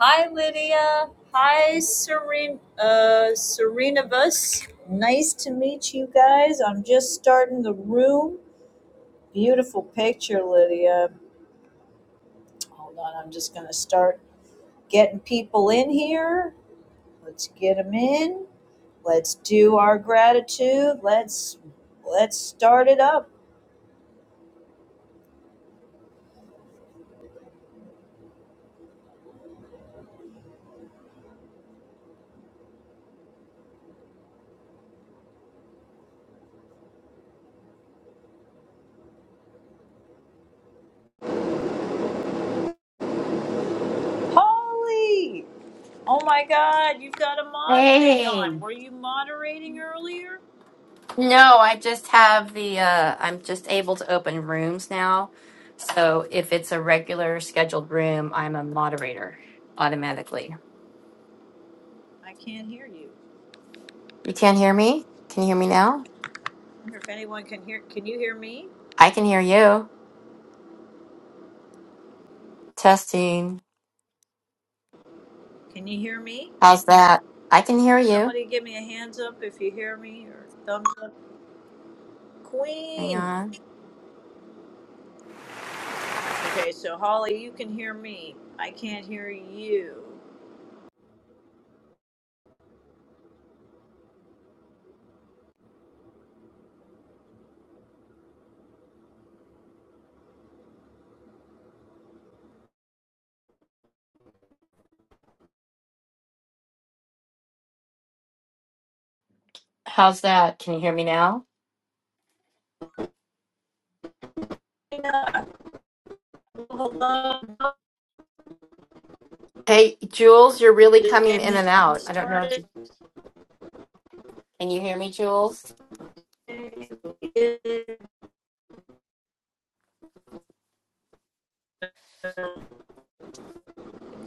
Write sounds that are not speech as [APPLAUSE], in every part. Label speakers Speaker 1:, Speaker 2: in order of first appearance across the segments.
Speaker 1: Hi, Lydia. Hi, Seren- uh, Serenibus. Nice to meet you guys. I'm just starting the room. Beautiful picture, Lydia. Hold on, I'm just going to start getting people in here. Let's get them in. Let's do our gratitude. Let's let's start it up. Holly! Oh my God, you've got a mod thing
Speaker 2: Hey.
Speaker 1: on. Were you moderating earlier?
Speaker 2: No, I just have the uh I'm just able to open rooms now. So if it's a regular scheduled room, I'm a moderator automatically.
Speaker 1: I can't hear you.
Speaker 2: You can't hear me? Can you hear me now?
Speaker 1: I wonder if anyone can hear. Can you hear me?
Speaker 2: I can hear you. Testing.
Speaker 1: Can you hear me?
Speaker 2: How's that? I can hear
Speaker 1: Can
Speaker 2: you.
Speaker 1: somebody give me a hands up if you hear me or thumbs up?
Speaker 2: Hang
Speaker 1: Queen!
Speaker 2: on.
Speaker 1: Okay, so Holly, you can hear me. I can't hear you.
Speaker 2: How's that? Can you hear me now?
Speaker 1: Yeah, well, hello.
Speaker 2: Hey, Jules, you're really
Speaker 1: Just
Speaker 2: coming
Speaker 1: getting
Speaker 2: in and
Speaker 1: this room
Speaker 2: out. I don't know if
Speaker 1: started.
Speaker 2: you Can you hear me, Jules?
Speaker 1: Okay,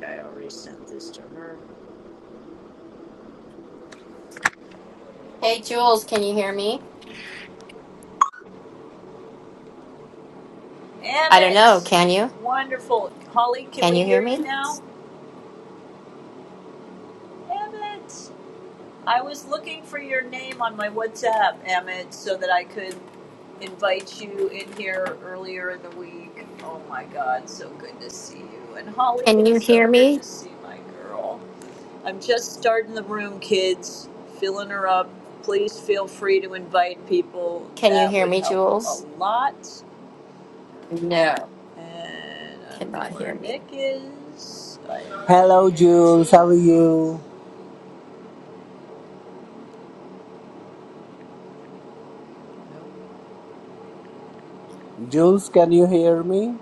Speaker 1: I already sent this to her.
Speaker 2: Hey, Jules, can you hear me? I don't know.
Speaker 1: Emmett!
Speaker 2: Can you?
Speaker 1: Wonderful. Holly, can
Speaker 2: Can
Speaker 1: we
Speaker 2: you hear
Speaker 1: hear you
Speaker 2: me?
Speaker 1: now? Emmett! I was looking for your name on my WhatsApp, Emmett, so that I could invite you in here earlier in the week. Oh my God, so good to see you. And Holly,
Speaker 2: Can
Speaker 1: it's
Speaker 2: you
Speaker 1: so
Speaker 2: hear
Speaker 1: good
Speaker 2: me?
Speaker 1: to see my girl. I'm just starting the room, kids, filling her up. Please feel free to invite people.
Speaker 2: Can you
Speaker 1: That
Speaker 2: hear
Speaker 1: would
Speaker 2: me,
Speaker 1: help a
Speaker 2: Jules?
Speaker 1: lot.
Speaker 2: No,
Speaker 1: And I don't know
Speaker 2: cannot
Speaker 1: where
Speaker 2: hear
Speaker 1: Nick
Speaker 2: me.
Speaker 1: is. I invited
Speaker 3: Hello, Jules. How
Speaker 1: two.
Speaker 3: are you?
Speaker 1: Nope.
Speaker 3: Jules, can you hear me?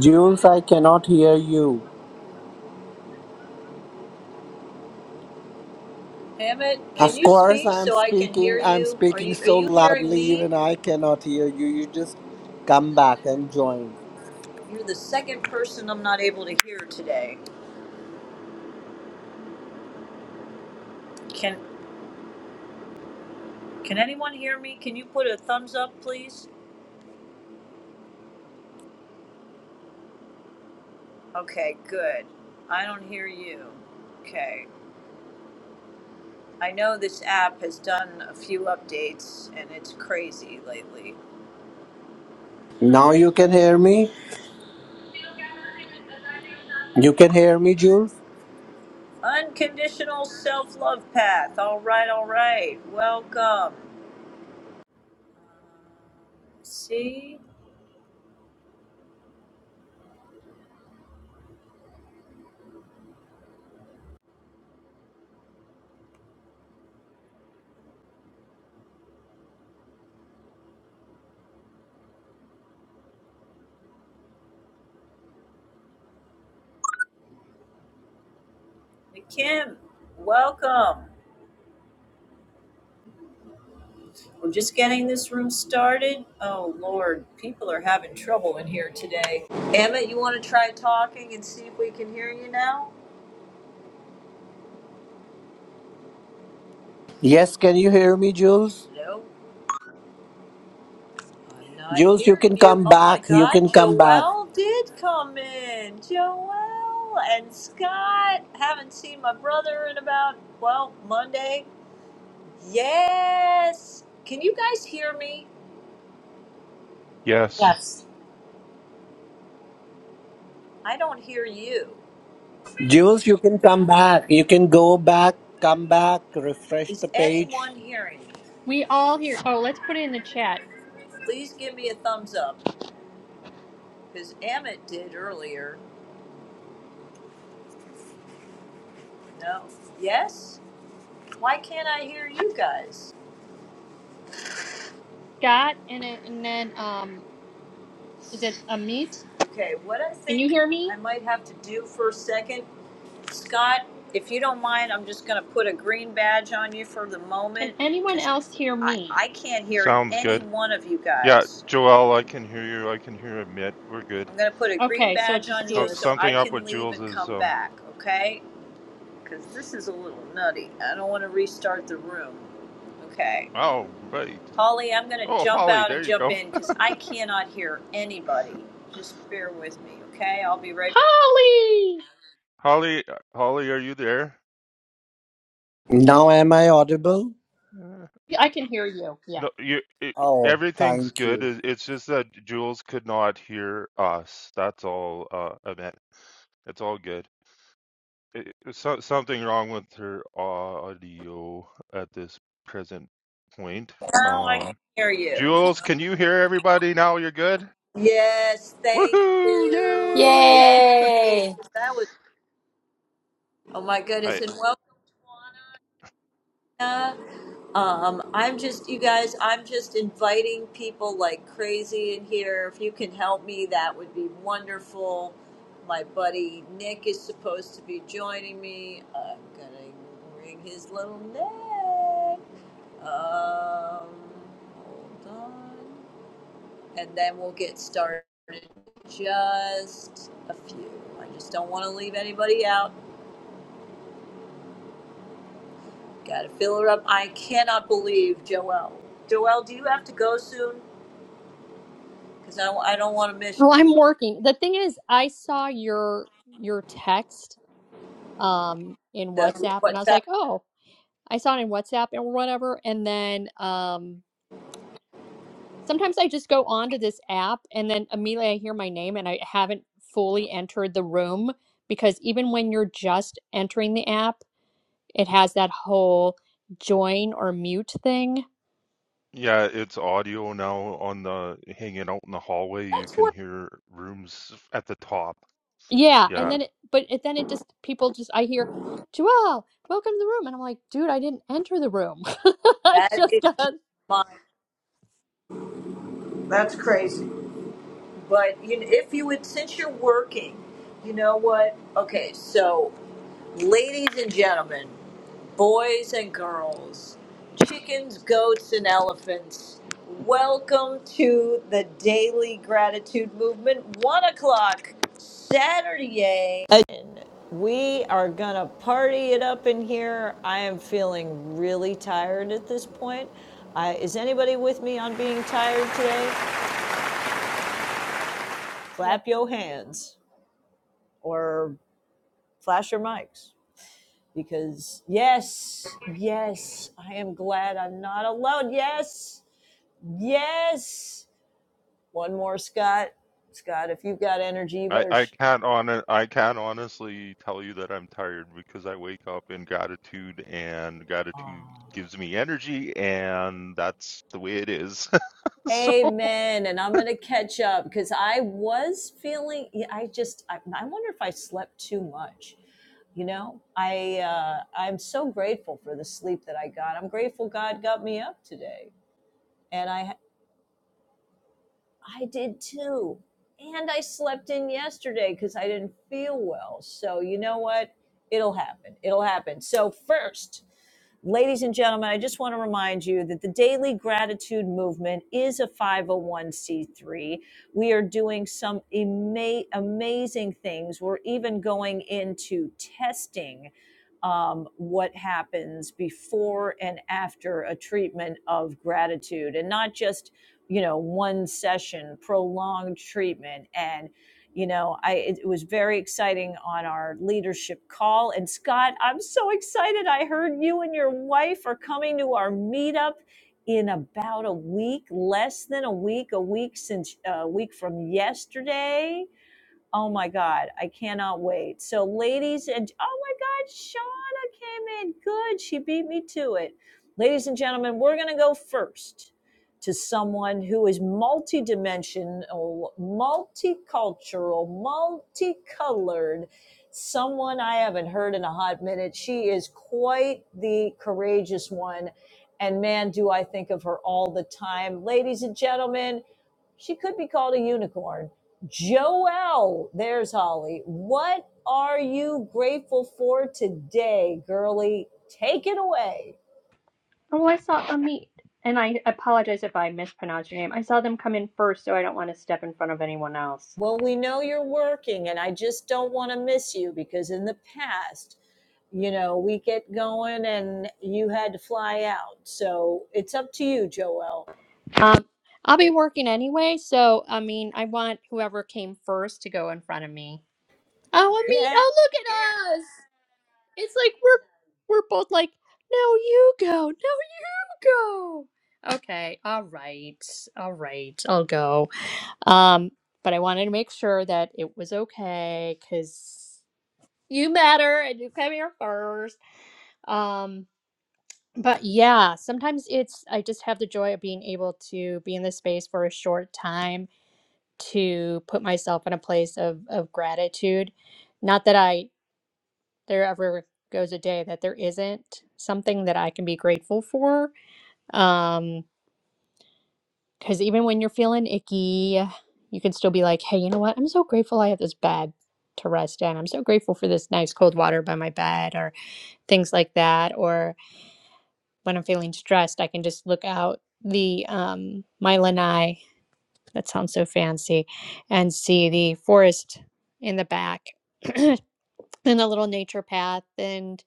Speaker 3: Jules, I cannot hear you.
Speaker 1: Hammett, can
Speaker 3: Of
Speaker 1: you
Speaker 3: course,
Speaker 1: speak
Speaker 3: I'm
Speaker 1: so I can hear
Speaker 3: speaking. I'm
Speaker 1: you? Are
Speaker 3: speaking
Speaker 1: you are
Speaker 3: so
Speaker 1: you hearing
Speaker 3: loudly,
Speaker 1: me?
Speaker 3: even I cannot hear you. You just come back and join.
Speaker 1: You're the second person I'm not able to hear today. Can can anyone hear me? Can you put a thumbs up, please? Okay, good. I don't hear you. Okay. I know this app has done a few updates and it's crazy lately.
Speaker 3: Now you can hear me. You can hear me, Jules.
Speaker 1: Unconditional self-love path. All right, all right. Welcome. See? Kim, welcome. We're just getting this room started. Oh, Lord, people are having trouble in here today. Emmett, you want to try talking and see if we can hear you now?
Speaker 3: Yes, can you hear me, Jules?
Speaker 1: No, I'm not
Speaker 3: Jules, you
Speaker 1: hearing
Speaker 3: can
Speaker 1: you.
Speaker 3: come
Speaker 1: Oh, my
Speaker 3: back. You
Speaker 1: God,
Speaker 3: can come back.
Speaker 1: Joelle did come in. Joelle and Scott. Haven't seen my brother in about, well, Monday. Yes. Can you guys hear me?
Speaker 4: Yes,
Speaker 5: Yes.
Speaker 1: I don't hear you.
Speaker 3: Jules, you can come back. You can go back, come back, refresh
Speaker 1: Is
Speaker 3: the page.
Speaker 1: anyone hearing me?
Speaker 5: We all hear. Oh, let's put it in the chat.
Speaker 1: Please give me a thumbs up. Because Amit did earlier. No. Yes? Why can't I hear you guys?
Speaker 5: Scott and it, and then um, is it Amit?
Speaker 1: Okay, what I
Speaker 5: Can you
Speaker 1: think
Speaker 5: hear me?
Speaker 1: I might have to do for a second, Scott, if you don't mind, I'm just going to put a green badge on you for the
Speaker 5: Can
Speaker 1: moment
Speaker 5: anyone
Speaker 1: because
Speaker 5: else hear
Speaker 1: I,
Speaker 5: me?
Speaker 1: I can't hear
Speaker 4: sounds
Speaker 1: any
Speaker 4: good.
Speaker 1: one of you
Speaker 4: Yeah,
Speaker 1: guys.
Speaker 4: Joel, I can hear you. I can hear Amit. We're good.
Speaker 1: I'm going to put a green
Speaker 5: Okay, so it's
Speaker 1: badge
Speaker 5: just
Speaker 1: on you
Speaker 4: Some,
Speaker 1: so
Speaker 5: Jules.
Speaker 1: I
Speaker 4: something up
Speaker 1: can
Speaker 4: with
Speaker 1: leave
Speaker 4: Jules
Speaker 1: and
Speaker 4: is
Speaker 1: come
Speaker 4: um.
Speaker 1: back, okay? Because this is a little nutty. I don't want to restart the room. Okay.
Speaker 4: Oh right.
Speaker 1: Holly, I'm going to
Speaker 4: Oh
Speaker 1: jump
Speaker 4: Holly,
Speaker 1: out and
Speaker 4: there you
Speaker 1: jump
Speaker 4: go.
Speaker 1: in because I cannot hear anybody. Just bear with me, okay? I'll be right
Speaker 5: Holly,
Speaker 4: [LAUGHS] Holly, uh, Holly, are you there?
Speaker 3: Now, am I audible?
Speaker 4: Uh,
Speaker 5: I can hear you. Yeah.
Speaker 4: No, you. It,
Speaker 3: Oh,
Speaker 4: everything's
Speaker 3: thank
Speaker 4: good.
Speaker 3: you.
Speaker 4: It, it's just that Jules could not hear us. That's all, uh, Amit. It's all good. It, it- so, something wrong with her audio at this present point.
Speaker 1: back. Now I can
Speaker 4: Um.
Speaker 1: hear you.
Speaker 4: Jules, can you hear everybody now? You're good?
Speaker 1: Yes, thank
Speaker 4: Woohoo!
Speaker 1: you.
Speaker 4: Yay!
Speaker 1: Yay!
Speaker 2: Yay!
Speaker 1: 'cause That was, oh my goodness.
Speaker 4: I
Speaker 1: And welcome, Tawana. Um, I'm just, you guys, I'm just inviting people like crazy in here. If you can help me, that would be wonderful. My buddy Nick is supposed to be joining me. I'm gonna ring his little neck. Um, hold on. And then we'll get started. Just a few. I just don't want to leave anybody out. Gotta fill her up. I cannot believe, Joelle. Joelle, do you have to go soon? because I, I don't want to miss
Speaker 5: Oh, I'm
Speaker 1: you.
Speaker 5: working. The thing is, I saw your your text um in
Speaker 1: That's
Speaker 5: WhatsApp and I
Speaker 1: what's
Speaker 5: was
Speaker 1: that?
Speaker 5: like, "Oh, I saw it in WhatsApp and whatever." And then um sometimes I just go onto this app and then immediately I hear my name and I haven't fully entered the room because even when you're just entering the app, it has that whole join or mute thing.
Speaker 4: yeah, it's audio now on the hanging out in the hallway. You
Speaker 1: That's
Speaker 4: can
Speaker 1: what
Speaker 4: hear rooms at the top.
Speaker 5: Yeah, and
Speaker 4: Yeah.
Speaker 5: then it, but it, then it just people just I hear Joelle, welcome to the room, and I'm like, dude, I didn't enter the room. [LAUGHS] I
Speaker 1: that
Speaker 5: just
Speaker 1: is.
Speaker 5: got.
Speaker 1: Just My that's crazy. But you know, if you would, since you're working, you know what? Okay, so Ladies and gentlemen, boys and girls, chickens, goats, and elephants, welcome to the Daily Gratitude Movement, 1 o'clock Saturday. We are going to party it up in here. I am feeling really tired at this point. Uh, is anybody with me on being tired today? Clap
Speaker 5: Yep.
Speaker 1: your hands or flash your mics. because yes, yes, I am glad I'm not alone. Yes, yes. One more, Scott. Scott, if you've got energy, you
Speaker 4: I,
Speaker 1: better.
Speaker 4: I
Speaker 1: Sh-
Speaker 4: can't on I can't honestly tell you that I'm tired because I wake up in gratitude and
Speaker 1: Aw.
Speaker 4: gratitude gives me energy and that's the way it is. [LAUGHS] So
Speaker 1: Amen. And I'm going to catch up because I was feeling, yeah, I just, I, I wonder if I slept too much. You know, I, uh, I'm so grateful for the sleep that I got. I'm grateful God got me up today. and I. I did too. And I slept in yesterday because I didn't feel well. So, you know what? It'll happen. It'll happen. So, first, Ladies and gentlemen, I just want to remind you that the Daily Gratitude Movement is a 501c3. We are doing some ama- amazing things. We're even going into testing um, what happens before and after a treatment of gratitude and not just, you know, one session, prolonged treatment. and you know i it, it was very exciting on our leadership call and scott i'm so excited i heard you and your wife are coming to our meetup in about a week less than a week a week since uh, a week from yesterday Oh my God, I cannot wait. So, ladies and oh my God, Shauna came in good. She beat me to it. Ladies and gentlemen, we're going to go first to someone who is multidimensional, multicultural, multicolored, someone I haven't heard in a hot minute. She is quite the courageous one. And man, do I think of her all the time. Ladies and gentlemen, she could be called a unicorn. Joel, there's Holly. What are you grateful for today, girlie? Take it away.
Speaker 5: Oh, well, I saw Amit, and I apologize if I mispronounced your name. I saw them come in first, so I don't want to step in front of anyone else.
Speaker 1: Well, we know you're working, and I just don't want to miss you because in the past, you know, we get going and you had to fly out. So it's up to you, Joel.
Speaker 5: Um, I'll be working anyway, so I mean, I want whoever came first to go in front of me. Oh, I mean,
Speaker 1: Yeah.
Speaker 5: oh look at us! It's like we're we're both like, no, you go, no, you go. Okay, all right, all right, I'll go. Um, but I wanted to make sure that it was okay because you matter and you came here first. Um, but yeah, sometimes it's I just have the joy of being able to be in this space for a short time to put myself in a place of of gratitude. Not that I there ever goes a day that there isn't something that I can be grateful for. Um, because even when you're feeling icky, you can still be like, hey, you know what? I'm so grateful I have this bed to rest in. I'm so grateful for this nice cold water by my bed, or things like that. Or when I'm feeling stressed, I can just look out the um, my lanai That sounds so fancy. And see the forest in the back [CLEARS THROAT] and a little nature path and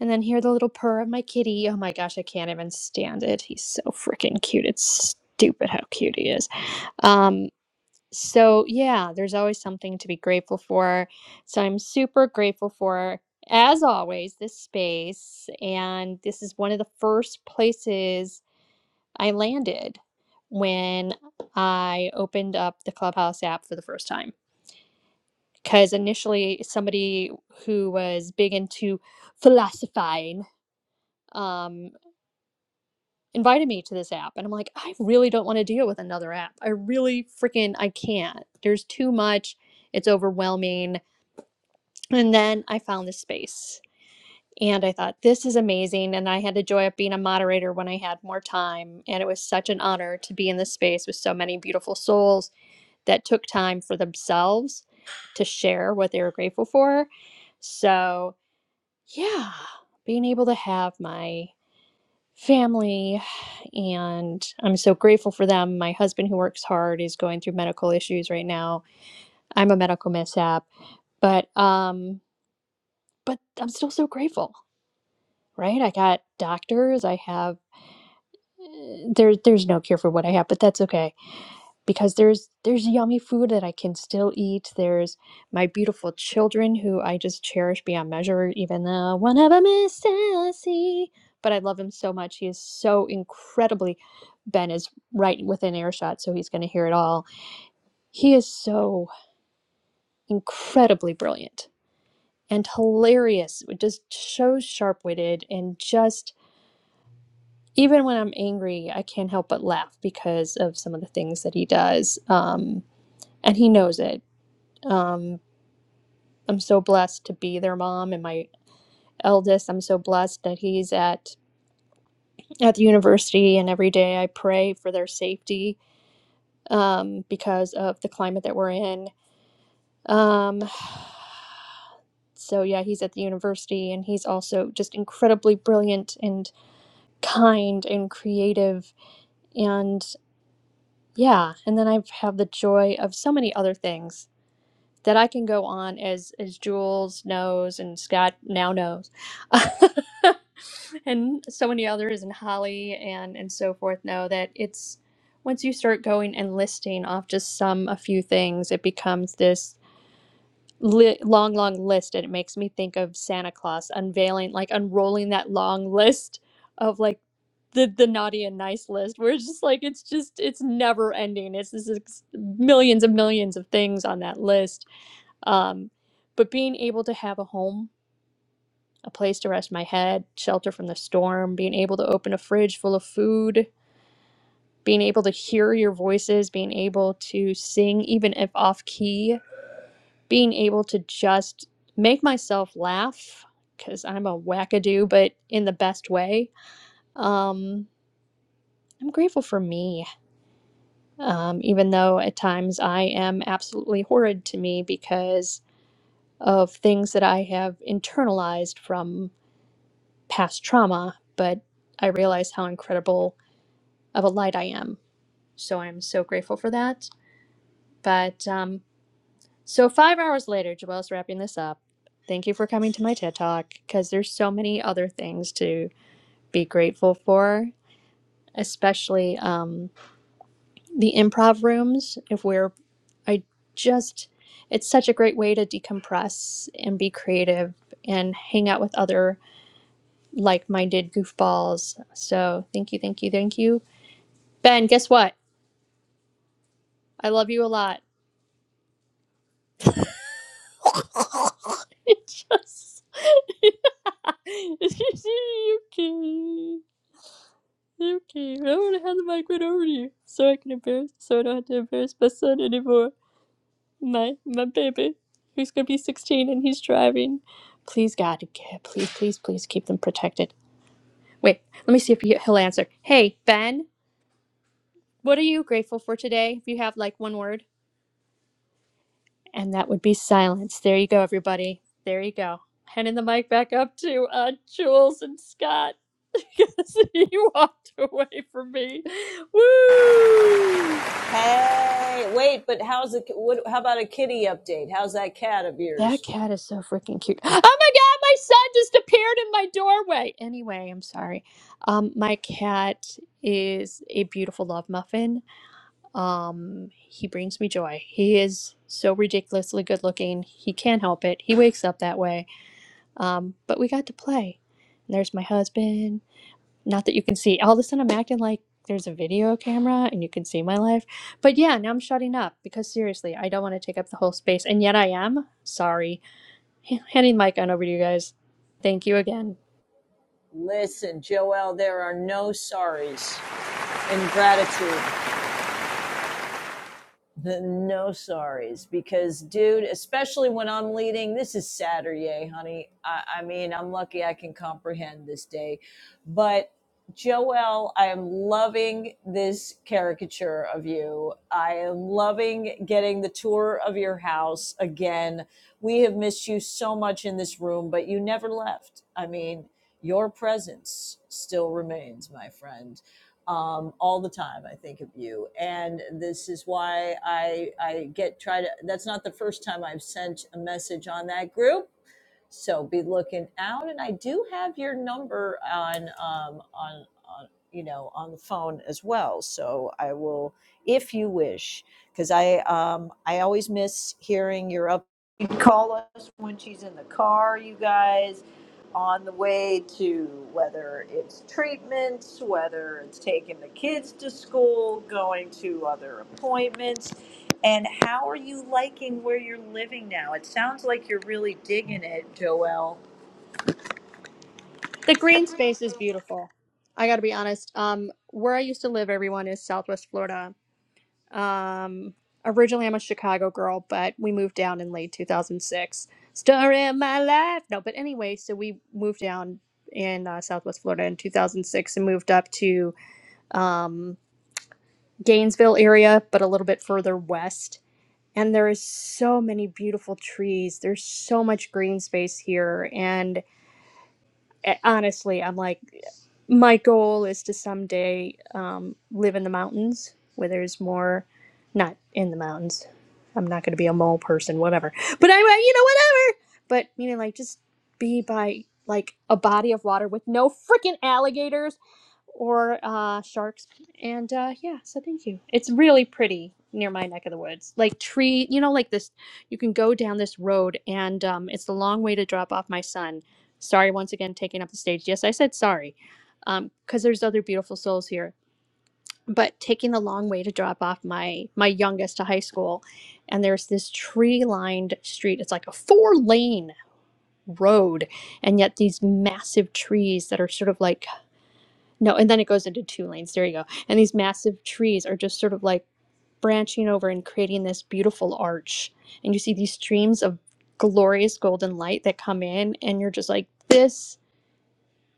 Speaker 5: and then hear the little purr of my kitty. Oh my gosh, I can't even stand it. He's so freaking cute. It's stupid how cute he is. Um so yeah, there's always something to be grateful for. So I'm super grateful for as always this space and this is one of the first places I landed when I opened up the Clubhouse app for the first time. Because initially, somebody who was big into philosophizing um, invited me to this app. And I'm like, I really don't want to deal with another app. I really freaking, I can't. There's too much. It's overwhelming. And then I found this space. And I thought, this is amazing. And I had the joy of being a moderator when I had more time. And it was such an honor to be in this space with so many beautiful souls that took time for themselves to share what they were grateful for. So, yeah, being able to have my family and I'm so grateful for them. My husband who works hard is going through medical issues right now. I'm a medical mishap, but um but I'm still so grateful, right? I got doctors, I have eh, there there's no cure for what I have, but that's okay because there's there's yummy food that I can still eat. There's my beautiful children who I just cherish beyond measure. Even though one of them is sassy, but I love him so much. He is so incredibly. Ben is right within earshot, so he's going to hear it all. He is so incredibly brilliant and hilarious. Just so sharp witted and just. Even when I'm angry, I can't help but laugh because of some of the things that he does. Um, and he knows it. Um, I'm so blessed to be their mom and my eldest. I'm so blessed that he's at at the university and every day I pray for their safety um, because of the climate that we're in. Um, so yeah, he's at the university and he's also just incredibly brilliant and kind and creative and yeah, and then I have the joy of so many other things that I can go on as as Jules knows and Scott now knows. [LAUGHS] and so many others and Holly and and so forth know that it's once you start going and listing off just some a few things, it becomes this li- long, long list, and it makes me think of Santa Claus unveiling, like unrolling that long [LAUGHS] list of like the the naughty and nice list, where it's just like it's just it's never ending. It's this is millions and millions of things on that list. Um, but being able to have a home a place to rest my head, shelter from the storm, being able to open a fridge full of food, being able to hear your voices, being able to sing even if off key, being able to just make myself laugh because I'm a wackadoo, but in the best way. Um, I'm grateful for me, um, even though at times I am absolutely horrid to me because of things that I have internalized from past trauma. But I realize how incredible of a light I am. So I'm so grateful for that. But um, so five hours later, Joelle's wrapping this up. Thank you for coming to my TED Talk because there's so many other things to be grateful for, especially um, the improv rooms. If we're, I just, it's such a great way to decompress and be creative and hang out with other like minded goofballs. So thank you, thank you, thank you. Ben, guess what? I love you a lot. [LAUGHS] it just [LAUGHS] okay. Okay, I want to hand the mic right over to you so I can embarrass, so I don't have to embarrass my son anymore. My my baby, who's gonna be 16 and he's driving. Please, God, okay, please, please, please keep them protected. Wait, let me see if he, he'll answer. Hey, Ben, what are you grateful for today? If you have like one word. And that would be silence. There you go, everybody. There you go. Handing the mic back up to uh, Jules and Scott [LAUGHS] because he walked away from me. Woo!
Speaker 1: Hey, wait, but how's the, what, how about a kitty update? How's that cat of
Speaker 5: That
Speaker 1: yours?
Speaker 5: cat is so freaking cute. [GASPS] Oh my god, my son just appeared in my doorway. Anyway, I'm sorry. Um, my cat is a beautiful love muffin. Um, he brings me joy. He is so ridiculously good looking. He can't help it. He wakes up that way Um, but we got to play. And there's my husband. Not that you can see. All of a sudden, I'm acting like there's a video camera and you can see my life. But yeah, now I'm shutting up because seriously, I don't want to take up the whole space. And yet I am. Sorry. H- Handing the mic on over to you guys. Thank you again.
Speaker 1: Listen, Joel, there are no sorries in gratitude. The no sorries because, dude, especially when I'm leading, this is Saturday, honey. I, I mean, I'm lucky I can comprehend this day. But, Joel, I am loving this caricature of you. I am loving getting the tour of your house again. We have missed you so much in this room, but you never left. I mean, your presence still remains, my friend um, all the time. I think of you, and this is why I I get try to. That's not the first time I've sent a message on that group so be looking out, and I do have your number on um, on on you know on the phone as well. So I will, if you wish, because I um, I always miss hearing your up. You can call us when she's in the car, you guys, on the way to whether it's treatments, whether it's taking the kids to school, going to other appointments and how are you liking where you're living now? It sounds like you're really digging it, Joelle.
Speaker 5: The green space is beautiful. I got to be honest. Um, where I used to live, everyone is Southwest Florida. Um, originally, I'm a Chicago girl, but we moved down in late 2006. Story of my life. No, but anyway, so we moved down in uh, Southwest Florida in 2006 and moved up to um, Gainesville area, but a little bit further west. And there is so many beautiful trees. There's so much green space here, and eh, honestly, I'm like, my goal is to someday um, live in the mountains where there's more, not in the mountains. I'm not going to be a mole person, whatever. But anyway, you know, whatever. But meaning like just be by like a body of water with no freaking alligators or uh, sharks. And uh, yeah, so thank you. It's really pretty near my neck of the woods. Like tree, you know, like this. You can go down this road, and um, it's the long way to drop off my son Sorry once again taking up the stage. Yes, I said sorry, um, because there's other beautiful souls here. But taking the long way to drop off my my youngest to high school, and there's this tree lined street. It's like a four lane road, and yet these massive trees that are sort of like no, and then it goes into two lanes. There you go. And these massive trees are just sort of like branching over and creating this beautiful arch. And you see these streams of glorious golden light that come in, and you're just like this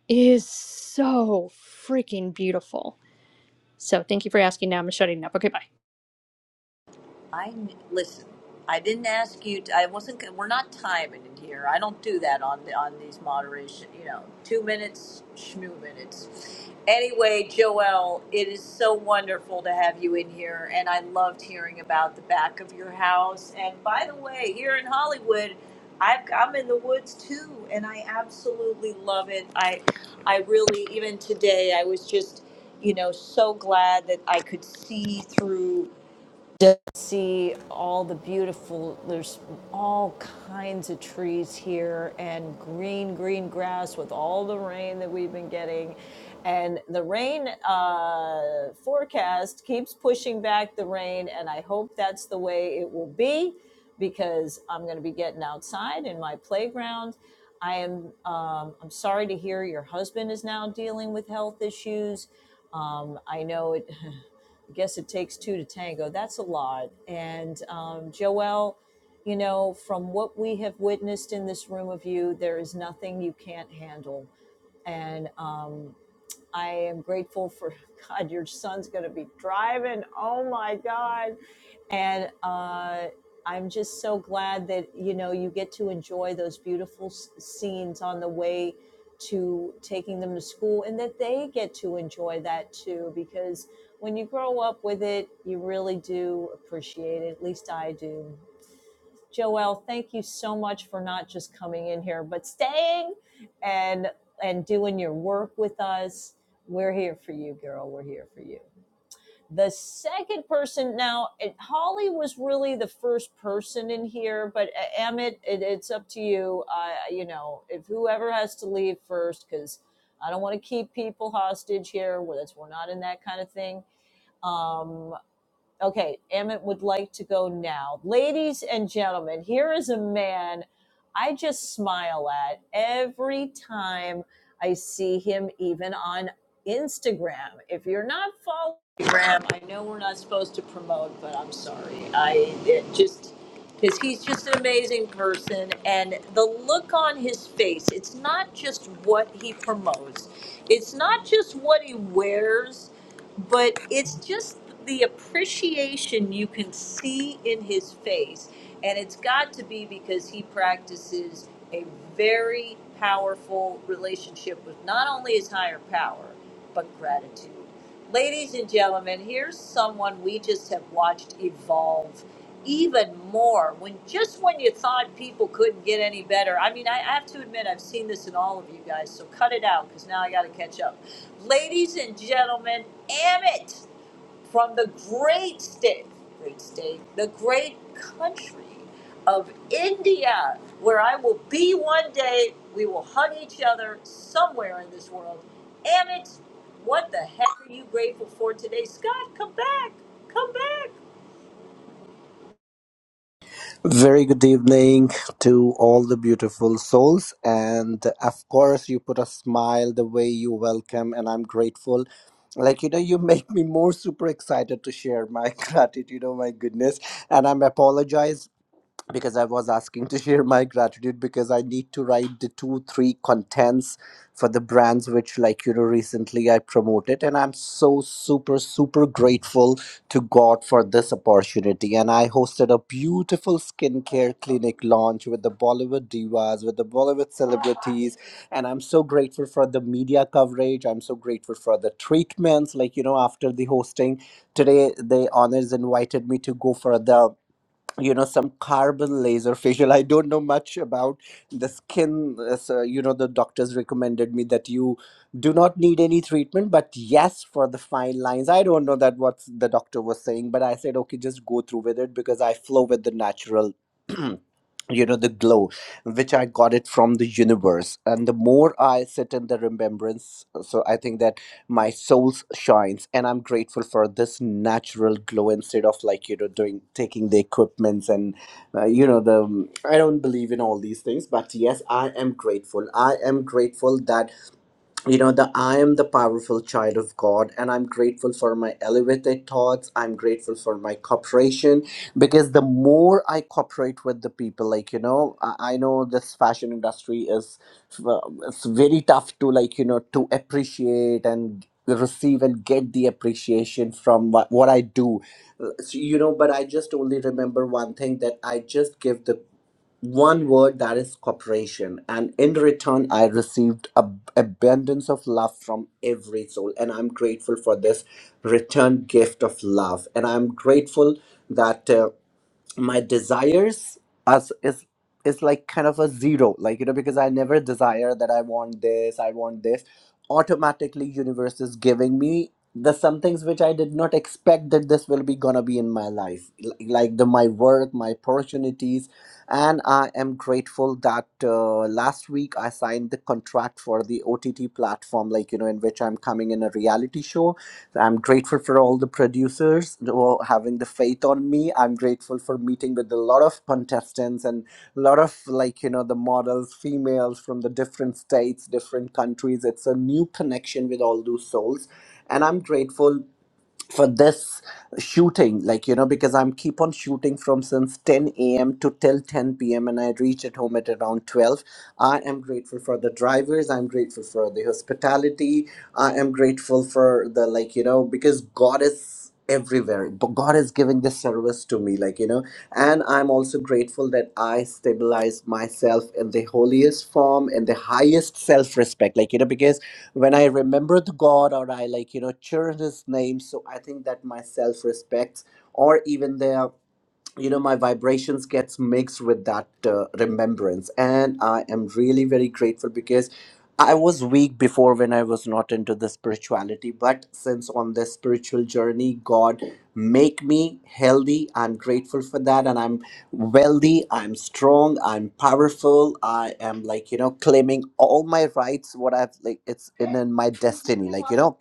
Speaker 5: is so freaking beautiful. So thank you for asking. Now I'm shutting up. Okay, bye.
Speaker 1: I listen. I didn't ask you. To, I wasn't. We're not timing it here. I don't do that on the on these moderation. You know, two minutes, schmoo minutes. Anyway, Joelle, it is so wonderful to have you in here, and I loved hearing about the back of your house. And by the way, here in Hollywood, I've, I'm in the woods too, and I absolutely love it. I, I really even today I was just, you know, so glad that I could see through just see all the beautiful there's all kinds of trees here and green green grass with all the rain that we've been getting and the rain uh, forecast keeps pushing back the rain and i hope that's the way it will be because i'm going to be getting outside in my playground i am um, i'm sorry to hear your husband is now dealing with health issues um, i know it [LAUGHS] I guess it takes two to tango. That's a lot. And um, Joelle, you know, from what we have witnessed in this room of you, there is nothing you can't handle. And um, I am grateful for [LAUGHS] God. Your son's going to be driving. Oh my God! And uh, I'm just so glad that you know you get to enjoy those beautiful s- scenes on the way to taking them to school, and that they get to enjoy that too. Because when you grow up with it, you really do appreciate it. At least I do. Joelle, thank you so much for not just coming in here, but staying and and doing your work with us. We're here for you, girl. We're here for you. The second person now, it, Holly was really the first person in here, but uh, Emmett, it, it's up to you. Uh, you know, if whoever has to leave first, because I don't want to keep people hostage here. That's we're not in that kind of thing. Um, Okay, Emmett would like to go now. Ladies and gentlemen, here is a man I just smile at every time I see him, even on Instagram. If you're not following Instagram, I know we're not supposed to promote, but I'm sorry. I it just because he's just an amazing person, and the look on his face—it's not just what he promotes, it's not just what he wears but it's just the appreciation you can see in his face and it's got to be because he practices a very powerful relationship with not only his higher power but gratitude ladies and gentlemen here's someone we just have watched evolve even more when just when you thought people couldn't get any better i mean i, I have to admit i've seen this in all of you guys so cut it out because now i got to catch up Ladies and gentlemen, Amit from the great state, great state, the great country of India, where I will be one day. We will hug each other somewhere in this world. Amit, what the heck are you grateful for today? Scott, come back. Come back.
Speaker 3: Very good evening to all the beautiful souls. And of course, you put a smile the way you welcome, and I'm grateful. Like, you know, you make me more super excited to share my [LAUGHS] gratitude. Oh, my goodness. And I'm apologize because I was asking to share my gratitude because I need to write the two, three contents for the brands which, like, you know, recently I promoted. And I'm so super, super grateful to God for this opportunity. And I hosted a beautiful skincare clinic launch with the Bollywood divas, with the Bollywood celebrities. And I'm so grateful for the media coverage. I'm so grateful for the treatments. Like, you know, after the hosting today, the honors invited me to go for the you know some carbon laser facial i don't know much about the skin uh, so, you know the doctors recommended me that you do not need any treatment but yes for the fine lines i don't know that what the doctor was saying but i said okay just go through with it because i flow with the natural [CLEARS THROAT] you know the glow which i got it from the universe and the more i sit in the remembrance so i think that my soul shines and i'm grateful for this natural glow instead of like you know doing taking the equipments and uh, you know the i don't believe in all these things but yes i am grateful i am grateful that you know the i am the powerful child of god and i'm grateful for my elevated thoughts i'm grateful for my cooperation because the more i cooperate with the people like you know i, I know this fashion industry is uh, it's very tough to like you know to appreciate and receive and get the appreciation from what, what i do Uh, so, you know but i just only remember one thing that i just give the one word that is cooperation and in return i received ab- abundance of love from every soul and i'm grateful for this return gift of love and i'm grateful that uh, my desires as is is like kind of a zero like you know because i never desire that i want this i want this automatically universe is giving me the some things which i did not expect that this will be gonna be in my life L- like the my work my opportunities and i am grateful that uh, last week i signed the contract for the ott platform like you know in which i'm coming in a reality show I'm grateful for all the producers who are having the faith on me. I'm grateful for meeting with a lot of contestants and a lot of like you know the models, females from the different states, different countries. It's a new connection with all those souls, and I'm grateful for this shooting like you know because i'm keep on shooting from since 10 a.m to till 10 p.m and i reach at home at around 12 i am grateful for the drivers i'm grateful for the hospitality i am grateful for the like you know because god is everywhere but god is giving this service to me like you know and i'm also grateful that i stabilize myself in the holiest form in the highest self-respect like you know because when I remember the God or I like, you know, cherish his name. So I think that my self respect or even there you know my vibrations gets mixed with that uh, remembrance and i am really very grateful because i was weak before when i was not into the spirituality but since on this spiritual journey god make me healthy i'm grateful for that and i'm wealthy i'm strong i'm powerful i am like you know claiming all my rights what i've like it's in, in my destiny like you know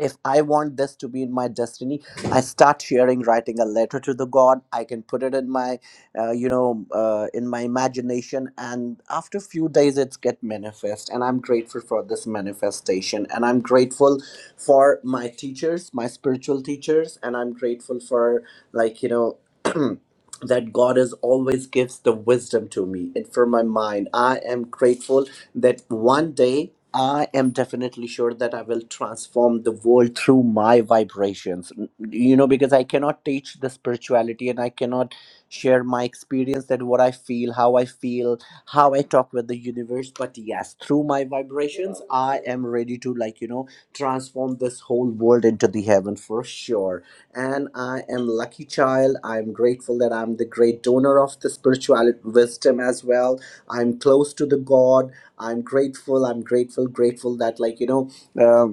Speaker 3: if i want this to be in my destiny i start sharing writing a letter to the god i can put it in my uh, you know uh, in my imagination and after few days it's get manifest and i'm grateful for this manifestation and i'm grateful for my teachers my spiritual teachers and i'm grateful for like you know [CLEARS THROAT] that god is always gives the wisdom to me and for my mind i am grateful that one day I am definitely sure that I will transform the world through my vibrations. N- You know, because I cannot teach the spirituality and I cannot share my experience that what I feel, how I feel, how I talk with the universe. But yes, through my vibrations, I am ready to, like, you know, transform this whole world into the heaven for sure. And I am lucky child. I'm grateful that I'm the great donor of the spirituality wisdom as well. I'm close to the God i'm grateful i'm grateful grateful that like you know um,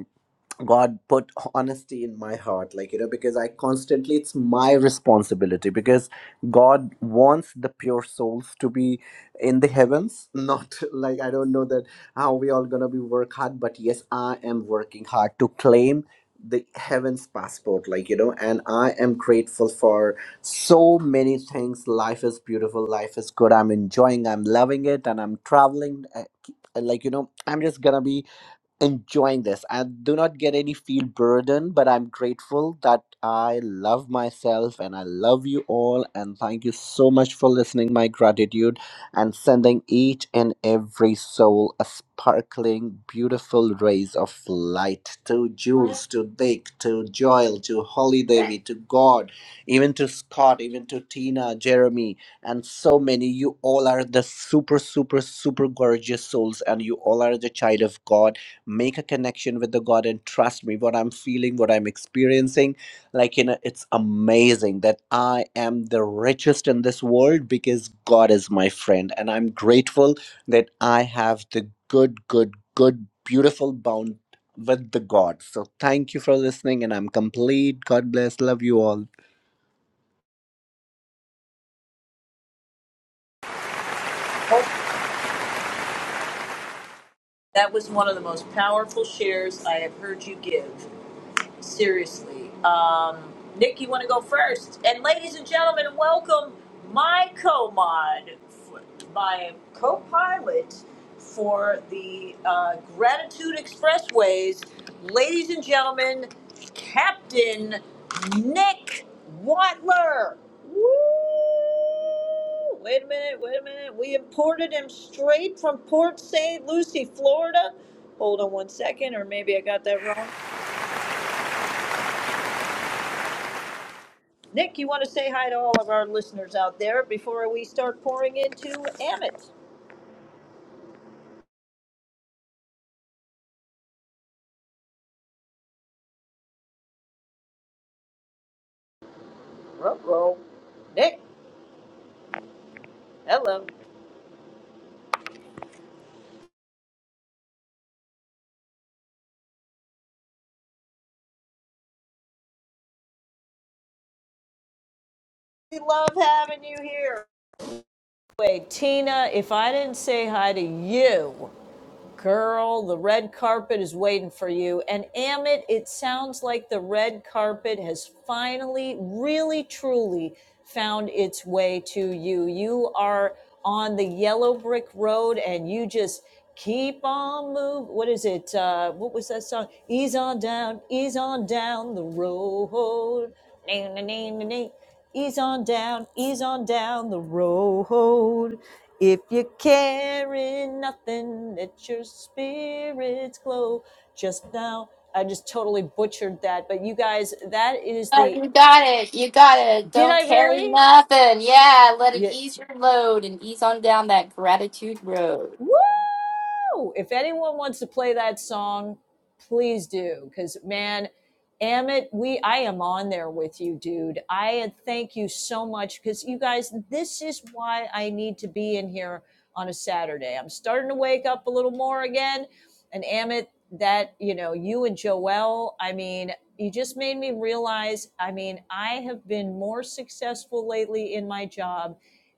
Speaker 3: God put honesty in my heart, like, you know, because I constantly, it's my responsibility because God wants the pure souls to be in the heavens. Not [LAUGHS] like, I don't know that how we all gonna be work hard, but yes, I am working hard to claim the heavens passport, like, you know, and I am grateful for so many things. Life is beautiful, life is good. I'm enjoying, I'm loving it, and I'm traveling. uh, Like, you know, I'm just gonna be enjoying this. I do not get any feel burden, but I'm grateful that I love myself and I love you all. And thank you so much for listening. My gratitude and sending each and every soul a sparkling, beautiful rays of light to Jules, to Dick, to Joel, to Holly Devi, to God, even to Scott, even to Tina, Jeremy, and so many. You all are the super, super, super gorgeous souls, and you all are the child of God make a connection with the god and trust me what i'm feeling what i'm experiencing like you know it's amazing that i am the richest in this world because god is my friend and i'm grateful that i have the good good good beautiful bond with the god so thank you for listening and i'm complete god bless love you all
Speaker 1: Hope that was one of the most powerful shares I have heard you give. Seriously. Um, Nick, you want to go first? And ladies and gentlemen, welcome my co-mod, my co-pilot for the uh, Gratitude Expressways. Ladies and gentlemen, Captain Nick Watler. Woo! Wait a minute, wait a minute. We imported him straight from Port St. Lucie, Florida. Hold on one second, or maybe I got that wrong. Nick, you want to say hi to all of our listeners out there before we start pouring into Amit? Ruh-roh. Nick, hello. We love having you here. Wait, Tina, if I didn't say hi to you, Girl, the red carpet is waiting for you. And Amit, it sounds like the red carpet has finally, really, truly found its way to you. You are on the yellow brick road and you just keep on moving. What is it? Uh, what was that song? Ease on down, ease on down the road. Nee, nee, nee, nee, nee. Ease on down, ease on down the road. If you're carrying nothing, let your spirits glow. Just now, I just totally butchered that, but you guys, that is
Speaker 2: Oh,
Speaker 1: the.
Speaker 2: you got it. You got it.
Speaker 1: Did
Speaker 2: Don't
Speaker 1: I
Speaker 2: carry
Speaker 1: really?
Speaker 2: nothing. Yeah, let it
Speaker 1: Yeah.
Speaker 2: ease your load and ease on down that gratitude road.
Speaker 1: Woo! If anyone wants to play that song, please do. Because man, Amit, we I am on there with you, dude. I thank you so much because you guys, this is why I need to be in here on a Saturday. I'm starting to wake up a little more again. And Amit, that you know, you and Joel, I mean, you just made me realize. I mean, I have been more successful lately in my job,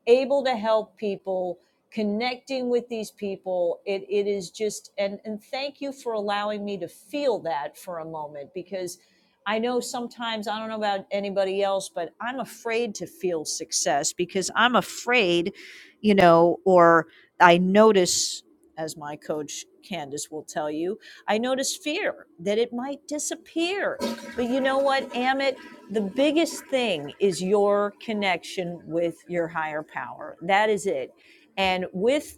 Speaker 1: able to help people connecting with these people it, it is just and and thank you for allowing me to feel that for a moment because i know sometimes i don't know about anybody else but i'm afraid to feel success because i'm afraid you know or i notice as my coach candace will tell you i notice fear that it might disappear but you know what amit the biggest thing is your connection with your higher power that is it and with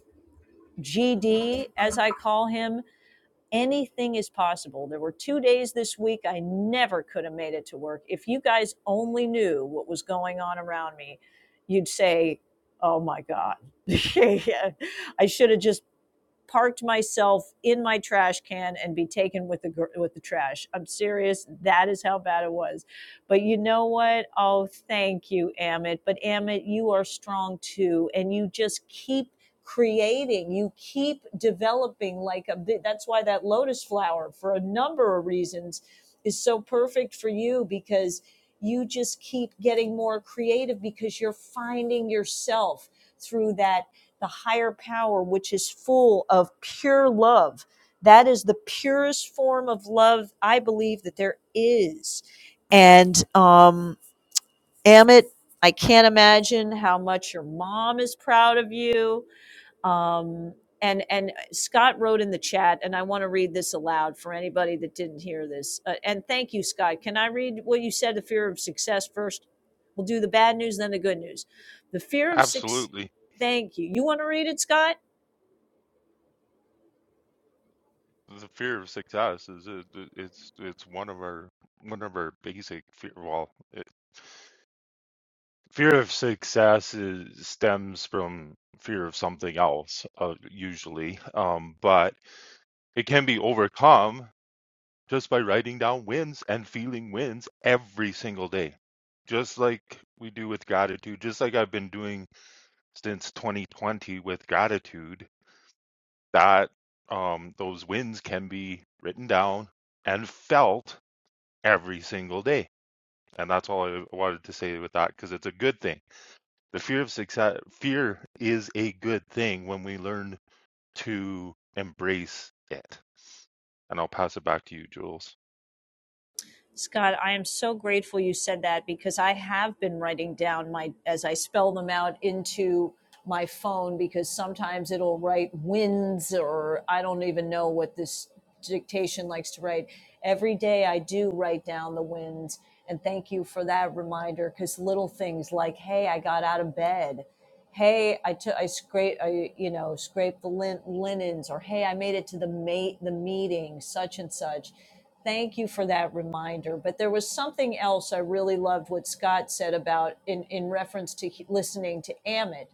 Speaker 1: GD, as I call him, anything is possible. There were two days this week I never could have made it to work. If you guys only knew what was going on around me, you'd say, Oh my God. [LAUGHS] I should have just parked myself in my trash can and be taken with the with the trash. I'm serious. That is how bad it was. But you know what? Oh, thank you, Amit. But Amit, you are strong too, and you just keep creating. You keep developing. Like a, that's why that lotus flower, for a number of reasons, is so perfect for you because you just keep getting more creative because you're finding yourself through that the higher power, which is full of pure love. That is the purest form of love I believe that there is. And um, Amit, I can't imagine how much your mom is proud of you. Um, and and Scott wrote in the chat, and I want to read this aloud for anybody that didn't hear this. Uh, and thank you, Scott. Can I read what you said? The fear of success first. We'll do the bad news, then the good news. The fear of success.
Speaker 4: absolutely.
Speaker 1: Thank you. You want to read it, Scott?
Speaker 4: The fear of success is it, it's it's one of our one of our basic fear. Well, it, fear of success is, stems from fear of something else, uh, usually. Um, but it can be overcome just by writing down wins and feeling wins every single day, just like we do with gratitude. Just like I've been doing since 2020 with gratitude. That um, those wins can be written down and felt every single day. And that's all I wanted to say with that because it's a good thing. The fear of success, fear is a good thing when we learn to embrace it. And I'll pass it back to you, Jules.
Speaker 1: Scott, I am so grateful you said that because I have been writing down my as I spell them out into my phone because sometimes it'll write wins or I don't even know what this dictation likes to write. Every day I do write down the wins and thank you for that reminder cuz little things like hey, I got out of bed hey i took i scrape i you know scrape the lin- linens or hey i made it to the mate the meeting such and such thank you for that reminder but there was something else i really loved what scott said about in in reference to he- listening to amit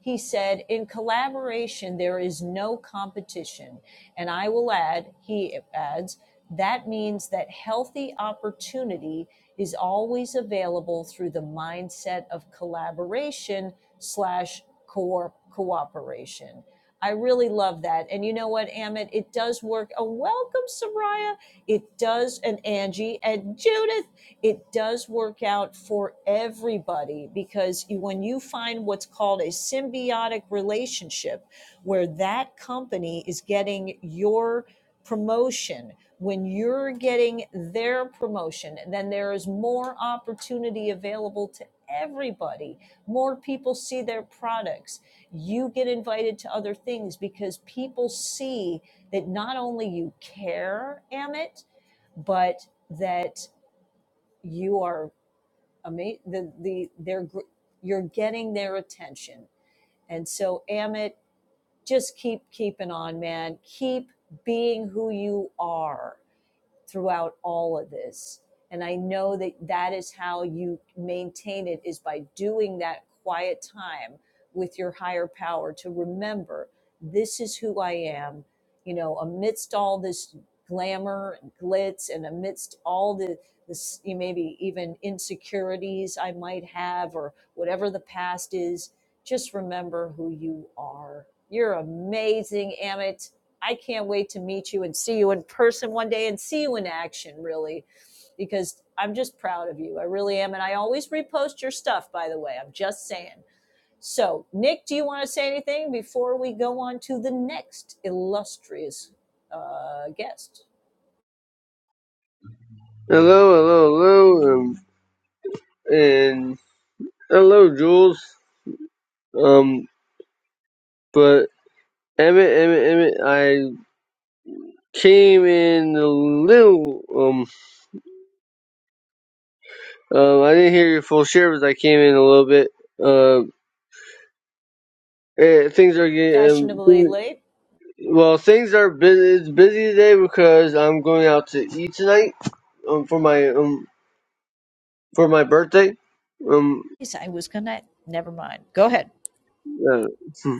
Speaker 1: he said in collaboration there is no competition and i will add he adds that means that healthy opportunity is always available through the mindset of collaboration slash co- cooperation. I really love that. And you know what, Amit? It does work. Oh, welcome, Soraya. It does, and Angie and Judith. It does work out for everybody because when you find what's called a symbiotic relationship, where that company is getting your promotion when you're getting their promotion, then there is more opportunity available to everybody. More people see their products. You get invited to other things because people see that not only you care, Amit, but that you are amazing. The, the, they're, gr- you're getting their attention. And so, Amit, just keep keeping on, man. Keep being who you are throughout all of this. And I know that that is how you maintain it is by doing that quiet time with your higher power to remember this is who I am, you know, amidst all this glamour and glitz and amidst all the this maybe even insecurities I might have or whatever the past is, just remember who you are. You're amazing, Amit. I can't wait to meet you and see you in person one day and see you in action, really, because I'm just proud of you. I really am. And I always repost your stuff, by the way. I'm just saying. So, Nick, do you want to say anything before we go on to the next illustrious uh, guest?
Speaker 6: Hello, hello, hello, um, and hello, Jules. Um, but Emmett, Emmett, Emmett, I came in a little. Um, uh, I didn't hear your full share, but I came in a little bit. Uh, eh, things are getting um,
Speaker 1: Fashionably
Speaker 6: thing-
Speaker 1: late.
Speaker 6: well. Things are busy. It's busy today because I'm going out to eat tonight. Um, for my um for my birthday. Um,
Speaker 1: Yes, I was going to, never mind. Go ahead.
Speaker 6: yeah, [LAUGHS]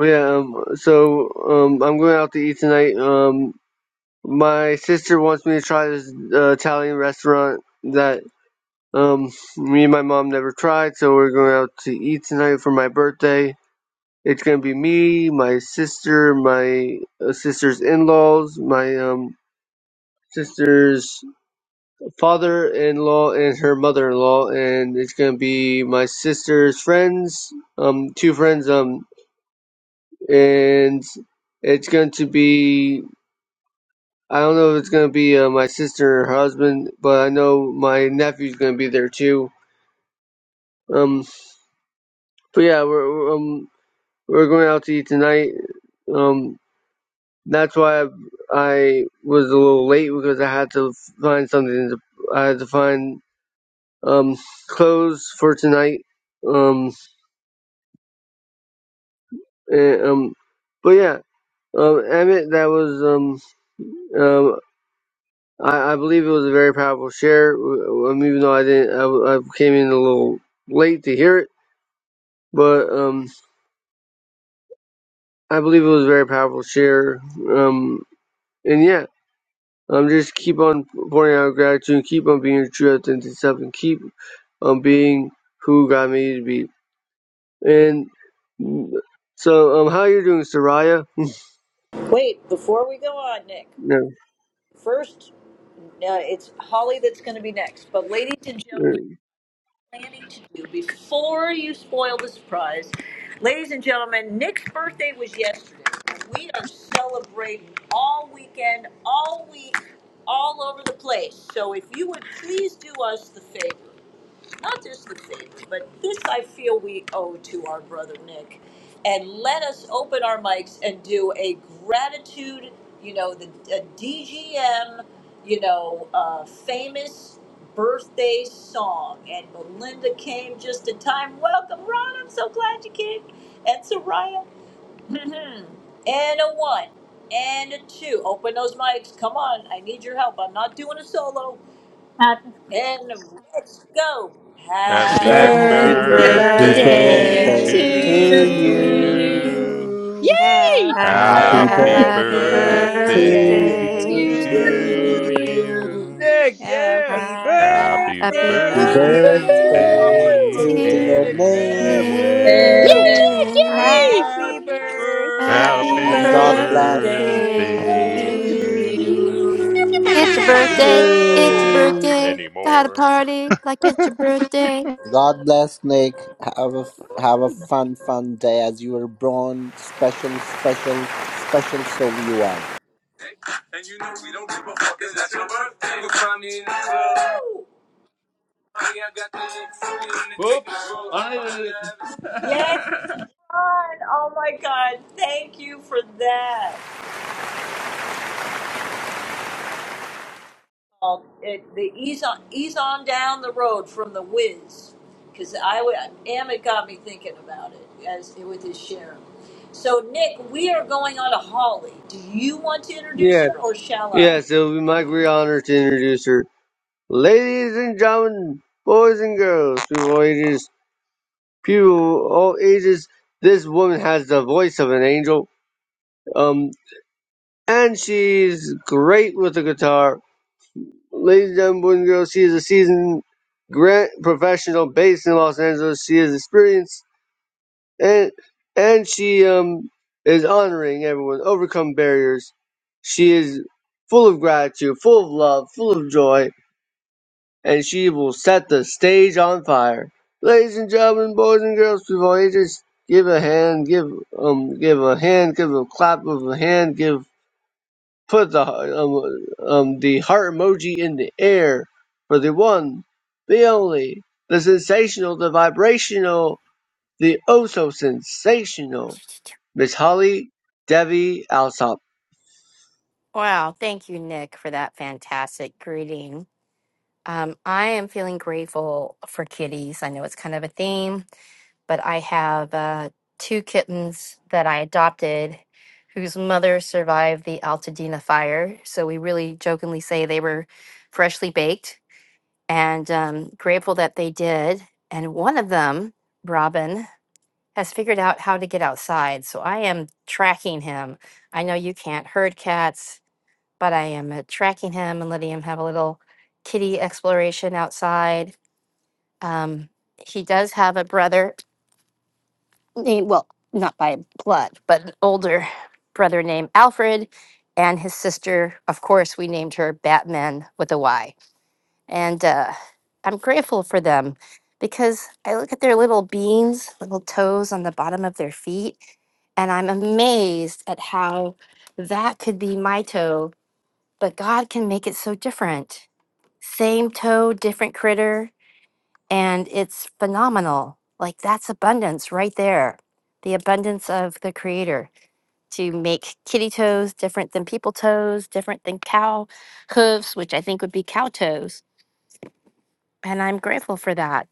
Speaker 6: yeah. Um, so um, I'm going out to eat tonight. Um, My sister wants me to try this uh, Italian restaurant that um me and my mom never tried, so we're going out to eat tonight for my birthday. It's gonna be me, my sister, my uh, sister's in-laws, my um sister's father-in-law, and her mother-in-law, and it's gonna be my sister's friends, um, two friends, um, and it's going to be I don't know if it's gonna be uh, my sister or her husband, but I know my nephew's gonna be there too. Um, but yeah, we're we're, um we're going out to eat tonight. Um, that's why I, I was a little late because I had to find something. To, I had to find um clothes for tonight. Um, and, um, but yeah, um, Emmett, that was um um. I, I believe it was a very powerful share. Um, even though I didn't, I, I came in a little late to hear it But um, I believe it was a very powerful share. Um, and yeah, um, just keep on pouring out gratitude, keep on being your true authentic self, and keep on being who God made you to be. And mm, so, um, how you doing, Soraya?
Speaker 1: Wait, before we go on, Nick,
Speaker 6: No,
Speaker 1: first, uh, it's Holly that's going to be next. But, ladies and gentlemen,
Speaker 6: uh,
Speaker 1: planning to do before you spoil the surprise. Ladies and gentlemen, Nick's birthday was yesterday. We are celebrating all weekend, all week, all over the place. So if you would please do us the favor not just the feds, but this I feel we owe to our brother Nick. And let us open our mics and do a gratitude, you know, the a DGM, you know, uh, famous birthday song. And Melinda came just in time. Welcome, Ron. I'm so glad you came. And Soraya. [LAUGHS] Mhm. and a one. And a two. Open those mics. Come on. I need your help. I'm not doing a solo.
Speaker 5: Happy
Speaker 1: And let's go. Hallelujah.
Speaker 5: happy
Speaker 4: Happy
Speaker 7: Happy
Speaker 2: Happy
Speaker 8: Happy
Speaker 9: Happy
Speaker 3: happy
Speaker 10: Birthday to
Speaker 4: birthday
Speaker 7: birthday
Speaker 5: Birthday
Speaker 4: to
Speaker 5: to
Speaker 3: birthday
Speaker 2: birthday
Speaker 8: birthday to
Speaker 3: to
Speaker 10: you.
Speaker 7: to
Speaker 2: to
Speaker 3: you
Speaker 5: you.
Speaker 2: you.
Speaker 8: you.
Speaker 4: you.
Speaker 7: you.
Speaker 5: Yay!
Speaker 8: Ha-
Speaker 10: Happy
Speaker 7: Happy
Speaker 3: happy
Speaker 4: Happy
Speaker 5: Happy
Speaker 2: Happy
Speaker 8: Happy
Speaker 3: birthday
Speaker 10: birthday to
Speaker 7: birthday
Speaker 2: birthday
Speaker 3: to
Speaker 5: birthday
Speaker 4: birthday
Speaker 5: to
Speaker 8: birthday
Speaker 2: to
Speaker 4: to
Speaker 3: you
Speaker 2: you.
Speaker 7: to
Speaker 8: to
Speaker 10: you.
Speaker 5: you.
Speaker 8: you.
Speaker 7: you,
Speaker 4: you.
Speaker 7: Nick. Yeah.
Speaker 10: Happy
Speaker 7: Happy
Speaker 8: Happy
Speaker 4: Happy
Speaker 2: Happy
Speaker 3: Happy
Speaker 10: birthday
Speaker 2: birthday,
Speaker 7: birthday,
Speaker 1: Thank
Speaker 8: birthday,
Speaker 10: to
Speaker 7: my
Speaker 1: you,
Speaker 7: friend,
Speaker 3: birthday
Speaker 5: Woohoo!
Speaker 4: birthday,
Speaker 7: brother
Speaker 3: to dear
Speaker 2: dear
Speaker 8: dear
Speaker 7: Nick.
Speaker 1: Jesus.
Speaker 4: dear
Speaker 7: Yeah.
Speaker 3: Nick,
Speaker 8: Miss.
Speaker 5: Yay,
Speaker 7: Woo.
Speaker 9: birthday
Speaker 4: Nick.
Speaker 5: Nick!
Speaker 1: Happy
Speaker 5: Yay! Pew,
Speaker 2: Nick.
Speaker 10: Happy
Speaker 7: Happy
Speaker 8: Happy
Speaker 2: Happy
Speaker 10: birthday
Speaker 3: and
Speaker 4: Happy
Speaker 1: birthday
Speaker 3: God
Speaker 7: birthday
Speaker 10: to
Speaker 3: bless
Speaker 8: birthday
Speaker 2: birthday to
Speaker 4: birthday
Speaker 7: to
Speaker 10: you.
Speaker 8: to
Speaker 1: to
Speaker 7: you.
Speaker 1: you.
Speaker 2: you.
Speaker 4: to
Speaker 8: you.
Speaker 2: It's your
Speaker 4: you
Speaker 2: birthday. It's your
Speaker 5: pew!
Speaker 4: and
Speaker 3: you.
Speaker 2: birthday.
Speaker 4: many
Speaker 2: Got a
Speaker 4: more.
Speaker 2: party like it's your
Speaker 4: [LAUGHS]
Speaker 2: birthday.
Speaker 3: God bless Nick. Have a have a fun, fun day as you were born. Special, special, special soul you are.
Speaker 7: And you can find me in the club. Hey, I got the Nick Fury in the Oops. ticket.
Speaker 1: Yay,
Speaker 7: I don't
Speaker 1: Ron. Oh my God. Thank you for that. called it, the ease on ease on down the road from the Whiz, because I w- Amit got me thinking about it as with his share. So Nick, we are going on a Holly. Do you want to introduce
Speaker 6: yeah,
Speaker 1: her or shall I?
Speaker 6: yeah. So it would be my great honor to introduce her, ladies and gentlemen, boys and girls, people of all ages, people of all ages. This woman has the voice of an angel. Um. and she's great with the guitar. Ladies and gentlemen, boys and girls, she is a seasoned grant professional based in Los Angeles. She is experienced and and she um is honoring everyone, overcome barriers. She is full of gratitude, full of love, full of joy, and she will set the stage on fire. Ladies and gentlemen, boys and girls, people, ages, give a hand, give um, give a hand, give a clap of a hand, give put the um, um, the heart emoji in the air for the one, the only, the sensational, the vibrational, the oh so sensational Miss Holly Debbie Alsop.
Speaker 2: Wow. Thank you, Nick, for that fantastic greeting. Um, I am feeling grateful for kitties. I know it's kind of a theme, but I have uh, two kittens that I adopted whose mother survived the Altadena fire. So we really jokingly say they were freshly baked and um, grateful that they did. And one of them, Robin, has figured out how to get outside. So I am tracking him. I know you can't herd cats, but I am uh, tracking him and letting him have a little kitty exploration outside. Um, he does have a brother named, well, not by blood, but an older brother named Alfred, and his sister, of course, we named her Batman with a Y. And uh, I'm grateful for them because I look at their little beans, little toes on the bottom of their feet, and I'm amazed at how that could be my toe, but God can make it so different. Same toe, different critter, and it's phenomenal. Like that's abundance right there. The abundance of the creator to make kitty toes different than people toes, different than cow hooves, which I think would be cow toes. And I'm grateful for that.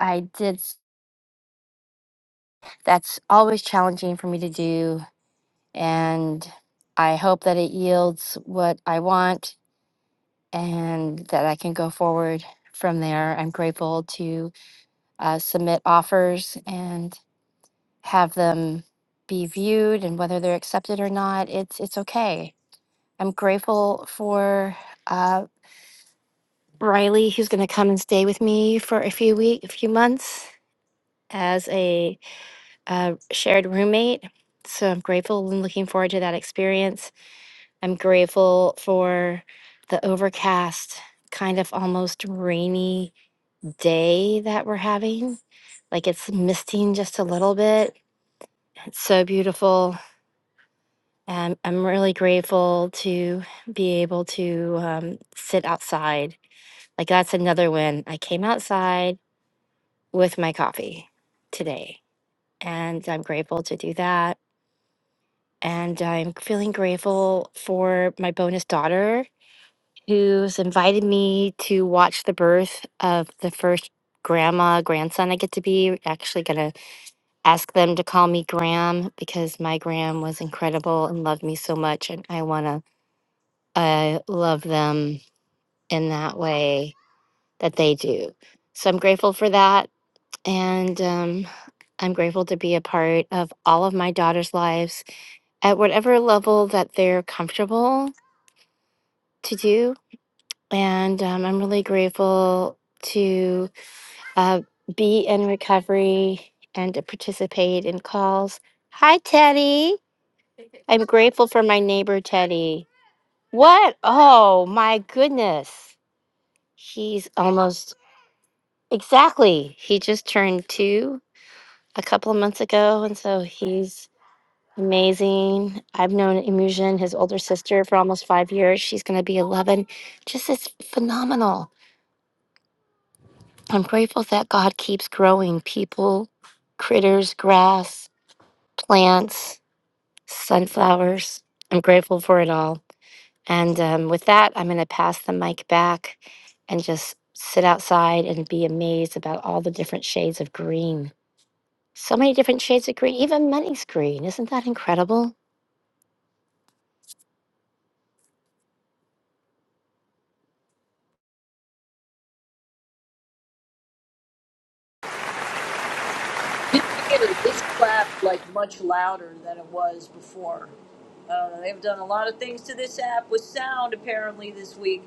Speaker 2: I did. s- That's always challenging for me to do. And I hope that it yields what I want and that I can go forward from there. I'm grateful to uh, submit offers and have them be viewed and whether they're accepted or not, it's, it's okay. I'm grateful for uh, Riley, who's going to come and stay with me for a few week, a few months as a uh, shared roommate. So I'm grateful and looking forward to that experience. I'm grateful for the overcast, kind of almost rainy day that we're having. Like it's misting just a little bit. It's so beautiful. And I'm really grateful to be able to um, sit outside. Like that's another win. I came outside with my coffee today, and I'm grateful to do that. and I'm feeling grateful for my bonus daughter who's invited me to watch the birth of the first grandma grandson I get to be. Actually, gonna ask them to call me Gram because my Gram was incredible and loved me so much, and I wanna uh, love them in that way that they do. So I'm grateful for that, and um, I'm grateful to be a part of all of my daughter's lives at whatever level that they're comfortable to do. And um, I'm really grateful to uh, be in recovery and to participate in calls. Hi, Teddy. I'm grateful for my neighbor, Teddy. What? Oh, my goodness. He's almost exactly. He just turned two a couple of months ago. And so he's amazing. I've known Imusion, his older sister, for almost five years. She's going to be 11. Just is phenomenal I'm grateful that God keeps growing people, critters, grass, plants, sunflowers. I'm grateful for it all. And um, with that, I'm going to pass the mic back and just sit outside and be amazed about all the different shades of green. So many different shades of green, even money's green. Isn't that incredible?
Speaker 1: This theater, clapped like much louder than it was before. I don't know. They've done a lot of things to this app with sound apparently this week.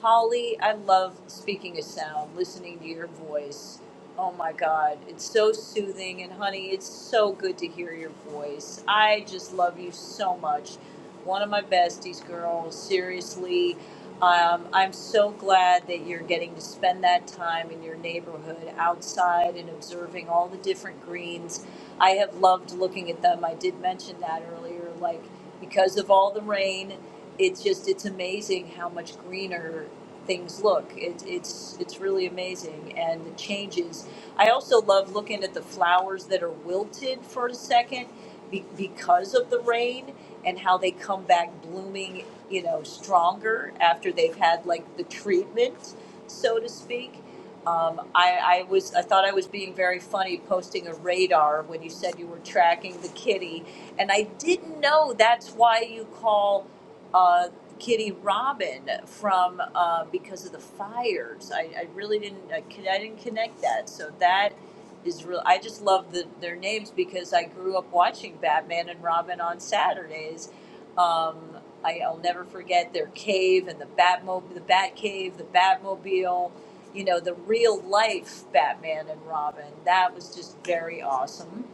Speaker 1: Holly, I love speaking of sound, listening to your voice. Oh my God, it's so soothing. And honey, it's so good to hear your voice. I just love you so much. One of my besties, girl. Seriously, um, I'm so glad that you're getting to spend that time in your neighborhood outside and observing all the different greens. I have loved looking at them. I did mention that earlier, like because of all the rain, it's just it's amazing how much greener things look. It, it's it's really amazing and the changes. I also love looking at the flowers that are wilted for a second be, because of the rain and how they come back blooming you know, stronger after they've had like the treatment, so to speak. Um, I, I was I thought I was being very funny posting a radar when you said you were tracking the kitty, and I didn't know that's why you call uh, Kitty Robin from uh, because of the fires. I, I really didn't I, con- I didn't connect that. So that is real. I just love the, their names because I grew up watching Batman and Robin on Saturdays. Um, I, I'll never forget their cave and the Batmobile, the Bat Cave, the Batmobile, you know, the real life Batman and Robin. That was just very awesome.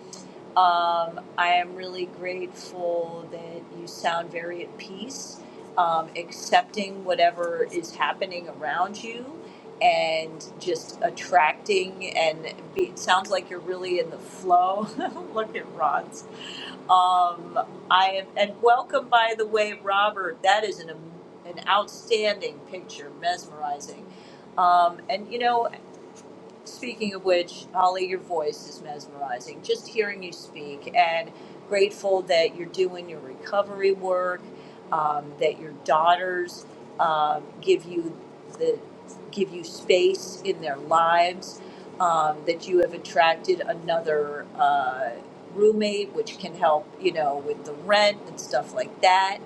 Speaker 1: Um, I am really grateful that you sound very at peace, um, accepting whatever is happening around you and just attracting and be, it sounds like you're really in the flow. [LAUGHS] Look at Rod um, I am, and welcome, by the way, Robert. That is an an outstanding picture, mesmerizing. Um, and you know, Speaking of which, Holly, your voice is mesmerizing. Just hearing you speak and grateful that you're doing your recovery work, um, that your daughters um, give you the give you space in their lives, um, that you have attracted another uh, roommate, which can help you know with the rent and stuff like that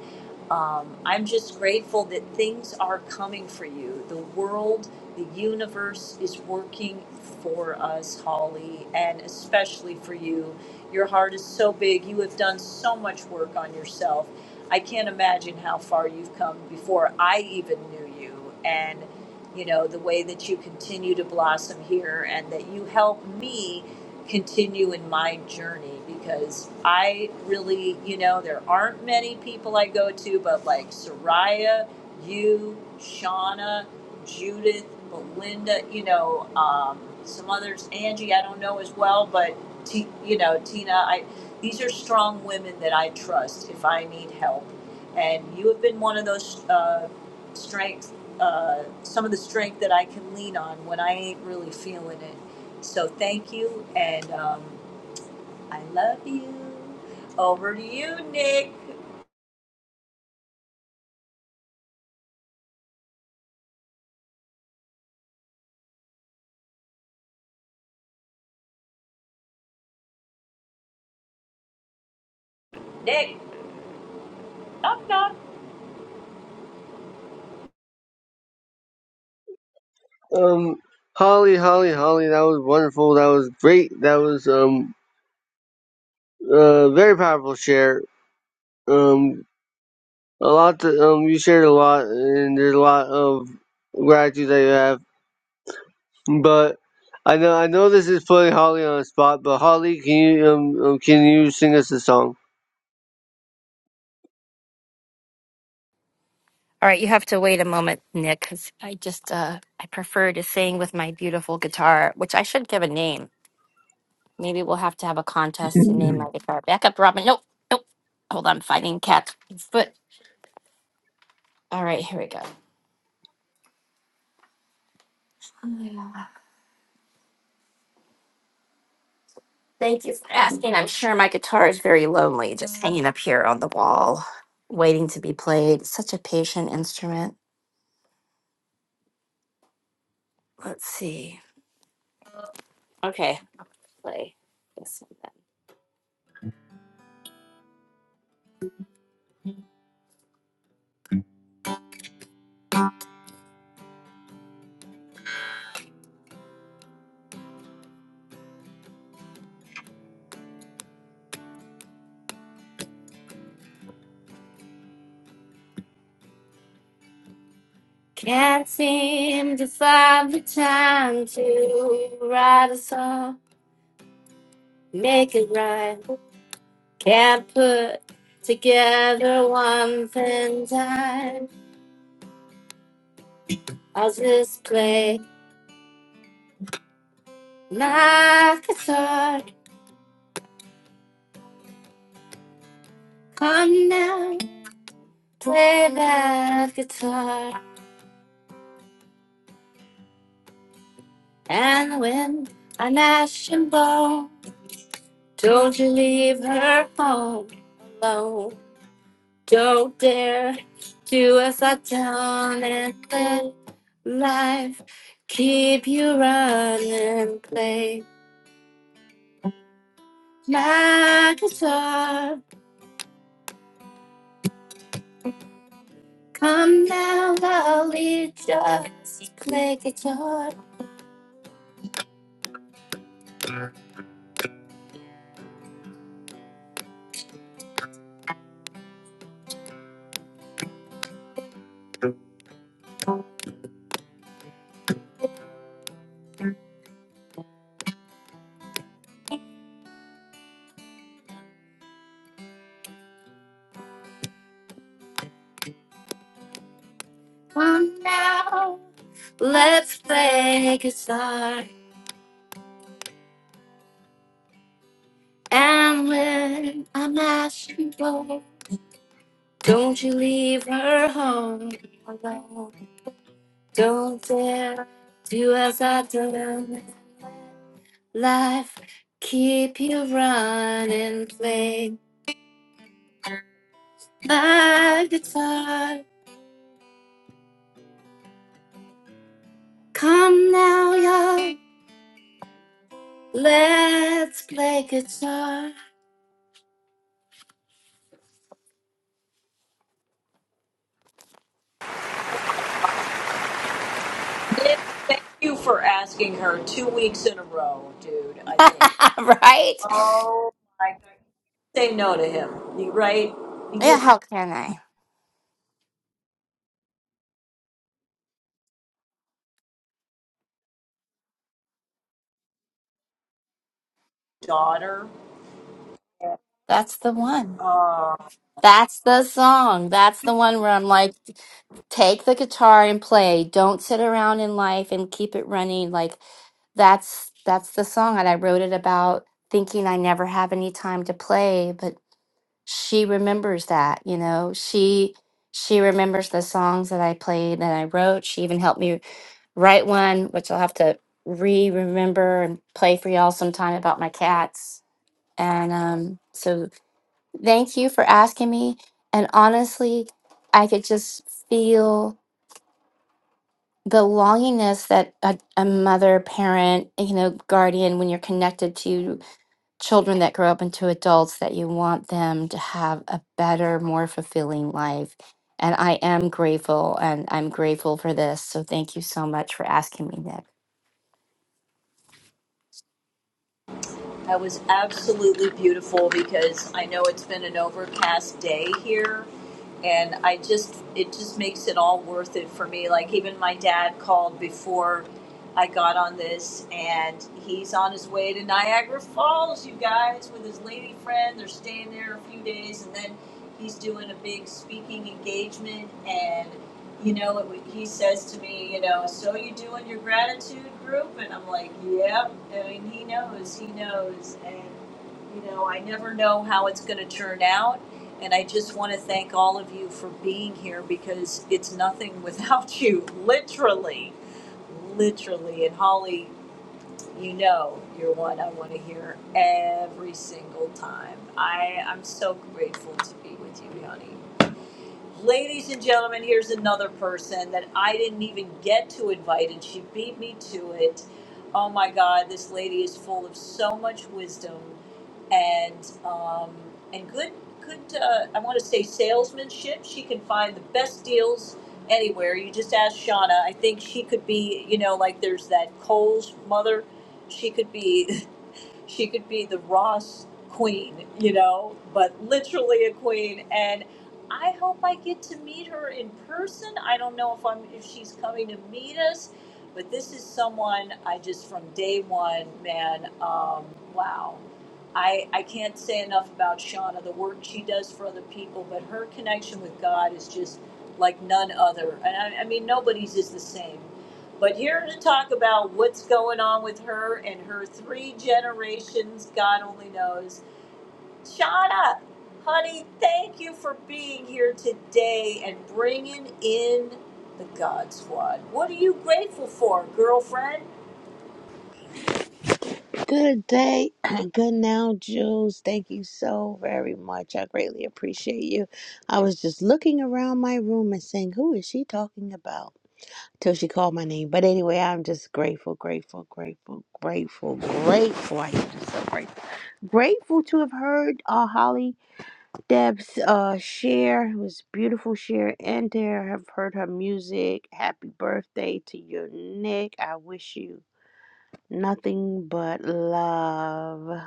Speaker 1: um, I'm just grateful that things are coming for you. The world, the universe is working for us, Holly, and especially for you. Your heart is so big. You have done so much work on yourself. I can't imagine how far you've come before I even knew you. And, you know, the way that you continue to blossom here and that you help me continue in my journey because I really, you know, there aren't many people I go to, but like Soraya, you, Shauna, Judith, Belinda, you know, um, some others, Angie, I don't know as well, but T, you know, Tina, I, these are strong women that I trust if I need help. And you have been one of those uh, strengths, uh, some of the strength that I can lean on when I ain't really feeling it so thank you, and um, I love you. Over to you, Nick. Nick, knock, knock.
Speaker 6: Um, Holly, Holly, Holly, that was wonderful. That was great. That was um uh very powerful share. Um, a lot. To, um, you shared a lot, and there's a lot of gratitude that you have But I know I know this is putting Holly on the spot, but Holly, can you um, um can you sing us a song?
Speaker 2: All right, you have to wait a moment, Nick, because I just uh, I prefer to sing with my beautiful guitar, which I should give a name. Maybe we'll have to have a contest to name my guitar. Back up, Robin. Nope, nope. Hold on, fighting cat. Foot. all right, here we go. Yeah. Thank you for asking. I'm sure my guitar is very lonely, just hanging up here on the wall, waiting to be played. It's Such a patient instrument. Let's see. Okay, play this one then. Can't seem to find the time to write a song, make it right. Can't put together one thing time. I'll just play my guitar. Come now, play that guitar. And win an ashen ball. Don't you leave her home alone. Don't dare do as I done and let life keep you running. Play my guitar. Come now, lovely just play guitar. Come now, let's play guitar. And when I'm asking for, don't you leave her home alone. Don't dare do as I done. Life, keep you running, play my guitar. Come now, y'all, let's play guitar.
Speaker 1: Nick, thank you for asking her two weeks in a row, dude. I think.
Speaker 2: [LAUGHS] right?
Speaker 1: Oh my God. Say no to him, You- right? He
Speaker 2: Yeah,
Speaker 1: just
Speaker 2: how can I?
Speaker 1: daughter.
Speaker 2: That's the one.
Speaker 1: Uh,
Speaker 2: That's the song. That's the one where I'm like, take the guitar and play. Don't sit around in life and keep it running. Like that's that's the song that I wrote it about thinking I never have any time to play, but she remembers that, you know. She she remembers the songs that I played and I wrote. She even helped me write one, which I'll have to re-remember and play for y'all sometime about my cats And um, so thank you for asking me. And honestly, I could just feel belongingness that a, a mother, parent, you know, guardian, when you're connected to children that grow up into adults, that you want them to have a better, more fulfilling life. And I am grateful and I'm grateful for this. So thank you so much for asking me, Nick.
Speaker 1: that was absolutely beautiful because I know it's been an overcast day here, and I just it just makes it all worth it for me. Like even my dad called before I got on this, and he's on his way to Niagara Falls, you guys, with his lady friend. They're staying there a few days, and then he's doing a big speaking engagement. And you know, it, he says to me, you know, so you doing your gratitude group? And I'm like, yep. I mean, he knows, he knows, and you know, I never know how it's going to turn out and I just want to thank all of you for being here because it's nothing [LAUGHS] without you, literally, literally. And Holly, you know you're one I want to hear every single time. I, I'm so grateful to be with you, honey. Ladies and gentlemen, here's another person that I didn't even get to invite, and she beat me to it. Oh my God, this lady is full of so much wisdom and um, and good good uh, I want to say salesmanship. She can find the best deals anywhere. You just ask Shauna. I think she could be you know like there's that Cole's mother. She could be she could be the Ross queen, you know, but literally a queen. And I hope I get to meet her in person. I don't know if I'm if she's coming to meet us, but this is someone I just from day one, man. Um, wow. I, I can't say enough about Shauna, the work she does for other people, but her connection with God is just like none other. And I, I mean, nobody's is the same. But here to talk about what's going on with her and her three generations, God only knows. Shauna, honey, thank you for being here today and bringing in the God Squad. What are you grateful for, girlfriend?
Speaker 11: Good day. [CLEARS THROAT] Good now, Jules. Thank you so very much. I greatly appreciate you. I was just looking around my room and saying, who is she talking about? Till she called my name. But anyway, I'm just grateful, grateful, grateful, grateful, grateful. I am just so grateful. Grateful to have heard uh, Holly Deb's uh, share. It was beautiful share in there. I've heard her music. Happy birthday to you, Nick. I wish you nothing but love.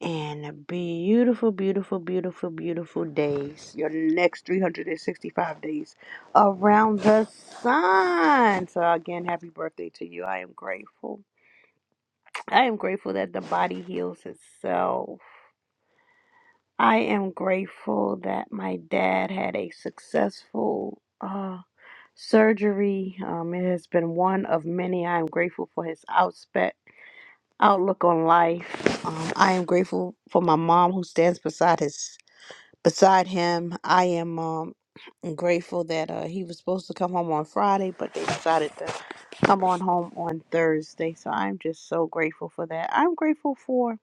Speaker 11: and beautiful, beautiful, beautiful, beautiful days. Your next 365 days around the sun. So, again, happy birthday to you. I am grateful. I am grateful that the body heals itself. I am grateful that my dad had a successful uh, surgery. Um, it has been one of many. I am grateful for his outspec outlook on life. Um, I am grateful for my mom who stands beside his beside him. I am um, grateful that uh, he was supposed to come home on Friday, but they decided to come on home on Thursday. So I'm just so grateful for that. I'm grateful for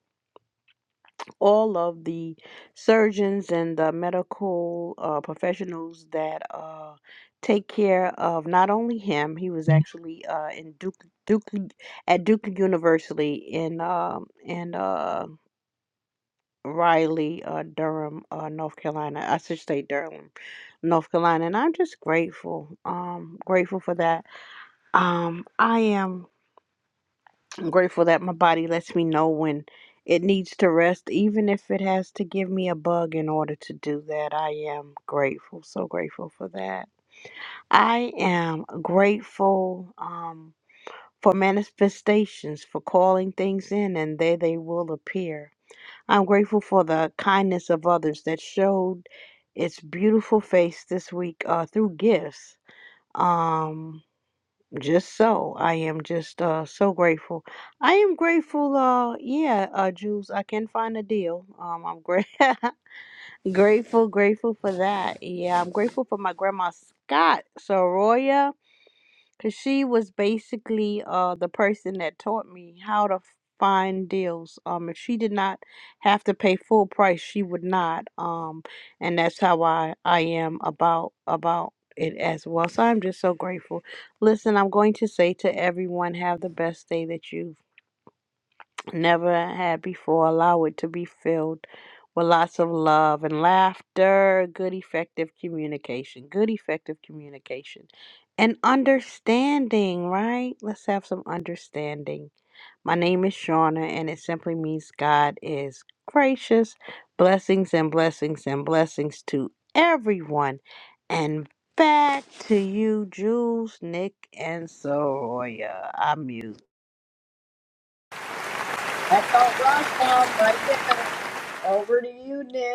Speaker 11: all of the surgeons and the medical uh, professionals that uh, take care of not only him. He was actually uh, in Duke Duke at Duke University in um in uh, Riley, uh, Durham, uh, North Carolina. I should say Durham, North Carolina, and I'm just grateful. Um, grateful for that. Um, I am grateful that my body lets me know when it needs to rest, even if it has to give me a bug in order to do that. I am grateful, so grateful for that. I am grateful. Um. For manifestations, for calling things in, and there they will appear. I'm grateful for the kindness of others that showed its beautiful face this week uh, through gifts. Um, just so I am just uh, so grateful. I am grateful. Uh, yeah, uh, Jules, I can find a deal. Um, I'm great, [LAUGHS] grateful, grateful for that. Yeah, I'm grateful for my grandma Scott Soroya Cause she was basically uh the person that taught me how to find deals. Um, if she did not have to pay full price, she would not. Um, and that's how I I am about about it as well. So I'm just so grateful. Listen, I'm going to say to everyone, have the best day that you never had before. Allow it to be filled with lots of love and laughter, good, effective communication, good, effective communication, and understanding, right? Let's have some understanding. My name is Shauna, and it simply means God is gracious. Blessings and blessings and blessings to everyone. And back to you, Jules, Nick, and Soroya. I'm mute.
Speaker 1: All right, um, over to you, Nick.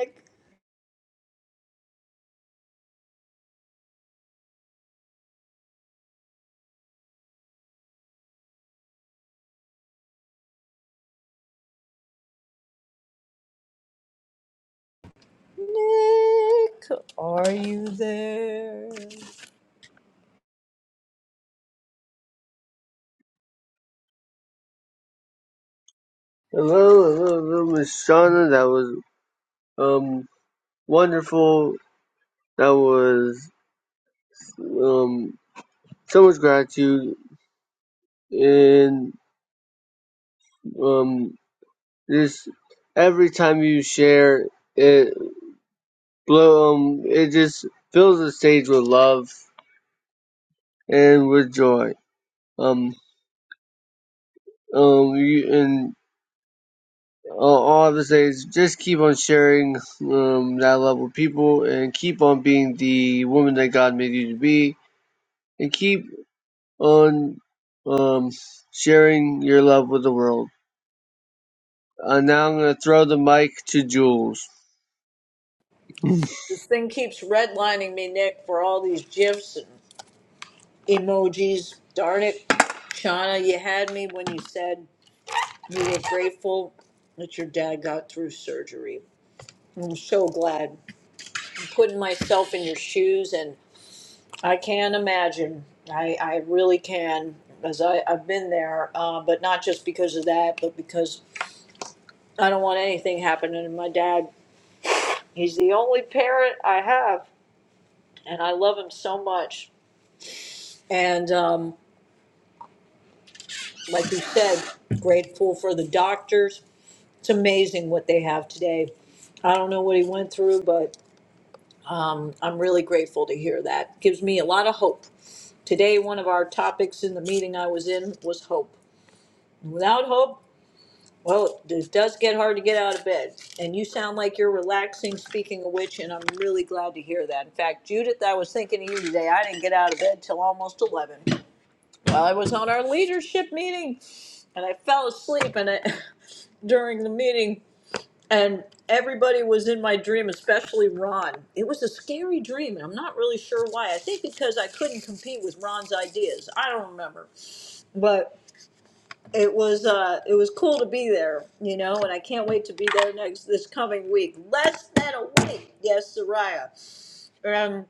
Speaker 1: Nick, are you there?
Speaker 6: Hello, hello, hello, Miss Shauna. That was um wonderful. That was um so much gratitude and um just every time you share it blow um it just fills the stage with love and with joy. Um um you and all, all I would say is just keep on sharing um, that love with people and keep on being the woman that God made you to be and keep on um, sharing your love with the world. Uh, now I'm going to throw the mic to Jules. [LAUGHS]
Speaker 1: Keeps redlining me, Nick, for all these gifs and emojis. Darn it, Shauna, you had me when you said You were grateful that your dad got through surgery. I'm so glad. Putting myself in your shoes, and I can imagine. I, I really can, as I, I've been there, uh, but not just because of that, but because I don't want anything happening to my dad. He's the only parent I have, and I love him so much. And um, like you said, grateful for the doctors. It's amazing what they have today. I don't know what he went through, but Um, I'm really grateful to hear that. Gives me a lot of hope. Today, one of our topics in the meeting I was in was hope. Without hope, well, it does get hard to get out of bed. And you sound like you're relaxing, speaking of which, and I'm really glad to hear that. In fact, Judith, I was thinking of you today. I didn't get out of bed till almost 11. Well, I was on our leadership meeting and I fell asleep and I, [LAUGHS] during the meeting and everybody was in my dream, especially Ron. It was a scary dream, and I'm not really sure why. I think because I couldn't compete with Ron's ideas. I don't remember, but it was uh, it was cool to be there, you know. And I can't wait to be there next this coming week. Less than a week, yes, Soraya. Um,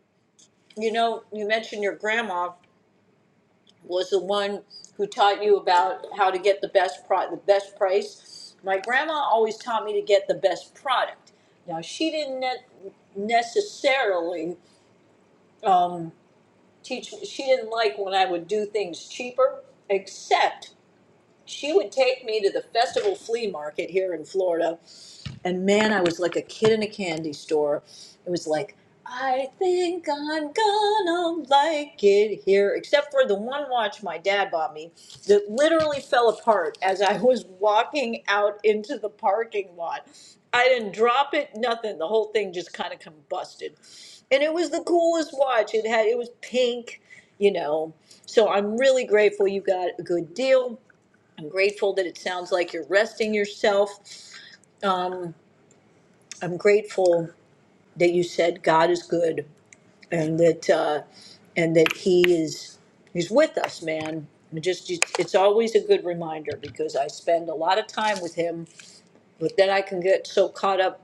Speaker 1: you know, you mentioned your grandma. was the one who taught you about how to get the best pro- the best price. My grandma always taught me to get the best product. Now she didn't ne- necessarily um, teach me. She didn't like when I would do things cheaper, except she would take me to the festival flea market here in Florida and man, I was like a kid in a candy store. It was like, I think I'm gonna like it here, except for the one watch my dad bought me that literally fell apart as I was walking out into the parking lot. I didn't drop it, nothing. The whole thing just kind of combusted. And it was the coolest watch. It had it was pink, you know. So I'm really grateful you got a good deal. I'm grateful that it sounds like you're resting yourself. Um, I'm grateful that you said God is good and that uh, and that He is He's with us, man. It just it's always a good reminder because I spend a lot of time with Him, but then I can get so caught up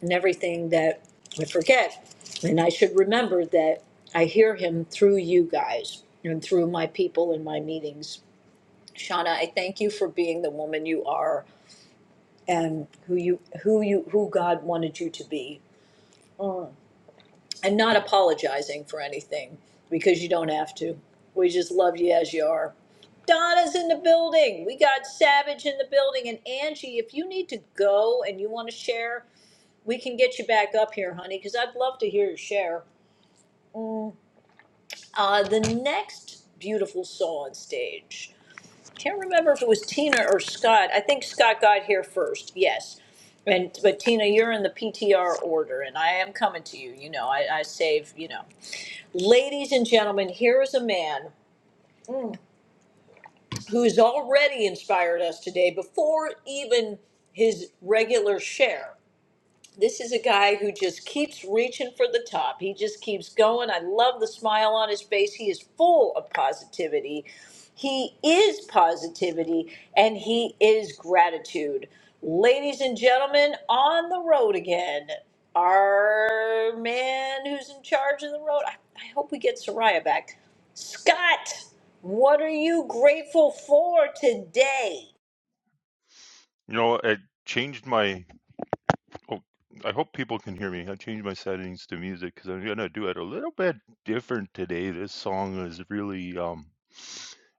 Speaker 1: in everything that I forget, and I should remember that I hear Him through you guys and through my people and my meetings. Shauna, I thank you for being the woman you are and who you who you who God wanted you to be and not apologizing for anything because you don't have to. We just love you as you are. Donna's in the building. We got Savage in the building. And Angie, if you need to go and you want to share, we can get you back up here, honey, because I'd love to hear you share. Uh, the next beautiful soul on stage. Can't remember if it was Tina or Scott. I think Scott got here first. Yes. And but Tina, you're in the PTR order, and I am coming to you. You know, I, I save. You know, Ladies and gentlemen, here is a man mm, who's already inspired us today before even his regular share. This is a guy who just keeps reaching for the top. He just keeps going. I love the smile on his face. He is full of positivity. He is positivity and he is gratitude. Ladies and gentlemen, on the road again, our man who's in charge of the road. I, I hope we get Soraya back. Scott, what are you grateful for today?
Speaker 4: You know, I changed my. Oh, I hope people can hear me. I changed my settings to music because I'm gonna do it a little bit different today. This song is really um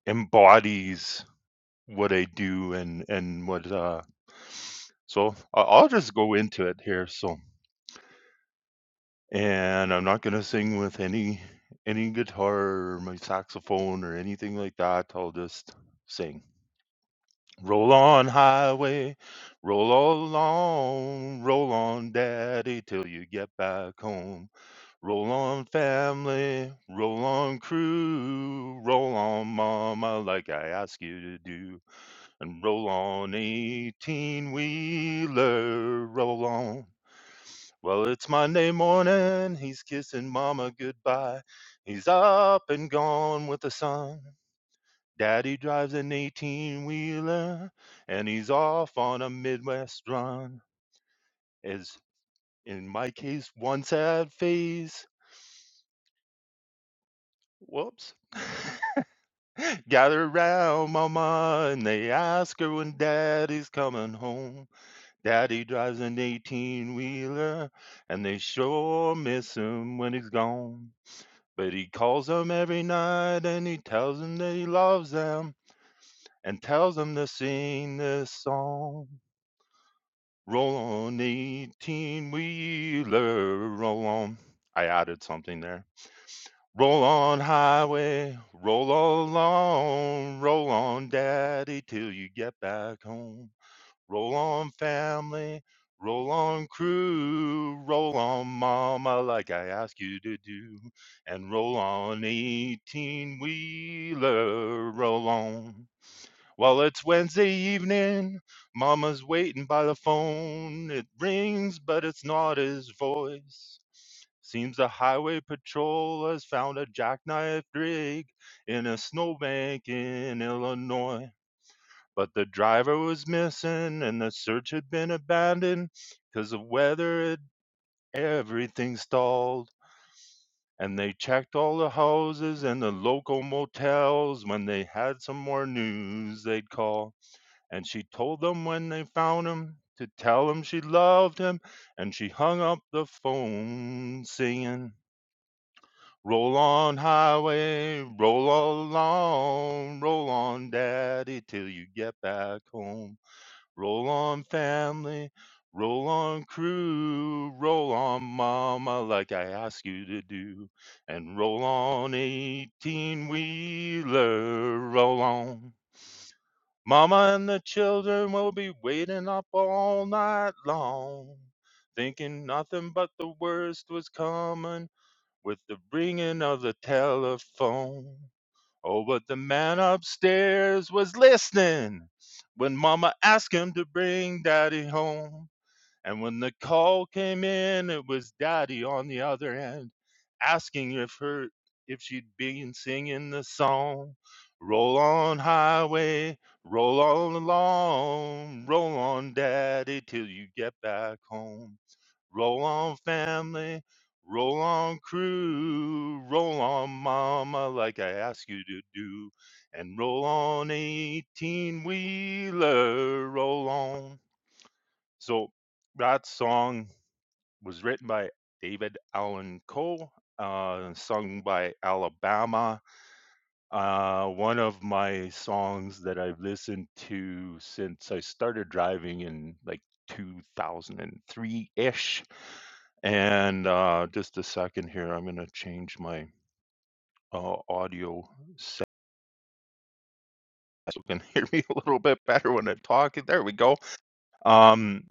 Speaker 4: embodies what I do and and what uh. So I- I'll just go into it here. So. and I'm not gonna sing with any any guitar or my saxophone or anything like that. I'll just sing. Roll on highway, roll along, roll on daddy till you get back home. Roll on family, roll on crew, roll on mama like I ask you to do. And roll on 18 wheeler, roll on. Well, it's Monday morning. He's kissing mama goodbye. He's up and gone with the sun. Daddy drives an 18 wheeler and he's off on a Midwest run. As in my case, one sad face. Whoops. Gather round mama and they ask her when daddy's coming home. Daddy drives an 18 wheeler and they sure miss him when he's gone. But he calls them every night and he tells them that he loves them and tells them to sing this song. Roll on, 18 wheeler, roll on. I added something there. Roll on, highway, roll along, roll on, daddy, till you get back home. Roll on, family. Roll on, crew. Roll on, mama, like I asked you to do. And roll on, 18 wheeler. Roll on. Well, it's Wednesday evening. Mama's waiting by the phone. It rings, but it's not his voice. Seems the highway patrol has found a jackknife rig in a snowbank in Illinois. But the driver was missing and the search had been abandoned 'cause because of weather. It, everything stalled. And they checked all the houses and the local motels. When they had some more news, they'd call. And she told them when they found him to tell him she loved him. And she hung up the phone singing, Roll on, highway, roll all along, roll on, daddy, till you get back home. Roll on, family. Roll on, crew. Roll on, mama, like I ask you to do. And roll on, 18 wheeler. Roll on. Mama and the children will be waiting up all night long, thinking nothing but the worst was coming with the ringing of the telephone. Oh, but the man upstairs was listening when mama asked him to bring daddy home. And when the call came in, it was Daddy on the other end asking if her if she'd been singing the song. Roll on highway, roll on along, roll on daddy till you get back home. Roll on family, roll on crew, roll on mama like I asked you to do. And roll on 18 wheeler, roll on. So that song was written by David Allan Coe, uh, sung by Alabama. Uh, one of my songs that I've listened to since I started driving in like 2003 ish. And uh, just a second here, I'm going to change my uh, audio set so you can [LAUGHS] hear me a little bit better when I talk. There we go. Um,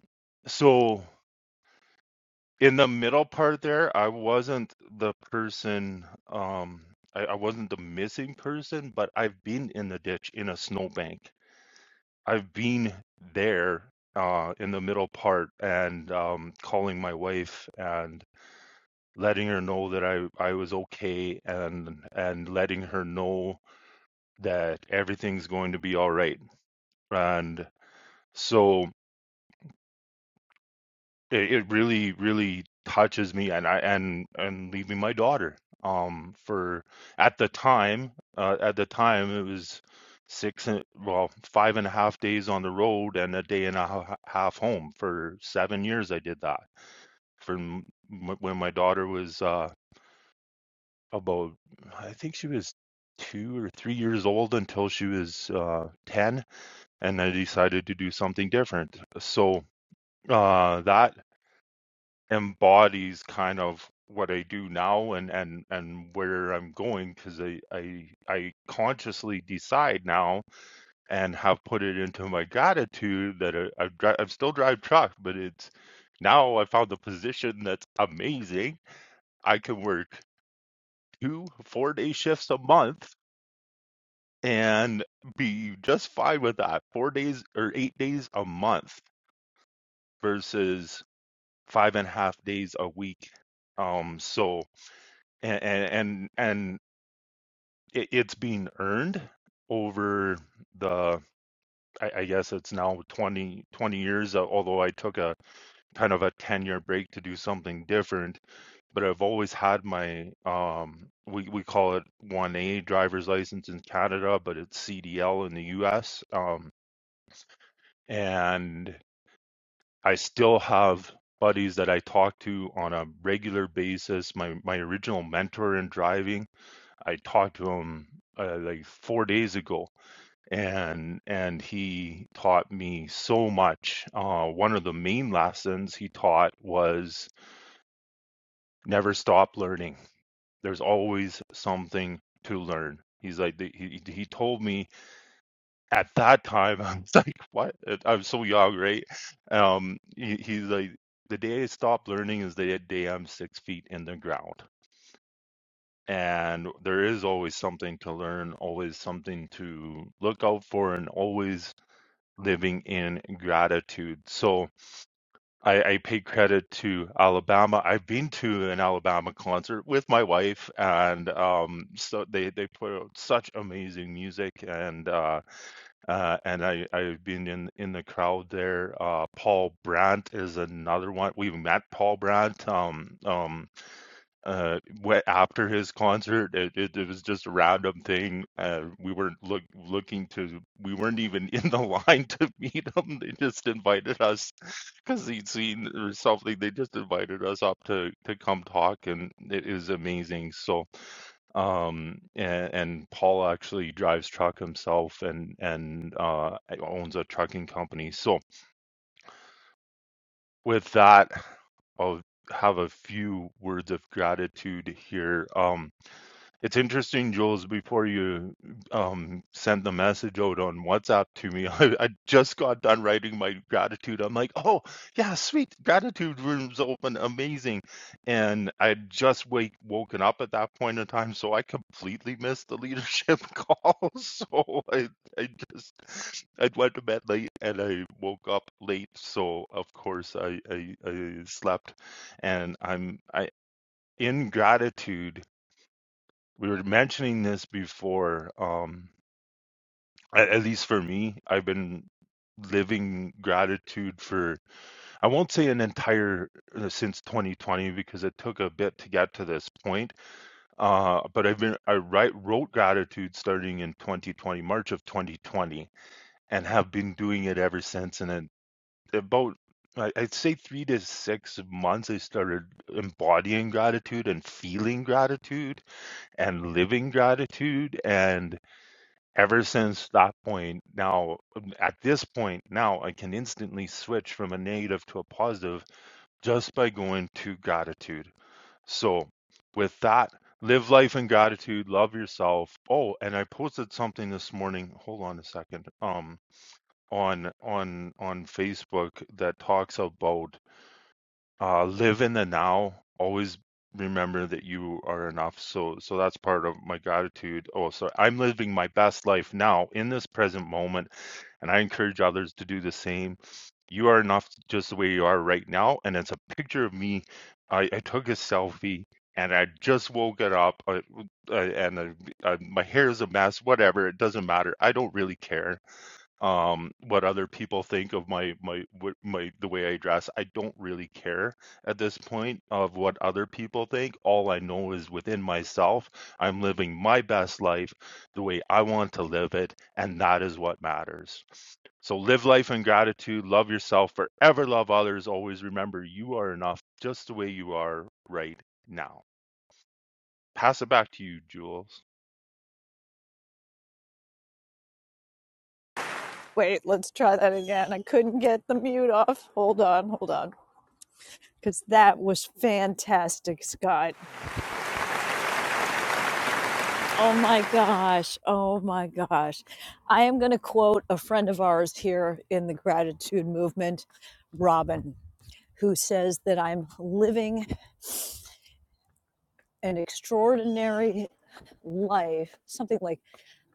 Speaker 4: so in the middle part there, I wasn't the person, um, I, I wasn't the missing person, but I've been in the ditch in a snowbank. I've been there uh, in the middle part and um, calling my wife and letting her know that I, I was okay and and letting her know that everything's going to be all right. And so it, it really really touches me and i and and leaving my daughter um for at the time uh, at the time it was six and well five and a half days on the road and a day and a ho- half home for seven years i did that from m- when my daughter was uh about i think she was two or three years old until she was uh 10 and i decided to do something different so uh that embodies kind of what I do now and and and where I'm going because I, I I consciously decide now and have put it into my gratitude that I, I've I've still drive truck, but it's now I found the position that's amazing. I can work two four day shifts a month and be just fine with that. Four days or eight days a month versus five and a half days a week. Um, so and and and it, it's being earned over the I, I guess it's now 20 20 years uh, although I took a kind of a 10 year break to do something different but I've always had my um we we call it 1A driver's license in Canada but it's CDL in the US um and I still have buddies that I talk to on a regular basis my my original mentor in driving I talked to him uh, like four days ago, and and he taught me so much. Uh, one of the main lessons he taught was never stop learning. There's always something to learn. He's like he he told me at that time. [LAUGHS] I was like, what? I was so young, right? Um, he, he's like, the day I stop learning is the day I'm six feet in the ground and there is always something to learn, always something to look out for, and always living in gratitude. So I, I pay credit to Alabama. I've been to an Alabama concert with my wife, and um, so they they put out such amazing music, and uh, uh, and I I've been in in the crowd there. Uh, Paul Brandt is another one. We've met Paul Brandt. Um, um, uh went after his concert it, it, it was just a random thing uh we weren't look looking to we weren't even [LAUGHS] in the line to meet him they just invited us because he'd seen or something they just invited us up to to come talk and it is amazing so um and, and paul actually drives truck himself and and uh owns a trucking company so with that i'll have a few words of gratitude here um it's interesting, Jules, before you um, sent the message out on WhatsApp to me, [LAUGHS] I, I just got done writing my gratitude. I'm like, oh, yeah, sweet. Gratitude room's open. Amazing. And I had just wake, woken up at that point in time. So I completely missed the leadership [LAUGHS] call. So I, I just, I went to bed late and I woke up late. So, of course, I, I, I slept and I'm I, in gratitude we were mentioning this before. Um, at, at least for me, I've been living gratitude for, I won't say an entire, uh, since 2020, because it took a bit to get to this point. Uh, but I've been, I write, wrote gratitude starting in 2020, March of 2020, and have been doing it ever since. And then about, I- I'd say three to six months, I started embodying gratitude and feeling gratitude and living gratitude. And Ever since that point, now, um, at this point, now I can instantly switch from a negative to a positive just by going to gratitude. So, with that, live life in gratitude, love yourself. Oh, and I posted something this morning. Hold on a second. Um, on on on Facebook that talks about uh, live in the now. Always remember that you are enough. So, so that's part of my gratitude. Oh, so I'm living my best life now in this present moment, and I encourage others to do the same. You are enough just the way you are right now. And it's a picture of me. I, I took a selfie. And I just woke it up, uh, uh, and uh, uh, my hair is a mess. Whatever, it doesn't matter. I don't really care um what other people think of my my what my the way I dress I don't really care at this point of what other people think all I know is within myself I'm living my best life the way I want to live it and that is what matters so live life in gratitude love yourself forever love others always remember you are enough just the way you are right now pass it back to you Jules
Speaker 1: Wait, let's try that again. I couldn't get the mute off. Hold on, hold on. Because that was fantastic, Scott. Oh my gosh. Oh my gosh. I am going to quote a friend of ours here in the gratitude movement, Robin, who says that I'm living an extraordinary life, something like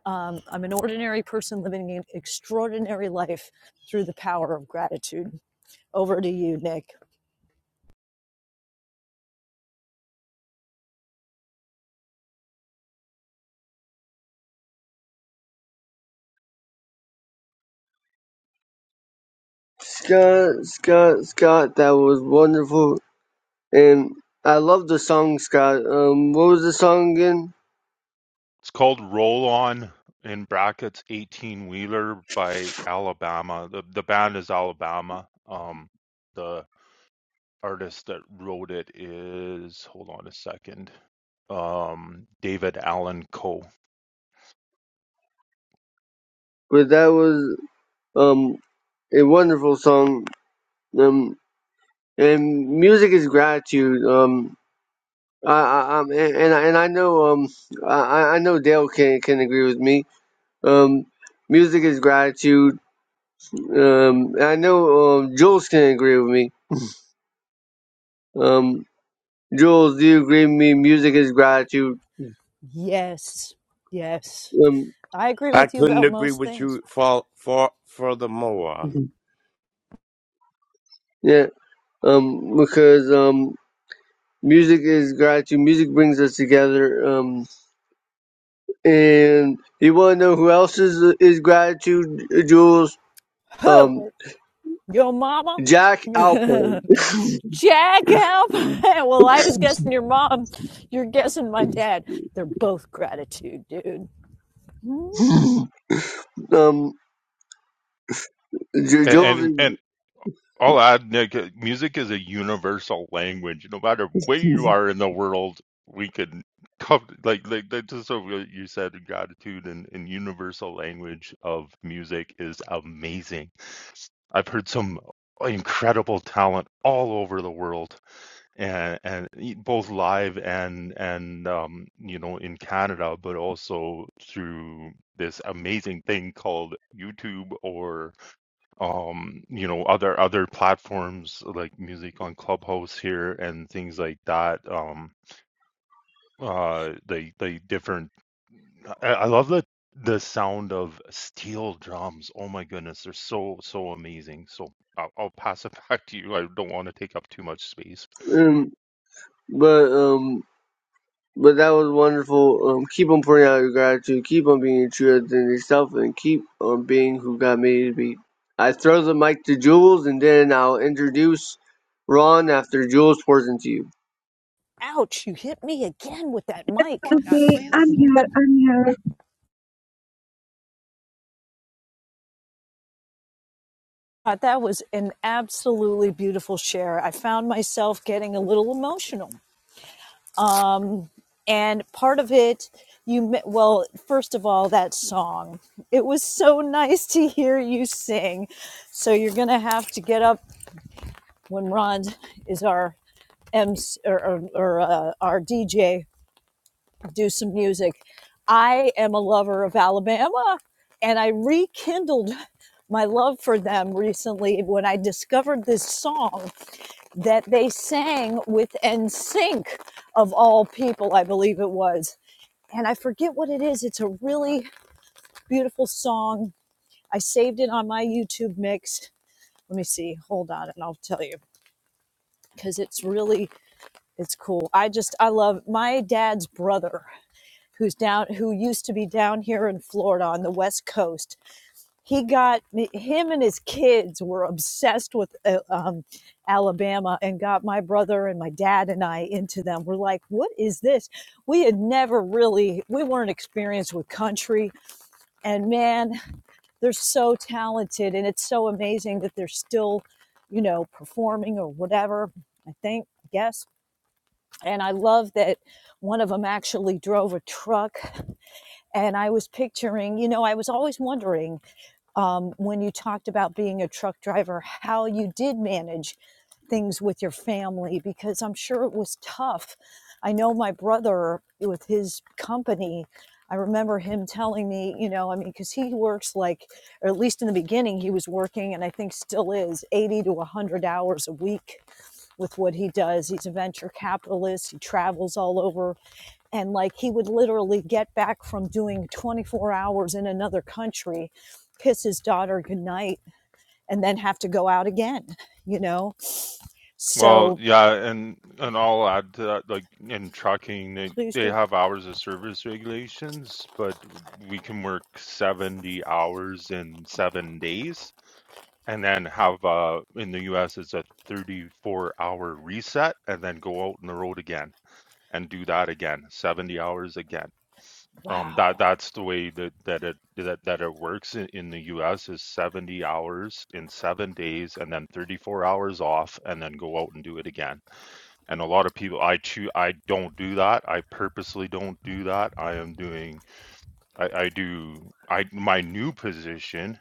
Speaker 1: Um, I'm an ordinary person living an extraordinary life through the power of gratitude. Over to you, Nick.
Speaker 6: Scott, Scott, Scott, that was wonderful. And I love the song, Scott. Um, what was the song again?
Speaker 4: It's called Roll On in brackets 18 Wheeler by Alabama. The the band is Alabama. Um the artist that wrote it is hold on a second. Um David Allen Coe.
Speaker 6: But that was um a wonderful song. Um, and music is gratitude. Um, I, I, um, and, and I and I know um I, I know Dale can can agree with me. Um, music is gratitude. Um, I know um Jules can agree with me. Um, Jules, do you agree with me? Music is gratitude.
Speaker 1: Yes, yes.
Speaker 6: Um,
Speaker 1: I agree
Speaker 12: I
Speaker 1: with you
Speaker 12: couldn't
Speaker 1: about
Speaker 12: agree
Speaker 1: most
Speaker 12: with
Speaker 1: things.
Speaker 12: you for, for furthermore.
Speaker 6: yeah. Um, because um music is gratitude. Music brings us together. Um, and you want to know who else is is gratitude? Jules. Um,
Speaker 1: Who? Your mama?
Speaker 6: Jack
Speaker 1: [LAUGHS]
Speaker 6: Alpern.
Speaker 1: Jack help. [LAUGHS] well, I was guessing your mom. You're guessing my dad. They're both gratitude, dude.
Speaker 6: [LAUGHS] um, J-
Speaker 4: And
Speaker 6: Jules.
Speaker 4: and, and I'll add, Nick, uh, music is a universal language. No matter where you are in the world, we can come like like that. Just so what you said, gratitude and, and universal language of music is amazing. I've heard some incredible talent all over the world, and and e- both live and and um, you know in Canada, but also through this amazing thing called YouTube or um you know other other platforms like music on clubhouse here and things like that um uh they they different I, I love the the sound of steel drums oh my goodness they're so so amazing so i'll, I'll pass it [LAUGHS] back to you i don't want to take up too much space
Speaker 6: Um, but um, but that was wonderful. Um, keep on pouring out your gratitude. Keep on being true to yourself, and keep on being who God made you to be. I throw the mic to Jules, and then I'll introduce Ron after Jules pours into you.
Speaker 1: Ouch, you hit me again with that mic.
Speaker 13: God,
Speaker 14: Okay, I'm
Speaker 13: please
Speaker 14: here. I'm here.
Speaker 1: Uh, that was an absolutely beautiful share. I found myself getting a little emotional um, and part of it you me- well first of all that song it was so nice to hear you sing so you're gonna have to get up when ron is our MC, or, or, or uh, our dj do some music i am a lover of alabama and i rekindled my love for them recently when i discovered this song that they sang with nsync of all people i believe it was and I forget what it is. It's a really beautiful song. I saved it on my YouTube mix. Let me see. Hold on and I'll tell you because it's really it's cool. I just I love my dad's brother who's down who used to be down here in Florida on the west coast. He got me him and his kids were obsessed with uh, um, Alabama and got my brother and my dad and I into them. We're like, what is this? We had never really we weren't experienced with country and man they're so talented and it's so amazing that they're still you know performing or whatever i think i guess and i love that one of them actually drove a truck and i was picturing you know i was always wondering um, when you talked about being a truck driver, how you did manage things with your family, because I'm sure it was tough. I know my brother with his company, I remember him telling me, you know, I mean, because he works like, or at least in the beginning, he was working, and I think still is, 80 to 100 hours a week with what he does. He's a venture capitalist, he travels all over and like he would literally get back from doing 24 hours in another country kiss his daughter goodnight and then have to go out again you know
Speaker 4: well
Speaker 1: so
Speaker 4: yeah and and i'll add to that like in trucking they,
Speaker 1: please
Speaker 4: they
Speaker 1: do
Speaker 4: have hours of service regulations but we can work 70 hours in seven days and then have uh, in the U.S. it's a 34 hour reset, and then go out on the road again and do that again, 70 hours again. Um, that that's the way that that it that, that it works in, in the U.S. is 70 hours in seven days, and then 34 hours off, and then go out and do it again. And a lot of people, I choose, I don't do that. I purposely don't do that. I am doing, I, I do, I my new position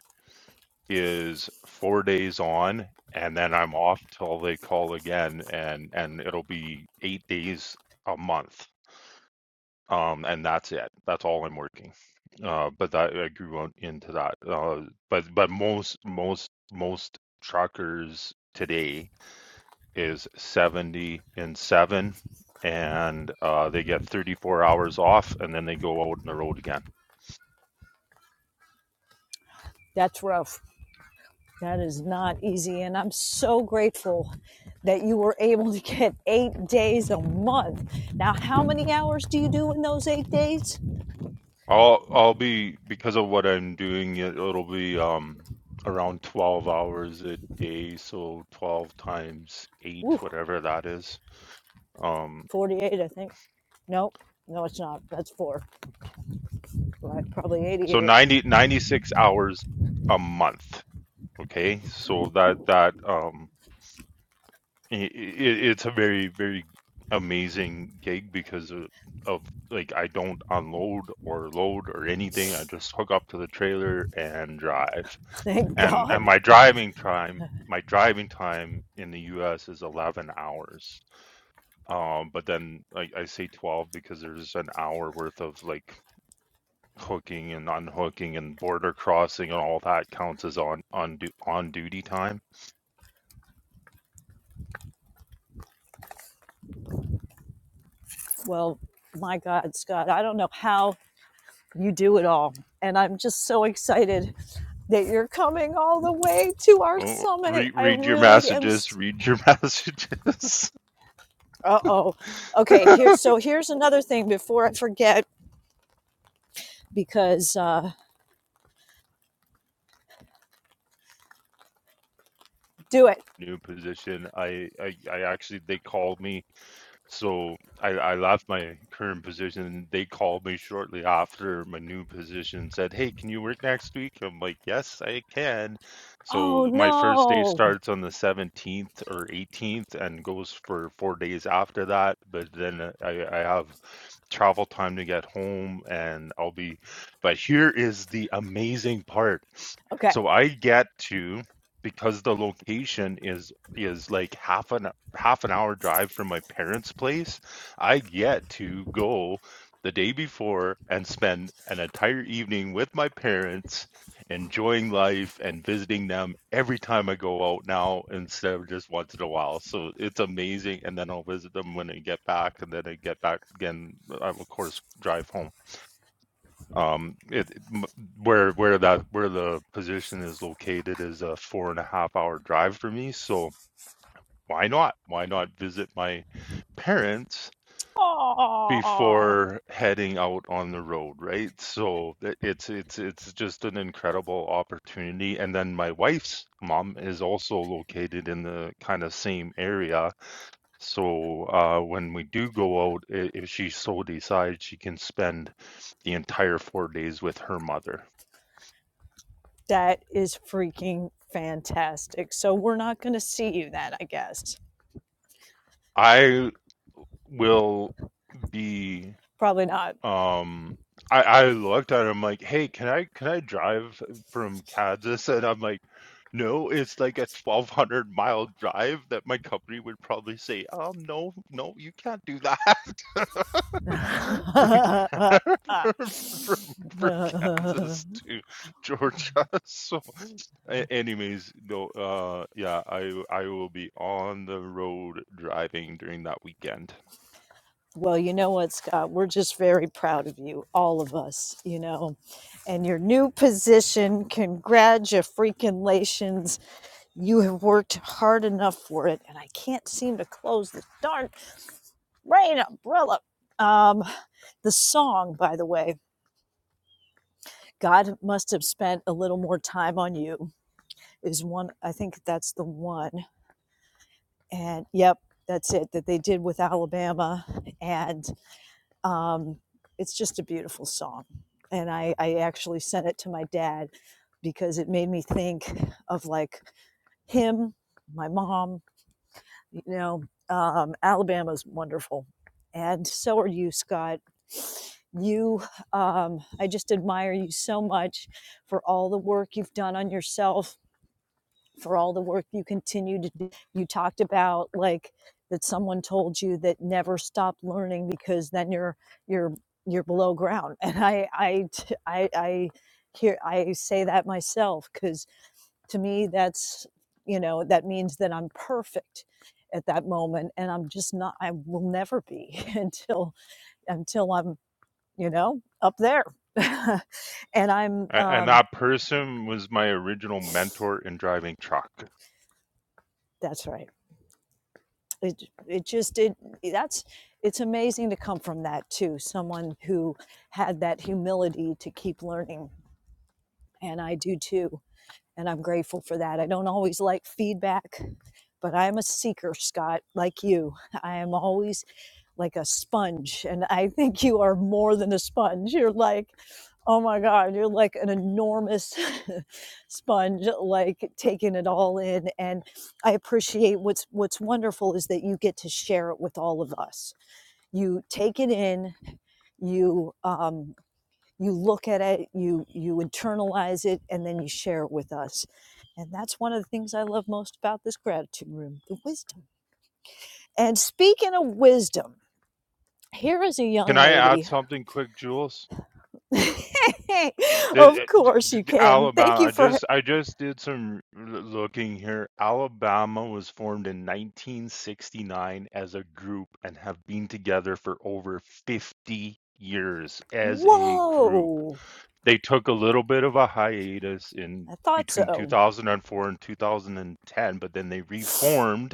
Speaker 4: is four days on and then I'm off till they call again and and it'll be eight days a month. Um and that's it. That's all I'm working. Uh but that I grew on- into that. Uh but but most most most truckers today is 70 and 7 and uh they get 34 hours off and then they go out on the road again.
Speaker 1: that's rough that is not easy and i'm so grateful that you were able to get eight days a month now how many hours do you do in those eight days
Speaker 4: I'll I'll be because of what I'm doing it, it'll be um around 12 hours a day, so 12 times 8
Speaker 1: Woo,
Speaker 4: whatever that is. Um
Speaker 1: 48 i think nope no it's not that's four right, probably
Speaker 4: so
Speaker 1: 88
Speaker 4: 90 96 hours a month, okay? So that that um i it's a very very amazing gig because of, of like I don't unload or load or anything. I just hook up to the trailer and drive.
Speaker 1: [LAUGHS] thank
Speaker 4: and and
Speaker 1: god
Speaker 4: my driving time my driving time in the US is 11 hours um but then I, I say 12 because there's an hour worth of like hooking and unhooking and border crossing and all that counts as on on du- on duty time
Speaker 1: Well, my God, Scott, I don't know how you do it all. And I'm just so excited that you're coming all the way to our
Speaker 4: well,
Speaker 1: summit.
Speaker 4: read
Speaker 1: I
Speaker 4: read your
Speaker 1: really am.
Speaker 4: messages
Speaker 1: St-
Speaker 4: read your [LAUGHS] messages
Speaker 1: uh oh. Okay,
Speaker 4: [LAUGHS]
Speaker 1: here. So here's another thing before I forget because uh, do it.
Speaker 4: new position. I, I, I actually they called me, so I, I left my current position. and They called me shortly after my new position, and said, "Hey, can you work next week?" I'm like, "Yes, I can." So
Speaker 1: Oh
Speaker 4: my first day
Speaker 1: no.
Speaker 4: starts on the 17th or 18th and goes for four days after that. But then uh, I, I have travel time to get home, and I'll be. But here is the amazing part.
Speaker 1: Okay.
Speaker 4: So I get to because the location is is like half an half an hour drive from my parents' place, I get to go the day before and spend an entire evening with my parents enjoying life and visiting them every time I go out now instead of just once in a while. So it's amazing and then I'll visit them when I get back and then I get back again I of course drive home. Um, it m- where where that where the position is located is a four and a half hour drive for me. So why not? Why not visit my parents
Speaker 1: Oh,
Speaker 4: before heading out on the road, right? So it- it's it's it's just an incredible opportunity. And then my wife's mom is also located in the kind of same area. So uh, when we do go out, i- if she so decides, she can spend the entire four days with her mother.
Speaker 1: that is freaking fantastic. So we're not going to see you then, I guess.
Speaker 4: I will be
Speaker 1: Probably not.
Speaker 4: um I, I looked at him like, hey, can I can I drive from Kansas? And I'm like, no, it's like a twelve hundred mile drive that my company would probably say, um, no, no, you can't do that [LAUGHS] from Can- [LAUGHS] from, from, from
Speaker 1: [LAUGHS]
Speaker 4: Kansas to Georgia. [LAUGHS] So, a- anyways, no, uh, yeah, I I will be on the road driving during that weekend.
Speaker 1: Well, you know what, Scott? We're just very proud of you, all of us, you know, and your new position. Congratulations. You have worked hard enough for it, and I can't seem to close this darn rain umbrella. Um, the song, by the way, God must have spent a little more time on you, is one, I think that's the one. And yep, that's it that they did with Alabama. and. um, it's just a beautiful song. And I, I actually sent it to my dad because it made me think of like him, my mom, you know, um, Alabama's wonderful. And so are you, Scott. You, um, I just admire you so much for all the work you've done on yourself for all the work you continue to do. You talked about like that someone told you that never stop learning because then you're you're you're below ground. [LAUGHS] And I I I I hear I say that myself because to me that's you know that means that I'm perfect at that moment and I'm just not I will never be [LAUGHS] until until I'm you know up there [LAUGHS] and I'm
Speaker 4: A- And
Speaker 1: um
Speaker 4: that person was my original mentor in driving truck.
Speaker 1: that's right it it just did that's it's amazing to come from that too someone who had that humility to keep learning and i do too and I'm grateful for that. I don't always like feedback, but I'm a seeker, Scott, like you. I am always like a sponge, and I think you are more than a sponge. You're like, oh my God, you're like an enormous [LAUGHS] sponge, like taking it all in. And I appreciate what's what's wonderful is that you get to share it with all of us. You take it in, you um, you look at it you you internalize it and then you share it with us and that's one of the things i love most about this gratitude room the wisdom and speaking of wisdom here is a
Speaker 4: Can
Speaker 1: young
Speaker 4: I add
Speaker 1: lady
Speaker 4: something quick, Jules?
Speaker 1: [LAUGHS] of
Speaker 4: The, uh, d
Speaker 1: course
Speaker 4: d-
Speaker 1: you
Speaker 4: d-
Speaker 1: can thank
Speaker 4: Alabama.
Speaker 1: you
Speaker 4: I
Speaker 1: for
Speaker 4: just I just did some l- looking here. Alabama was formed in 1969 as a group and have been together for over 50 years as a group.
Speaker 1: whoa
Speaker 4: They took a little bit of a hiatus in
Speaker 1: i thought
Speaker 4: between
Speaker 1: so
Speaker 4: 2004 and 2010, but then they reformed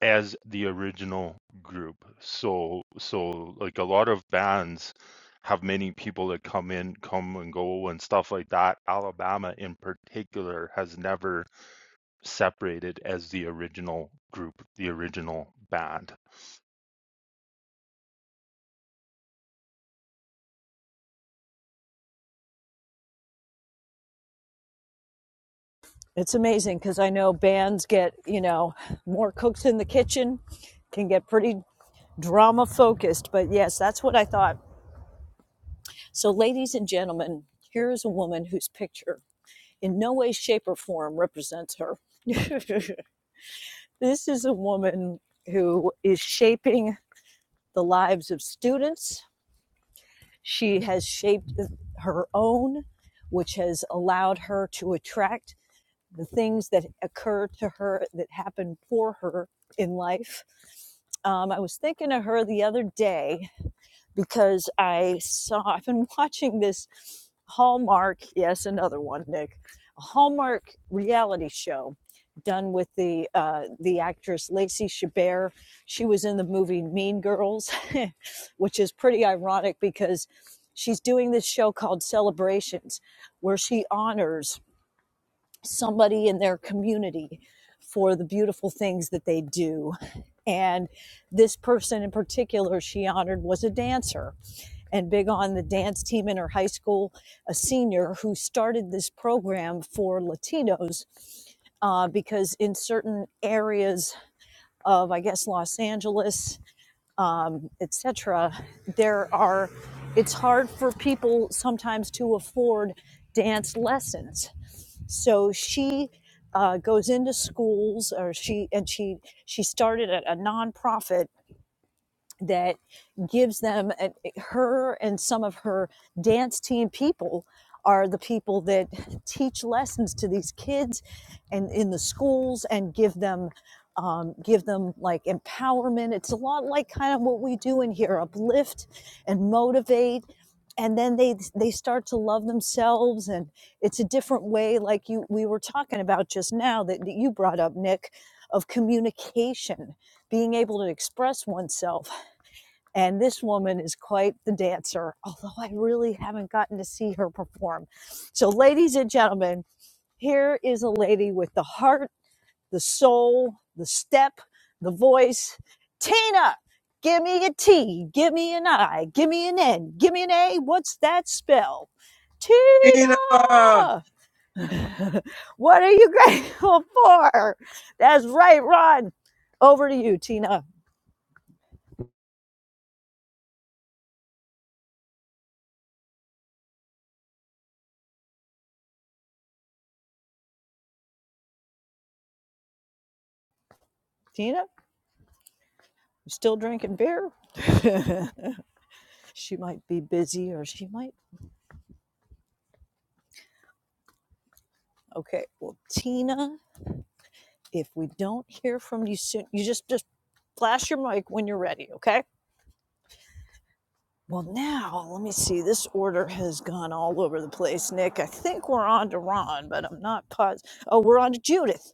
Speaker 4: as the original group. So so like a lot of bands have many people that come in, come and go and stuff like that. Alabama in particular has never separated as the original group, the original band.
Speaker 1: It's amazing because I know bands get, you know, more cooks in the kitchen, can get pretty drama focused. But yes, that's what I thought. So, ladies and gentlemen, here is a woman whose picture in no way, shape, or form represents her. [LAUGHS] this is a woman who is shaping the lives of students. She has shaped her own, which has allowed her to attract the things that occur to her that happen for her in life. Um, I was thinking of her the other day because I saw, I've been [LAUGHS] watching this Hallmark, yes, another one, Nick, a Hallmark reality show done with the uh, the actress Lacey Chabert. She was in the movie Mean Girls, [LAUGHS] which is pretty ironic because she's doing this show called Celebrations, where she honors somebody in their community for the beautiful things that they do. And this person in particular, she honored, was a dancer and big on the dance team in her high school, a senior who started this program for Latinos uh, because in certain areas of, I guess, Los Angeles um, etc. There are, it's hard for people sometimes to afford dance lessons. So she uh, goes into schools, or she and she she started a, a nonprofit that gives them and her and some of her dance team people are the people that teach lessons to these kids and in the schools and give them um, give them like empowerment it's a lot like kind of what we do in here uplift and motivate and then they they start to love themselves and it's a different way like you we were talking about just now that, that you brought up nick of communication being able to express oneself and this woman is quite the dancer, although I really haven't gotten to see her perform. So, ladies and gentlemen, here is a lady with the heart, the soul, the step, the voice. Tina, give me a T, give me an I, give me an N, give me an A. What's that spell?
Speaker 7: even- [LAUGHS] Tina.
Speaker 1: Tina! [LAUGHS] what are you [LAUGHS] grateful for? That's right, Ron. Over to you, Tina. Tina, you still drinking beer? [LAUGHS] she might be busy or she might. Okay, well, Tina, if we don't hear from you soon, you just just flash your mic when you're ready, okay? Well, now let me see. This order has gone all over the place, Nick. I think we're on to Ron, but I'm not positive. Oh, we're on to Judith.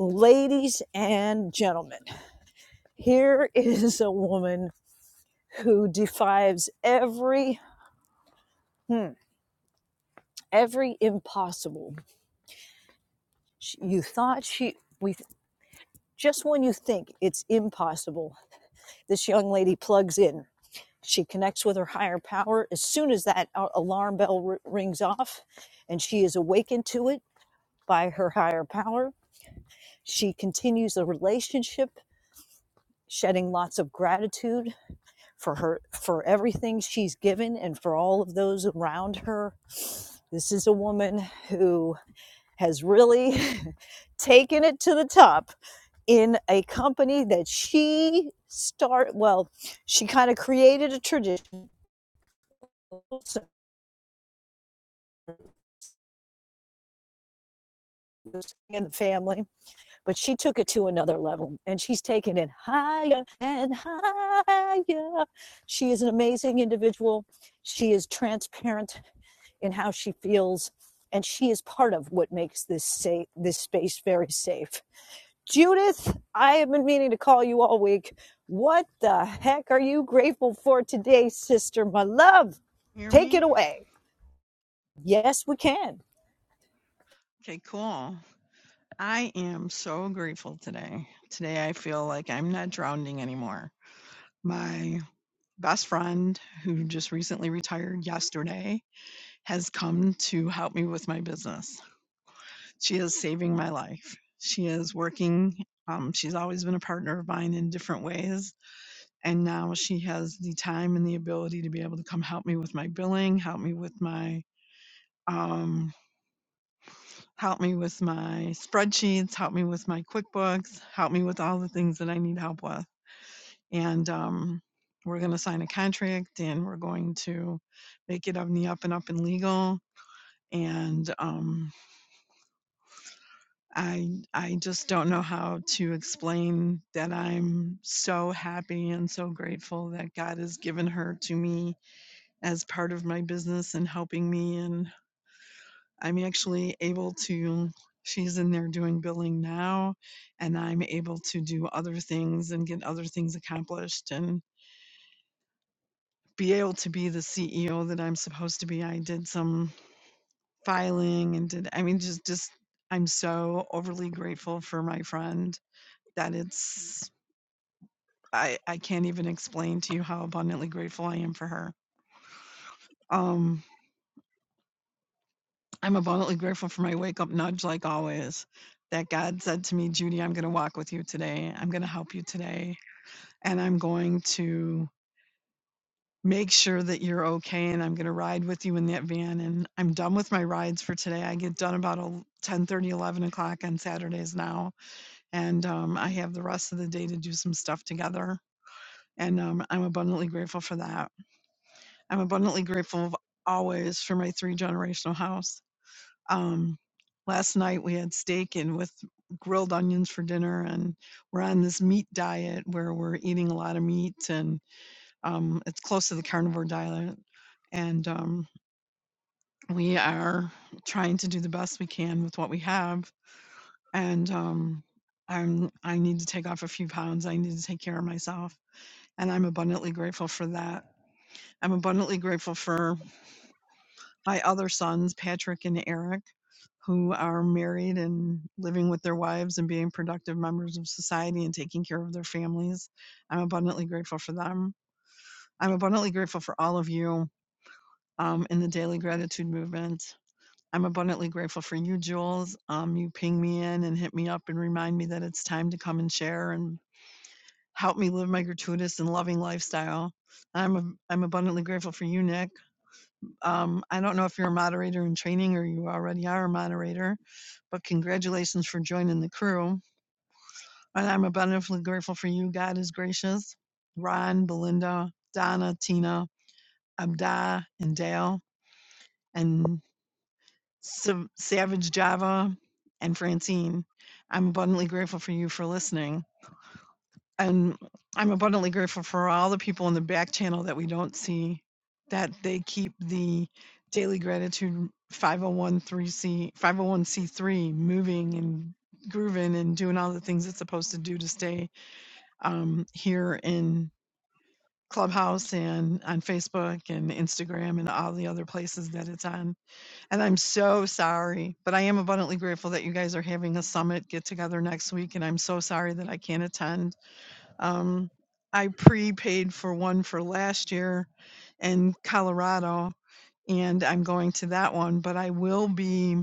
Speaker 1: Ladies and gentlemen, here is a woman who defies every hmm, every impossible. She, you thought she we just when you think it's impossible, this young lady plugs in. She connects with her higher power as soon as that uh, alarm bell r- rings off, and she is awakened to it by her higher power. She continues the relationship, shedding lots of gratitude for her for everything she's given and for all of those around her. This is a woman who has really [LAUGHS] taken it to the top in a company that she start well she kind of created a tradition so in the family but she took it to another level and she's taken it higher and higher she is an amazing individual she is transparent in how she feels and she is part of what makes this safe this space very safe Judith, I have been meaning to call you all week. What the heck are you grateful for today, sister? My love,
Speaker 13: hear
Speaker 1: take it
Speaker 13: me.
Speaker 1: away. Yes, we can.
Speaker 13: Okay, cool. I am so grateful today. Today I feel like I'm not drowning anymore. My best friend, who just recently retired yesterday, has come to help me with my business. She is saving my life. She is working. Um, she's always been a partner of mine in different ways. And now she has the time and the ability to be able to come help me with my billing, help me with my um, help me with my spreadsheets, help me with my QuickBooks, help me with all the things that I need help with. And um, we're going to sign a contract and we're going to make it on the up and up and legal. And um, I I just don't know how to explain that I'm so happy and so grateful that God has given her to me as part of my business and helping me and I'm actually able to, she's in there doing billing now, and I'm able to do other things and get other things accomplished and be able to be the CEO that I'm supposed to be. I did some filing and did, I mean, just, just, I'm so overly grateful for my friend that it's, I, I can't even explain to you how abundantly grateful I am for her. Um, I'm abundantly grateful for my wake up nudge, like always, that God said to me, Judy, I'm going to walk with you today. I'm going to help you today. And I'm going to make sure that you're okay. And I'm going to ride with you in that van. And I'm done with my rides for today. I get done about el- 11 o'clock on Saturdays now. And um, I have the rest of the day to do some stuff together. And um, I'm abundantly grateful for that. I'm abundantly grateful always for my three generational house Um, last night we had steak and with grilled onions for dinner, and we're on this meat diet where we're eating a lot of meat, and um, it's close to the carnivore diet. And um, we are trying to do the best we can with what we have. And um, I'm I need to take off a few pounds. I need to take care of myself, and I'm abundantly grateful for that. I'm abundantly grateful for my other sons, Patrick and Eric, who are married and living with their wives and being productive members of society and taking care of their families. I'm abundantly grateful for them. I'm abundantly grateful for all of you um, in the daily gratitude movement. I'm abundantly grateful for you, Jules. Um, you ping me in and hit me up and remind me that it's time to come and share and help me live my gratuitous and loving lifestyle. I'm a, I'm abundantly grateful for you, Nick. Um, I don't know if you're a moderator in training or you already are a moderator, but congratulations for joining the crew. And I'm abundantly grateful for you. God is gracious. Ron, Belinda, Donna, Tina, Abda, and Dale, and Savage Java, and Francine. I'm abundantly grateful for you for listening. And I'm abundantly grateful for all the people in the back channel that we don't see, that they keep the Daily Gratitude 501c 501c3 moving and grooving and doing all the things it's supposed to do to stay um, here in Clubhouse and on Facebook and Instagram and all the other places that it's on. And I'm so sorry, but I am abundantly grateful that you guys are having a summit get together next week. And I'm so sorry that I can't attend um, I prepaid for one for last year in Colorado, and I'm going to that one, but I will be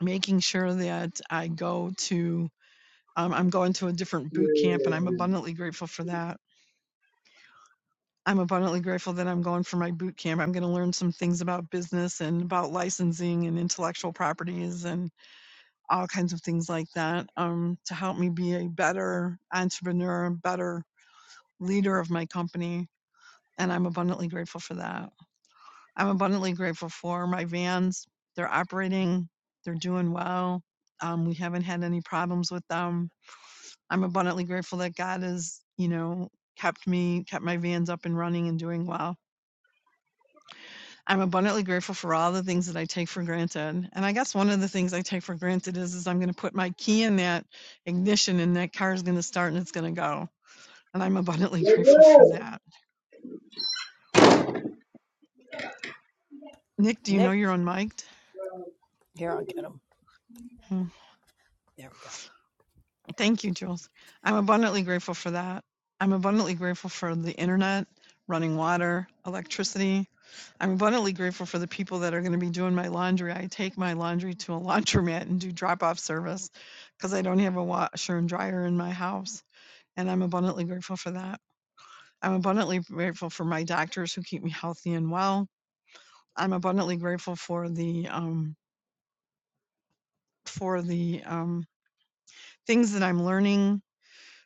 Speaker 13: making sure that I go to, um, I'm going to a different boot camp, and I'm
Speaker 6: Yeah.
Speaker 13: abundantly grateful for that. I'm abundantly grateful that I'm going for my boot camp. I'm going to learn some things about business and about licensing and intellectual properties and all kinds of things like that um, to help me be a better entrepreneur, better leader of my company and I'm abundantly grateful for that. I'm abundantly grateful for my vans. They're operating, they're doing well. Um, we haven't had any problems with them. I'm abundantly grateful that God has, you know, kept me, kept my vans up and running and doing well. I'm abundantly grateful for all the things that I take for granted. And I guess one of the things I take for granted is, is I'm going to put my key in that ignition and that car is going to start and it's going to go. And I'm abundantly [LAUGHS] grateful for that. Nick, do you know
Speaker 1: Nick,
Speaker 13: you're unmiked?
Speaker 1: here, I'll get him.
Speaker 13: Hmm.
Speaker 1: There we go.
Speaker 13: Thank you, Jules. I'm abundantly grateful for that. I'm abundantly grateful for the internet, running water, electricity. I'm abundantly grateful for the people that are going to be doing my laundry. I take my laundry to a [LAUGHS] laundromat and do drop off service because I don't have a washer and dryer in my house. And I'm abundantly grateful for that. I'm abundantly grateful for my doctors who keep me healthy and well. I'm abundantly grateful for the um, for the um, things that I'm learning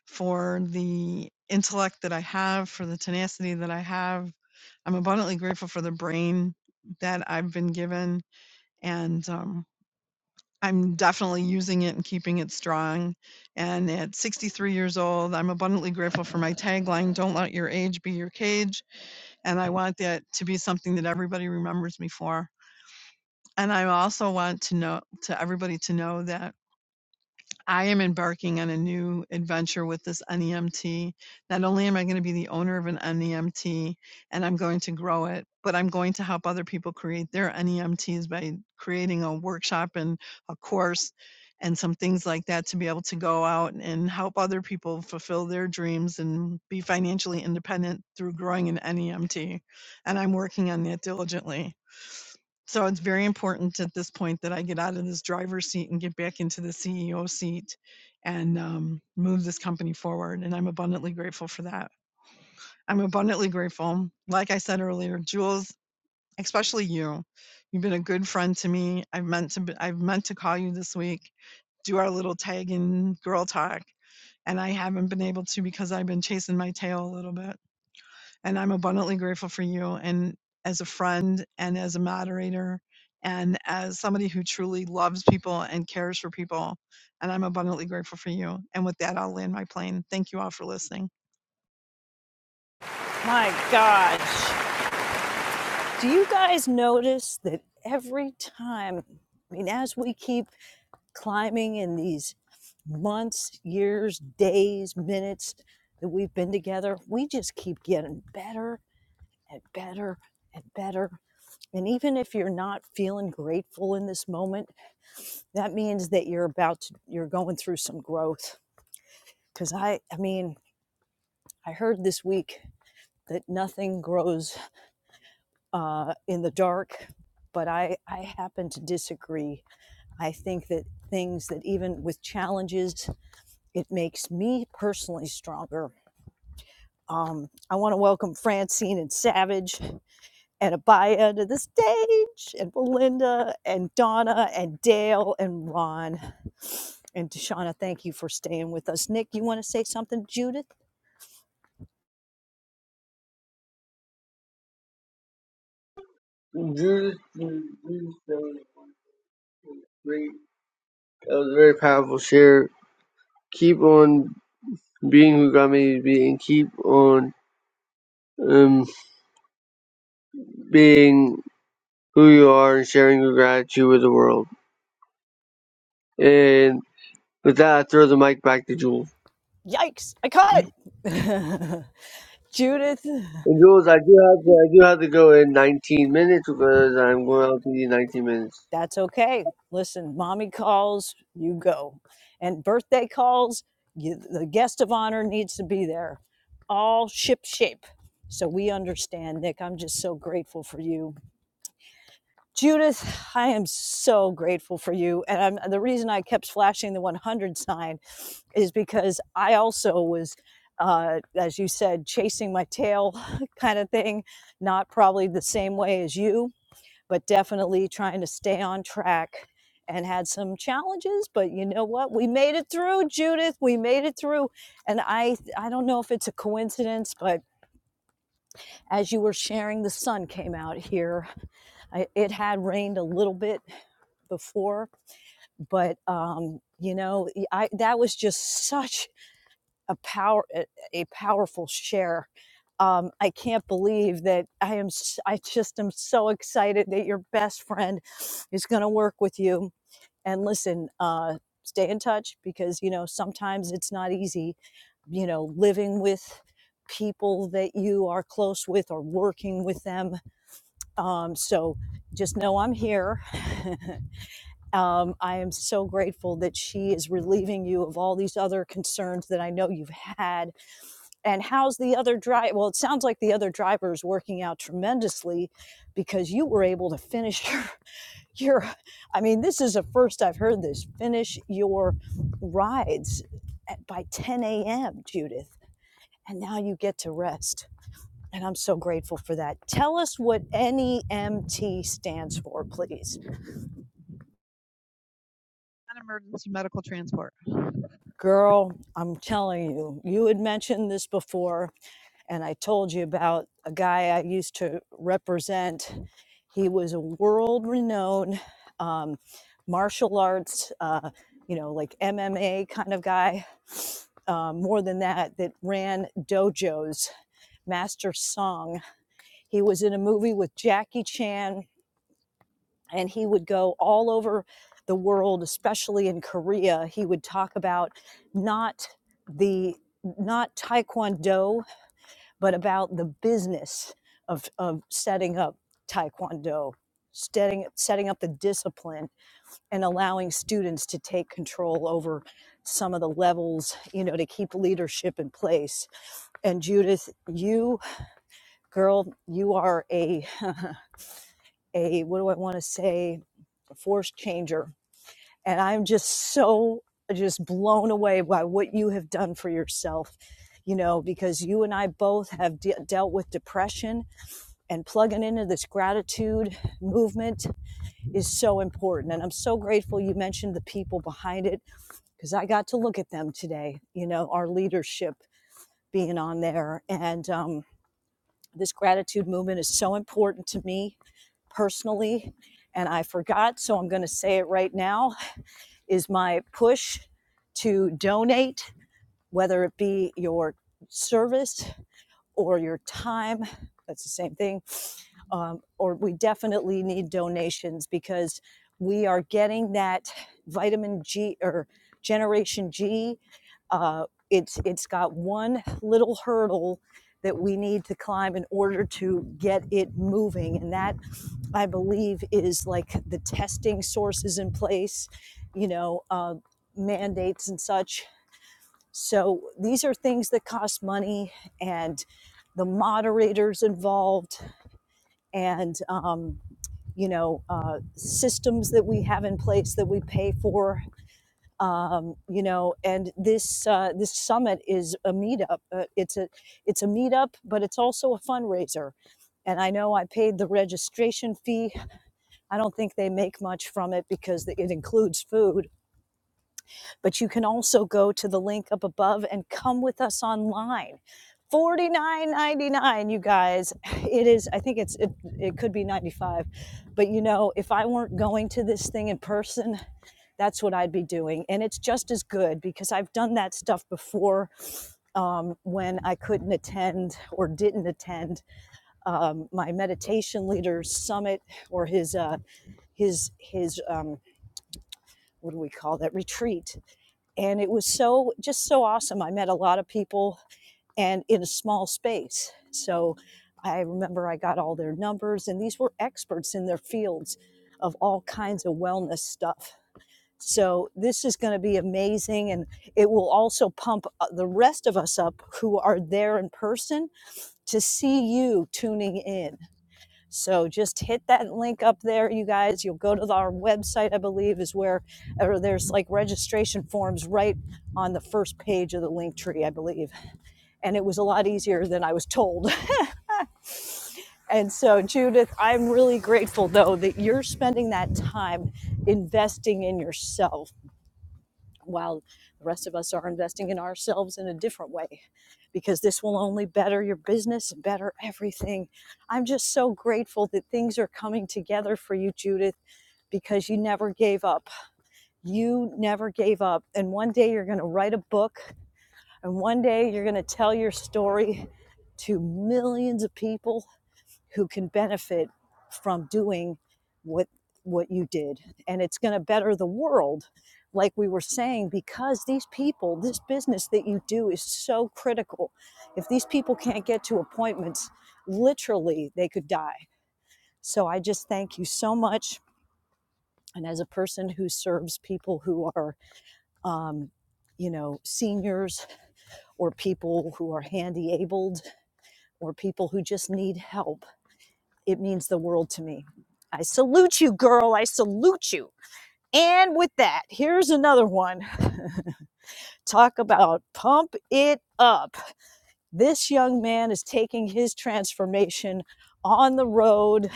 Speaker 13: for the intellect that I have, for the tenacity that I have. I'm abundantly grateful for the brain that I've been given, and um, I'm definitely using it and keeping it strong. And at 63 years old, I'm abundantly grateful for my tagline Don't let your age be your cage. And I want that to be something that everybody remembers me for. And I also want to know to everybody to know that I am embarking on a new adventure with this NEMT. Not only am I going to be the owner of an NEMT and I'm going to grow it, but I'm going to help other people create their NEMTs by creating a workshop and a course and some things like that to be able to go out and help other people fulfill their dreams and be financially independent through growing an NEMT. And I'm working on that diligently. So it's very important at this point that I get out of this driver's seat and get back into the CEO seat and um, move this company forward. And I'm abundantly grateful for that. I'm abundantly grateful. Like I said earlier, Jules, especially you, you've been a good friend to me. I've meant to, I've meant to call you this week, do our little tag in girl talk. And I haven't been able to because I've been chasing my tail a little bit and I'm abundantly grateful for you and as a friend and as a moderator and as somebody who truly loves people and cares for people. And I'm abundantly grateful for you. And with that, I'll land my plane. Thank you all for listening.
Speaker 1: My gosh. Do you guys notice that every time, I mean, as we keep climbing in these months, years, days, minutes that we've been together, we just keep getting better and better and better And even if you're not feeling grateful in this moment, that means that you're about to, you're going through some growth. Because I, I mean, I heard this week that nothing grows uh, in the dark, but I, I happen to disagree. I think that things that even with challenges, it makes me personally stronger. Um, I want to welcome Francine and Savage. and Abaya to the stage, and Belinda, and Donna, and Dale, and Ron. And Deshauna, thank you for staying with us. Nick, you want to say something, Judith?
Speaker 6: Jules, Jules, Jules, that was great. That was a very powerful share. Keep on being who God made you to be, and keep on um being who you are and sharing your gratitude with the world. And With that, I throw the mic back to Jules.
Speaker 1: Yikes, I caught it. [LAUGHS] Judith.
Speaker 6: And Jules, I do have to, I do have to go in 19 minutes because I'm going out to the 19 minutes.
Speaker 1: that's okay. Listen, mommy calls, you go. And birthday calls, you, the guest of honor needs to be there, all ship shape. So we understand, Nick. I'm just so grateful for you. Judith, I am so grateful for you. And I'm, the reason I kept flashing the 100 sign is because I also was, uh, as you said, chasing my tail [LAUGHS] kind of thing, not probably the same way as you but definitely trying to stay on track and had some challenges but you know what we made it through judith we made it through and i i don't know if it's a coincidence but as you were sharing the sun came out here I, it had rained a little bit before but um you know y- i that was just such a power a a powerful share um, I can't believe that I am. s- I just am so excited that your best friend is going to work with you and listen uh stay in touch because you know sometimes it's not easy you know living with people that you are close with or working with them um so just know i'm here [LAUGHS] um i am so grateful that she is relieving you of all these other concerns that i know you've had and how's the other drive well it sounds like the other driver is working out tremendously because you were able to finish [LAUGHS] your you're, I mean, this is the first I've heard this. Finish your rides at, by 10 a.m., Judith, and now you get to rest. And I'm so grateful for that. Tell us what NEMT stands for, please.
Speaker 13: On emergency medical transport. You
Speaker 1: Girl, I'm telling you, you had mentioned this before, and I told you about a guy I used to represent. He was a world renowned um, martial arts, uh, you know, like MMA kind of guy. Um, more than that, that ran dojos, Master Song. He was in a movie with Jackie Chan and he would go all over the world especially in korea he would talk about not the not taekwondo but about the business of, of setting up taekwondo setting, setting up the discipline and allowing students to take control over some of the levels you know to keep leadership in place and judith you girl you are a [LAUGHS] a what do i want to say a force changer And I'm just so just blown away by what you have done for yourself, you know, because you and I both have de- dealt with depression and plugging into this gratitude movement is so important. And I'm so grateful you mentioned the people behind it because I got to look at them today, you know, our leadership being on there. And um, this gratitude movement is so important to me personally. And I forgot, so I'm going to say it right now is my push to donate, whether it be your service or your time. That's the same thing. Um, or we definitely need donations because we are getting that vitamin G or Generation G. Uh, it's it's got one little hurdle that we need to climb in order to get it moving, and that I believe, is like the testing sources in place, you know, uh, mandates and such. So these are things that cost money and the moderators involved and, um, you know, uh, systems that we have in place that we pay for. Um, you know, and this uh, this summit is a meetup. Uh, it's a it's a meetup, but it's also a fundraiser. And I know I paid the registration fee I don't think they make much from it because it includes food. But you can also go to the link up above and come with us online. Forty-nine ninety-nine, you guys. It is, I think it's, it, it could be 95 But you know, if I weren't going to this thing in person, that's what I'd be doing. And it's just as good because I've done that stuff before um, when I couldn't attend or didn't attend um, my meditation leader's summit or his uh, his his um, what do we call that retreat and it was so just so awesome i met a lot of people and in a small space so i remember i got all their numbers and these were experts in their fields of all kinds of wellness stuff so this is going to be amazing and it will also pump uh, the rest of us up who are there in person to see you tuning in so just hit that link up there, you guys. You'll go to our website, I believe, is where or there's like registration forms right on the first page of the link tree, I believe. And it was a lot easier than I was told. [LAUGHS] And so, Judith, I'm really grateful though that you're spending that time investing in yourself while the rest of us are investing in ourselves in a different way because this will only better your business and better everything. I'm just so grateful that things are coming together for you, Judith, because you never gave up. You never gave up. And one day you're going to write a book, and one day you're going to tell your story to millions of people who can benefit from doing what what you did and it's going to better the world like we were saying because these people this business that you do is so critical if these people can't get to appointments literally they could die so i just thank you so much and as a person who serves people who are um, you know seniors or people who are handy abled or people who just need help It means the world to me. I salute you, girl. I salute you. And with that, here's another one. [LAUGHS] Talk about pump it up. This young man is taking his transformation on the road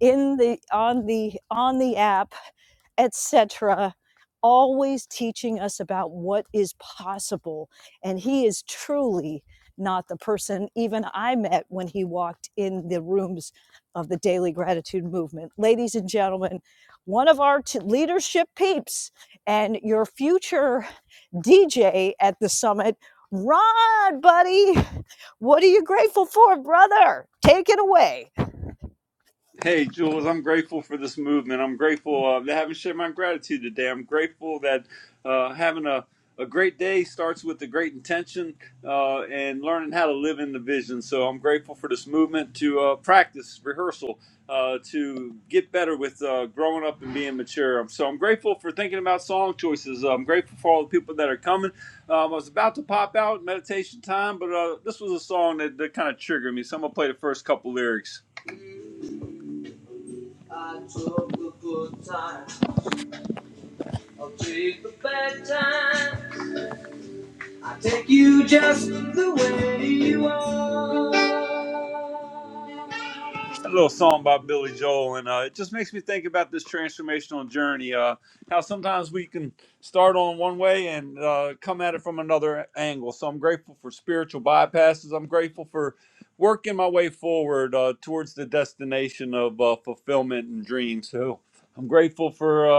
Speaker 1: in the on the on the app etc always teaching us about what is possible and he is truly not the person even i met when he walked in the rooms of the daily gratitude movement ladies and gentlemen one of our t- leadership peeps and your future dj at the summit ron buddy what are you grateful for brother take it away
Speaker 7: Hey, Jules, I'm grateful for this movement. I'm grateful uh, to having shared my gratitude today. I'm grateful that uh, having a, a great day starts with a great intention uh, and learning how to live in the vision. So I'm grateful for this movement to uh, practice rehearsal, uh, to get better with uh, growing up and being mature. Um, So I'm grateful for thinking about song choices. I'm grateful for all the people that are coming. Um, I was about to pop out meditation time, but uh, this was a song that, that kind of triggered me. So I'm going to play the first couple lyrics. I took the good time. I'll take the bad time. I take you just the way you are. A little song by Billy Joel, and uh, it just makes me think about this transformational journey. Uh, how sometimes we can start on one way and uh, come at it from another angle. So I'm grateful for spiritual bypasses. I'm grateful for working my way forward uh, towards the destination of uh, fulfillment and dreams. So I'm grateful for. Uh,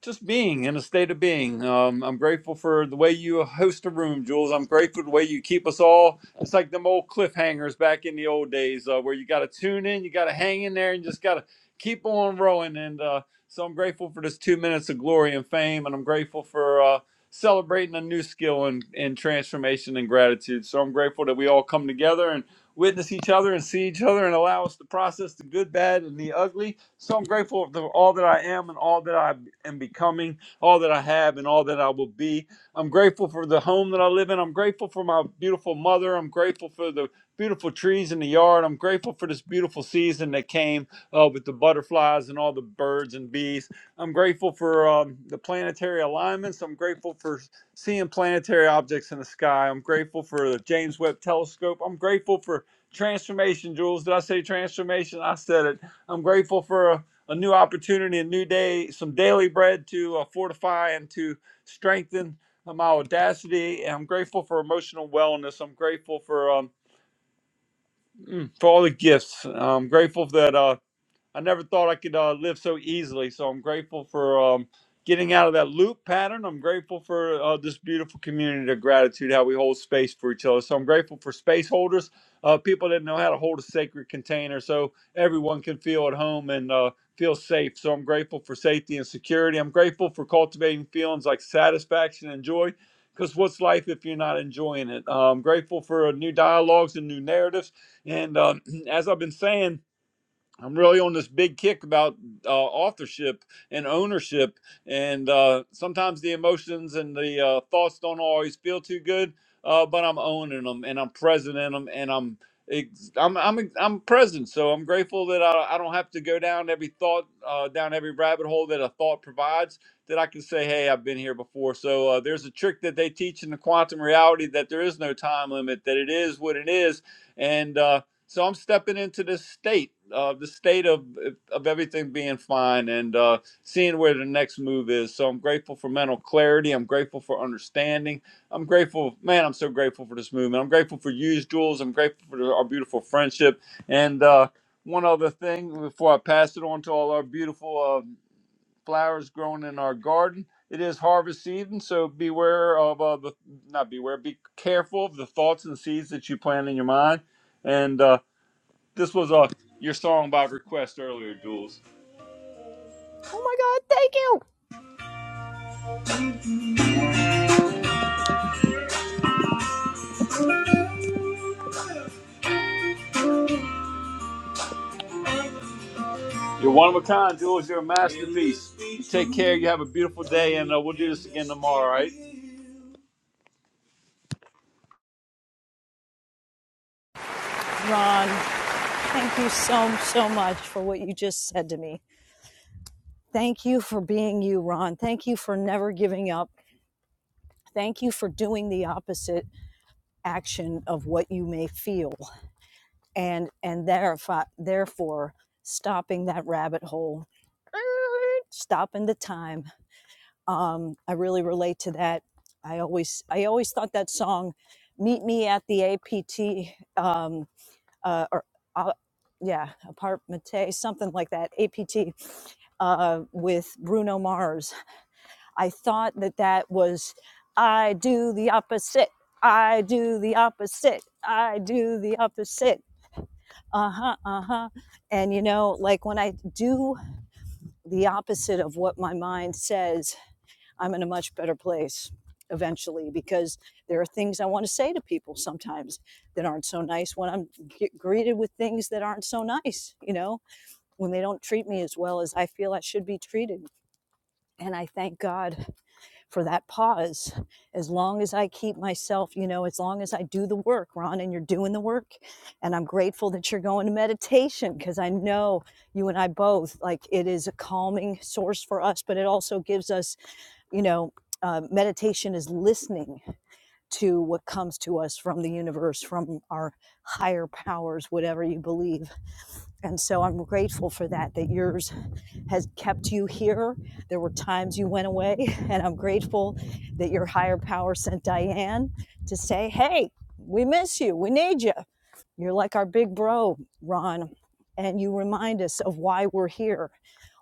Speaker 7: just being in a state of being. Um, I'm grateful for the way you host a room, Jules. I'm grateful the way you keep us all. It's like them old cliffhangers back in the old days uh, where you got to tune in, you got to hang in there, and just got to keep on rowing. And uh, so I'm grateful for this two minutes of glory and fame, and I'm grateful for uh, celebrating a new skill and, and transformation and gratitude. So I'm grateful that we all come together and witness each other and see each other and allow us to process the good, bad, and the ugly so I'm grateful for all that I am and all that I am becoming, all that I have and all that I will be. I'm grateful for the home that I live in. I'm grateful for my beautiful mother. I'm grateful for the beautiful trees in the yard. I'm grateful for this beautiful season that came uh, with the butterflies and all the birds and bees. I'm grateful for um, the planetary alignments. I'm grateful for seeing planetary objects in the sky. I'm grateful for the James Webb Telescope. I'm grateful for transformation, Jules. Did I say transformation? I said it I'm grateful for a, a new opportunity, a new day, some daily bread to uh, fortify and to strengthen uh, my audacity. And I'm grateful for emotional wellness. I'm grateful for um, mm, for all the gifts. I'm grateful that. uh, I never thought I could uh, live so easily. So I'm grateful for um, getting out of that loop pattern. I'm grateful for uh, this beautiful community of gratitude, how we hold space for each other. So I'm grateful for space holders, uh, people that know how to hold a sacred container so everyone can feel at home and uh, feel safe. So I'm grateful for safety and security. I'm grateful for cultivating feelings like satisfaction and joy. Because what's life if you're not enjoying it? Uh, I'm grateful for uh, new dialogues and new narratives. And um [CLEARS THROAT] as I've been saying, I'm really on this big kick about uh, authorship and ownership, and uh, sometimes the emotions and the uh, thoughts don't always feel too good. Uh, but I'm owning them, and I'm present in them, and I'm ex- I'm I'm I'm present. So I'm grateful that I, I don't have to go down every thought, uh, down every rabbit hole that a thought provides. That I can say, hey, I've been here before. So uh, there's a trick that they teach in the quantum reality that there is no time limit. That it is what it is, and uh, so I'm stepping into this state, uh, the state of of everything being fine and uh, seeing where the next move is. So I'm grateful for mental clarity. I'm grateful for understanding. I'm grateful, man. I'm so grateful for this movement. I'm grateful for you, Jules. I'm grateful for our beautiful friendship. And uh, one other thing before I pass it on to all our beautiful uh, flowers growing in our garden. It is harvest season, so beware of uh, the not beware. Be careful of the thoughts and seeds that you plant in your mind and. Uh, this was uh, your song by request earlier, Jules.
Speaker 1: Oh my God, thank you.
Speaker 7: You're one of a kind, Jules. You're a masterpiece. You take care. You have a beautiful day, and uh, we'll do this again tomorrow, right?
Speaker 1: Ron, thank you so, so much for what you just said to me. Thank you for being you, Ron. Thank you for never giving up. Thank you for doing the opposite action of what you may feel and and therefore, therefore stopping that rabbit hole, stopping the time, um, I really relate to that. I always I always thought that song, "Meet Me at the APT," um, uh, or uh, yeah, apartmate, something like that, APT, uh, with Bruno Mars. I thought that that was, I do the opposite. I do the opposite. I do the opposite. Uh huh. Uh huh. And you know, like when I do the opposite of what my mind says I'm in a much better place eventually because there are things I want to say to people sometimes that aren't so nice when I'm get greeted with things that aren't so nice, you know, when they don't treat me as well as I feel I should be treated. And I thank God for that pause. As long as I keep myself, you know, as long as I do the work, Ron, and you're doing the work. And I'm grateful that you're going to meditation because I know you and I both, like, it is a calming source for us, but it also gives us you know, uh, meditation is listening to what comes to us from the universe, from our higher powers, whatever you believe. And so I'm grateful for that, that yours has kept you here. There were times you went away, [LAUGHS] and I'm grateful that your higher power sent Diane to say, Hey, we miss you. We need you. You're like our big bro, Ron, and you remind us of why we're here,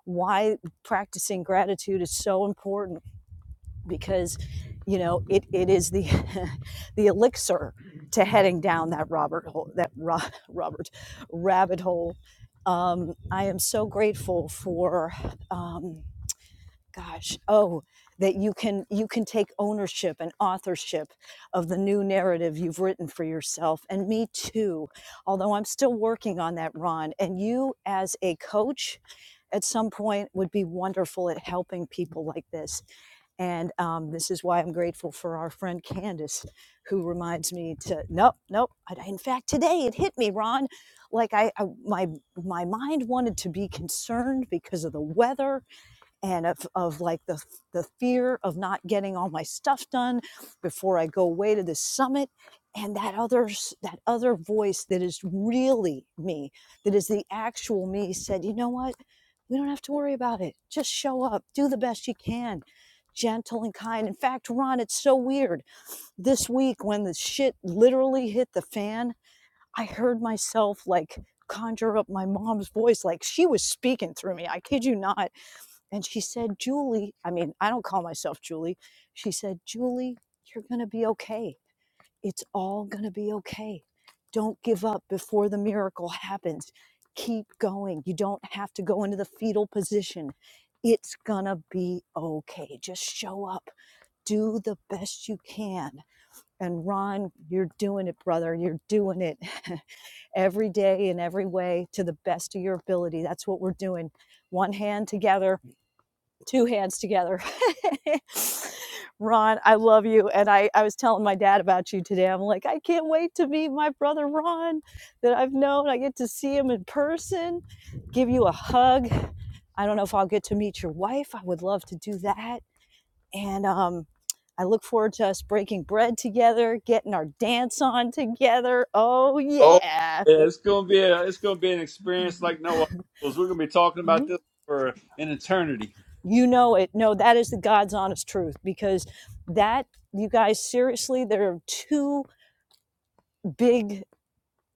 Speaker 1: why practicing gratitude is so important because you know it, it is the [LAUGHS] the elixir to heading down that Robert hole that ro- [LAUGHS] Robert rabbit hole. Um, I am so grateful for um, gosh oh that you can you can take ownership and authorship of the new narrative you've written for yourself and me too although i'm still working on that ron and you as a coach at some point would be wonderful at helping people like this and um, this is why I'm grateful for our friend Candace, who reminds me to nope, nope. I, in fact, today it hit me, Ron. Like I, I, my my mind wanted to be concerned because of the weather, and of, of like the, the fear of not getting all my stuff done before I go away to this summit. And that other, s- that other voice that is really me, that is the actual me said, you know what? We don't have to worry about it. Just show up, do the best you can. Gentle and kind. In fact, Ron, it's so weird. This week, when the shit literally hit the fan, I heard myself like conjure up my mom's voice, like she was speaking through me. I kid you not and she said, Julie, I mean, I don't call myself Julie. She said, Julie, you're going to be okay. It's all going to be okay. Don't give up before the miracle happens. Keep going. You don't have to go into the fetal position. It's going to be okay. Just show up. Do the best you can. And Ron, you're doing it, brother. You're doing it [LAUGHS] every day in every way to the best of your ability. That's what we're doing. One hand together, two hands together. [LAUGHS] Ron, I love you. And I, I was telling my dad about you today. I'm like, I can't wait to meet my brother Ron that I've known. I get to see him in person, give you a hug. I don't know if I'll get to meet your wife. I would love to do that. And um, I look forward to us breaking bread together, getting our dance on together. Oh,
Speaker 7: Oh,
Speaker 1: yeah.
Speaker 7: Yeah, it's gonna be a, it's gonna be an experience like no other. Jules. We're gonna be talking about this for an eternity.
Speaker 1: You know it. No, that is the God's honest truth because that, you guys, seriously, there are two big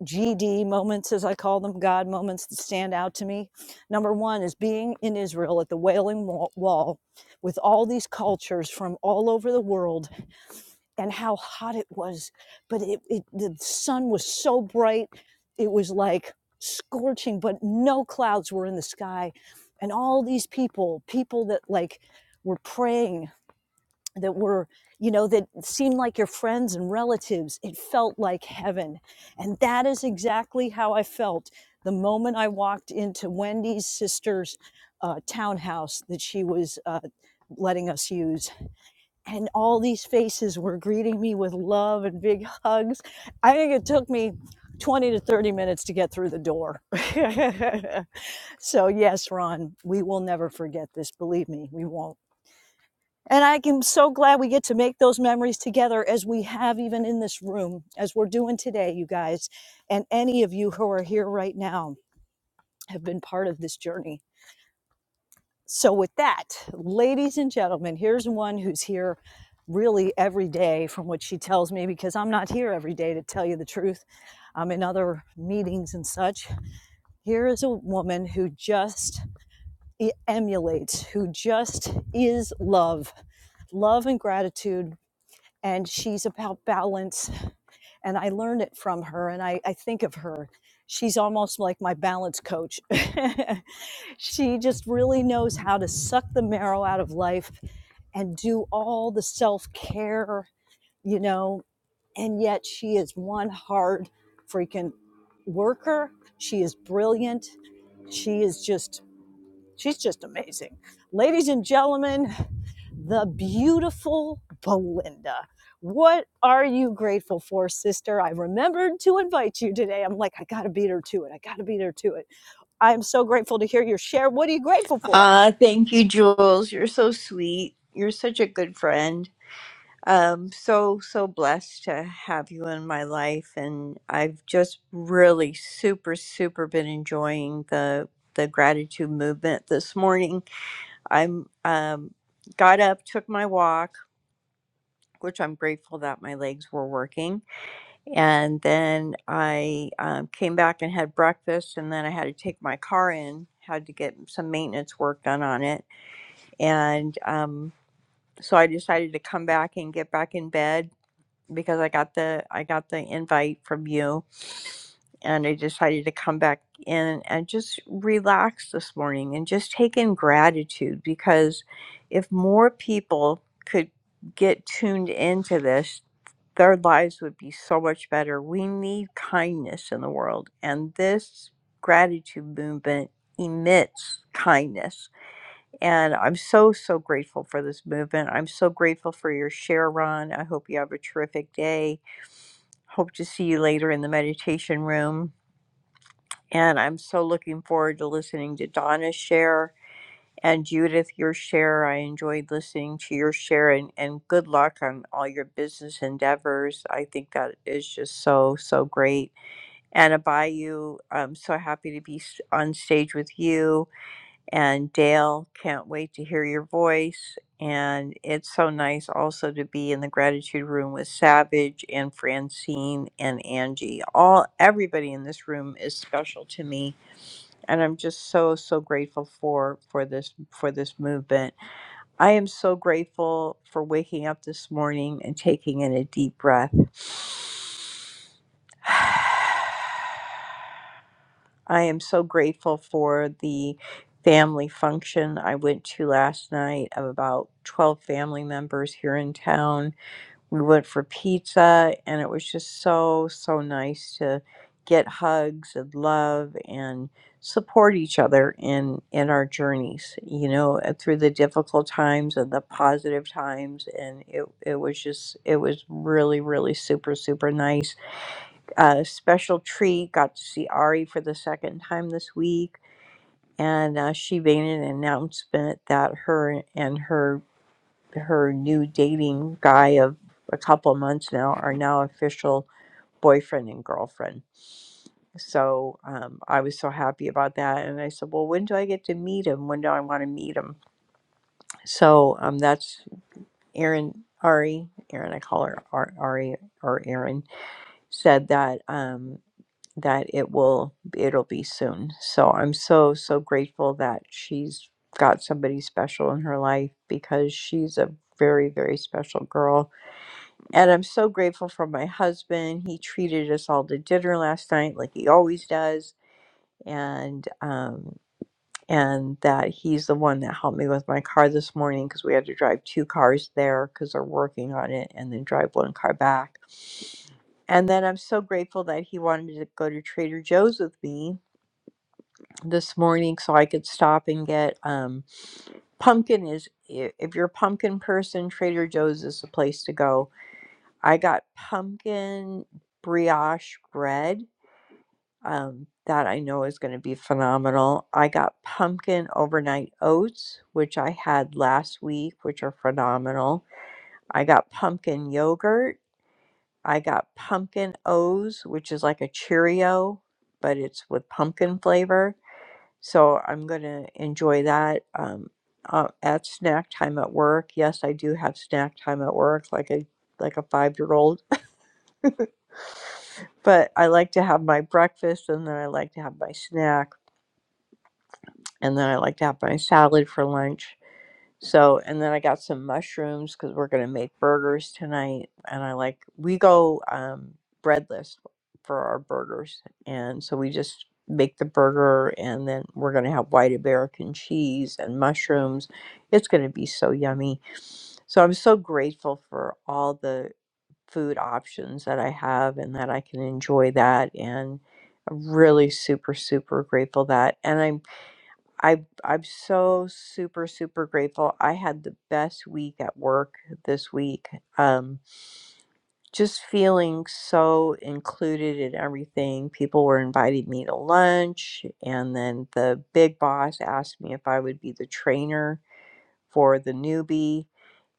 Speaker 1: GD moments, as I call them, God moments that stand out to me. Number one is being in Israel at the Wailing Wa- Wall with all these cultures from all over the world and how hot it was. But it, it, the sun was so bright, it was like scorching, but no clouds were in the sky. And all these people, people that like, were praying that were, you know, that seemed like your friends and relatives. It felt like heaven. And that is exactly how I felt the moment I walked into Wendy's sister's uh, townhouse that she was uh, letting us use. And all these faces were greeting me with love and big hugs. I think it took me 20 to 30 minutes to get through the door. [LAUGHS] so, yes, Ron, we will never forget this. Believe me, we won't. And I am so glad we get to make those memories together as we have even in this room, as we're doing today, you guys, and any of you who are here right now have been part of this journey. So, with that, ladies and gentlemen, here's one who's here really every day, from what she tells me, because I'm not here every day to tell you the truth. I'm in other meetings and such. Here is a woman who just e- emulates, who just is love love and gratitude and she's about balance and i learn it from her and i, I think of her she's almost like my balance coach [LAUGHS] she just really knows how to suck the marrow out of life and do all the self-care you know and yet she is one hard freaking worker she is brilliant she is just She's just amazing. Ladies and gentlemen, the beautiful Belinda. What are you grateful for, sister? I remembered to invite you today. I'm like, I got to beat her to it. I got to beat her to it. I am so grateful to hear your share. What are you grateful for?
Speaker 10: Ah, thank you, Jules. You're so sweet. You're such a good friend. um so so blessed to have you in my life and i've just really super super been enjoying the the gratitude movement this morning i'm um got up took my walk which i'm grateful that my legs were working and then i um, came back and had breakfast and then i had to take my car in had to get some maintenance work done on it and um so i decided to come back and get back in bed because I got the I got the invite from you and I decided to come back in and just relax this morning and just take in gratitude because if more people could get tuned into this, their lives would be so much better. We need kindness in the world, and this gratitude movement emits kindness. And I'm so, so grateful for this movement. I'm so grateful for your share, Ron. I hope you have a terrific day Hope to see you later in the meditation room. And I'm so looking forward to listening to Donna's share and Judith, your share. I enjoyed listening to your share and, and good luck on all your business endeavors. I think that is just so, so great. And Abayu, I'm so happy to be s- on stage with you and Dale, can't wait to hear your voice. And it's so nice also to be in the gratitude room with Savage and Francine and Angie. All everybody in this room is special to me, and I'm just so so grateful for for this for this movement. I am so grateful for waking up this morning and taking in a deep breath. [SIGHS] I am so grateful for the family function I went to last night of about 12 family members here in town. We went for pizza, and it was just so, so nice to get hugs and love and support each other in in our journeys you know uh, through the difficult times and the positive times and it it was just it was really really super super nice a special treat. Got to see Ari for the second time this week, and uh, she made an announcement that her and her her new dating guy of a couple months now are now official boyfriend and girlfriend. So um, I was so happy about that, and I said, "Well, when do I get to meet him? When do I want to meet him?" So um, that's Erin Ari. Erin, I call her Ar- Ari or Erin, said that. Um, that it will it'll be soon. So I'm so so grateful that she's got somebody special in her life because she's a very very special girl. And I'm so grateful for my husband. He treated us all to dinner last night like he always does and um and that he's the one that helped me with my car this morning because we had to drive two cars there because they're working on it and then drive one car back. And then I'm so grateful that he wanted to go to Trader Joe's with me this morning so I could stop and get um pumpkin is i- if you're a pumpkin person, Trader Joe's is the place to go. I got pumpkin brioche bread um that I know is going to be phenomenal. I got pumpkin overnight oats, which I had last week, which are phenomenal. I got pumpkin yogurt. I got pumpkin O's, which is like a Cheerio, but it's with pumpkin flavor. So I'm going to enjoy that um, uh, at snack time at work. Yes, I do have snack time at work, like a like a five year old. [LAUGHS] but I like to have my breakfast, and then I like to have my snack, and then I like to have my salad for lunch. So, and then I got some mushrooms because we're gonna make burgers tonight. And I like we go um, breadless for our burgers, and so we just make the burger, and then we're gonna have white American cheese and mushrooms. It's gonna be so yummy. So I'm so grateful for all the food options that I have, and that I can enjoy that. And I'm really super super grateful that. And I'm I I'm so super super grateful. I had the best week at work this week. Um just feeling so included in everything. People were inviting me to lunch and then the big boss asked me if I would be the trainer for the newbie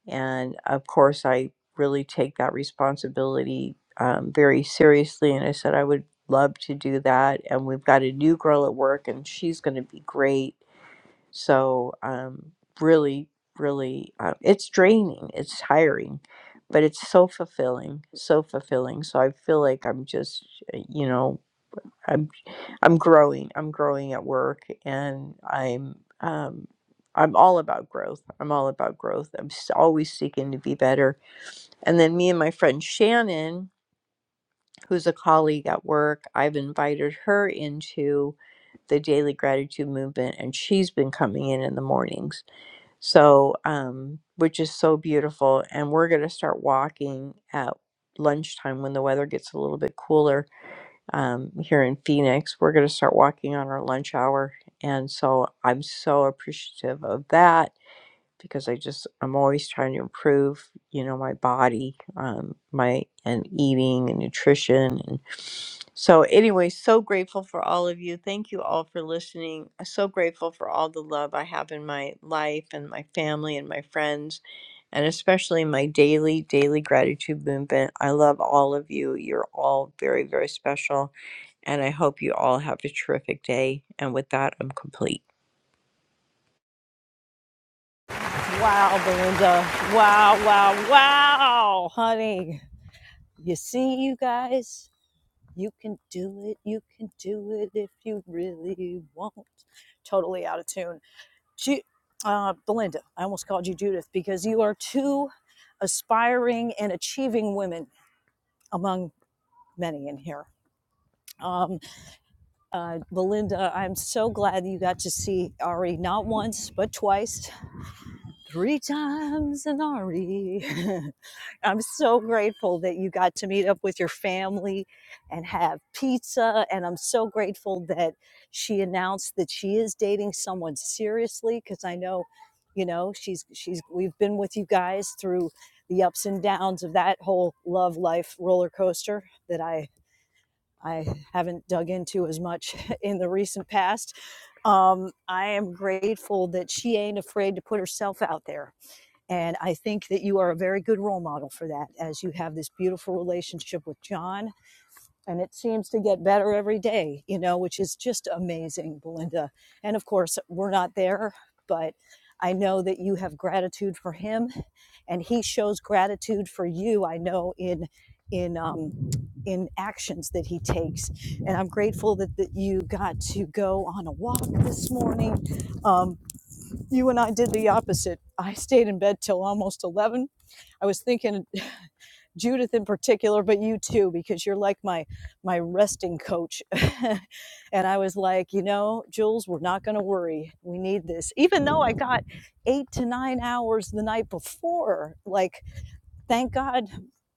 Speaker 10: and of course I really take that responsibility um, very seriously and I said I would love to do that and we've got a new girl at work and she's going to be great so, um, really, really, uh, it's draining, it's tiring, but it's so fulfilling, so fulfilling. So I feel like I'm just, uh, you know, I'm I'm growing. I'm growing at work, and I'm um, I'm all about growth. I'm all about growth. I'm s- always seeking to be better. And then me and my friend Shannon, who's a colleague at work, I've invited her into the daily gratitude movement, and she's been coming in in the mornings so, um, which is so beautiful. And we're going to start walking at lunchtime when the weather gets a little bit cooler um, here in Phoenix. We're going to start walking on our lunch hour. And so I'm so appreciative of that because I just, I'm always trying to improve, you know, my body, um, my, and eating and nutrition. So, anyway, so grateful for all of you. Thank you all for listening. I'm so grateful for all the love I have in my life and my family and my friends, and especially my daily, daily gratitude movement. I love all of you. You're all very, very special. And I hope you all have a terrific day. And with that, I'm complete.
Speaker 1: Wow, Belinda. Wow, wow, wow, honey. You see, you guys? You can do it. You can do it if you really want. Totally out of tune. Ju- uh, Belinda, I almost called you Judith because you are two aspiring and achieving women among many in here. Um, uh, Belinda, I'm so glad that you got to see Ari not once, but twice three times an Ari. [LAUGHS] I'm so grateful that you got to meet up with your family and have pizza. And I'm so grateful that she announced that she is dating someone seriously because I know, you know, she's she's we've been with you guys through the ups and downs of that whole love life roller coaster that I I haven't dug into as much [LAUGHS] in the recent past. Um, I am grateful that she ain't afraid to put herself out there and I think that you are a very good role model for that as you have this beautiful relationship with John. And it seems to get better every day, you know, which is just amazing, Belinda. And of course, we're not there, but I know that you have gratitude for him and he shows gratitude for you. I know in in um, in actions that he takes, and I'm grateful that, that you got to go on a walk this morning. Um, you and I did the opposite. I stayed in bed till almost 11. I was thinking [LAUGHS] Judith in particular, but you too, because you're like my my resting coach. [LAUGHS] and I was like, you know, Jules, we're not going to worry. We need this, even though I got eight to nine hours the night before. Like, thank God.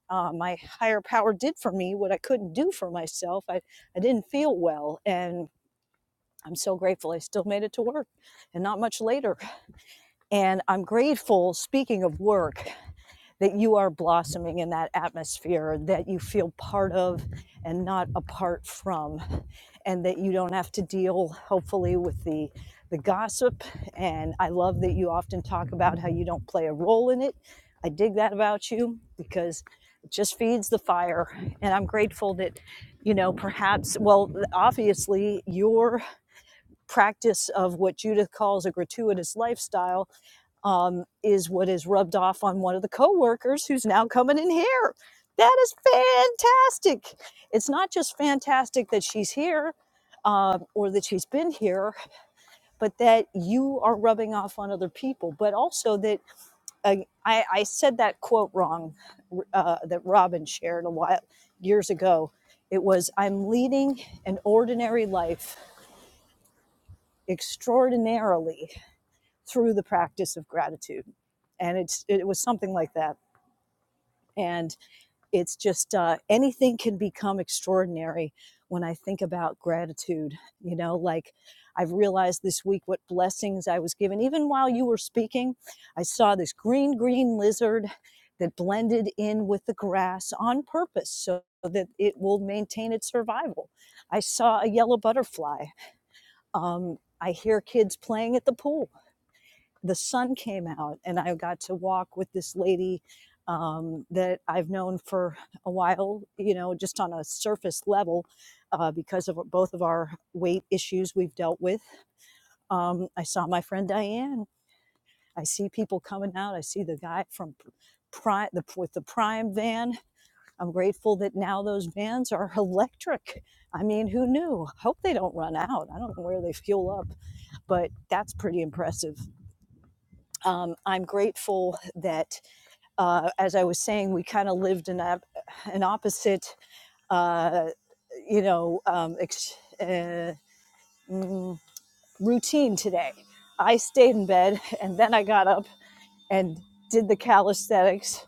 Speaker 1: Uh, my higher power did for me what I couldn't do for myself. I, I didn't feel well, and I'm so grateful I still made it to work and not much later and I'm grateful, speaking of work, that you are blossoming in that atmosphere that you feel part of and not apart from, and that you don't have to deal, hopefully, with the the gossip. And I love that you often talk about how you don't play a role in it. I dig that about you because it just feeds the fire. And I'm grateful that, you know, perhaps, well, obviously, your practice of what Judith calls a gratuitous lifestyle um, is what is rubbed off on one of the coworkers who's now coming in here. That is fantastic. It's not just fantastic that she's here um, or that she's been here, but that you are rubbing off on other people. But also that uh, I, I said that quote wrong uh, that Robin shared a while years ago. It was, I'm leading an ordinary life extraordinarily through the practice of gratitude. And it's, it was something like that and it's just uh, anything can become extraordinary when i think about gratitude you know like i've realized this week what blessings i was given even while you were speaking i saw this green green lizard that blended in with the grass on purpose so that it will maintain its survival i saw a yellow butterfly um, i hear kids playing at the pool the sun came out and I got to walk with this lady um, that I've known for a while, you know, just on a surface level uh, because of both of our weight issues we've dealt with. Um, I saw my friend Diane. I see people coming out. I see the guy from Prime the, with the Prime van. I'm grateful that now those vans are [LAUGHS] electric. I mean, who knew? Hope they don't run out. I don't know where they fuel up, but that's pretty impressive um, I'm grateful that, uh, as I was saying, we kind of lived in a, an opposite, uh, you know, um, ex- uh, mm, routine today. I stayed in bed [LAUGHS] and then I got up and did the calisthenics,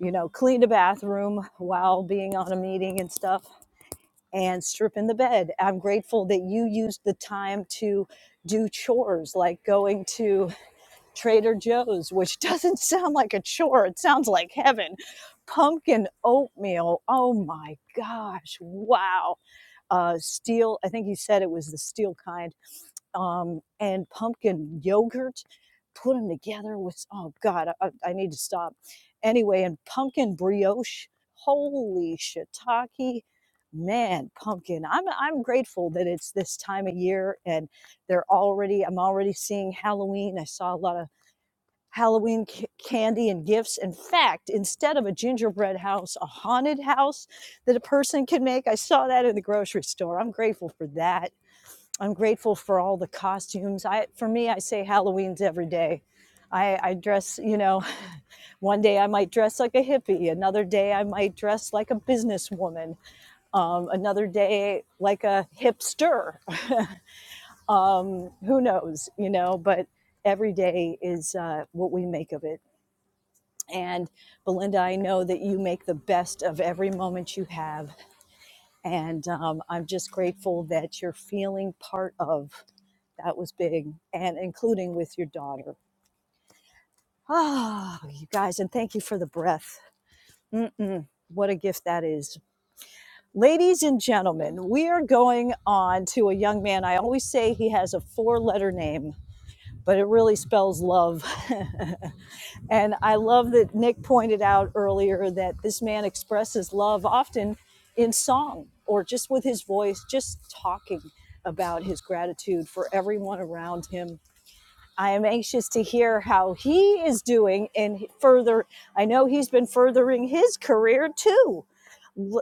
Speaker 1: you know, cleaned a bathroom while being on a meeting and stuff and strip in the bed. I'm grateful that you used the time to do chores like going to Trader Joe's, which [LAUGHS] doesn't sound like a chore. It sounds like heaven. Pumpkin oatmeal. Oh my gosh. Wow. Uh, steel, I think he said it was the steel kind. Um, and pumpkin yogurt. Put them together with, oh God, I, I I need to stop. Anyway, and pumpkin brioche. Holy shiitake. Man, pumpkin. I'm I'm grateful that it's this time of year and they're already I'm already seeing Halloween. I saw a lot of Halloween c- candy and gifts. In fact, instead of a gingerbread house, a haunted house that a person can make. I saw that in the grocery store. I'm grateful for that. I'm grateful for all the costumes. I, for me, I say Halloween's every day. I, I dress, you know, [LAUGHS] one day I might dress like a hippie. Another day I might dress like a businesswoman. Um, another day like a hipster. [LAUGHS] um, who knows, you know, but every day is uh, what we make of it. And Belinda, I know that you make the best of every moment you have. And um, I'm just grateful that you're feeling part of that was big, and including with your daughter. Ah, you guys, and thank you for the breath. Mm-mm, what a gift that is. Ladies and gentlemen, we are going on to a young man. I always say he has a four letter name, but it really spells love. [LAUGHS] And I love that Nick pointed out earlier that this man expresses love often in song or just with his voice, just talking about his gratitude for everyone around him. I am anxious to hear how he is doing and further. I know he's been furthering his career too.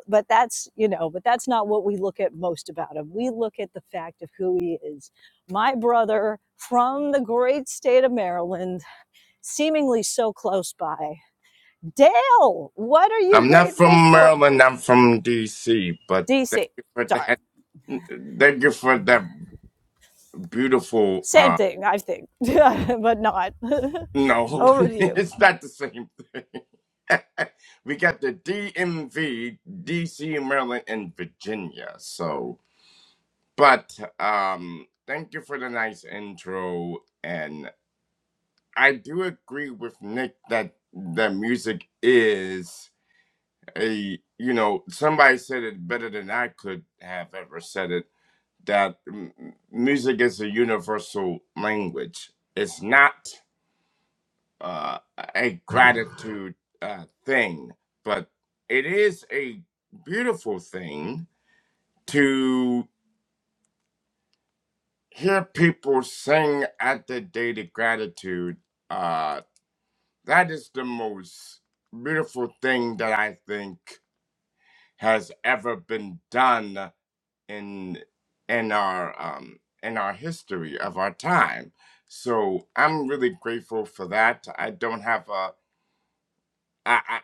Speaker 1: But that's, you know, but that's not what we look at most about him. We look at the fact of who he is. My brother from the great state of Maryland seemingly so close by. Dale, what are you
Speaker 12: I'm not
Speaker 1: grateful
Speaker 12: from
Speaker 1: for?
Speaker 12: Maryland. I'm from D.C. But thank
Speaker 1: DC,
Speaker 12: you for
Speaker 1: sorry.
Speaker 12: that. Thank you for that beautiful.
Speaker 1: Same
Speaker 12: Uh,
Speaker 1: thing, I think, [LAUGHS] but not. [LAUGHS]
Speaker 12: no, [LAUGHS]
Speaker 1: Over to you.
Speaker 12: it's not the same thing. [LAUGHS] we got the DMV, D.C., Maryland, and Virginia. So, but um, thank you for the nice intro, and I do agree with Nick that the music is. a you know somebody said it better than i could have ever said it that m- music is a universal language it's not uh, a gratitude uh, thing but it is a beautiful thing to hear people sing at the date of gratitude uh, that is the most beautiful thing that i think has ever been done in in our um in our history of our time. So I'm really grateful for that. I don't have a I I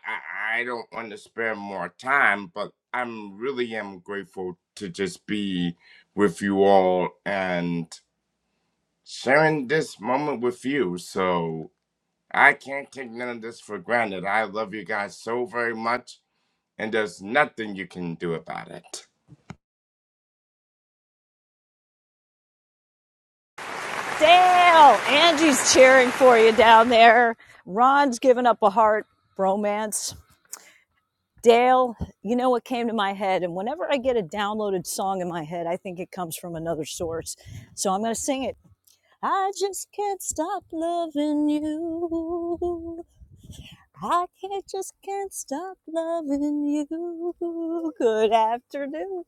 Speaker 12: I I don't want to spend more time, but I'm really am grateful to just be with you all and sharing this moment with you. So I can't take none of this for granted. I love you guys so very much, and there's nothing you can do about it.
Speaker 1: Dale, Angie's cheering for you down there. Ron's giving up a heart, bromance. Dale, you know what came to my head? And whenever I get a downloaded song in my head, I think it comes from another source. So I'm going to sing it. I just can't stop loving you. I can't just can't stop loving you. Good afternoon.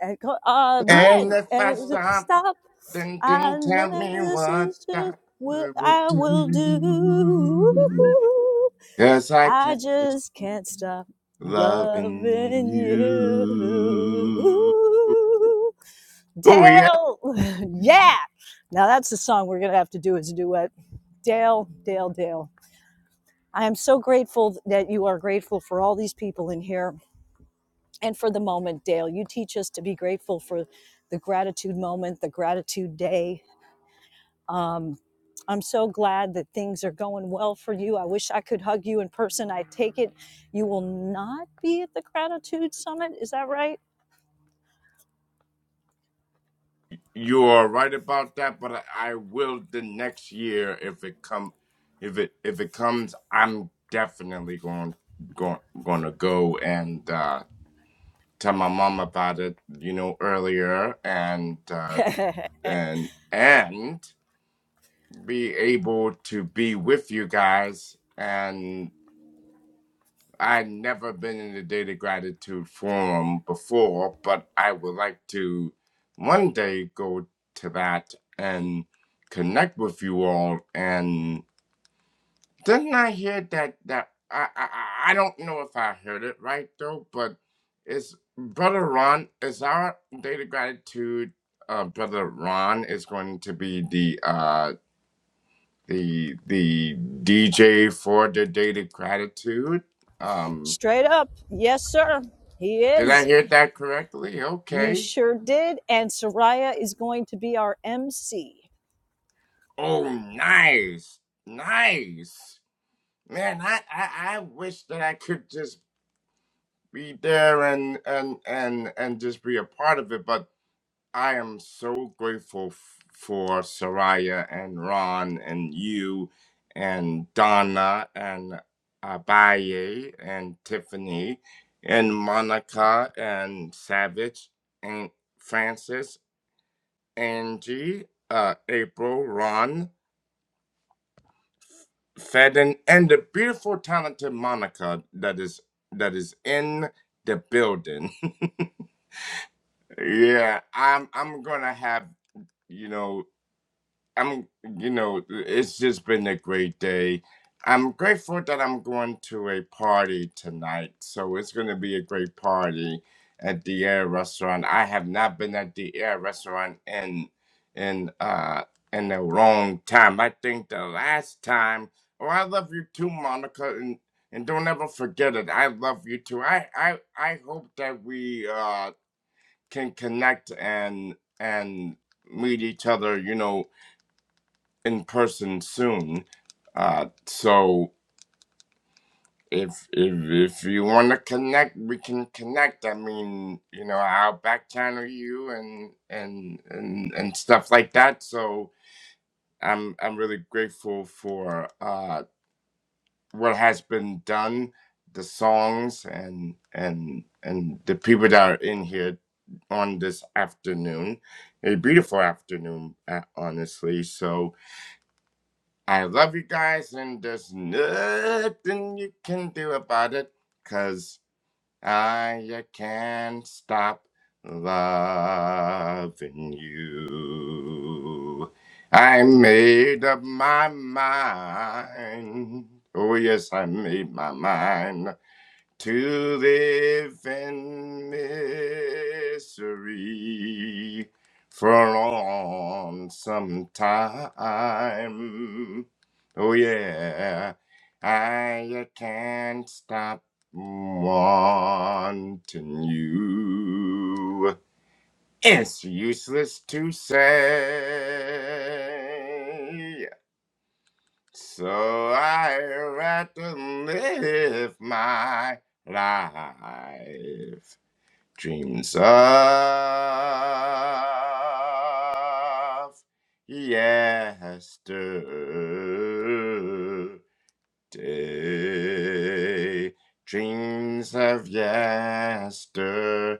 Speaker 1: And co- uh,
Speaker 12: And
Speaker 1: bien.
Speaker 12: if
Speaker 1: And
Speaker 12: I
Speaker 1: it was a
Speaker 12: stop,
Speaker 1: stop.
Speaker 12: then, then
Speaker 1: And
Speaker 12: tell
Speaker 1: then
Speaker 12: me
Speaker 1: this
Speaker 12: what
Speaker 1: is
Speaker 12: I
Speaker 1: just what
Speaker 12: would
Speaker 1: I will do.
Speaker 12: do. Cause I
Speaker 1: I
Speaker 12: can't just
Speaker 1: just can't stop
Speaker 12: loving
Speaker 1: loving
Speaker 12: you.
Speaker 1: you.
Speaker 12: Oh yeah,
Speaker 1: Dale. [LAUGHS] yeah. Now that's the song we're going to have to do as a duet. Dale, Dale, Dale. I am so grateful that you are grateful for all these people in here and for the moment, Dale. You teach us to be grateful for the gratitude moment, the gratitude day. Um, I'm so glad that things are going well for you. I wish I could hug you in person. I take it you will not be at the gratitude summit. Is that right?
Speaker 12: you are right about that. But I, I will the next year if it come, if it if it comes, I'm definitely going going gonna go and uh, tell my mom about it. You know earlier and uh,
Speaker 1: [LAUGHS]
Speaker 12: and and. be able to be with you guys. And i have never been in the Daily Gratitude Forum before, but I would like to one day go to that and connect with you all. And didn't I hear that? that I, I, I I don't know if I heard it right though, but it's Brother Ron, is our Daily Gratitude. Uh, Brother Ron is going to be the uh, the the DJ for the Date of Gratitude. Um,
Speaker 1: Straight up. Yes, sir. He
Speaker 12: did I
Speaker 1: is.
Speaker 12: hear that correctly?
Speaker 1: You
Speaker 12: Okay.
Speaker 1: sure did. And Soraya is going to be our MC.
Speaker 12: Oh, nice, nice, man. I, I I wish that I could just be there and and and and just be a part of it, but I am so grateful f- for Soraya and Ron and you and Donna and Abaye and Tiffany and Monica and Savage and Francis, Angie, uh, April, Ron, Fedden, and the beautiful, talented Monica that is that is in the building. [LAUGHS] yeah, I'm I'm gonna have you know. I'm, you know, it's just been a great day. I'm grateful that I'm going to a party tonight. So it's going to be a great party at the Air Restaurant. I have not been at the Air Restaurant in in uh in a long time. I think the last time. Oh, I love you too, Monica, and and don't ever forget it. I love you too. I I I hope that we uh can connect and and meet each other. You know in person soon. Uh, so if if if you want to connect, we can connect. I mean, you know, I'll back channel you and and and and stuff like that. So I'm I'm really grateful for uh what has been done, the songs and and and the people that are in here on this afternoon, a beautiful afternoon, uh, honestly. So I love you guys, and there's nothing you can do about it, 'cause I uh, can't stop loving you. I made up my mind. Oh, yes, I made my mind to live in misery for on some time. Oh yeah, I can't stop wanting you. It's useless to say so I had to live my life. Dreams of yesterday. Dreams of yesterday.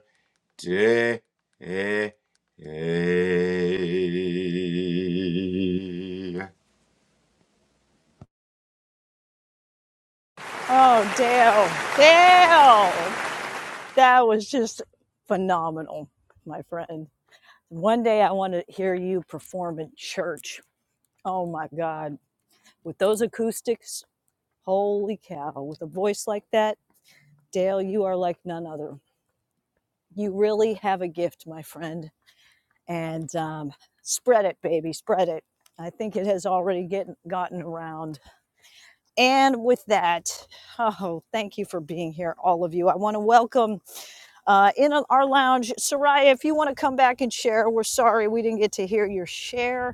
Speaker 1: Oh, Dale. Dale. That was just phenomenal, my friend. One day I want to hear you perform in church. Oh my God. With those acoustics, holy cow. With a voice like that, Dale, you are like none other. You really have a gift, my friend. And um, spread it, baby, spread it. I think it has already get, gotten around. And with that, oh, thank you for being here, all of you. I want to welcome uh, in our lounge. Soraya, if you want to come back and share, we're sorry we didn't get to hear your share.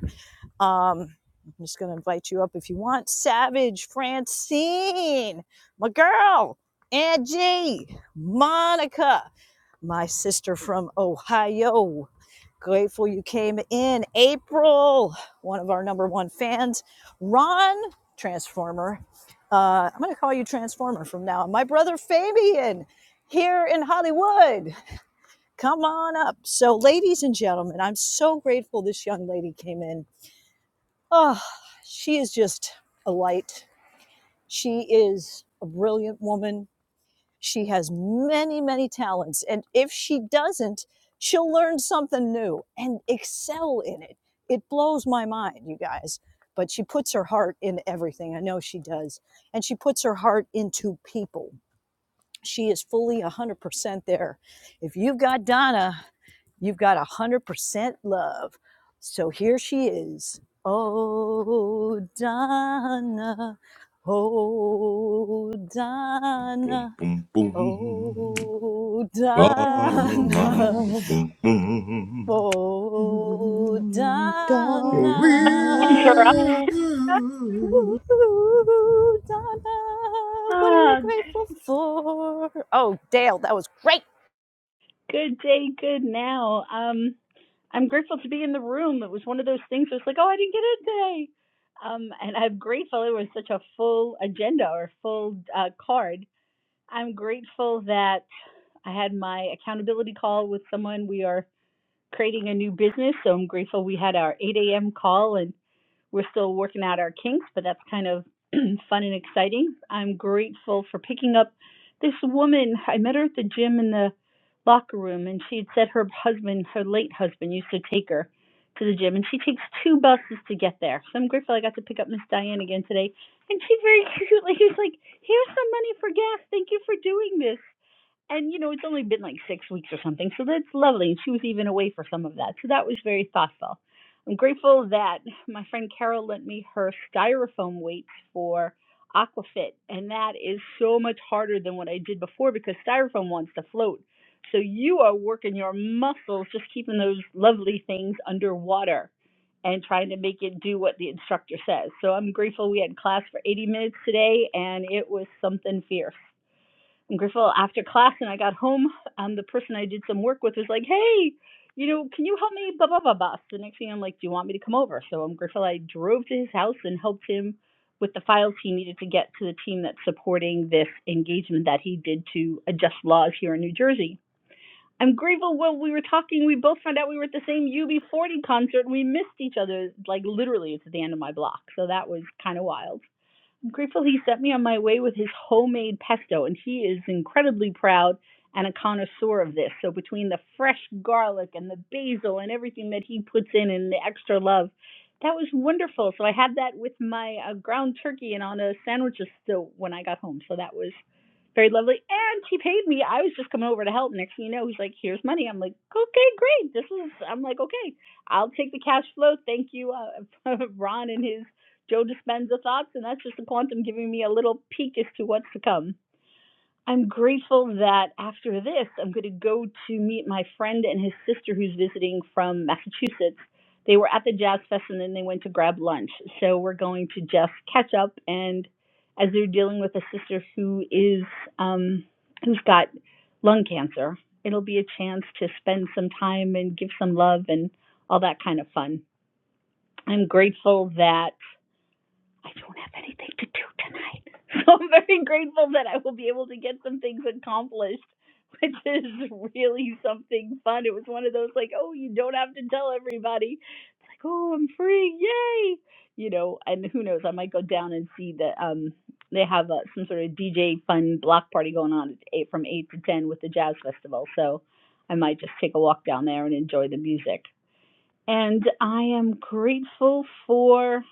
Speaker 1: Um, I'm just going to invite you up if you want. Savage, Francine, my girl, Angie, Monica, my sister from Ohio. Grateful you came in. April, one of our number one fans. Ron, Transformer. Uh, I'm going to call you Transformer from now on. My brother Fabian here in Hollywood. Come on up. So, ladies and gentlemen, I'm so grateful this young lady came in Oh, she is just a light. She is a brilliant woman. She has many, many talents. And if she doesn't, she'll learn something new and excel in it. It blows my mind, you guys. But she puts her heart in everything. I know she does. And she puts her heart into people. She is fully 100% there. If you've got Donna, you've got 100% love. So here she is. Oh, Donna. Oh,
Speaker 12: Boom,
Speaker 1: Donna.
Speaker 12: boom, boom.
Speaker 1: Oh,
Speaker 12: Boom,
Speaker 1: Donna.
Speaker 15: Donna,
Speaker 12: boom, boom.
Speaker 1: Oh,
Speaker 15: ooh,
Speaker 1: Donna.
Speaker 16: interrupt.
Speaker 15: Donna.
Speaker 16: [LAUGHS]
Speaker 12: will.
Speaker 1: Woo, Donna. What are you
Speaker 16: Ah,
Speaker 1: grateful for? Oh, Dale, that was great.
Speaker 16: good day, good now. Um, I'm grateful to be in the room. It was one of those things where it's like, oh, I didn't get in today. Um, and I'm grateful it was such a full agenda or full uh, card. I'm grateful that I had my accountability call with someone. We are creating a new business, so I'm grateful we had our 8 a.m. call and. We're still working out our kinks, but that's kind of [CLEARS THROAT] fun and exciting. I'm grateful for picking up this woman. I met her at the gym in the locker room, and she had said her husband, her late husband, used to take her to the gym, and she takes two buses to get there. So I'm grateful I got to pick up Miss Diane again today. And she very [LAUGHS] cutely was like, Here's some money for gas. Thank you for doing this. And you know, it's only been like six weeks or something, so that's lovely. And she was even away for some of that, so that was very thoughtful. I'm grateful that my friend Carol lent me her styrofoam weights for Aquafit, and that is so much harder than what I did before because styrofoam wants to float. So you are working your muscles just keeping those lovely things underwater and trying to make it do what the instructor says. So I'm grateful we had class for 80 minutes today, and it was something fierce. And Griffel, after class, and I got home, um, the person I did some work with was like, "Hey, you know, can you help me?" Blah blah blah blah. So the next thing I'm like, "Do you want me to come over?" So um, Griffel, I drove to his house and helped him with the files he needed to get to the team that's supporting this engagement that he did to adjust laws here in New Jersey. I'm grateful when we were talking, we both found out we were at the same UB40 concert and we missed each other. Like literally, it's at the end of my block, so that was kind of wild. I'm grateful he sent me on my way with his homemade pesto, and he is incredibly proud and a connoisseur of this. So, between the fresh garlic and the basil and everything that he puts in and the extra love, that was wonderful. So, I had that with my uh, ground turkey and on a sandwich just so when I got home. So, that was very lovely. And he paid me. I was just coming over to help. Next thing you know, he's like, here's money. I'm like, okay, great. This is, I'm like, okay, I'll take the cash flow. Thank you, uh, [LAUGHS] Ron and his Joe Dispenza thoughts, and that's just the quantum giving me a little peek as to what's to come. I'm grateful that after this, I'm going to go to meet my friend and his sister who's visiting from Massachusetts. They were at the Jazz Fest and then they went to grab lunch. So we're going to just catch up. And as they're dealing with a sister who is, um, who's got lung cancer, it'll be a chance to spend some time and give some love and all that kind of fun. I'm grateful that I don't have anything to do tonight. [LAUGHS] So I'm very grateful that I will be able to get some things accomplished, which is really something fun. It was one of those like, oh, you don't have to tell everybody. Like, oh, I'm free, yay! You know, and who knows? I might go down and see that um they have uh, some sort of DJ fun block party going on at eight, from eight to ten with the jazz festival. So I might just take a walk down there and enjoy the music. And I am grateful for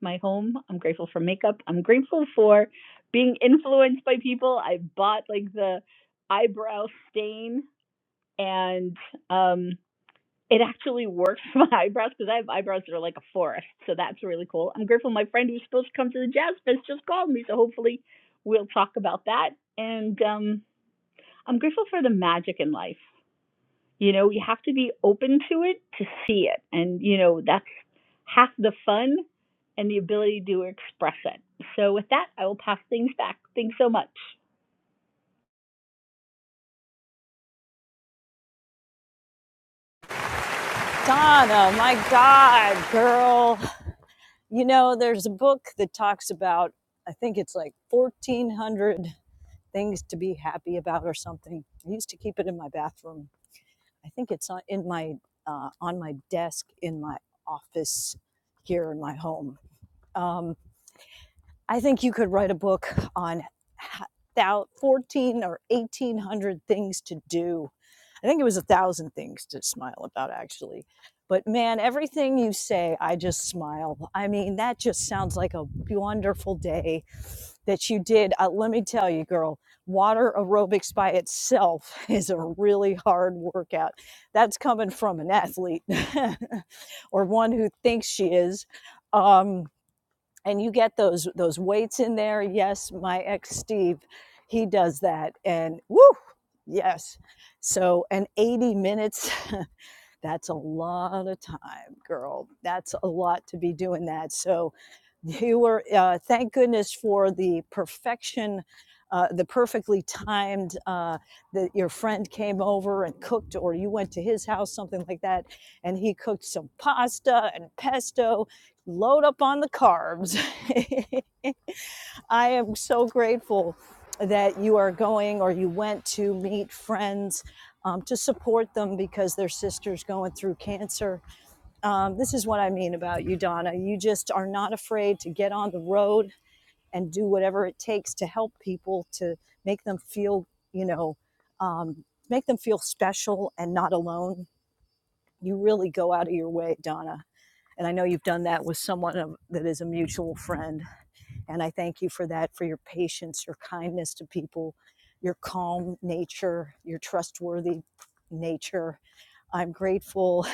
Speaker 16: my home. I'm grateful for makeup. I'm grateful for being influenced by people. I bought like the eyebrow stain and um it actually works [LAUGHS] for my eyebrows because I have eyebrows that are like a forest. So that's really cool. I'm grateful my friend who's supposed to come to the jazz fest just called me. So hopefully we'll talk about that. And um I'm grateful for the magic in life. You know, you have to be open to it to see it. And, you know, that's half the fun and the ability to express it. So, with that, I will pass things back. Thanks so much.
Speaker 1: Donna, my God, girl. You know, there's a book that talks about, I think it's like 1,400 things to be happy about or something. I used to keep it in my bathroom. I think it's on, in my, uh, on my desk in my office here in my home. Um, I think you could write a book on 14 or 1800 things to do. I think it was a thousand things to smile about, actually. But man, everything you say, I just smile. I mean, that just sounds like a wonderful day that you did. Uh, let me tell you, girl, water aerobics by itself [LAUGHS] is a really hard workout. That's coming from an athlete [LAUGHS] or one who thinks she is. Um, and you get those those weights in there. Yes, my ex Steve, he does that, and woo, yes. So and eighty minutes [LAUGHS] That's a lot of time, girl. That's a lot to be doing that. So you were, uh, thank goodness for the perfection, uh, the perfectly timed uh, that your friend came over and cooked, or you went to his house, something like that, and he cooked some pasta and pesto. Load up on the carbs. [LAUGHS] I am so grateful that you are going or you went to meet friends um, to support them because their sister's going through cancer. Um, this is what I mean about you, Donna. You just are not afraid to get on the road and do whatever it takes to help people to make them feel, you know, um, make them feel special and not alone. You really go out of your way, Donna. And I know you've done that with someone that is a mutual friend. And I thank you for that, for your patience, your kindness to people, your calm nature, your trustworthy nature. I'm grateful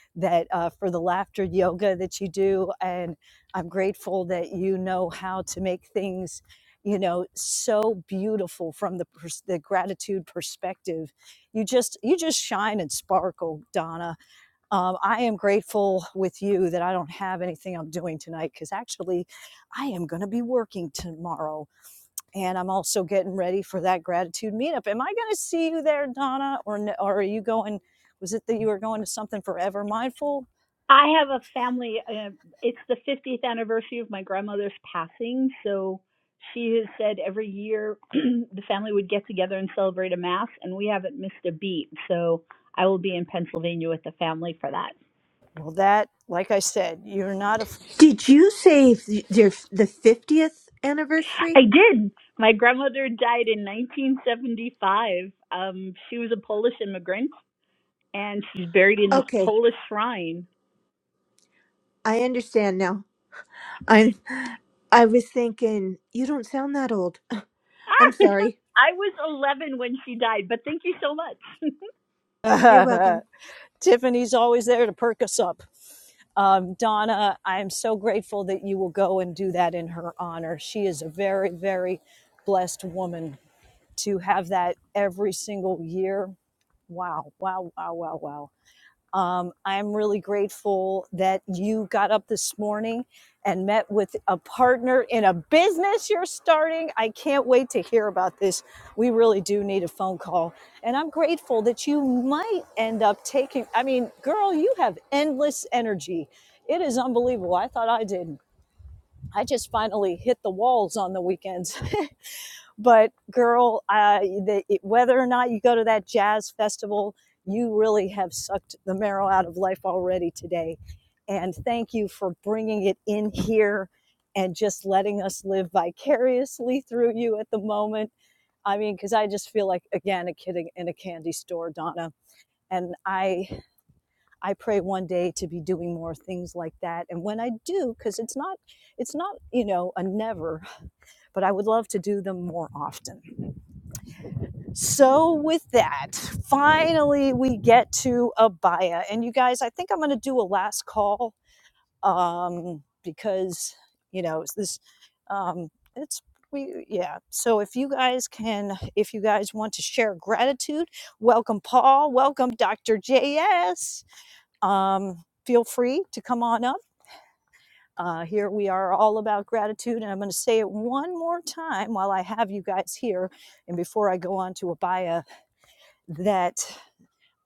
Speaker 1: [LAUGHS] that uh, for the laughter yoga that you do, and I'm grateful that you know how to make things, you know, so beautiful from the pers- the gratitude perspective. You just you just shine and sparkle, Donna um, I am grateful with you that I don't have anything I'm doing tonight because actually I am going to be working tomorrow. And I'm also getting ready for that gratitude meetup. Am I going to see you there, Donna? Or, or are you going? Was it that you were going to something forever mindful?
Speaker 16: I have a family, uh, it's the 50th anniversary of my grandmother's passing. So, she has said every year [CLEARS THROAT] the family would get together and celebrate a mass, and we haven't missed a beat. So, I will be in Pennsylvania with the family for that.
Speaker 1: Well, that, like I said, you're not a.
Speaker 15: Did you say th- their the fiftieth
Speaker 16: I
Speaker 15: anniversary?
Speaker 16: did. My grandmother died in 1975. Um, she was a Polish immigrant, and she's buried in this
Speaker 15: Okay,
Speaker 16: Polish shrine.
Speaker 15: I understand now. I'm. I was thinking you don't sound that old.
Speaker 16: [LAUGHS]
Speaker 15: I'm sorry.
Speaker 16: I was 11 when she died, but thank you so much. [LAUGHS]
Speaker 15: You're
Speaker 1: [LAUGHS]
Speaker 15: welcome.
Speaker 1: Tiffany's always there to perk us up. Um, Donna, I am so grateful that you will go and do that in her honor. She is a very, very blessed woman to have that every single year. Wow, wow, wow, wow, wow. Um, I'm really grateful that you got up this morning and met with a partner in a business you're starting. I can't wait to hear about this. We really do need a phone call. And I'm grateful that you might end up taking, I mean, girl, you have endless energy. It is unbelievable. I thought I didn't. I just finally hit the walls on the weekends. [LAUGHS] But girl, uh, the, whether or not you go to that jazz festival, you really have sucked the marrow out of life already today. And thank you for bringing it in here and just letting us live vicariously through you at the moment. I mean, because I just feel like again a kid in a candy store, Donna. And I, I pray one day to be doing more things like that. And when I do, because it's not, it's not you know a never, but I would love to do them more often. So, with that, finally we get to Abaya. And you guys, I think I'm going to do a last call um, because, you know, it's this, um, it's, we, yeah. So, if you guys can, if you guys want to share gratitude, welcome Paul, welcome Dr. JS. Um, feel free to come on up. Uh, here we are all about gratitude. And I'm going to say it one more time while I have you guys here. And before I go on to Abaya, that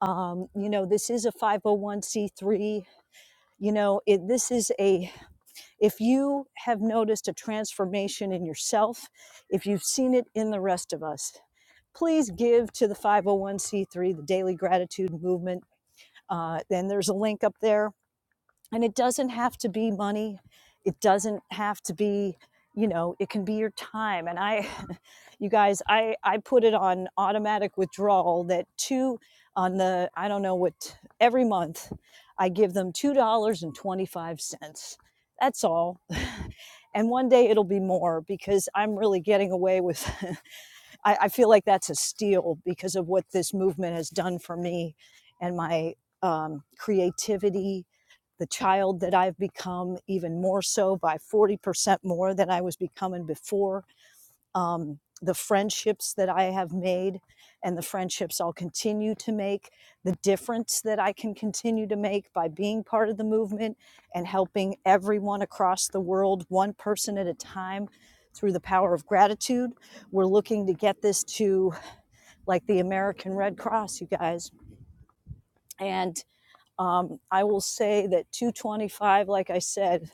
Speaker 1: um, you know this is a 501c3 you know it, this is a if you have noticed a transformation in yourself if you've seen it in the rest of us please give to the 501c3 the daily gratitude movement uh, then there's a link up there and it doesn't have to be money. It doesn't have to be, you know, it can be your time. And I, [LAUGHS] you guys, I, I put it on automatic withdrawal that two on the, I don't know what, every month I give them $2.25. That's all. And one day it'll be more because I'm really getting away with [LAUGHS] I, I feel like that's a steal because of what this movement has done for me and my um, creativity, the child that I've become even more so by 40% more than I was becoming before um, the friendships that I have made and the friendships I'll continue to make, the difference that I can continue to make by being part of the movement and helping everyone across the world, one person at a time, through the power of gratitude. We're looking to get this to like the American Red Cross, you guys. And um, I will say that 225, like I said,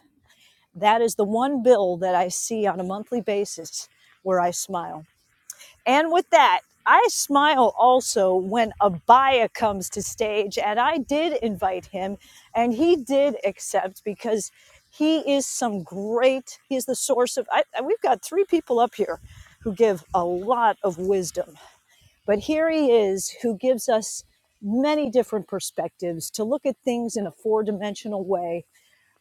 Speaker 1: that is the one bill that I see on a monthly basis where I smile And with that, I smile also when Abaya comes to stage, and I did invite him, and he did accept because he is some great. He is the source of. I, I- we've got three people up here who give a lot of wisdom, but here he is who gives us many different perspectives to look at things in a four-dimensional way.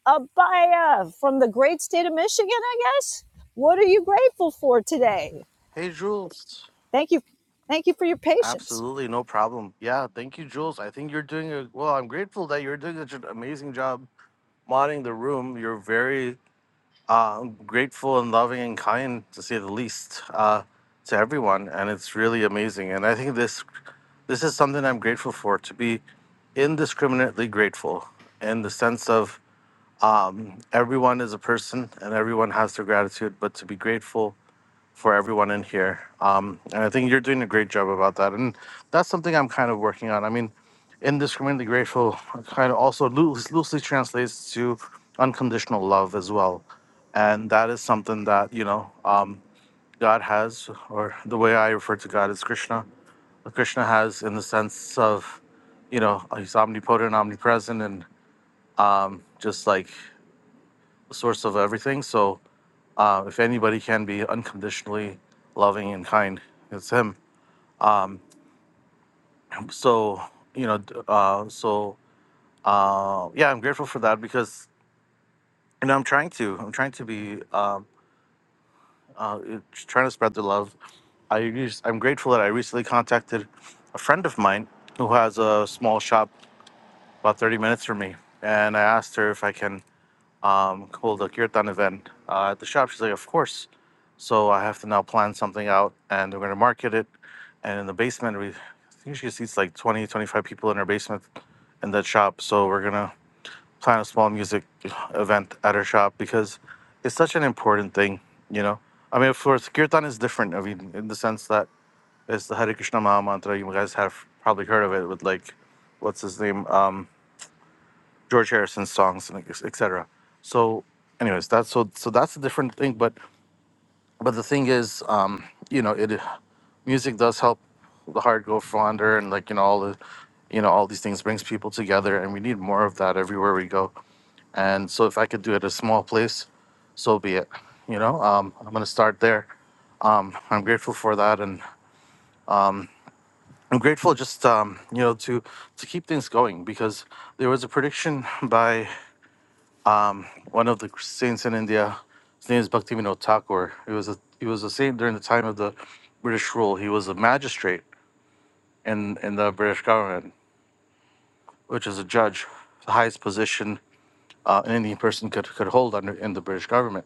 Speaker 1: Abaya from the great state of Michigan, I guess. What are you grateful for today?
Speaker 17: Hey, Jules.
Speaker 1: Thank you. Thank you for your patience.
Speaker 17: Absolutely, no problem. Yeah, thank you, Jules. I think you're doing a well. I'm grateful that you're doing such an amazing job modding the room. You're very uh, grateful and loving and kind, to say the least, uh, to everyone, and it's really amazing. And I think this this is something I'm grateful for to be indiscriminately grateful in the sense of everyone is a person and everyone has their gratitude, but to be grateful for everyone in here. Um, and I think you're doing a great job about that. And that's something I'm kind of working on. I mean, indiscriminately grateful kind of also loose, loosely translates to unconditional love as well. And that is something that, you know, um, God has, or the way I refer to God is Krishna. Krishna has in the sense of, you know, he's omnipotent, omnipresent, and just like source of everything. So uh, if anybody can be unconditionally loving and kind, it's him. so you know d- uh so uh yeah i'm grateful for that because you know i'm trying to i'm trying to be um uh, trying to spread the love i use i'm grateful that i recently contacted a friend of mine who has a small shop about 30 minutes from me and i asked her if i can um hold a kirtan event uh, at the shop she's like of course so i have to now plan something out and we're going to market it and in the basement we I think she seats like 20 25 people in her basement in that shop so we're gonna plan a small music event at her shop because it's such an important thing, you know. I mean, of course, kirtan is different. I mean, in the sense that it's the Hare Krishna Maha Mantra. You guys have probably heard of it with like, what's his name, um, George Harrison's songs and etc. So, anyways, that's so so that's a different thing. But but the thing is, um, you know, it music does help the heart go fonder, and like you know, all the, you know, all these things brings people together, and we need more of that everywhere we go. And so, if I could do it at a small place, so be it. You know, um, I'm gonna start there. Um, I'm grateful for that, and I'm grateful just um, you know to to keep things going because there was a prediction by one of the saints in India. His name is Bhaktivinoda Thakur. He was a he was a saint during the time of the British rule. He was a magistrate in in the British government, which is a judge, the highest position uh, an Indian person could could hold under in the British government.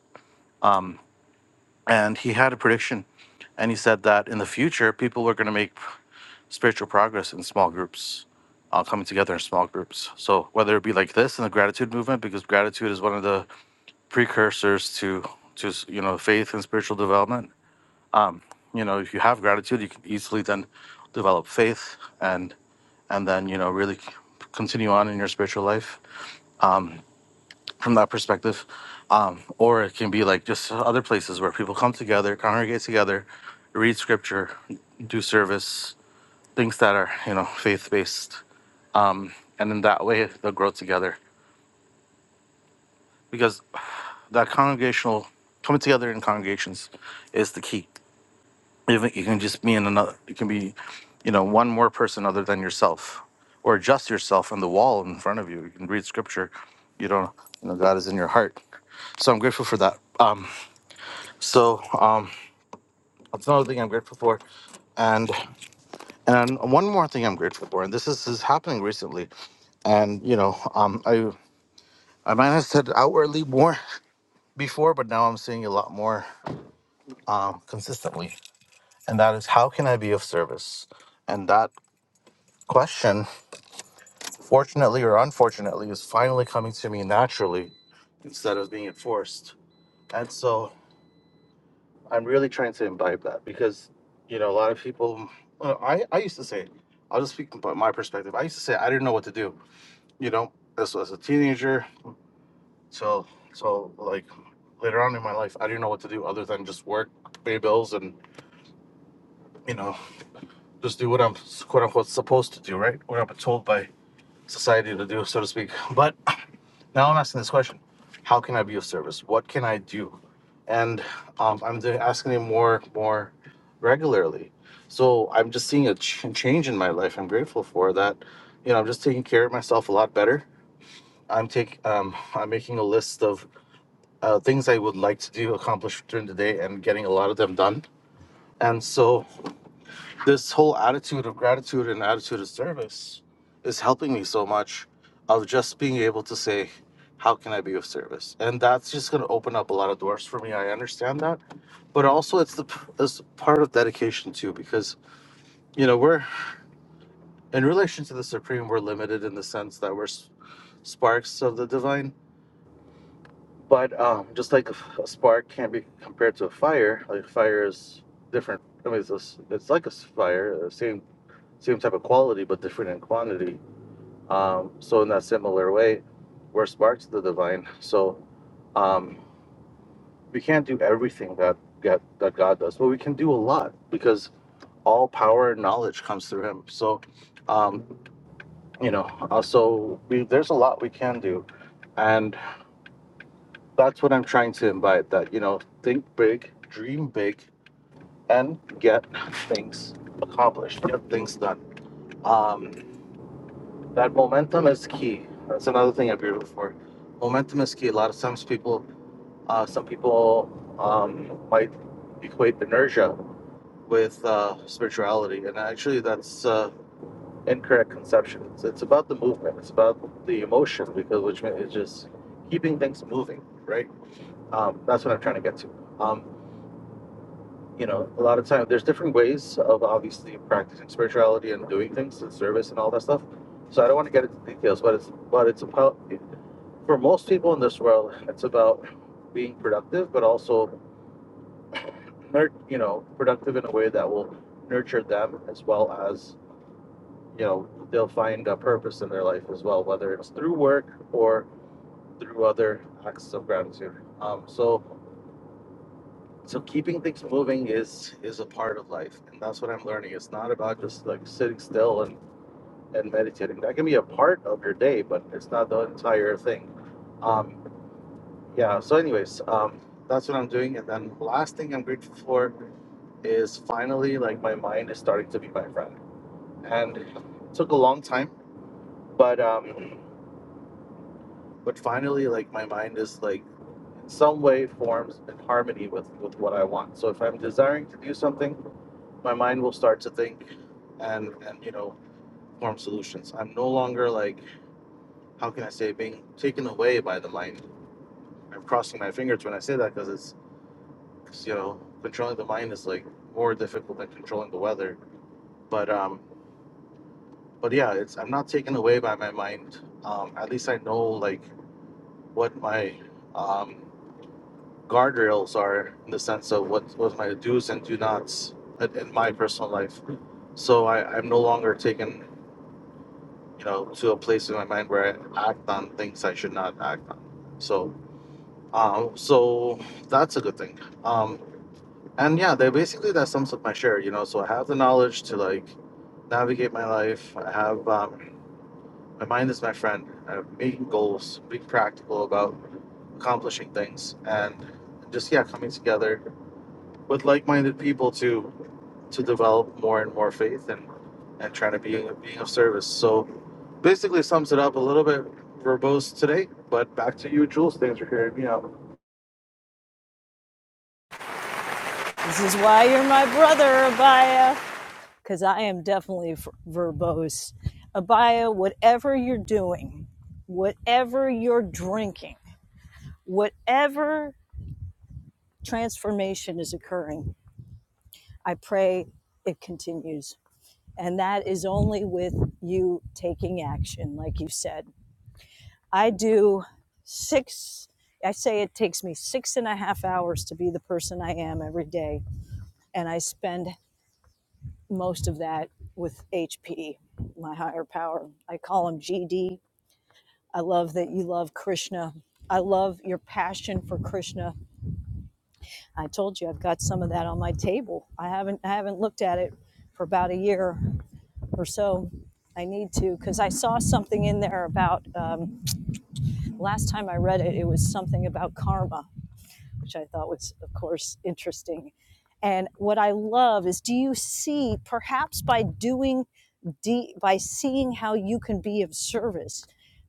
Speaker 17: And he had a prediction, and he said that in the future people were going to make spiritual progress in small groups uh, coming together in small groups. So whether it be like this in the gratitude movement, because gratitude is one of the precursors to to you know faith and spiritual development, you know if you have gratitude you can easily then develop faith and and then you know really continue on in your spiritual life from that perspective um, or it can be like just other places where people come together congregate together read scripture do service things that are you know faith based um, and in that way they'll grow together because that congregational coming together in congregations is the key Even you can just be in another. You can be, you know, one more person other than yourself, or just yourself on the wall in front of you. You can read scripture. You don't. You know, God is in your heart. So I'm grateful for that. So um, that's another thing I'm grateful for, and and one more thing I'm grateful for, and this is, is happening recently, and you know, um, I I might have said outwardly more [LAUGHS] before, but now I'm seeing a lot more um, consistently, and that is how can I be of service, and that question fortunately or unfortunately, is finally coming to me naturally instead of being forced. And so I'm really trying to imbibe that because, you know, a lot of people, well, I, I used to say, I'll just speak about my perspective. I used to say I didn't know what to do, you know, as, as a teenager. So, so like later on in my life, I didn't know what to do other than just work, pay bills, and, you know, just do what I'm quote unquote supposed to do, right? What I'm told by society to do, so to speak. But Now I'm asking this question: How can I be of service? What can I do? And um, I'm asking it more, more regularly. So I'm just seeing a ch- change in my life. I'm grateful for that. You know, I'm just taking care of myself a lot better. I'm taking, um, I'm making a list of uh, things I would like to do, accomplish during the day, and getting a lot of them done. And so this whole attitude of gratitude and attitude of service is helping me so much of just being able to say how can i be of service and that's just going to open up a lot of doors for me i understand that but also it's the it's part of dedication too because you know we're in relation to the supreme we're limited in the sense that we're s- sparks of the divine but um, just like a a spark can't be compared to a fire like fire is different i mean it's, a s it's like a s- fire uh, same same type of quality but different in quantity Um, so in that similar way, we're sparks of the divine. [LAUGHS] So um, we can't do everything that get, that God does, but we can do a lot because all power and knowledge comes through Him. So um, you know, uh, so we, there's a lot we can do, and that's what I'm trying to invite. That you know, think big, dream big, and get things accomplished, get things done. Um, That momentum is key. That's another thing I beautiful for. Momentum is key. A lot of times people, uh, some people um, might equate inertia with uh, spirituality, and actually that's uh, incorrect conception. It's, it's about the movement. It's about the emotion because which means it's just keeping things moving, right? Um, that's what I'm trying to get to. Um, you know, a lot of time there's different ways of obviously practicing spirituality and doing things and service and all that stuff. So I don't want to get into details, but it's but it's about for most people in this world, it's about being productive, but also, nur- you know, productive in a way that will nurture them as well as, you know, they'll find a purpose in their life as well, whether it's through work or through other acts of gratitude. Um, so, so keeping things moving is is a part of life, and that's what I'm learning. It's not about just like sitting still and and meditating. That can be a part of your day, but it's not the entire thing. Um, yeah so anyways um that's what i'm doing and then last thing i'm grateful for is finally like my mind is starting to be my friend and it took a long time but um but finally like my mind is like in some way forms in harmony with with what i want so if i'm desiring to do something my mind will start to think and and you know form solutions i'm no longer like how can i say being taken away by the mind i'm crossing my fingers when i say that because it's. 'Cause, you know, controlling the mind is like more difficult than controlling the weather. But um, but yeah, it's I'm not taken away by my mind. Um, at least I know like what my um guardrails are in the sense of what what my do's and do nots in, in my personal life. So I I'm no longer taken you know to a place in my mind where I act on things I should not act on. So um so that's a good thing. Um, and yeah they basically that sums up my share you know so i have the knowledge to like navigate my life i have um, my mind is my friend i'm making goals being practical about accomplishing things and just yeah coming together with like-minded people to to develop more and more faith and and trying to be being of service so basically sums it up a little bit verbose today but back to you jules thanks for hearing me out
Speaker 1: This is why you're my brother, Abaya, because I am definitely f- verbose. Abaya, whatever you're doing, whatever you're drinking, whatever transformation is occurring, I pray it continues. And that is only with you taking action, like you said. I do six, I say it takes me six and a half hours to be the person I am every day. And I spend most of that with HP, my higher power. I call him GD. I love that you love Krishna. I love your passion for Krishna. I told you I've got some of that on my table. I haven't I haven't looked at it for about a year or so. I need to because I saw something in there about um, last time I read it. It was something about karma, which I thought was, of course, interesting. And what I love is do you see, perhaps by doing, de- by seeing how you can be of service,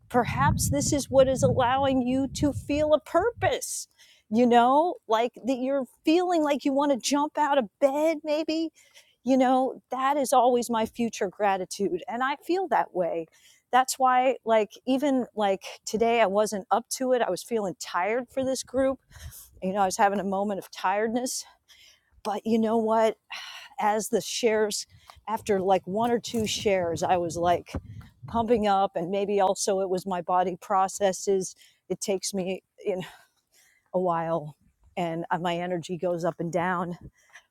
Speaker 1: perhaps this is what is allowing you to feel a purpose. You know, like that you're feeling like you want to jump out of bed, maybe. You know, that is always my future gratitude. And I feel that way. That's why, like, even like today, I wasn't up to it. I was feeling tired for this group you know, I was having a moment of tiredness, but you know what? [SIGHS] As the shares, after like one or two shares, I was like pumping up, and maybe also it was my body processes. It takes me in a while, and uh, my energy goes up and down.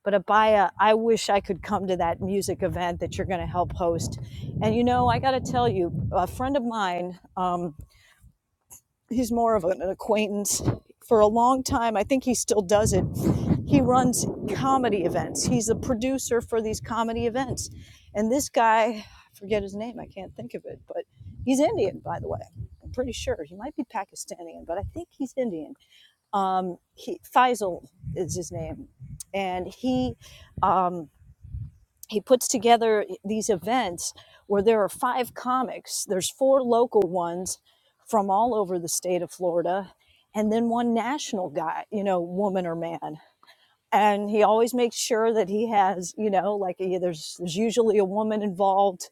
Speaker 1: But Abaya, I wish I could come to that music event that you're going to help host. And you know, I got to tell you, a friend of mine. um, he's more of an acquaintance for a long time i think he still does it he runs comedy events he's a producer for these comedy events and this guy I forget his name i can't think of it but he's indian by the way i'm pretty sure he might be pakistani but i think he's indian um, he, faisal is his name and he um, he puts together e, these events where there are five comics there's four local ones from all over the state of florida and then one national guy you know woman or man and he always makes sure that he has you know like he, there's there's usually a woman involved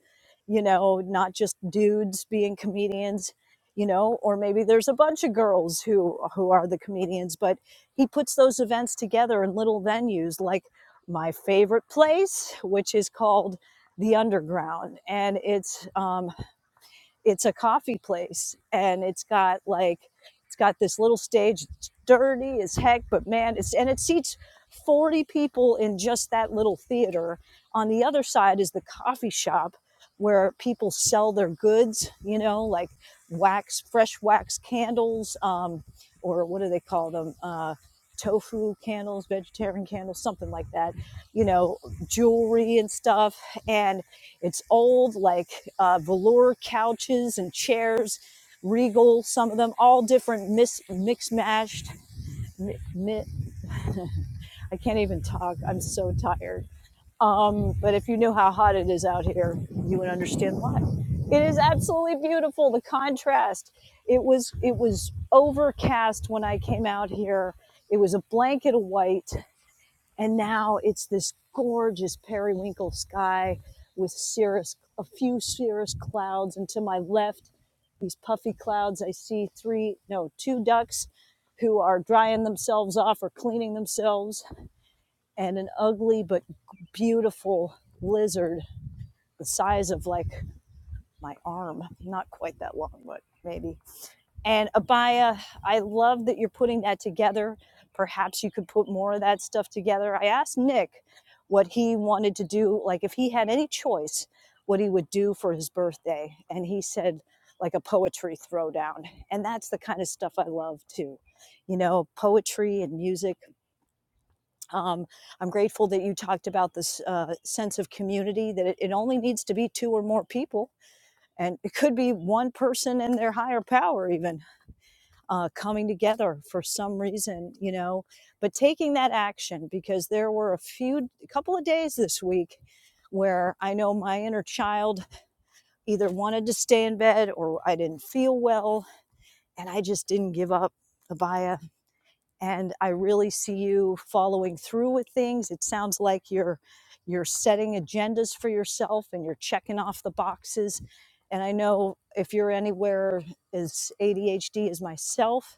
Speaker 1: you know not just dudes being comedians you know or maybe there's a bunch of girls who who are the comedians but he puts those events together in little venues like my favorite place which is called the underground and it's um, it's a coffee place and it's got like it's got this little stage it's dirty as heck but man it's and it seats 40 people in just that little theater on the other side is the coffee shop where people sell their goods you know like wax fresh wax candles um, or what do they call them uh, tofu candles vegetarian candles something like that you know jewelry and stuff and. It's old, like uh, velour couches and chairs, regal, some of them, all different, mis- mixed mashed. Mi- mi- I can't even talk. I'm so tired. Um, but if you knew how hot it is out here, you would understand why. It is absolutely beautiful. The contrast. It was it was overcast when I came out here. It was a blanket of white, and now it's this gorgeous periwinkle sky with cirrus a few cirrus clouds and to my left these puffy clouds i see three no two ducks who are drying themselves off or cleaning themselves and an ugly but beautiful lizard the size of like my arm not quite that long but maybe and Abaya, I love that you're putting that together. Perhaps you could put more of that stuff together. I asked Nick what he wanted to do, like if he had any choice, what he would do for his birthday. And he said, like a poetry throwdown. And that's the kind of stuff I love too. You know, poetry and music. Um, I'm grateful that you talked about this uh, sense of community, that it, it only needs to be two or more people. And it could be one person and their higher power, even uh, coming together for some reason, you know, but taking that action because there were a few, a couple of days this week where I know my inner child either wanted to stay in bed or I didn't feel well and I just didn't give up. Abaya and I really see you following through with things. It sounds like you're you're setting agendas for yourself and you're checking off the boxes. And I know if you're anywhere as ADHD as myself,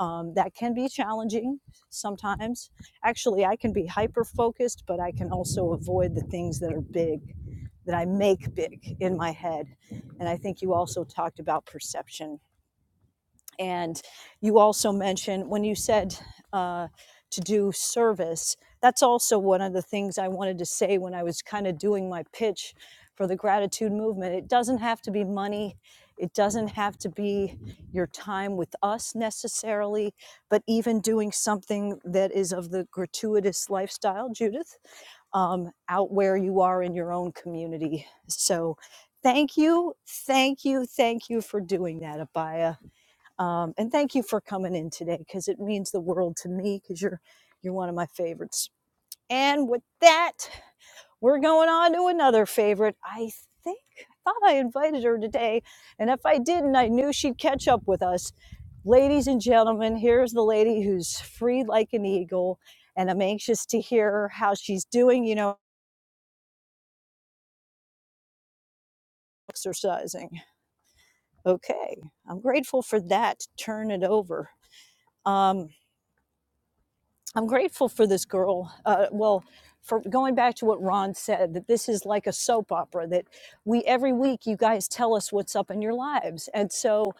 Speaker 1: um, that can be challenging sometimes. Actually, I can be hyper focused, but I can also avoid the things that are big, that I make big in my head. And I think you also talked about perception and you also mentioned when you said uh, to do service, that's also one of the things I wanted to say when I was kind of doing my pitch for the gratitude movement. It doesn't have to be money, it doesn't have to be your time with us necessarily, but even doing something that is of the gratuitous lifestyle, Judith, um, out where you are in your own community. So, Thank you, thank you, thank you for doing that, Abaya um, and thank you for coming in today because it means the world to me because you're you're one of my favorites. And with that, we're going on to another favorite. I think I thought I invited her today, and if I didn't, I knew she'd catch up with us. Ladies and gentlemen, here's the lady who's free like an eagle, and I'm anxious to hear how she's doing. You know, exercising. Okay, I'm grateful for that. Turn it over. Um, I'm grateful for this girl. Uh, well, for going back to what Ron said, that this is like a soap opera. That we every week you guys tell us what's up in your lives, and so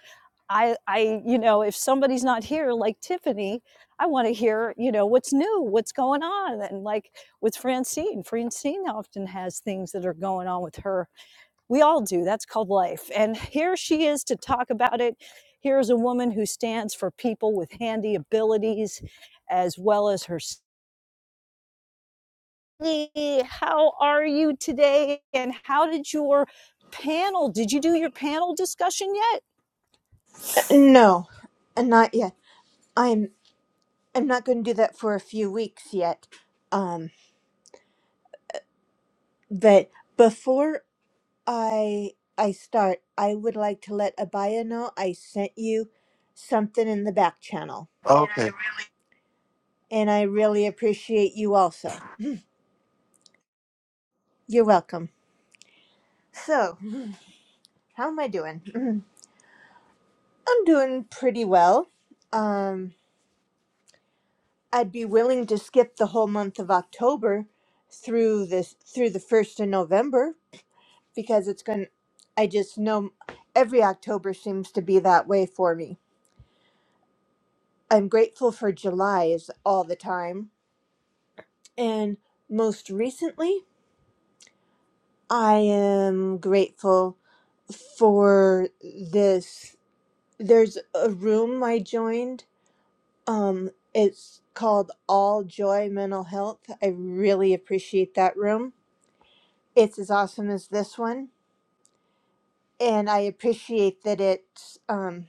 Speaker 1: I, I, you know, if somebody's not here, like Tiffany, I want to hear, you know, what's new, what's going on, and like with Francine, Francine often has things that are going on with her. We all do. That's called life, and here she is to talk about it. Here's a woman who stands for people with handy abilities as well as herself Hey, how are you today? And how did your panel? Did you do your panel discussion yet?
Speaker 15: Uh, No, uh, not yet. I'm. I'm not going to do that for a few weeks yet. Um, but before I I start. I would like to let Abaya know I sent you something in the back channel,
Speaker 17: Okay.
Speaker 15: and I really appreciate you also. You're welcome. So, how am I doing? [CLEARS THROAT] I'm doing pretty well. Um, I'd be willing to skip the whole month of October through this through the first of November because it's going. I just know every October seems to be that way for me. I'm grateful for July is all the time And most recently, I am grateful for this. There's a room I joined. Um, it's called All Joy Mental Health. I really appreciate that room. It's as awesome as this one, and I appreciate that it's um,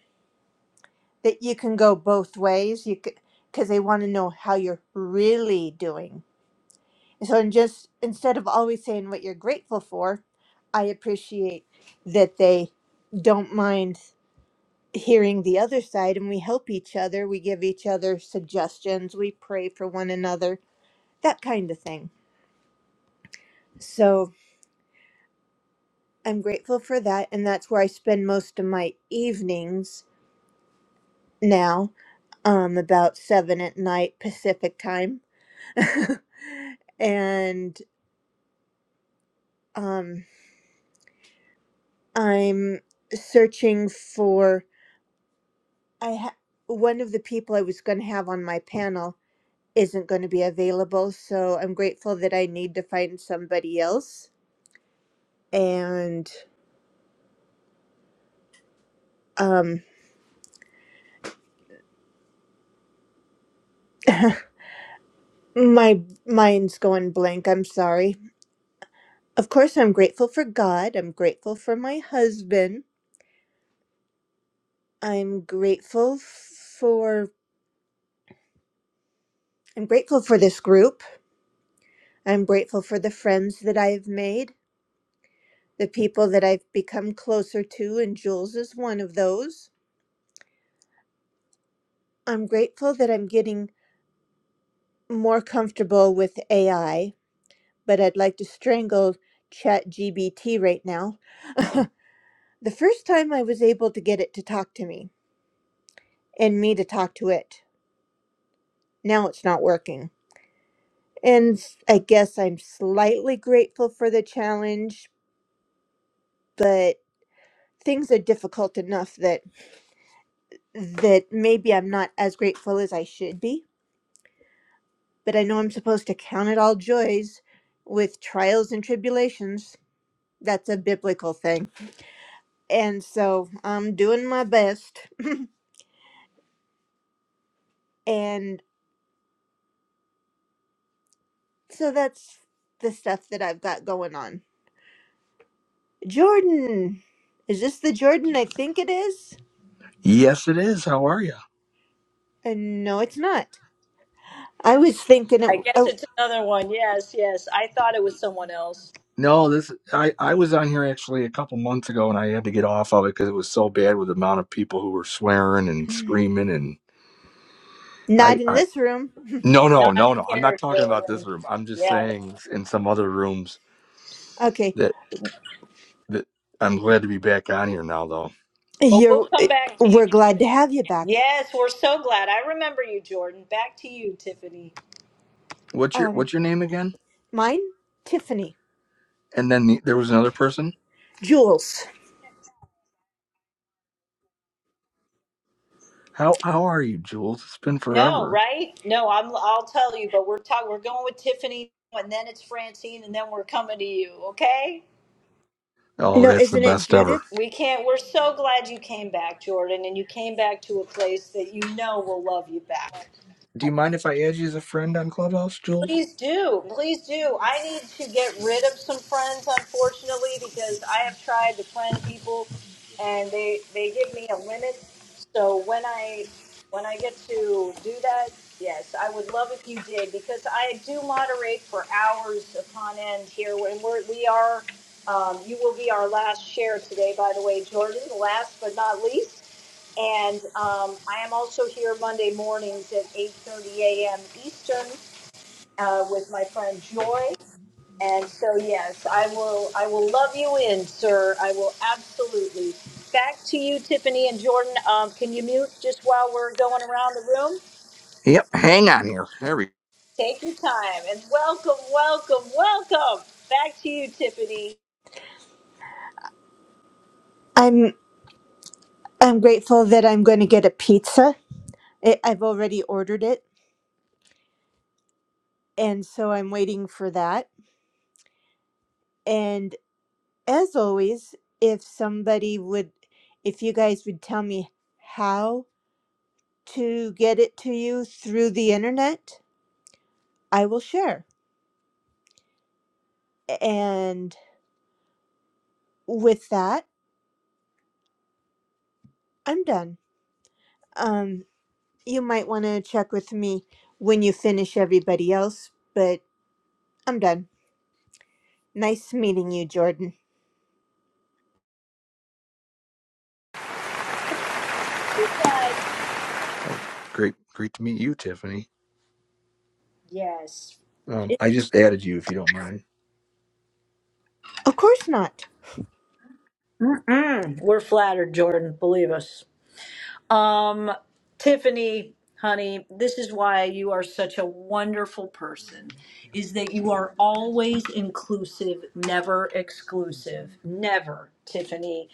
Speaker 15: that you can go both ways. You because they want to know how you're really doing So and just instead of always saying what you're grateful for, I appreciate that they don't mind hearing the other side and we help each other, we give each other suggestions, we pray for one another, that kind of thing. So I'm grateful for that and that's where I spend most of my evenings now, um about 7 at night Pacific time. [LAUGHS] and um I'm searching for I ha- one of the people I was going to have on my panel isn't going to be available, so I'm grateful that I need to find somebody else. And um, [LAUGHS] my mind's going blank. I'm sorry. Of course, I'm grateful for God. I'm grateful for my husband. I'm grateful for I'm grateful for this group. I'm grateful for the friends that I've made, the people that I've become closer to, and Jules is one of those. I'm grateful that I'm getting more comfortable with AI, but I'd like to strangle ChatGPT right now. [LAUGHS] the first time I was able to get it to talk to me and me to talk to it, now it's not working. And s- I guess I'm slightly grateful for the challenge, but things are difficult enough that that maybe I'm not as grateful as I should be, but I know I'm supposed to count it all joys with trials and tribulations. That's a biblical thing. And so I'm doing my best. And so that's the stuff that I've got going on. Jordan. Is this the Jordan I think it is?
Speaker 18: Yes, it is. How are you?
Speaker 15: And no, it's not. I was thinking it.
Speaker 1: I guess
Speaker 15: Oh,
Speaker 1: it's another one. Yes, yes. I thought it was someone else.
Speaker 18: No, this I I was on here actually a couple months ago, and I had to get off of it because it was so bad with the amount of people who were swearing and screaming. And
Speaker 15: not
Speaker 18: I
Speaker 15: in
Speaker 18: I
Speaker 15: this room.
Speaker 18: no no
Speaker 1: Not
Speaker 18: no
Speaker 1: in
Speaker 18: no. I'm not
Speaker 1: here,
Speaker 18: talking about this
Speaker 1: Jordan.
Speaker 18: room. I'm just
Speaker 1: Yeah, no.
Speaker 18: saying s- in some other rooms
Speaker 15: Okay.
Speaker 18: that that I'm glad to be back on here now though.
Speaker 1: but
Speaker 15: You're.
Speaker 1: we'll come
Speaker 15: eh,
Speaker 1: back to you.
Speaker 15: We're glad to have you back.
Speaker 1: Yes, we're so glad. I remember you, Jordan. Back to you, Tiffany.
Speaker 18: What's your
Speaker 15: Um,
Speaker 18: what's your name again?
Speaker 15: mine? Tiffany.
Speaker 18: And then the, there was another person.
Speaker 15: Jules.
Speaker 18: How how are you, Jules? It's been
Speaker 1: No,
Speaker 18: forever.
Speaker 1: right? No, I'm. I'll tell you. But we're talking. We're going with Tiffany, and then it's Francine, and then we're coming to you. Okay?
Speaker 18: Oh,
Speaker 15: No,
Speaker 18: that's the
Speaker 15: isn't it
Speaker 18: best ever.
Speaker 15: Judith?
Speaker 1: We can't. We're so glad you came back, Jordan, and you came back to a place that you know will love you back.
Speaker 18: Do you mind if I add you as a friend on Clubhouse, Jules?
Speaker 1: Please do. Please do. I need to get rid of some friends, unfortunately, because I have tried to friend people, and they they give me a limit. So when I when I get to do that, yes, I would love if you did because I do moderate for hours upon end here, and we're we are. Um, you will be our last share today, by the way, Jordan. Last but not least. And um, I am also here Monday mornings at 8:30 a.m. Eastern uh, with my friend Joy. And so, yes, I will. I will love you in, sir. I will absolutely. Back to you, Tiffany and Jordan. Um, can you mute just while we're going around the room?
Speaker 18: Yep. Hang on here. There we
Speaker 1: Take your time and welcome, welcome, welcome. Back to you, Tiffany.
Speaker 15: I'm. I'm grateful that I'm going to get a pizza. I- I've already ordered it, and so I'm waiting for that And as always, if somebody would, if you guys would tell me how to get it to you through the internet, I will share. And with that, I'm done. Um, you might want to check with me when you finish everybody else, but I'm done. Nice meeting you, Jordan.
Speaker 18: Uh, great, great to meet you, Tiffany. Um, I just added you if you don't mind.
Speaker 15: Of course not.
Speaker 1: We're flattered, Jordan. Believe us. Um, Tiffany, honey, this is why you are such a wonderful person. Is that you are always inclusive, never exclusive, never, Tiffany.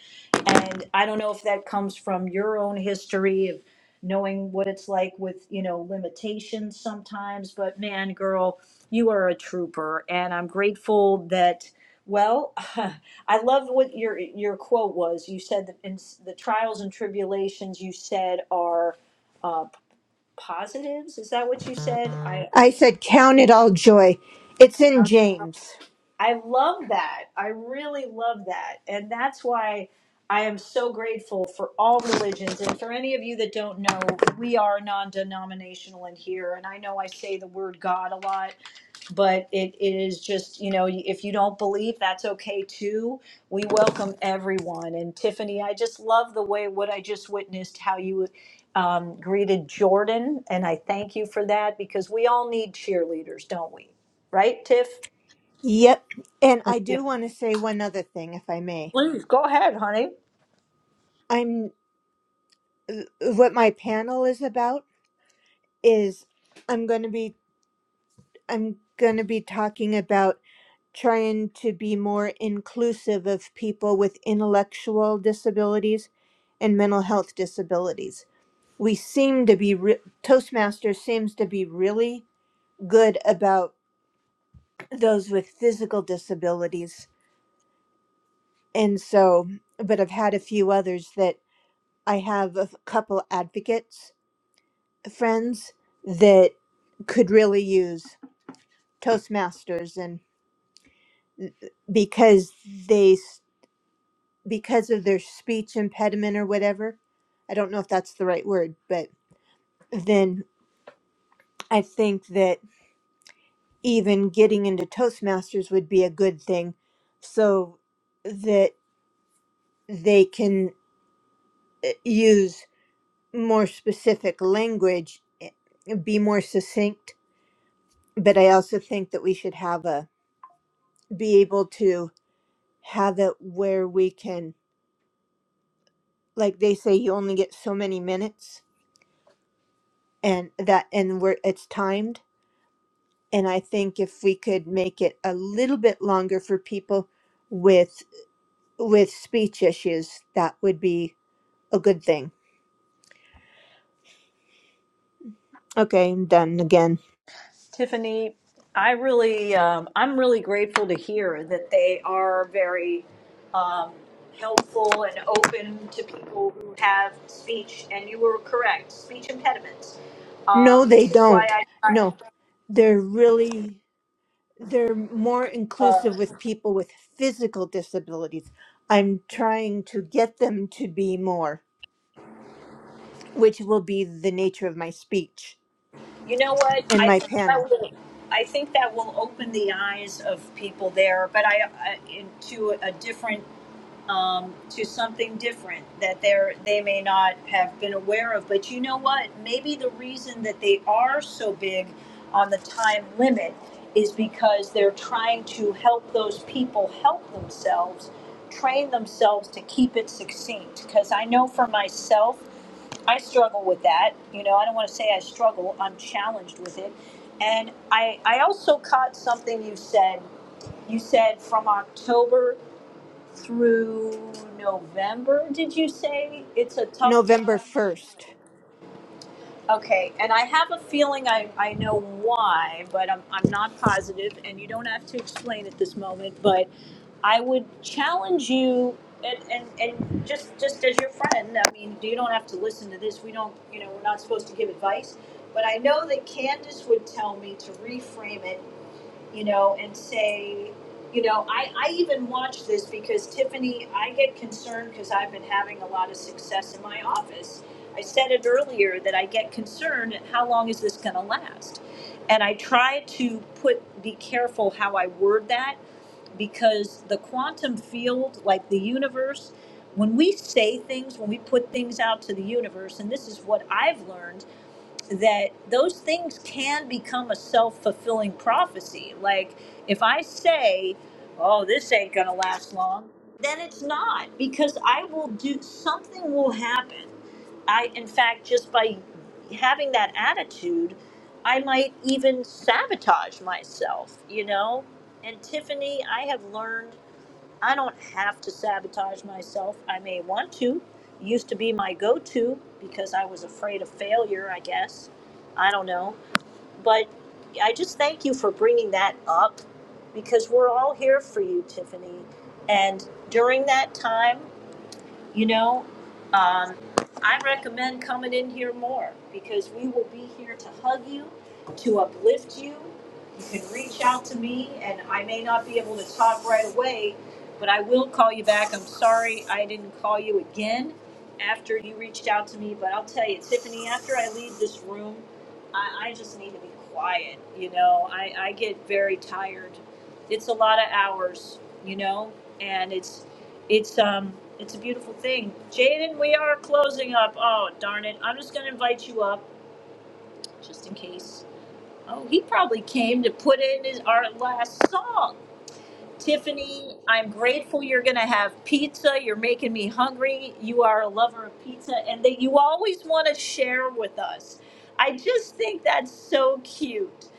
Speaker 1: And I don't know if that comes from your own history of knowing what it's like with, you know, limitations sometimes, but man, girl, you are a trooper and I'm grateful that well, [LAUGHS] I love what your your quote was. You said that in the trials and tribulations you said are uh, positives. Is that what you said? I I
Speaker 15: I
Speaker 1: can't,
Speaker 15: said, count it all joy. It's in James.
Speaker 1: I love that. I really love that, and that's why I am so grateful for all religions. And for any of you that don't know, we are non-denominational in here, and I know I say the word God a lot but it, it is just you know if you don't believe that's okay too we welcome everyone and tiffany i just love the way what i just witnessed how you um, greeted jordan and i thank you for that because we all need cheerleaders don't we right tiff
Speaker 15: Yep. And I
Speaker 1: Yeah.
Speaker 15: do want to say one other thing, if I may.
Speaker 1: please go ahead honey
Speaker 15: I'm. uh, what my panel is about is I'm going to be I'm going to be talking about trying to be more inclusive of people with intellectual disabilities and mental health disabilities. We seem to be re- Toastmasters seems to be really good about those with physical disabilities. And so, but I've had a few others that I have a couple advocates friends that could really use. Toastmasters and because they s- because of their speech impediment or whatever. I don't know if that's the right word, but then I think that even getting into Toastmasters would be a good thing so that they can uh, use more specific language, eh, be more succinct, but I also think that we should have a be able to have it where we can like they say you only get so many minutes and that and we're it's timed and i think if we could make it a little bit longer for people with with speech issues that would be a good thing okay i'm done again
Speaker 1: Tiffany, I really, um, I'm really grateful to hear that they are very um, helpful and open to people who have speech. And you were correct, speech impediments.
Speaker 15: no
Speaker 1: Um,
Speaker 15: they
Speaker 1: this is
Speaker 15: don't
Speaker 1: why I,
Speaker 15: no they're really they're more inclusive with people with physical disabilities i'm trying to get them to be more which will be the nature of my speech
Speaker 1: you know what,
Speaker 15: and
Speaker 1: I
Speaker 15: my
Speaker 1: think that
Speaker 15: panel
Speaker 1: will, I think that will open the eyes of people there, but I, I into a different um, to something different that they're they may not have been aware of. But you know what? Maybe the reason that they are so big on the time limit is because they're trying to help those people help themselves, train themselves to keep it succinct. Because I know for myself, I struggle with that. You know, I don't want to say I struggle. I'm challenged with it. And I, I also caught something you said. You said from October through November, did you say? It's a tough
Speaker 15: november
Speaker 1: time?
Speaker 15: 1st
Speaker 1: Okay, and I have a feeling I, I know why, but I'm, I'm not positive, and you don't have to explain at this moment, but I would challenge you, and, and, and just, just as your friend, I mean, you don't have to listen to this, we don't, you know, we're not supposed to give advice, but I know that Candace would tell me to reframe it you know, and say, you know, I, I even watch this because Tiffany, I get concerned because I've been having a lot of success in my office. I said it earlier that I get concerned at how long is this going to last? And I try to put, be careful how I word that because the quantum field, like the universe, when we say things, when we put things out to the universe, and this is what I've learned that those things can become a self-fulfilling prophecy like if i say oh this ain't gonna last long then it's not because i will do something will happen i in fact just by having that attitude i might even sabotage myself you know and tiffany i have learned I don't have to sabotage myself. I may want to. Used to be my go to because I was afraid of failure, I guess. I don't know. But I just thank you for bringing that up because we're all here for you, Tiffany. And during that time, you know, um, I recommend coming in here more because we will be here to hug you, to uplift you. You can reach out to me, and I may not be able to talk right away, but I will call you back. I'm sorry I didn't call you again after you reached out to me, but I'll tell you, Tiffany, after I leave this room, I, I just need to be quiet. You know, I, I get very tired. It's a lot of hours, you know, and it's it's um it's a beautiful thing. Jaden, we are closing up. Oh darn it! I'm just gonna invite you up just in case. Oh, he probably came to put in his our last song. Tiffany, I'm grateful you're gonna have pizza. You're making me hungry. You are a lover of pizza, and that you always want to share with us. I just think that's so cute,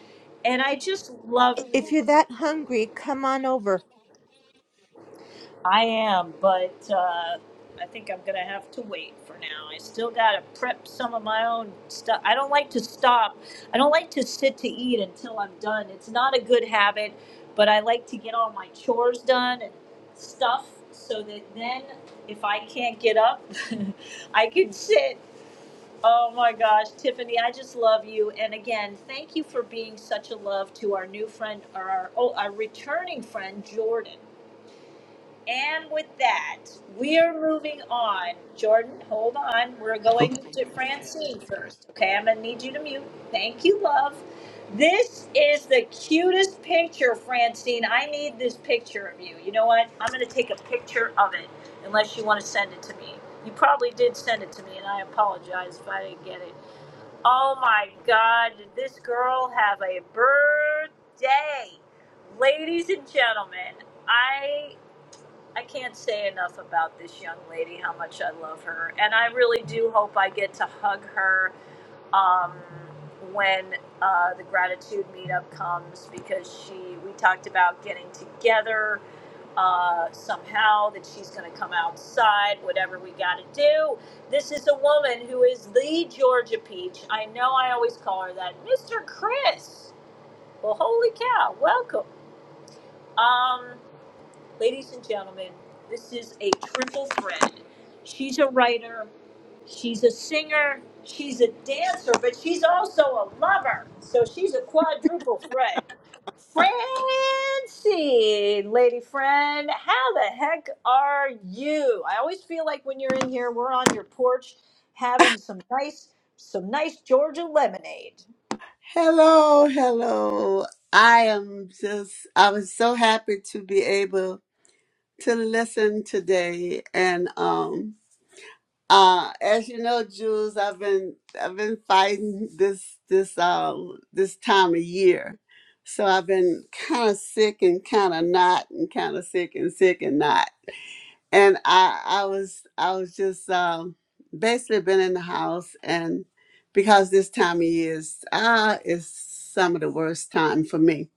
Speaker 1: and I just love
Speaker 15: If you're that hungry, come on over.
Speaker 1: I am, but uh, I think I'm gonna have to wait for now. I still gotta prep some of my own stuff. I don't like to stop. I don't like to sit to eat until I'm done. It's not a good habit, but I like to get all my chores done and stuff so that then if I can't get up, [LAUGHS] I can sit. Oh my gosh, Tiffany, I just love you. And again, thank you for being such a love to our new friend or our, oh, our returning friend, Jordan. And with that, we are moving on. Jordan, hold on. We're going to Francine first. Okay, I'm going to need you to mute. Thank you, love. This is the cutest picture, Francine. I need this picture of you. You know what? I'm going to take a picture of it unless you want to send it to me. You probably did send it to me, and I apologize if I didn't get it. Oh my God, did this girl have a birthday? Ladies and gentlemen, I. I can't say enough about this young lady, how much I love her. And I really do hope I get to hug her um, when uh, the gratitude meetup comes because she, we talked about getting together uh, somehow, that she's going to come outside, whatever we got to do. This is a woman who is the Georgia Peach. I know I always call her that. Mr. Chris. Well, holy cow, welcome. Um, Ladies and gentlemen, this is a triple threat. She's a writer, she's a singer, she's a dancer, but she's also a lover. So she's a quadruple threat. Francie, lady friend, how the heck are you? I always feel like when you're in here, we're on your porch having some nice, some nice Georgia lemonade.
Speaker 19: Hello, hello. I am just I was so happy to be able to listen today and um uh as you know Jules I've been I've been fighting this this um this time of year. So I've been kind of sick and kind of not and kind of sick and sick and not and I I was I was just um, basically been in the house and because this time of year is ah is some of the worst time for me.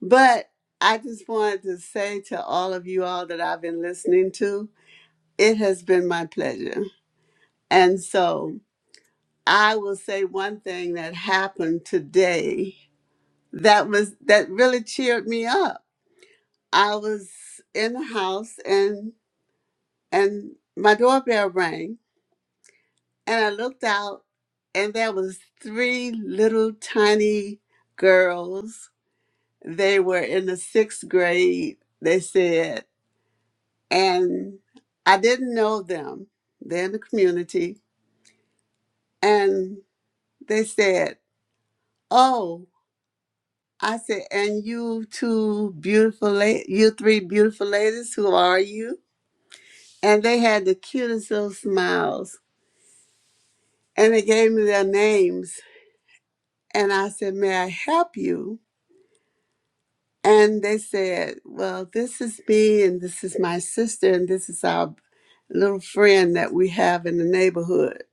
Speaker 19: But I just wanted to say to all of you all that I've been listening to, it has been my pleasure. And so I will say one thing that happened today that was that really cheered me up. I was in the house and and my doorbell rang And I looked out, and there was three little tiny girls. They were in the sixth grade, they said, and I didn't know them. They're in the community. And they said, Oh, I said, and you two beautiful, la- you three beautiful ladies, who are you? And they had the cutest little smiles. And they gave me their names. And I said, May I help you? And they said, Well, this is me, and this is my sister, and this is our little friend that we have in the neighborhood.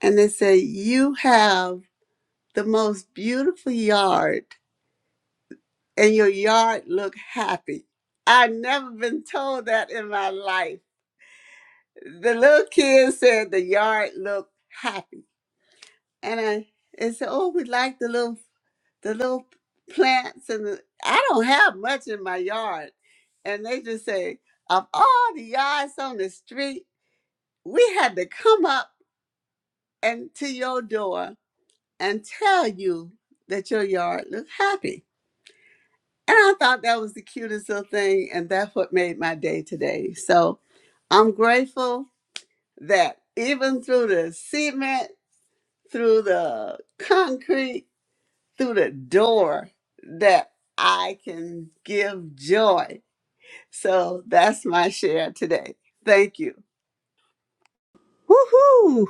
Speaker 19: And they said, You have the most beautiful yard, and your yard look happy. i never been told that in my life. The little kids said the yard looked happy. and I and said, "Oh, we like the little the little plants." And the, I don't have much in my yard, and they just say, "Of all the yards on the street, we had to come up and to your door and tell you that your yard looked happy." And I thought that was the cutest little thing, and that's what made my day today. So I'm grateful that even through the cement, through the concrete through the door that I can give joy. So that's my share today. Thank you.
Speaker 15: Woohoo!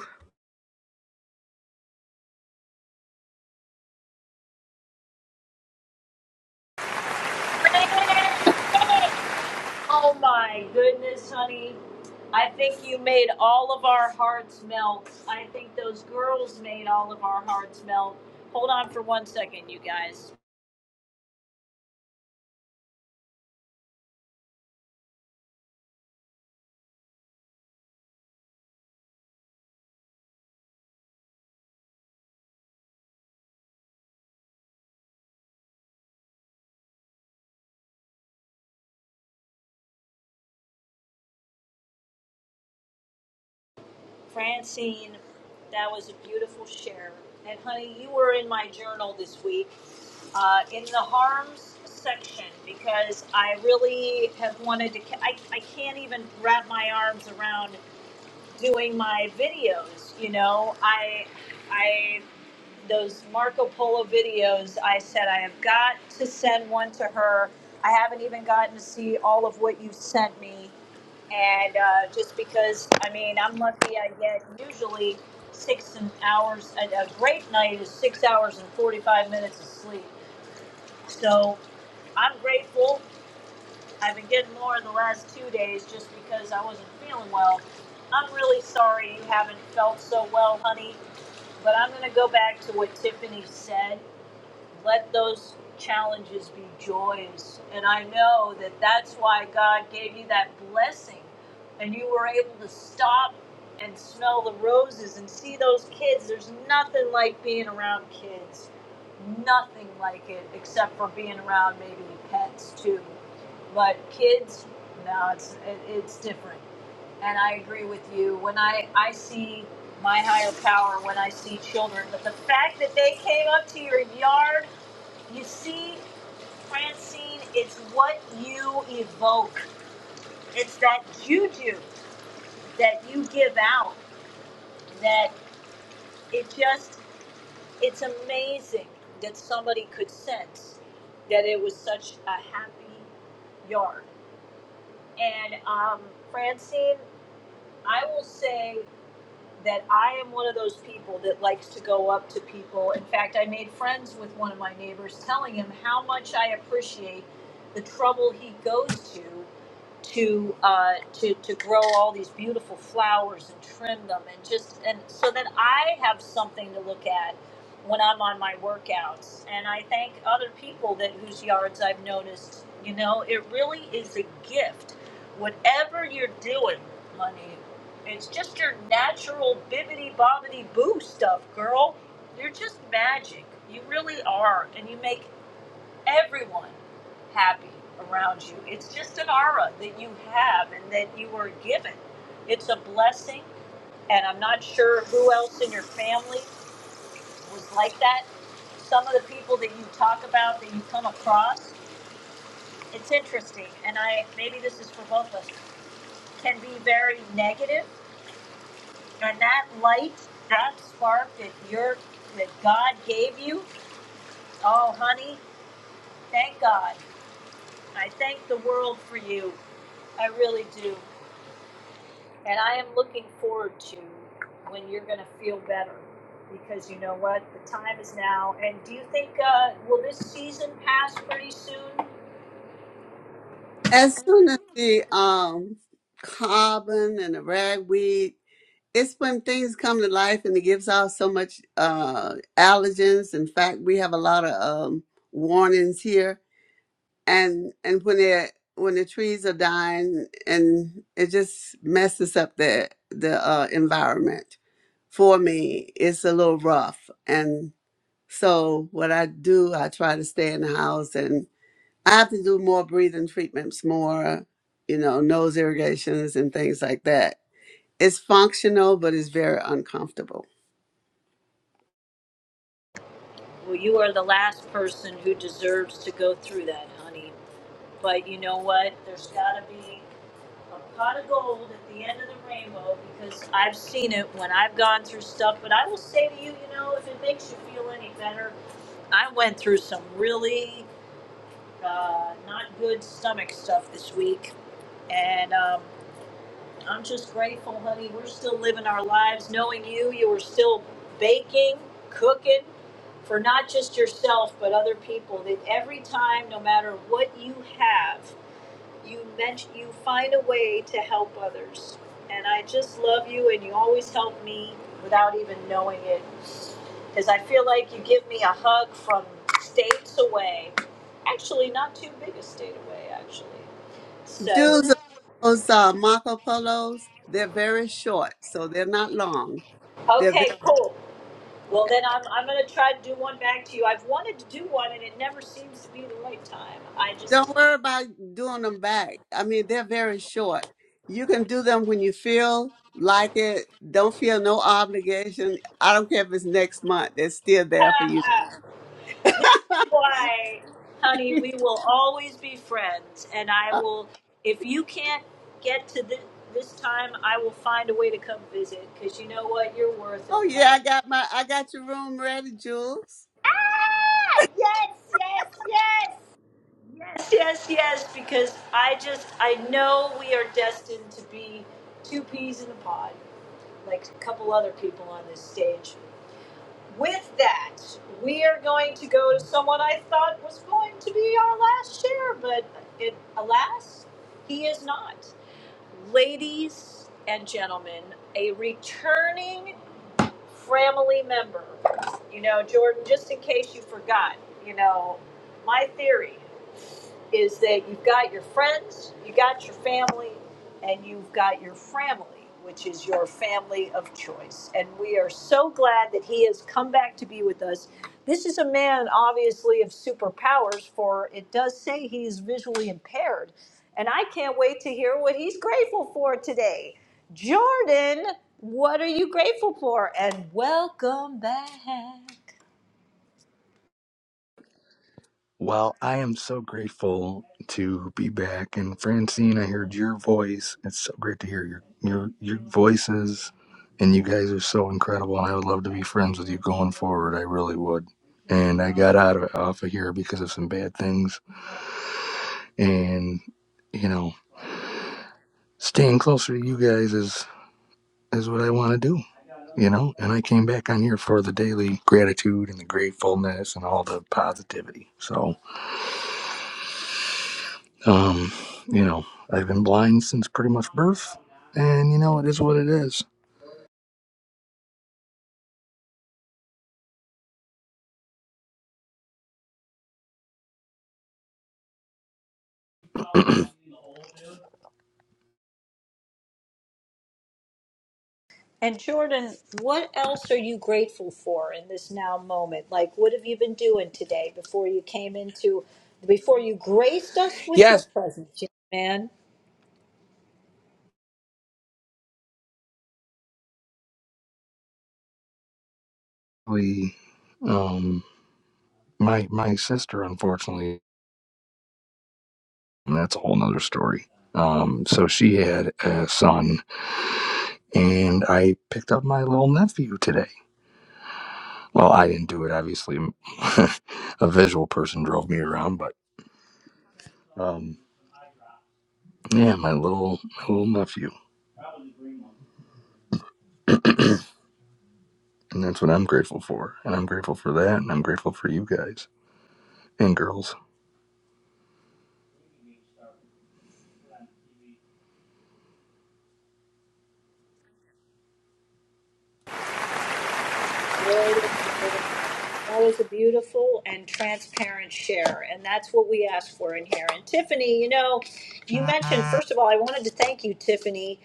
Speaker 1: Oh my goodness, honey. I think you made all of our hearts melt. I think those girls made all of our hearts melt. Hold on for one second, you guys. Francine, that was a beautiful share. And honey, you were in my journal this week uh, in the harms section because I really have wanted to. ca- I, I can't even wrap my arms around doing my videos. You know, I I those Marco Polo videos, I said I have got to send one to her. I haven't even gotten to see all of what you sent me, and uh, just because I mean I'm lucky, I get usually six and hours. a great night is six hours and forty five minutes of sleep. So I'm grateful. I've been getting more in the last two days just because I wasn't feeling well. I'm really sorry you haven't felt so well, honey, but I'm going to go back to what Tiffany said let those challenges be joys. And I know that that's why God gave you that blessing and you were able to stop and smell the roses and see those kids. There's nothing like being around kids, nothing like it except for being around maybe pets too. But kids, no, it's, it, it's different. And I agree with you. When I, I see my higher power, when I see children, but the fact that they came up to your yard you see, Francine, it's what you evoke. It's that juju that you give out that it just, it's amazing that somebody could sense that it was such a happy yarn. And um, Francine, I will say that I am one of those people that likes to go up to people. In fact, I made friends with one of my neighbors telling him how much I appreciate the trouble he goes to to uh, to to grow all these beautiful flowers and trim them and just and so that I have something to look at when I'm on my workouts. And I thank other people that whose yards I've noticed. You know, it really is a gift. Whatever you're doing, money, it's just your natural bibbity bobbity boo stuff, girl. You're just magic. You really are, and you make everyone happy around you. It's just an aura that you have and that you are given. It's a blessing, and I'm not sure who else in your family was like that. Some of the people that you talk about that you come across, it's interesting, and I maybe this is for both of us, can be very negative, and that light, that spark that you are that God gave you, oh honey, thank God. I thank the world for you. I really do. And I am looking forward to when you're going to feel better because you know what? The time is now. And do you think, uh, will this season pass pretty soon?
Speaker 19: As soon as the um carbon and the ragweed, it's when things come to life and it gives off so much uh allergens. In fact, we have a lot of um warnings here and and when they when the trees are dying and it just messes up the the uh, environment for me it's a little rough and so what i do i try to stay in the house and i have to do more breathing treatments more you know nose irrigations and things like that it's functional but it's very uncomfortable
Speaker 1: Well, you are the last person who deserves to go through that, honey. But you know what? There's got to be a pot of gold at the end of the rainbow because I've seen it when I've gone through stuff. But I will say to you, you know, if it makes you feel any better, I went through some really uh, not good stomach stuff this week And um, I'm just grateful, honey. We're still living our lives knowing you. You were still baking, cooking for not just yourself, but other people. That every time, no matter what you have, you mention, you find a way to help others. And I just love you, and you always help me without even knowing it. Because I feel like you give me a hug from states away. Actually, not too big a state away, actually. So,
Speaker 19: Jews those uh, marco polos they're very short so they're not long they're very
Speaker 1: okay, cool. Well, then I'm, I'm going to try to do one back to you. I've wanted to do one, and it never seems to be the right time. I
Speaker 19: Don't
Speaker 1: just,
Speaker 19: worry about doing them back. I mean, they're very short. You can do them when you feel like it. Don't feel no obligation. I don't care if it's next month. They're still
Speaker 1: [LAUGHS]
Speaker 19: there for you.
Speaker 1: this is why, honey, we will always be friends. And I
Speaker 19: Uh,
Speaker 1: will, if you can't get to this, this time, I will find a way to come visit because you know what? You're worth it,
Speaker 19: Oh yeah,
Speaker 1: honey.
Speaker 19: I got my I got your room ready, Jules.
Speaker 1: Ah, yes, yes, yes. Yes, yes, yes, because I just, I know we are destined to be two peas in a pod. like a couple other people on this stage. With that, we are going to go to someone I thought was going to be our last chair, but it, alas, he is not. Ladies and gentlemen, a returning family member. You know, Jordan, just in case you forgot, you know, my theory is that you've got your friends, you got your family, and you've got your family, which is your family of choice. And we are so glad that he has come back to be with us. This is a man, obviously, of superpowers, for it does say he is visually impaired. And I can't wait to hear what he's grateful for today. Jordan, what are you grateful for? And welcome back.
Speaker 18: Well, I am so grateful to be back. And Francine, I heard your voice. It's so great to hear your your your voices. And you guys are so incredible. And I would love to be friends with you going forward. I really would. And I got out of off of here because of some bad things. And you know, staying closer to you guys is is what I want to do, you know? And I came back on here for the daily gratitude and the gratefulness and all the positivity. So, um, you know, I've been blind since pretty much birth, and you know, it is what it is. [CLEARS THROAT]
Speaker 1: And Jordan, what else are you grateful for in this now moment? Like, what have you been doing today before you came into, before you graced us with your
Speaker 18: Yes.
Speaker 1: presence, young man?
Speaker 18: We, um, my my sister, unfortunately, and that's a whole nother story. Um, so she had a son, and I picked up my little nephew today. Well, I didn't do it, obviously. [LAUGHS] a visual person drove me around, but. um, Yeah, my little my little nephew. And that's what I'm grateful for. And I'm grateful for that and I'm grateful for you guys and girls.
Speaker 1: Lord, That was a beautiful and transparent share, and that's what we ask for in here. And Tiffany, you know, you mentioned first of all, I wanted to thank you, Tiffany,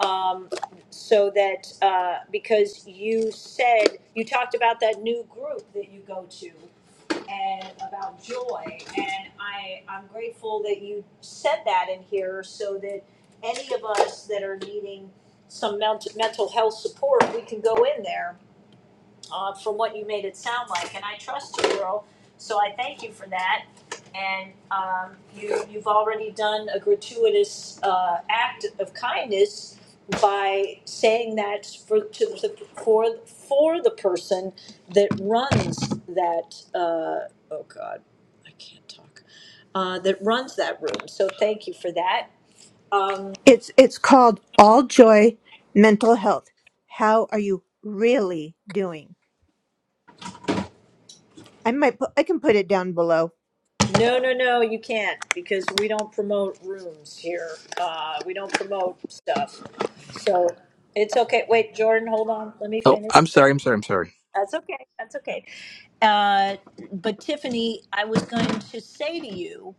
Speaker 1: um, so that uh, because you said you talked about that new group that you go to. and about joy. And I, I'm grateful that you said that in here so that any of us that are needing some mental, mental health support, we can go in there uh, from what you made it sound like. And I trust you, girl. So I thank you for that and um you you've already done a gratuitous uh act of kindness by saying that for to the for for the person that runs that uh oh god I can't talk uh that runs that room so thank you for that um
Speaker 15: It's it's called All Joy Mental Health. How are you really doing? I might put, I can put it down below.
Speaker 1: no no no you can't because we don't promote rooms here uh we don't promote stuff so it's okay wait Jordan hold on let me
Speaker 18: Oh,
Speaker 1: finish
Speaker 18: I'm sorry, I'm sorry, I'm sorry.
Speaker 1: that's okay that's okay Uh, but Tiffany, I was going to say to you,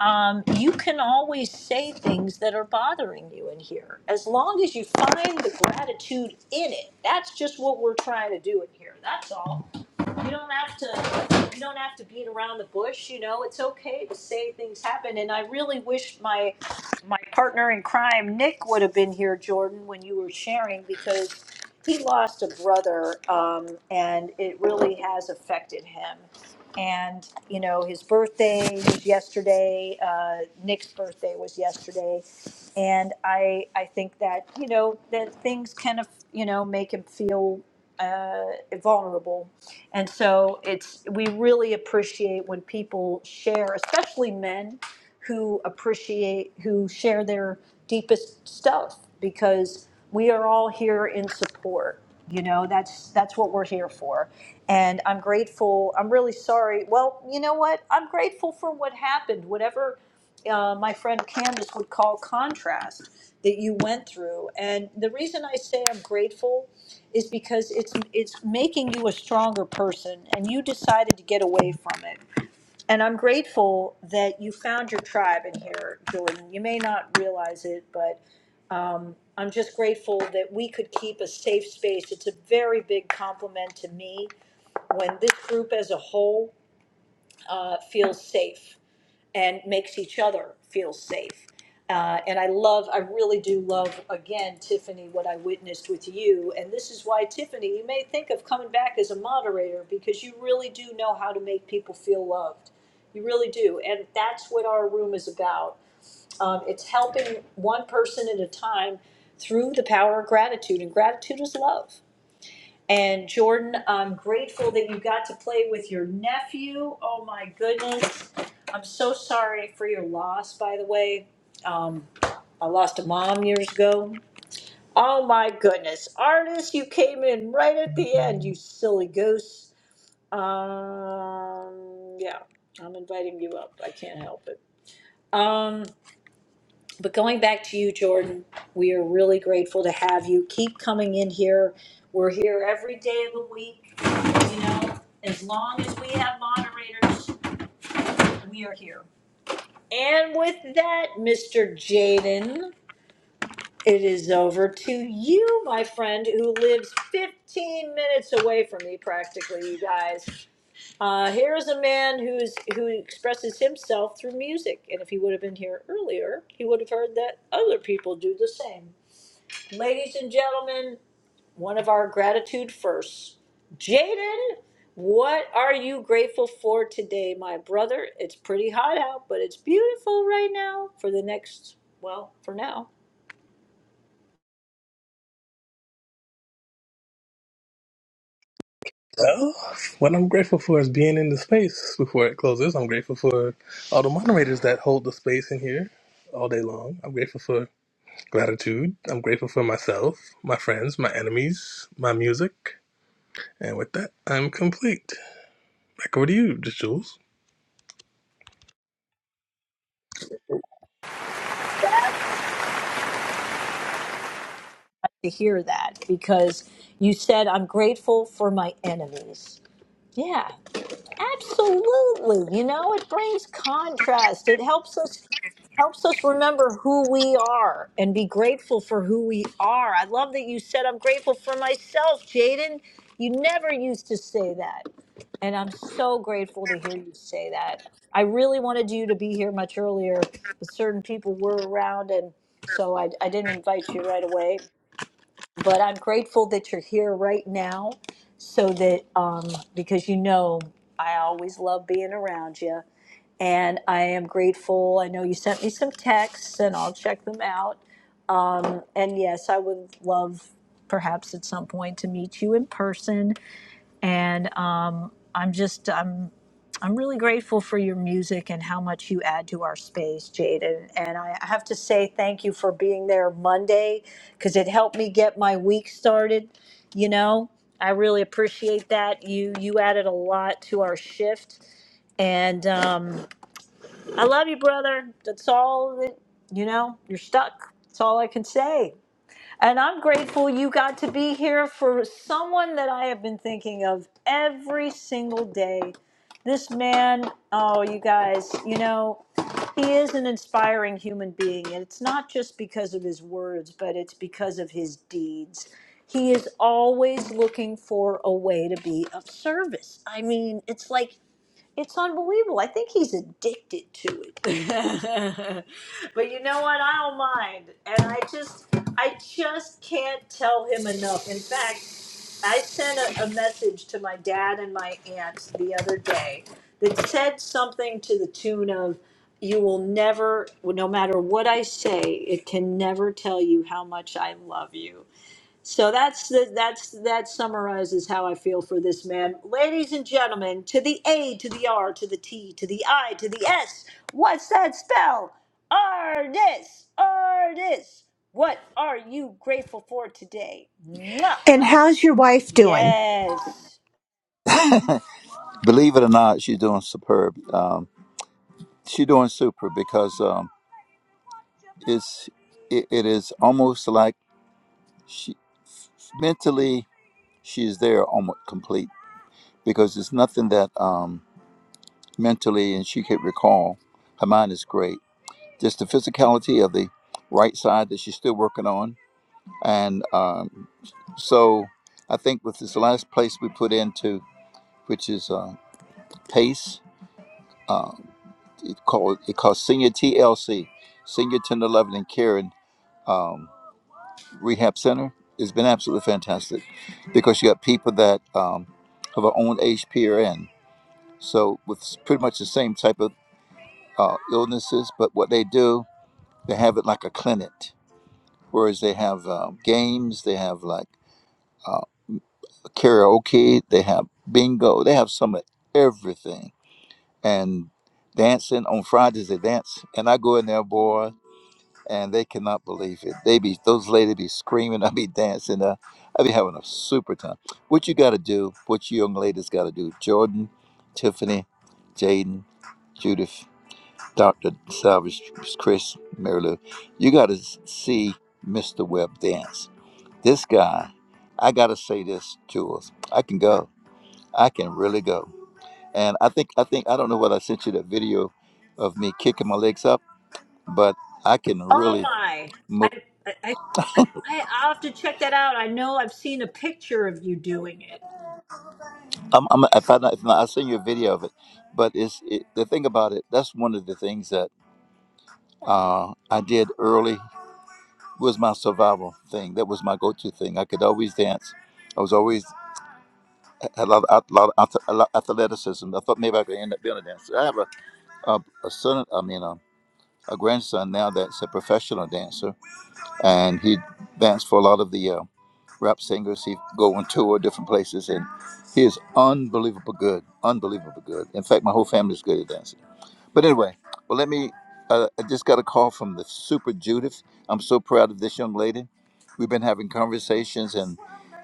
Speaker 1: um, you can always say things that are bothering you in here, as long as you find the gratitude in it. That's just what we're trying to do in here. That's all you don't have to you don't have to beat around the bush you know it's okay to say things happen and i really wish my my partner in crime nick would have been here jordan when you were sharing because he lost a brother um, and it really has affected him and you know his birthday was yesterday uh, nick's birthday was yesterday and i i think that you know that things kind of you know make him feel uh, vulnerable and so it's we really appreciate when people share, especially men who appreciate who share their deepest stuff because we are all here in support. You know, that's that's what we're here for. And I'm grateful. I'm really sorry. Well, you know what? I'm grateful for what happened. Whatever uh, my friend Candace would call contrast that you went through. And the reason I say I'm grateful is because it's it's making you a stronger person and you decided to get away from it. And I'm grateful that you found your tribe in here, Jordan. You may not realize it, but I'm just grateful that we could keep a safe space. It's a very big compliment to me when this group as a whole uh, feels safe and makes each other feel safe. Uh, and I love, I really do love, again, Tiffany, what I witnessed with you. And this is why, Tiffany, you may think of coming back as a moderator because you really do know how to make people feel loved. You really do. And that's what our room is about. Um, it's helping one person at a time through the power of gratitude. And gratitude is love. And Jordan, I'm grateful that you got to play with your nephew. Oh my goodness. I'm so sorry for your loss, by the way. Um, I lost a mom years ago. Oh my goodness. Artist, you came in right at the end, you silly goose. Um, yeah, I'm inviting you up. I can't help it. Um, but going back to you, Jordan, we are really grateful to have you. Keep coming in here. We're here every day of the week you know, as long as we have moderators, we are here. And with that, Mr. Jaden, it is over to you, my friend, who lives 15 minutes away from me, practically. You guys, uh, here's a man who's who expresses himself through music, and if he would have been here earlier, he would have heard that other people do the same. Ladies and gentlemen, one of our gratitude firsts. Jaden, what are you grateful for today, my brother? It's pretty hot out, but it's beautiful right now for the next, well, for now.
Speaker 20: Well, what I'm grateful for is being in the space before it closes. I'm grateful for all the moderators that hold the space in here all day long. I'm grateful for gratitude. I'm grateful for myself, my friends, my enemies, my music. And with that, I'm complete. Back over to you, Jules.
Speaker 1: To hear that because you said, I'm grateful for my enemies. Yeah. Absolutely. You know, it brings contrast. It helps us helps us remember who we are and be grateful for who we are. I love that you said I'm grateful for myself, Jaden. You never used to say that. And I'm so grateful to hear you say that. I really wanted you to be here much earlier, but certain people were around and so I, I didn't invite you right away but I'm grateful that you're here right now so that um, because you know I always love being around you and I am grateful. I know you sent me some texts and I'll check them out. Um, and yes, I would love perhaps at some point to meet you in person and um, I'm just I'm I'm really grateful for your music and how much you add to our space, Jaden. And I I have to say thank you for being there Monday because it helped me get my week started. You know, I really appreciate that. You you added a lot to our shift, and um, I love you, brother. That's all that you know. You're stuck. That's all I say. And I hear of someone I've been thinking of every single day. This man. Oh, you guys. You know. He is an inspiring human being, and it's not just because of his words, but it's because of his deeds. He is always looking for a way to be of service. I mean, it's like, it's unbelievable. I think he's addicted to it. [LAUGHS] but you know what? I don't mind. And I just, I just can't tell him enough. In fact, I sent a, a message to my dad and my aunt the other day that said something to the tune of, You will never, no matter what I say, it can never tell you how much I love you. So that's the, that's that summarizes how I feel for this man. Ladies and gentlemen, to the A, to the R, to the T, to the I, to the S. What's that spell? Artist, artist. What are you grateful for today? Mwah!
Speaker 15: And how's your wife doing?
Speaker 1: Yes.
Speaker 21: Believe it or not, she's doing superb. Um, she's doing super because um, it's it, it is almost like she mentally she's there almost complete because it's nothing that um, mentally and she could recall. Her mind is great. Just the physicality of the right side that she's still working on, and um, so I think with this last place we put into, which is uh, pace, uh, it called it called senior TLC, senior tender loving and caring um, rehab center. It's been absolutely fantastic because you got people that um, have our own age PRN. So with pretty much the same type of uh, illnesses, but what they do, they have it like a clinic, whereas they have um, games, they have like uh, karaoke, they have bingo, they have some of everything. And dancing on Fridays, they dance. And I go in there, boy. and they cannot believe it. They be those ladies be screaming, [LAUGHS] I be dancing, uh, I be having a super time. What you got to do, what you young ladies got to do, Jordan, Tiffany, Jaden, Judith, Doctor Salvage, Chris, Mary Lou, you got to see Mr. Webb dance. This guy, I got to say this, Jules, I can go, I can really go, and I think I think I don't know whether I sent you that video of me kicking my legs up, but I can
Speaker 1: Oh
Speaker 21: really.
Speaker 1: my.
Speaker 21: move.
Speaker 1: I, I I I- I'll have to check that out. I know I've seen a picture of you doing it.
Speaker 21: I'm, I'm, if I not, if not, I'll send you a video of it. But it's it, the thing about it. That's one of the things that uh, I did early was my survival thing. That was my go-to thing. I could always dance. I was always had a lot, of, a lot of ath- a lot of athleticism. I thought maybe I could end up being a dancer. I have a, a, a son. I mean, a, a grandson now that's a professional dancer, and he danced for a lot of the uh, rap singers. He go on tour different places, and he is unbelievable good. Unbelievable good. In fact, my whole family is good at dancing But anyway, well, let me. Uh, I just got a call from the Super Judith. I'm so proud of this young lady. We've been having conversations, and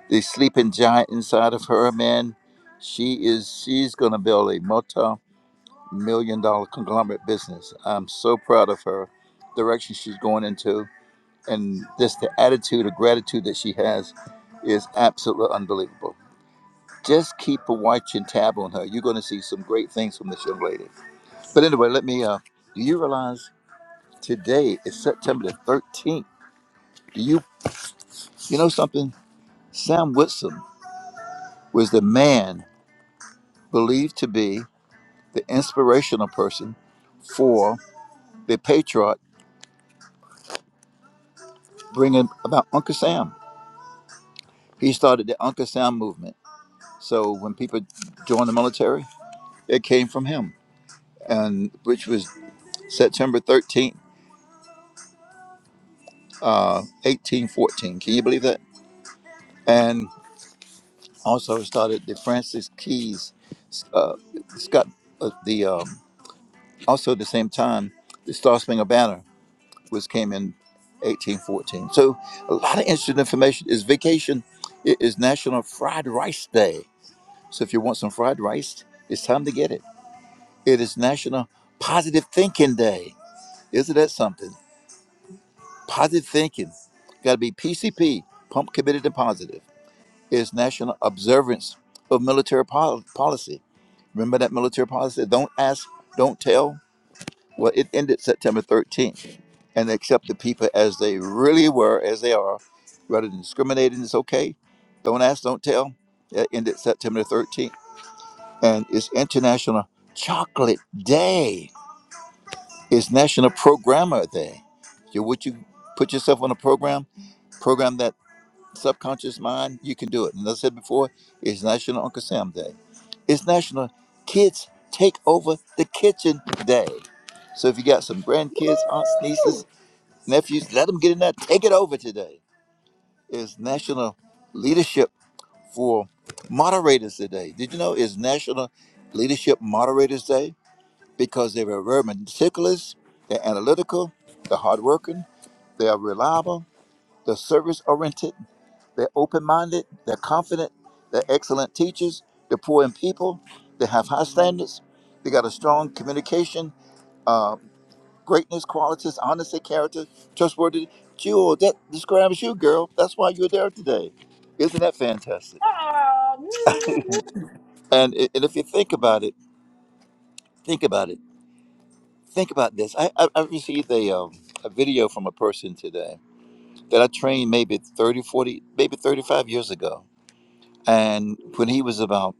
Speaker 21: the sleeping giant inside of her, man, she is. She's gonna build a multi-million dollar conglomerate business. I'm so proud of her direction she's going into, and just the attitude of gratitude that she has is absolutely unbelievable. Just keep a watching tab on her. You're gonna see some great things from this young lady. But anyway, let me. Uh, do you realize? Today is September the 13th. Do you you know something? Sam Whitson was the man believed to be the inspirational person for the patriot bringing about Uncle Sam. He started the Uncle Sam movement. So when people joined the military, it came from him, and which was September 13th, uh, 1814. Can you believe that? And also started the Francis Keys, uh, Scott, uh, the uh, also at the same time, the Star Spangled Banner, which came in 1814. So a lot of interesting information. Is vacation? It is National Fried Rice Day. So if you want some fried rice, it's time to get it. It is National Positive Thinking Day. Isn't that something? Positive thinking. Got to be PCP, pump committed and positive. It's National Observance of Military Pol- Policy. Remember that military policy? Don't ask, don't tell. Well, it ended September 13th and they accept the people as they really were, as they are, rather than discriminating. It's okay. Don't ask, don't tell. It ended September 13th. And it's International Chocolate Day. It's National Programmer Day. You, would you put yourself on a program, program that subconscious mind? You can do it. And as I said before, it's National Uncle Sam Day. It's National Kids Take Over the Kitchen Day. So if you got some grandkids, aunts, nieces,
Speaker 1: Woo!
Speaker 21: Nephews, let them get in there. Take it over today. It's National Leadership for Moderators today. Did you know it's National Leadership Moderators Day? Because they were very meticulous, they're analytical, they're hardworking, they are reliable, they're service oriented, they're open minded, they're confident, they're excellent teachers, they're poor in people, they have high standards, they got a strong communication uh, greatness, qualities, honesty, character, trustworthy. Jewel, that describes you, girl. That's why you're there today. Isn't that fantastic? And, i- and if you think about it, think about it. Think about this. I, I, I received a, um, a video from a person today that I trained maybe 30, 40, maybe 35 years ago. And when he was about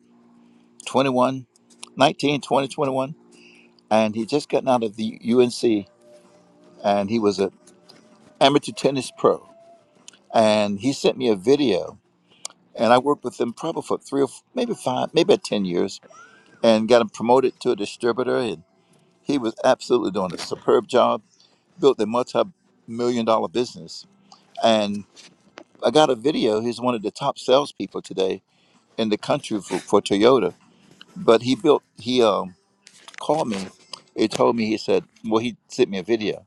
Speaker 21: 21, 19, 20, 21, and he just gotten out of the UNC and he was an amateur tennis pro. And he sent me a video and I worked with them probably for three or f- maybe five, maybe about ten years, and got him promoted to a distributor. And he was absolutely doing a superb job. Built a multi-million dollar business, and I got a video. He's one of the top salespeople today in the country for, for Toyota. But he built. He um, called me. He told me. He said, "Well, he sent me a video."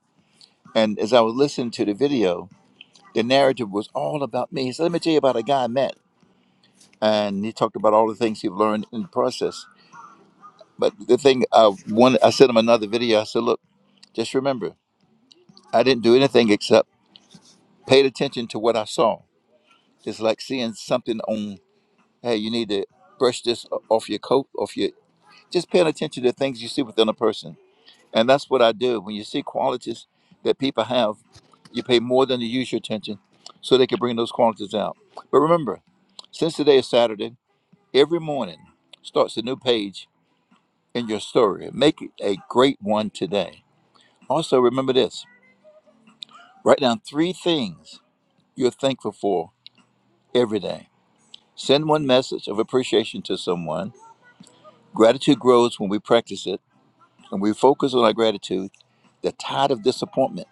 Speaker 21: And as I was listening to the video, the narrative was all about me. He said, "Let me tell you about a guy I met." And he talked about all the things he learned in the process But the thing, I one, I sent him another video. I said, "Look, just remember, I didn't do anything except paid attention to what I saw. It's like seeing something on. Hey, you need to brush this o- off your coat, off your. Just paying attention to things you see within a person, and that's what I do. When you see qualities that people have, you pay more than to use your attention, so they can bring those qualities out. But remember, since today is Saturday, every morning starts a new page in your story. Make it a great one today Also, remember this write down three things you're thankful for every day. Send one message of appreciation to someone. Gratitude grows when we practice it and we focus on our gratitude. The tide of disappointment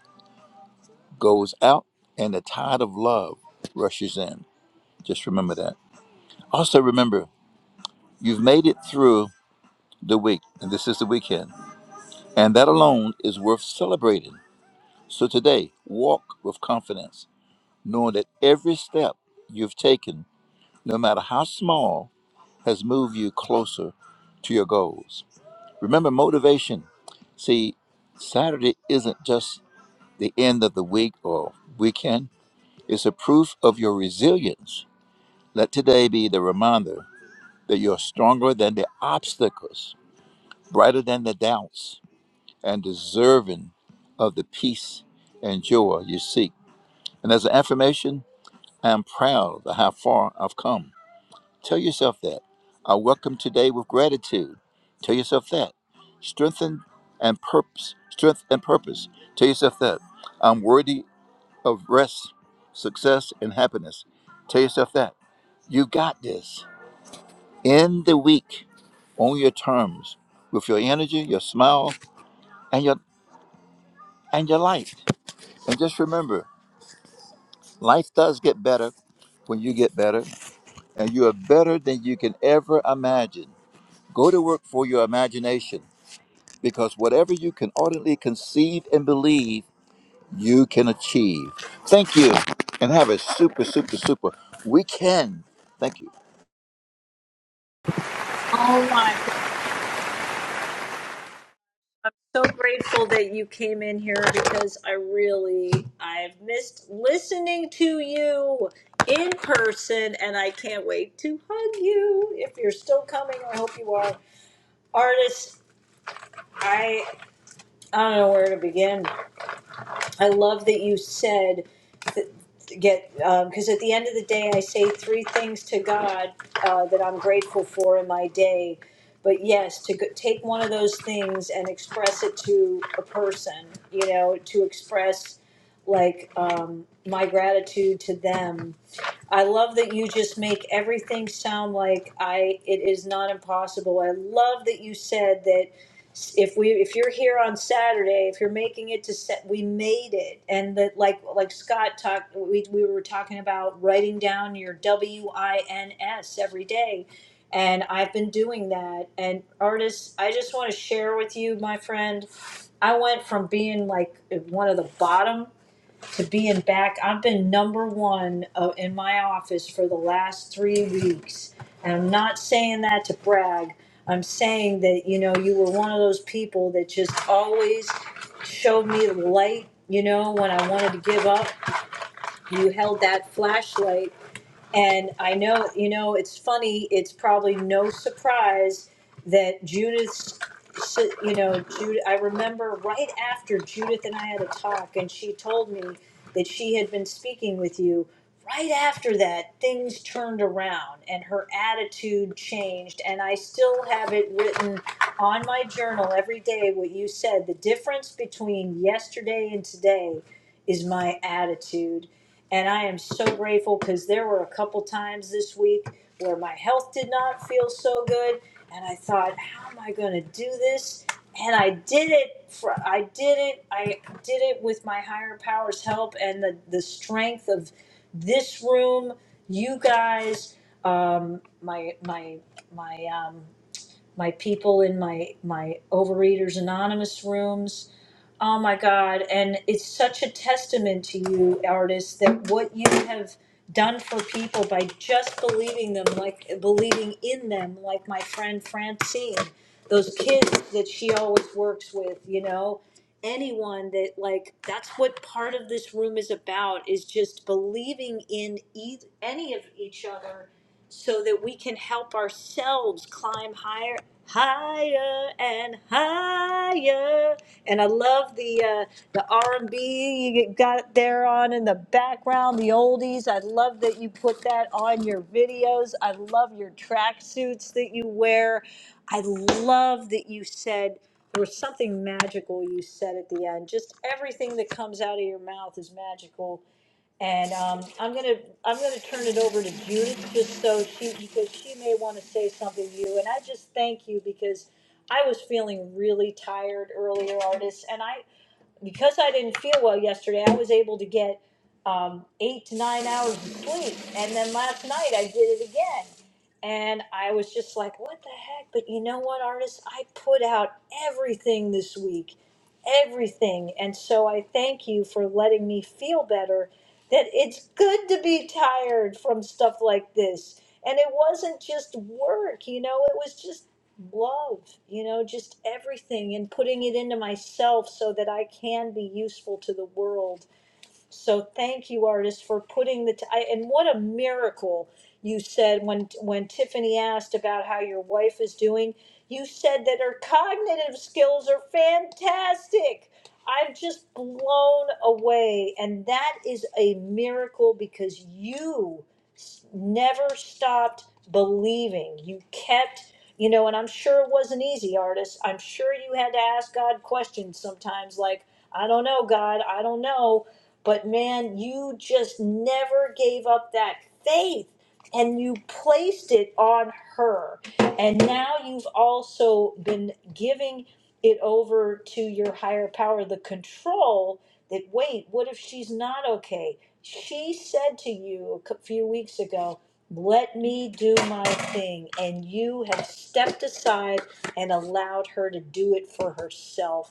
Speaker 21: goes out and the tide of love rushes in. Just remember that. Also, remember you've made it through the week, and this is the weekend, and that alone is worth celebrating. So, today, walk with confidence, knowing that every step you've taken no matter how small, has moved you closer to your goals. Remember motivation. See, Saturday isn't just the end of the week or weekend, it's a proof of your resilience. Let today be the reminder that you're stronger than the obstacles, brighter than the doubts, and deserving of the peace and joy you seek. And as an affirmation, I am proud of how far I've come. Tell yourself that. I welcome today with gratitude. Tell yourself that. Strengthen and purpose. Strength and purpose. Tell yourself that. I'm worthy of rest, success, and happiness. Tell yourself that. You got this. End the week on your terms with your energy, your smile, and your and your light. And just remember, life does get better when you get better, and you are better than you can ever imagine. Go to work for your imagination because whatever you can ardently conceive and believe, you can achieve. Thank you, and have a super, super, super weekend. Thank you.
Speaker 1: Oh my. So grateful that you came in here because I really I've missed listening to you in person and I can't wait to hug you if you're still coming. I hope you are. Artist, I I don't know where to begin. I love that you said that get because at the end of the day, I say three things to God uh, that I'm grateful for in my day. But yes, to go, take one of those things and express it to a person, you know, to express like um, my gratitude to them I love that you just make everything sound like I it is not impossible. I love that you said that if we if you're here on Saturday, if you're making it to set, we made it, and that like like Scott talked, we we were talking about writing down your W I N S every day, and I've been doing that. And artists, I just want to share with you, my friend, I went from being like one of the bottom to being back. I've been number one uh, in my office for the last three weeks. And I'm not saying that to brag. I'm saying that, you know, you were one of those people that just always showed me the light, you know, when I wanted to give up. You held that flashlight and I know, you know, it's funny, it's probably no surprise that Judith, you know, Judith, I remember right after Judith and I had a talk, and she told me that she had been speaking with you. Right after that, things turned around and her attitude changed. And I still have it written on my journal every day what you said. The difference between yesterday and today is my attitude and I am so grateful because there were a couple times this week where my health did not feel so good, and I thought, how am I going to do this? And I did it. For, I did it. I did it with my higher powers' help and the the strength of this room, you guys, um, my my my um, my people in my my overeaters anonymous rooms Oh my God. And it's such a testament to you, artists, that what you have done for people by just believing them, like believing in them, like my friend Francine, those kids that she always works with, you know, anyone that, like, that's what part of this room is about is just believing in e- any of each other so that we can help ourselves climb higher higher and higher and i love the uh, the r&b you got there on in the background the oldies i love that you put that on your videos i love your track suits that you wear i love that you said there was something magical you said at the end just everything that comes out of your mouth is magical and um, I'm gonna, I'm gonna turn it over to Judith, just so she, because she may wanna say something to you, and I just thank you, because I was feeling really tired earlier, artists, and I, because I didn't feel well yesterday, I was able to get um, eight to nine hours of sleep, and then last night I did it again, and I was just like, what the heck, but you know what, artists, I put out everything this week, everything. And so I thank you for letting me feel better that it's good to be tired from stuff like this. And it wasn't just work, you know, it was just love, you know, just everything and putting it into myself so that I can be useful to the world so thank you, artists, for putting the. T- I, and what a miracle you said when when Tiffany asked about how your wife is doing. You said that her cognitive skills are fantastic. I'm just blown away, and that is a miracle because you s- never stopped believing. You kept. You know, and I'm sure it wasn't easy, artists. I'm sure you had to ask God questions sometimes, like, I don't know, God, I don't know but man, you just never gave up that faith and you placed it on her. And now you've also been giving it over to your higher power, the control that, wait, what if she's not okay? She said to you a cou- few weeks ago, let me do my thing. And you have stepped aside and allowed her to do it for herself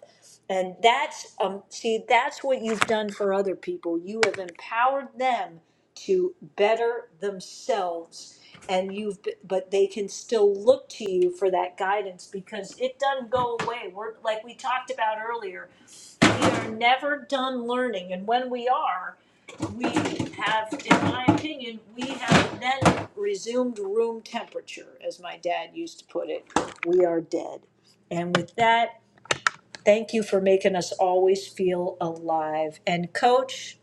Speaker 1: and that's um see that's what you've done for other people. You have empowered them to better themselves and you've b- but they can still look to you for that guidance because it doesn't go away. We're like we talked about earlier, we are never done learning and when we are, we have in my opinion, we have then resumed room temperature as my dad used to put it. We are dead. And with that Thank you for making us always feel alive. And coach,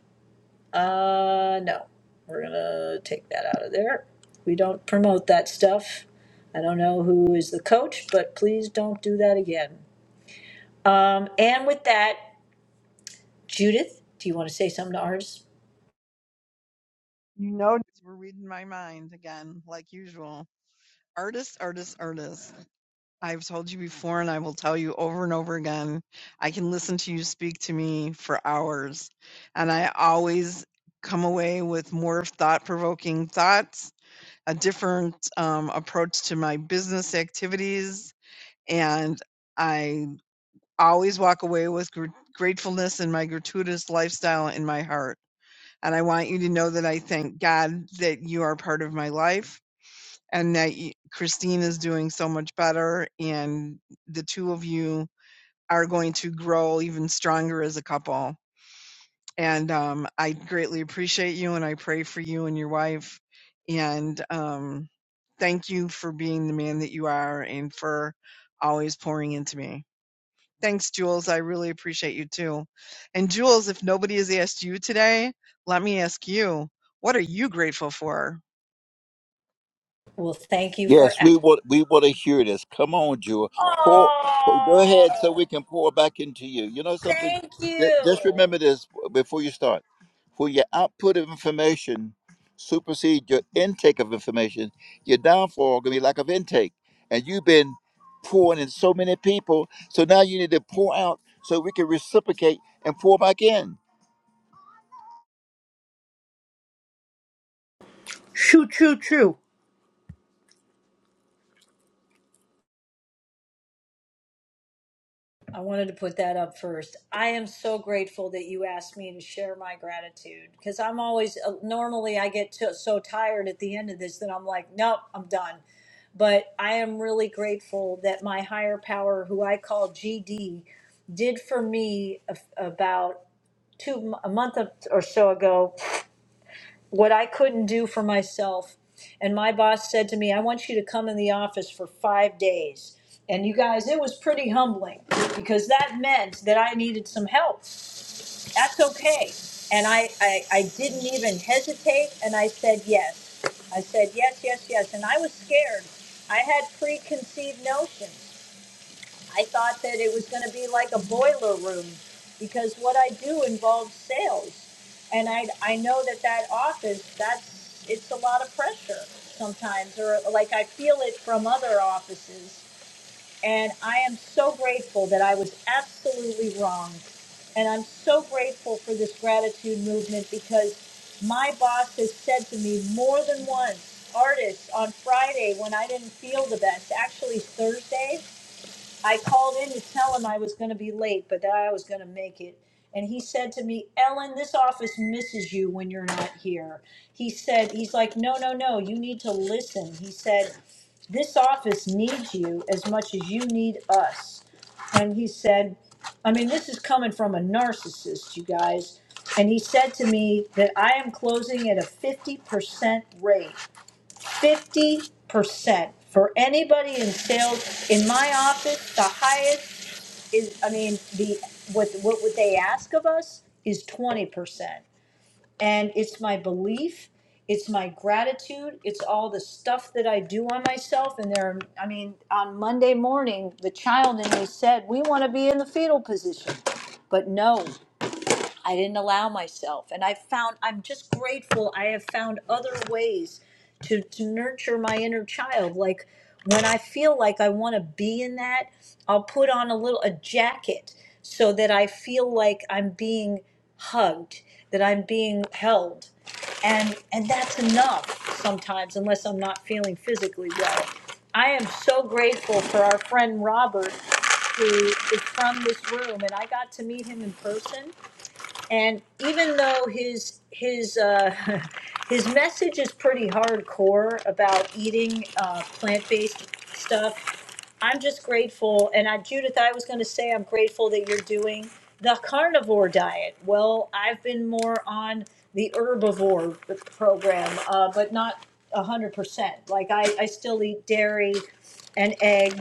Speaker 1: uh, no, we're gonna take that out of there. We don't promote that stuff. I don't know who is the coach, but please don't do that again. And with that, Judith, do you want to say something to ours?
Speaker 13: know, we're reading my mind again, like usual. Artists, artists, artists. I've told you before, and I will tell you over and over again, I can listen to you speak to me for hours, and I always come away with more thought provoking thoughts, a different um, approach to my business activities, and I always walk away with gr- gratefulness and my gratuitous lifestyle in my heart. And I want you to know that I thank God that you are part of my life and that y- Christine is doing so much better, and the two of you are going to grow even stronger as a couple. And um, I greatly appreciate you, and I pray for you and your wife. And um, thank you for being the man that you are, and for always pouring into me. Thanks, Jules. I really appreciate you too. And Jules, if nobody has asked you today, let me ask you: What are you grateful for?
Speaker 1: Well, thank you for.
Speaker 21: Yes, we want we want to hear this. Come on, Jewel. Pour, pour- go
Speaker 1: Oh,
Speaker 21: ahead so we can pour back into you. You know something?
Speaker 1: thank
Speaker 21: Ju- Just
Speaker 1: you.
Speaker 21: remember this before you start. For your output of information supersede your intake of information, your downfall gonna be lack of intake. And you've been pouring in so many people, so now you need to pour out so we can reciprocate and pour back in.
Speaker 15: Shoo, true, true.
Speaker 1: I wanted to put that up first. I am so grateful that you asked me to share my gratitude because I'm always uh, normally I get to, so tired at the end of this that I'm like, nope, I'm done. But I am really grateful that my higher power, who I call GD, did for me a, about two a month or so ago what I couldn't do for myself. And my boss said to me, I want you to come in the office for five days. And you guys, it was pretty humbling because that meant that I needed some help. That's okay. And I, I, I didn't even hesitate and I said yes. I said yes, yes, yes. And I was scared. I had preconceived notions. I thought that it was going to be like a boiler room because what I do involves sales. And I, I know that that office, that's, it's a lot of pressure sometimes, or like I feel it from other offices. And I am so grateful that I was absolutely wrong. And I'm so grateful for this gratitude movement because my boss has said to me more than once, artists on Friday when I didn't feel the best, actually Thursday, I called in to tell him I was going to be late, but that I was going to make it. And he said to me, Ellen, this office misses you when you're not here. He said, he's like, no, no, no, you need to listen. He said, this office needs you as much as you need us. And he said, I mean, this is coming from a narcissist, you guys. And he said to me that I am closing at a 50% rate. 50% for anybody in sales. In my office, the highest is, I mean, the, what, what would they ask of us is twenty percent. And it's my belief, it's my gratitude, it's all the stuff that I do on myself, and there, I mean, on Monday morning, the child in me said, we wanna be in the fetal position. But no, I didn't allow myself. And I found, I'm just grateful I have found other ways to, to nurture my inner child. Like when I feel like I want to be in that, I'll put on a little, a jacket so that I feel like I'm being hugged, that I'm being held. And, and that's enough sometimes, unless I'm not feeling physically well. I am so grateful for our friend Robert, who is from this room, and I got to meet him in person and even though his his uh, [LAUGHS] his message is pretty hardcore about eating uh, plant based stuff, I'm just grateful. And I, Judith, I was going to say I'm grateful that you're doing the carnivore diet. Well, I've been more on the herbivore program, uh, but not a hundred percent. Like I, I still eat dairy and eggs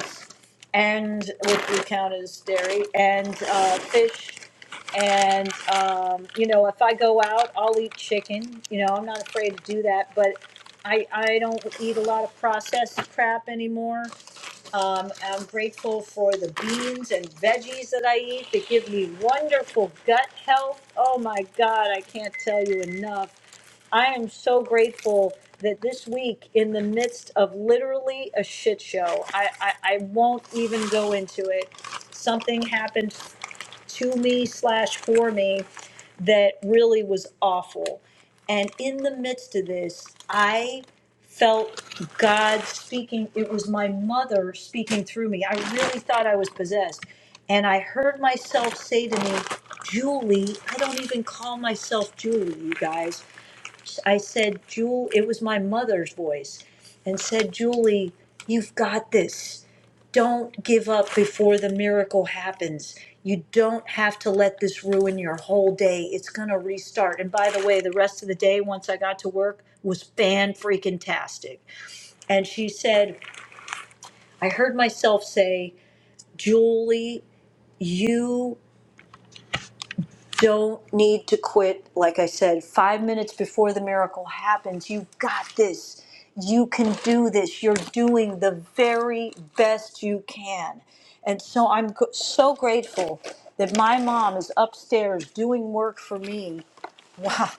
Speaker 1: and which we count as dairy and uh, fish and um, you know if i go out i'll eat chicken you know i'm not afraid to do that but i i don't eat a lot of processed crap anymore um, i'm grateful for the beans and veggies that i eat that give me wonderful gut health oh my god i can't tell you enough I am so grateful that this week, in the midst of literally a shit show, I, I, I won't even go into it. Something happened to me slash for me that really was awful. And in the midst of this, I felt God speaking. It was my mother speaking through me. I really thought I was possessed. And I heard myself say to me, Julie, I don't even call myself Julie, you guys. I said, Jewel, it was my mother's voice, and said, Julie, you've got this. Don't give up before the miracle happens. You don't have to let this ruin your whole day. It's going to restart. And by the way, the rest of the day, once I got to work, was fan freaking tastic. And she said, I heard myself say, Julie, you don't need to quit. Like I said, five minutes before the miracle happens, you got this. You can do this. You're doing the very best you can. And so I'm g- so grateful that my mom is upstairs doing work for me. Wow.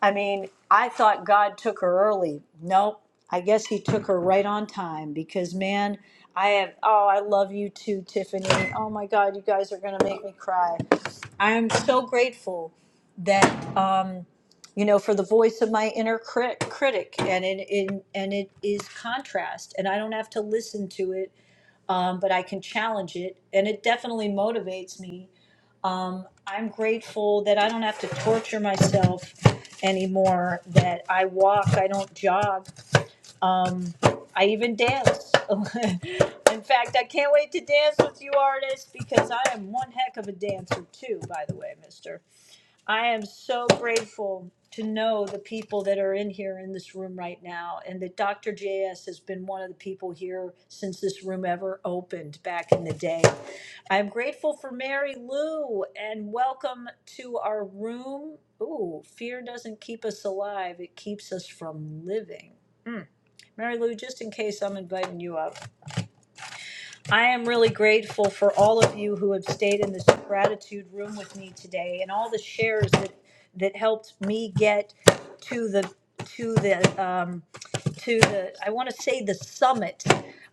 Speaker 1: I mean, I thought God took her early. Nope. I guess he took her right on time because, man, I have, oh, I love you too, Tiffany. Oh my God, you guys are going to make me cry. I am so grateful that um, you know for the voice of my inner crit- critic, and it, in and it is contrast, and I don't have to listen to it, um, but I can challenge it, and it definitely motivates me. Um, I'm grateful that I don't have to torture myself anymore. That I walk, I don't jog. Um, I even dance. [LAUGHS] In fact, I can't wait to dance with you, artists, because I am one heck of a dancer too. By the way, Mister. I am so grateful to know the people that are in here in this room right now, and that Dr. JS has been one of the people here since this room ever opened back in the day. I'm grateful for Mary Lou, and welcome to our room. Ooh, fear doesn't keep us alive, it keeps us from living. Hmm. Mary Lou, just in case I'm inviting you up. I am really grateful for all of you who have stayed in this gratitude room with me today and all the shares that that helped me get to the to the um, to the, I want to say the summit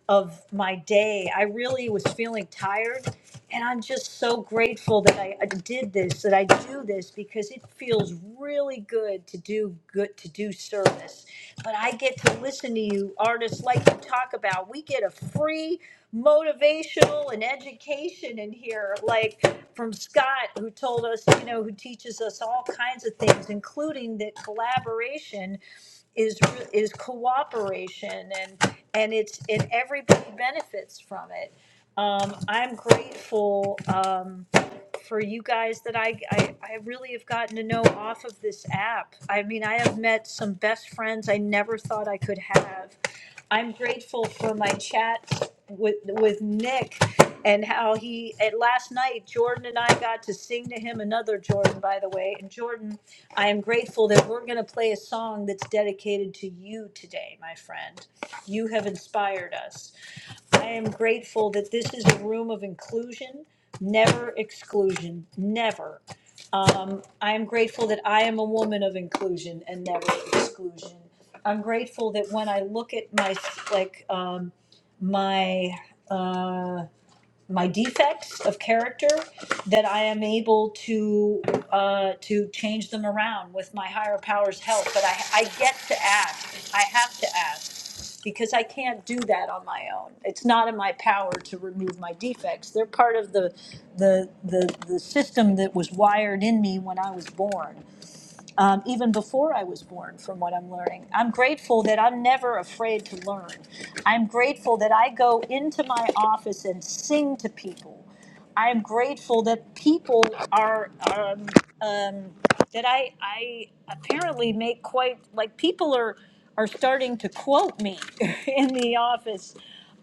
Speaker 1: of my day. I really was feeling tired. And I'm just so grateful that I I did this, that I do this, because it feels really good to do good, to do service. But I get to listen to you artists like you talk about. We get a free motivational and education in here, like from Scott, who told us, you know, who teaches us all kinds of things, including that collaboration is is cooperation and and it's and everybody benefits from it. Um, I'm grateful um, for you guys that I, I I really have gotten to know off of this app. I mean, I have met some best friends I never thought I could have I'm grateful for my chat with with Nick and how he at last night Jordan and I got to sing to him another Jordan by the way and Jordan I am grateful that we're going to play a song that's dedicated to you today my friend you have inspired us I am grateful that this is a room of inclusion never exclusion never um, I am grateful that I am a woman of inclusion and never exclusion. I'm grateful that when I look at my like um, my uh, my defects of character, that I am able to uh, to change them around with my higher powers' help. But I I get to ask. I have to ask because I can't do that on my own. It's not in my power to remove my defects. They're part of the the the, the system that was wired in me when I was born, um, even before I was born. From what I'm learning, I'm grateful that I'm never afraid to learn. I'm grateful that I go into my office and sing to people I'm grateful that people are um, um, that I I apparently make quite like people are are starting to quote me [LAUGHS] in the office,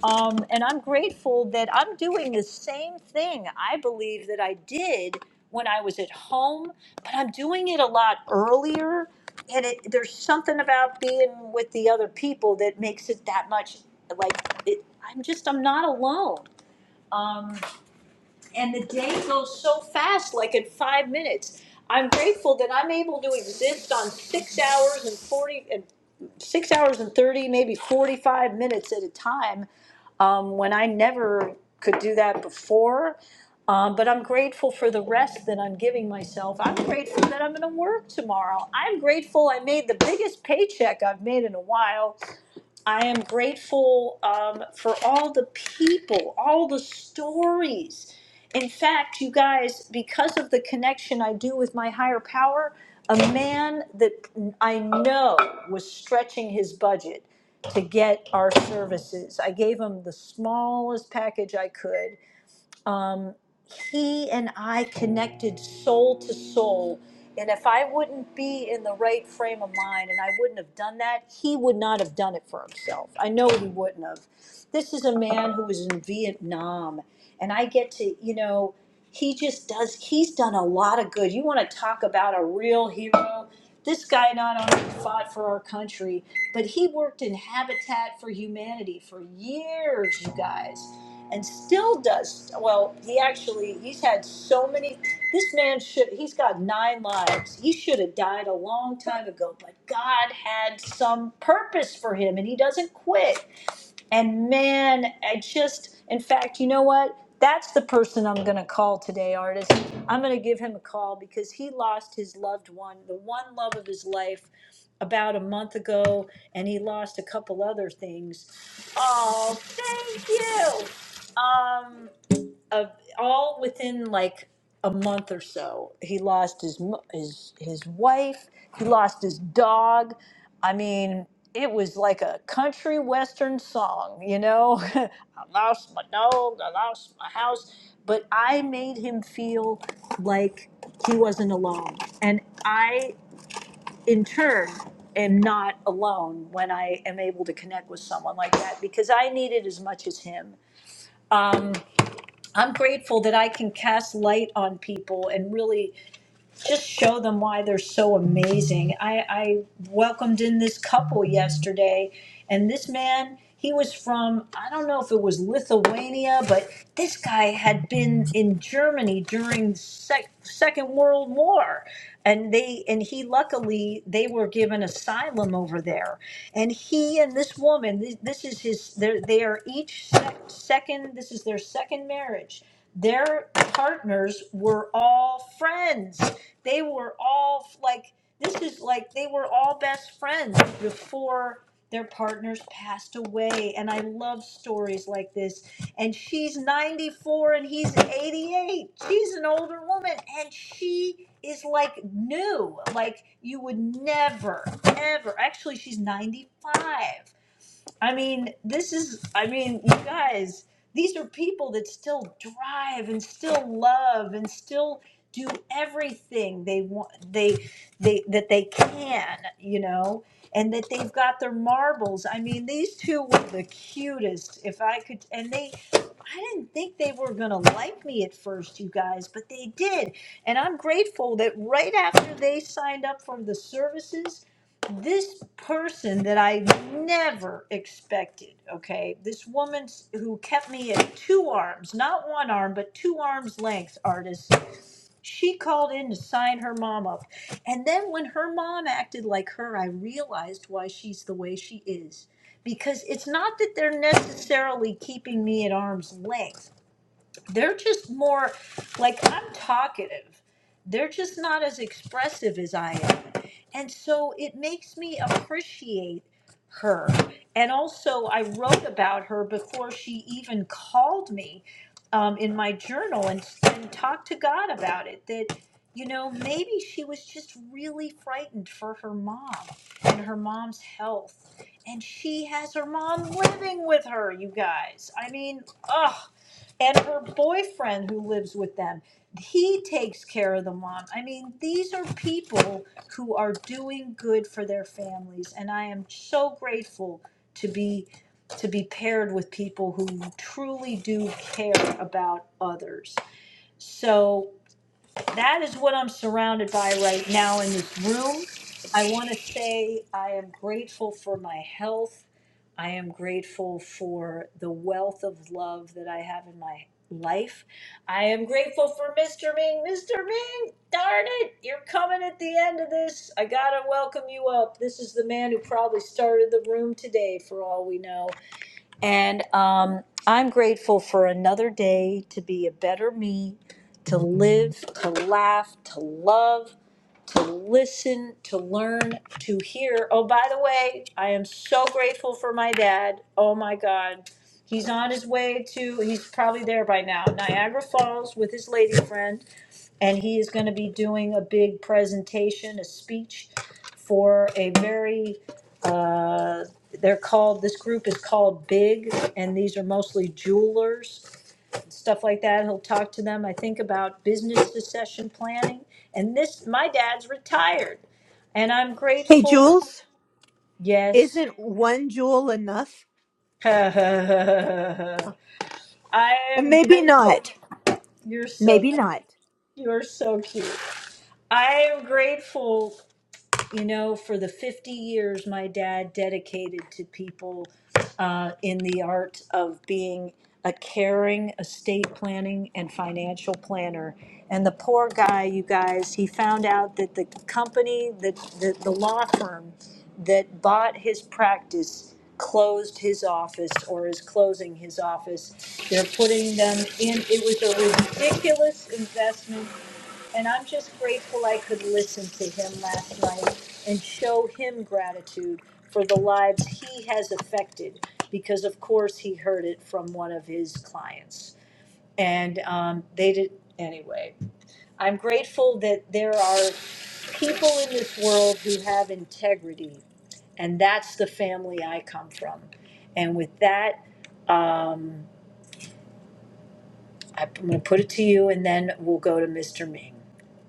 Speaker 1: um, and I'm grateful that I'm doing the same thing. I believe that I did when I was at home, but I'm doing it a lot earlier. And it, there's something about being with the other people that makes it that much like it, I'm just I'm not alone and the day goes so fast, like in five minutes. I'm grateful that I'm able to exist on six hours and 40 and 30, maybe 45 minutes at a time um, when I never could do that before. Um, but I'm grateful for the rest that I'm giving myself. I'm grateful that I'm going to work tomorrow. I'm grateful I made the biggest paycheck I've made in a while. I am grateful um, for all the people, all the stories. In fact, you guys, because of the connection I do with my higher power, a man that I know was stretching his budget to get our services. I gave him the smallest package I could um, he and I connected soul to soul. And if I wouldn't be in the right frame of mind and I wouldn't have done that, he would not have done it for himself. I know he wouldn't have. This is a man who was in Vietnam, and I get to, you know, he just does, he's done a lot of good. You want to talk about a real hero? This guy not only fought for our country, but he worked in Habitat for Humanity for years, you guys and still does well he actually he's had so many this man should he's got nine lives he should have died a long time ago but god had some purpose for him and he doesn't quit and man i just in fact you know what that's the person i'm going to call today artist i'm going to give him a call because he lost his loved one the one love of his life about a month ago and he lost a couple other things oh thank you um, uh, all within like a month or so, he lost his mo- his his wife. He lost his dog. I mean, it was like a country western song, you know. [LAUGHS] I lost my dog. I lost my house, but I made him feel like he wasn't alone, and I, in turn. Am not alone when I am able to connect with someone like that because I need it as much as him. Um, I'm grateful that I can cast light on people and really just show them why they're so amazing. I, I welcomed in this couple yesterday, and this man, he was from, I don't know if it was Lithuania, but this guy had been in Germany during sec- Second World War. And they and he luckily they were given asylum over there, and he and this woman this, this is his they're, they are each sec- second this is their second marriage their partners were all friends. They were all like, this is like they were all best friends before their partners passed away. And I love stories like this. And she's 94 and he's 88. She's an older woman and she is like new. Like you would never, ever. Actually, she's 95 I mean, this is, I mean, you guys, these are people that still drive and still love and still do everything they want, they, they, that they can, you know, and that they've got their marbles. I mean, these two were the cutest. If I could, and they, I didn't think they were going to like me at first, you guys, but they did. And I'm grateful that right after they signed up for the services, this person that I never expected, okay, this woman who kept me at two arms, not one arm, but two arms length, artist she called in to sign her mom up. And then when her mom acted like her, I realized why she's the way she is. Because it's not that they're necessarily keeping me at arm's length they're just more like I'm talkative. They're just not as expressive as I am. And so it makes me appreciate her. And also, I wrote about her before she even called me um, in my journal and, and talked to God about it. That, you know, maybe she was just really frightened for her mom and her mom's health. And she has her mom living with her, you guys. I mean, ugh and her boyfriend who lives with them he takes care of the mom i mean these are people who are doing good for their families and i am so grateful to be to be paired with people who truly do care about others so that is what i'm surrounded by right now in this room i want to say i am grateful for my health I am grateful for the wealth of love that I have in my life. I am grateful for Mr. Ming. Mr. Ming, darn it, you're coming at the end of this. I gotta welcome you up. This is the man who probably started the room today, for all we know. And um, I'm grateful for another day to be a better me, to live, to laugh, to love, to listen, to learn, to hear. Oh, by the way, I am so grateful for my dad. Oh, my God. He's on his way to, he's probably there by now, Niagara Falls with his lady friend and he is going to be doing a big presentation, a speech for a very, uh, they're called, this group is called Big, and these are mostly jewelers, stuff like that. He'll talk to them, I think, about business succession planning. And this, my dad's retired, and I'm
Speaker 15: Hey
Speaker 1: grateful.
Speaker 15: Jules,
Speaker 1: Yes.
Speaker 15: isn't one jewel enough?
Speaker 1: [LAUGHS] I
Speaker 15: Uh,
Speaker 1: am
Speaker 15: Maybe
Speaker 1: grateful.
Speaker 15: not.
Speaker 1: You're so
Speaker 15: Maybe
Speaker 1: cute.
Speaker 15: not.
Speaker 1: You're so cute. I am grateful you know, for the 50 years my dad dedicated to people uh, in the art of being a caring estate planning and financial planner. And the poor guy, you guys, he found out that the company, that the, the law firm that bought his practice closed his office or is closing his office. They're putting them in, it was a ridiculous investment and I'm just grateful I could listen to him last night and show him gratitude for the lives he has affected because, of course, he heard it from one of his clients. And um, they did, anyway. I'm grateful that there are people in this world who have integrity, and that's the family I come from. And with that, I'm going to put it to you and then we'll go to Mr. Ming.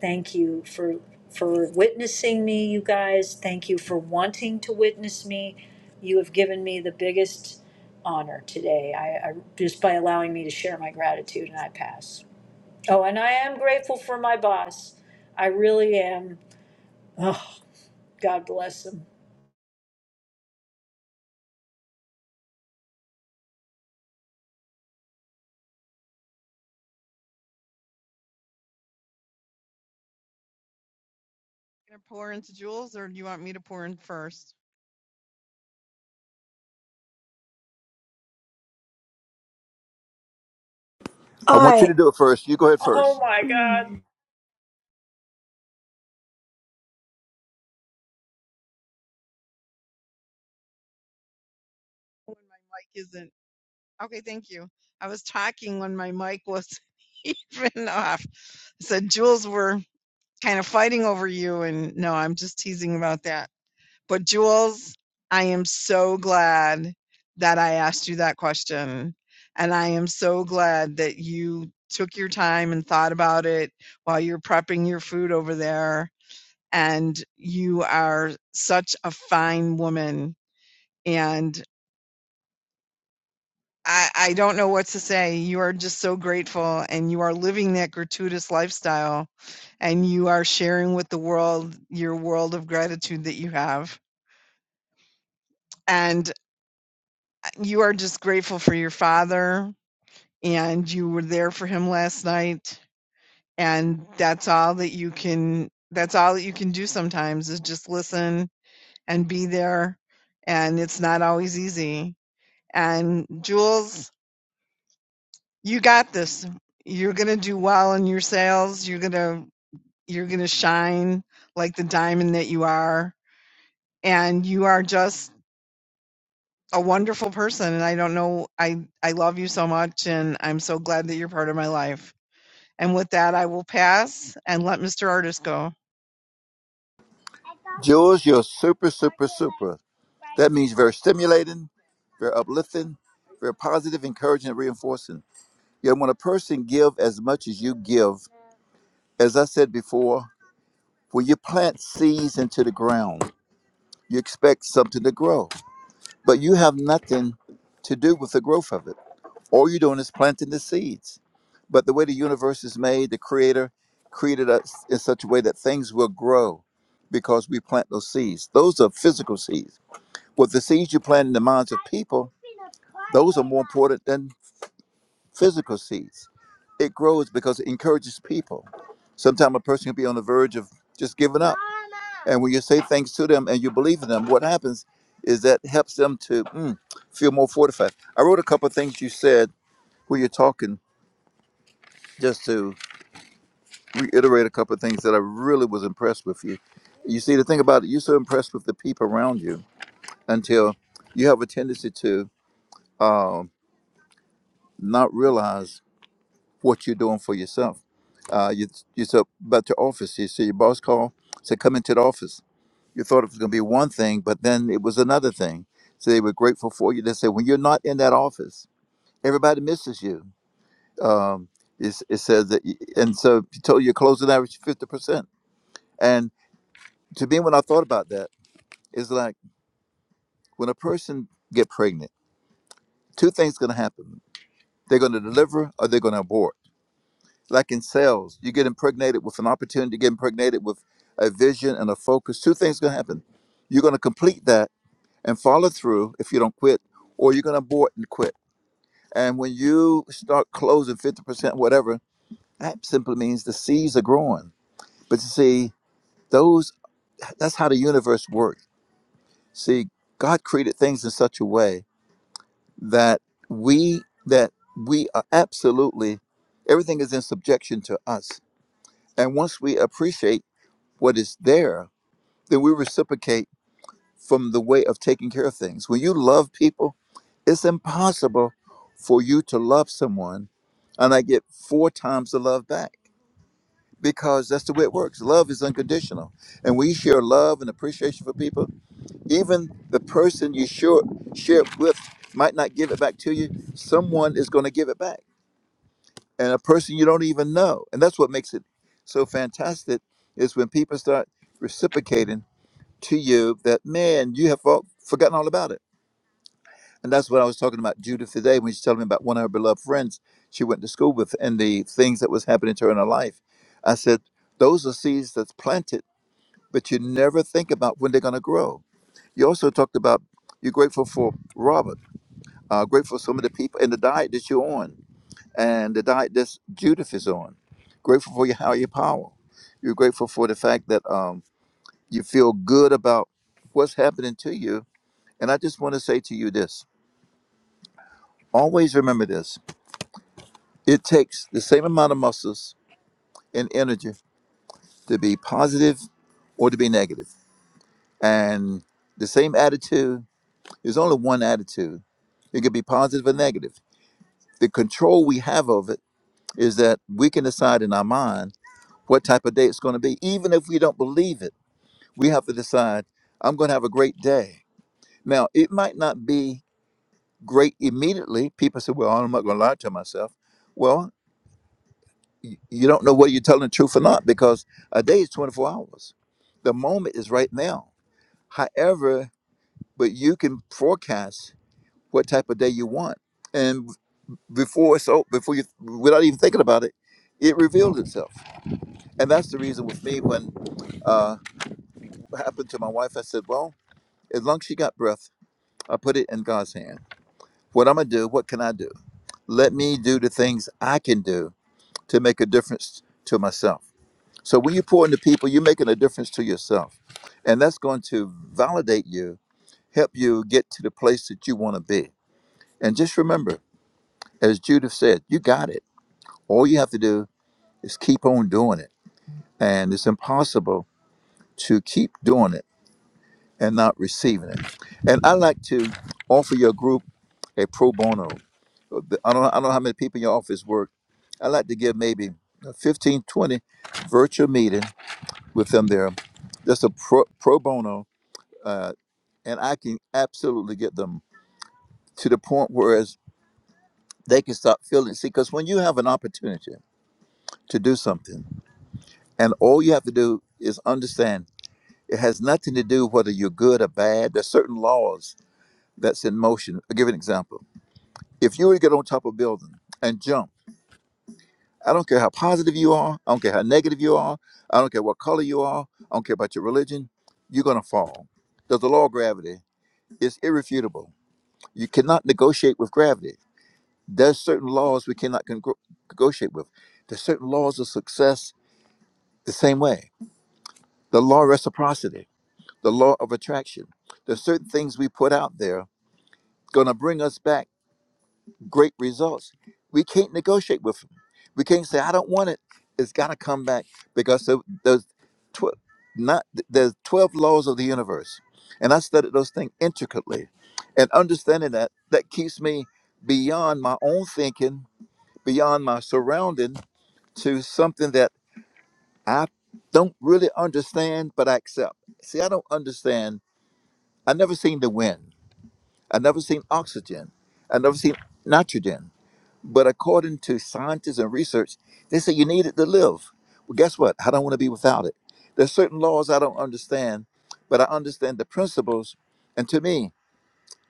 Speaker 1: Thank you for for witnessing me, you guys. Thank you for wanting to witness me. You have given me the biggest honor today. I, I just by allowing me to share my gratitude and I pass. Oh, and I am grateful for my boss. I really am. Oh, God bless him.
Speaker 13: Gonna pour into Jules, or do you want me to pour in first?
Speaker 21: I want you
Speaker 15: I
Speaker 21: to do it first. You go ahead
Speaker 1: Oh
Speaker 21: first.
Speaker 1: my God.
Speaker 15: [CLEARS THROAT]
Speaker 13: when my mic isn't. Okay, thank you. I was talking when my mic wasn't [LAUGHS] even off. So Jules, we're kind of fighting over you, and no, I'm just teasing about that. But Jules, I am so glad that I asked you that question, and I am so glad that you took your time and thought about it while you're prepping your food over there. And you are such a fine woman and. I, I don't know what to say. You are just so grateful and you are living that gratuitous lifestyle and you are sharing with the world your world of gratitude that you have. And uh, you are just grateful for your father and you were there for him last night. And that's all that you can, that's all that you can do sometimes is just listen and be there. And it's not always easy. And Jules, You got this. You're going to do well in your sales. You're going to you're going to shine like the diamond that you are and you are just a wonderful person and I don't know I I love you so much and I'm so glad that you're part of my life. And with that I will pass and let Mr. Artist go.
Speaker 21: Jules, you're super, super, super. That means very stimulating, very uplifting, very positive, encouraging, and reinforcing. Yet when a person give as much as you give, as I said before, when you plant seeds into the ground, you expect something to grow, but you have nothing to do with the growth of it. All you're doing is planting the seeds. But the way the universe is made, the Creator created us in such a way that things will grow because we plant those seeds. Those are physical seeds But the seeds you plant in the minds of people, those are more important than physical seeds. It grows because it encourages people. Sometimes a person can be on the verge of just giving up. And when you say things to them and you believe in them, what happens is that helps them to mm, feel more fortified. I wrote a couple of things you said when you're talking, just to reiterate a couple of things that I really was impressed with you. You see, the thing about it, you're so impressed with the people around you until you have a tendency to. um, not realize what you're doing for yourself. Uh, you you said about your office. You see your boss call, said come into the office. You thought it was going to be one thing, but then it was another thing. So they were grateful for you. They said when you're not in that office, everybody misses you. Um, it's, it says that, y- and so you told your closing average fifty percent. And to me, when I thought about that, it's like when a person get pregnant, two things going to happen: they're going to deliver or they're going to abort like in sales, you get impregnated with an opportunity, you get impregnated with a vision and a focus. Two things gonna happen. You're gonna complete that and follow through if you don't quit, or you're gonna abort and quit. And when you start closing 50%, whatever, that simply means the seeds are growing. But you see, those that's how the universe works. See, God created things in such a way that we that we are absolutely everything is in subjection to us. And once we appreciate what is there, then we reciprocate from the way of taking care of things. When you love people, it's impossible for you to love someone and I get four times the love back because that's the way it works. Love is unconditional. And we share love and appreciation for people. Even the person you share, share it with might not give it back to you, someone is going to give it back. And a person you don't even know. And that's what makes it so fantastic is when people start reciprocating to you that, man, you have for- forgotten all about it. And that's what I was talking about Judith today when she told me about one of her beloved friends she went to school with and the things that was happening to her in her life. I said, those are seeds that's planted, but you never think about when they're going to grow. You also talked about you're grateful for Robert, uh, grateful for some of the people and the diet that you're on and the diet that Judith is on. Grateful for your higher power. You're grateful for the fact that um, you feel good about what's happening to you And I just want to say to you this always remember this it takes the same amount of muscles and energy to be positive or to be negative. And the same attitude is only one attitude, it could be positive or negative. The control we have of it is that we can decide in our mind what type of day it's going to be. Even if we don't believe it, we have to decide, I'm going to have a great day. Now, it might not be great immediately. People say, Well, I'm not going to lie to myself. Well. y- you don't know whether you're telling the truth or not because a day is 24 hours. The moment is right now. However, but you can forecast what type of day you want, and before so before you without even thinking about it, it reveals itself, and that's the reason with me when uh what happened to my wife, I said, well, as long as she got breath, I put it in God's hand. What I'm gonna do? What can I do? Let me do the things I can do to make a difference to myself So when you pour into people, you're making a difference to yourself. And that's going to validate you, help you get to the place that you want to be. And just remember, as Judith said, you got it. All you have to do is keep on doing it. And it's impossible to keep doing it and not receiving it. And I like to offer your group a pro bono. I don't, I don't know how many people in your office work. I like to give maybe a 15 20 virtual meeting with them there. That's a pro, pro bono uh, and I can absolutely get them to the point whereas they can stop feeling. See, because when you have an opportunity to do something, and all you have to do is understand it has nothing to do whether you're good or bad. There's certain laws that's in motion. I'll give you an example. If you were to get on top of a building and jump, I don't care how positive you are, I don't care how negative you are, I don't care what color you are, I don't care about your religion, you're gonna fall. There's the law of gravity. It's irrefutable. You cannot negotiate with gravity There's certain laws we cannot con- negotiate with. There's certain laws of success the same way. The law of reciprocity, the law of attraction. There's certain things we put out there going to bring us back great results. We can't negotiate with them. We can't say I don't want it. It's got to come back because there- there's tw- not there's 12 laws of the universe. And I studied those things intricately. And understanding that that keeps me beyond my own thinking, beyond my surrounding to something that I don't really understand, but I accept. See, I don't understand. I never seen the wind. I never seen oxygen. I never seen nitrogen. But according to scientists and research, they say you need it to live. Well, guess what? I don't want to be without it. There's certain laws I don't understand, but I understand the principles. And to me,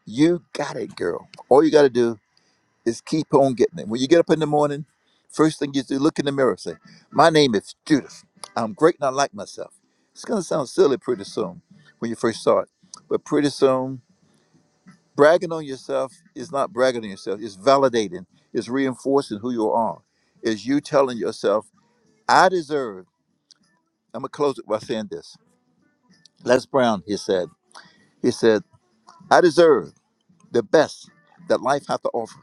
Speaker 21: you got it, girl. All you got to do is keep on getting it. When you get up in the morning, first thing you do, look in the mirror, say, My name is Judith. I'm great and I like myself. It's gonna sound silly pretty soon when you first start. But pretty soon, bragging on yourself is not bragging on yourself, it's validating, it's reinforcing who you are. It's you telling yourself, I deserve. I'm gonna close it by saying this. Les Brown, he said, he said, I deserve. the best that life hath to offer.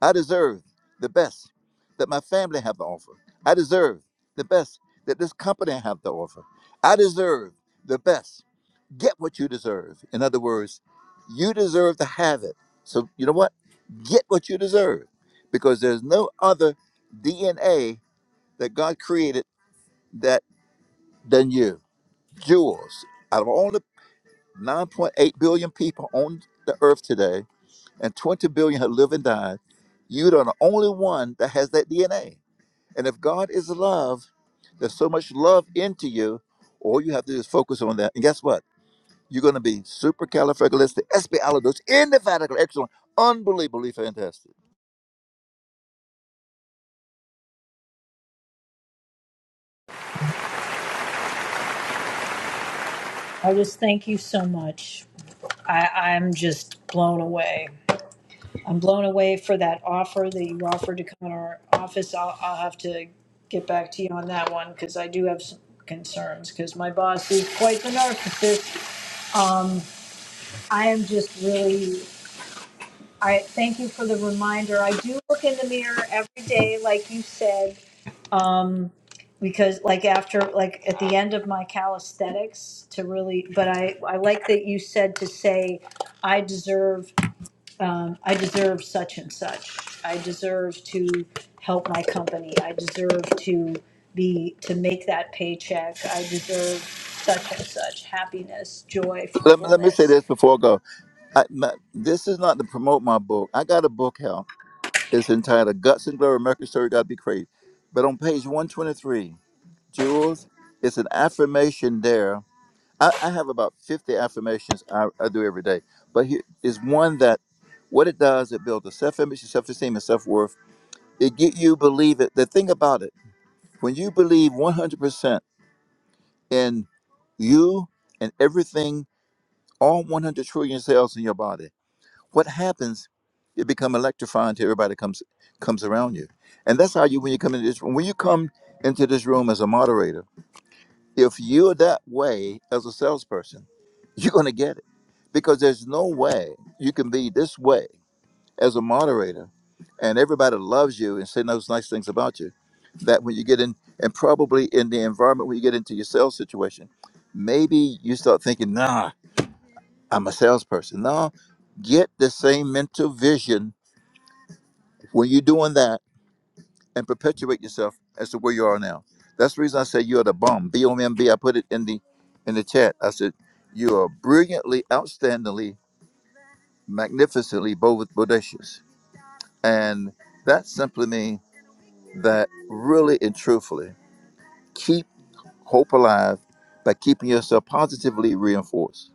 Speaker 21: I deserve the best that my family have to offer. I deserve the best that this company have to offer. I deserve the best. Get what you deserve. In other words, you deserve to have it. So you know what? Get what you deserve because there's no other DNA that God created that than you. Jewels. Out of all the 9.8 billion people on the earth today, and 20 billion have lived and died, you are the only one that has that DNA. And if God is love, there's so much love into you, all you have to do is focus on that. And guess what? You're going to be supercalifragilisticexpialidocious, indefatigable, excellent, unbelievably fantastic.
Speaker 1: I just thank you so much. I, I'm just blown away. I'm blown away for that offer that you offered to come in our office. I'll, I'll have to get back to you on that one because I do have some concerns because my boss is quite the narcissist. Um, I am just really, I thank you for the reminder. I do look in the mirror every day, like you said. Um, because like after like at the end of my calisthenics to really but I I like that you said to say I deserve I deserve such and such. I deserve to help my company. I deserve to be to make that paycheck. I deserve such and such happiness,
Speaker 21: Let me, let me say
Speaker 1: joyfulness.
Speaker 21: this before I go. I, my, this is not to promote my book. I got a book out. It's entitled Guts and Glory, American Story, Gotta Be Crazy. But on page 123, Jules, it's an affirmation there I, I have about 50 affirmations I, I do every day, but here is one that what it does, it builds a self image, self esteem, and self worth. It get you believe it. The thing about it, when you believe 100% in you and everything, all 100 trillion cells in your body, what happens, you become electrifying to everybody that comes comes around you. And that's how you, when you come into this room, when you come into this room as a moderator, If you're that way as a salesperson, [LAUGHS] you're going to get it because there's no way you can be this way as a moderator and everybody loves you and saying those nice things about you. That when you get in, and probably in the environment when you get into your sales situation, maybe you start thinking, nah, I'm a salesperson. No, get the same mental vision when you're doing that and perpetuate yourself as to where you are now. That's the reason I say you are the bomb. B O M B. I put it in the in the chat. I said you are brilliantly, outstandingly, magnificently bo- bodacious, and that simply means that really and truthfully keep hope alive by keeping yourself positively reinforced.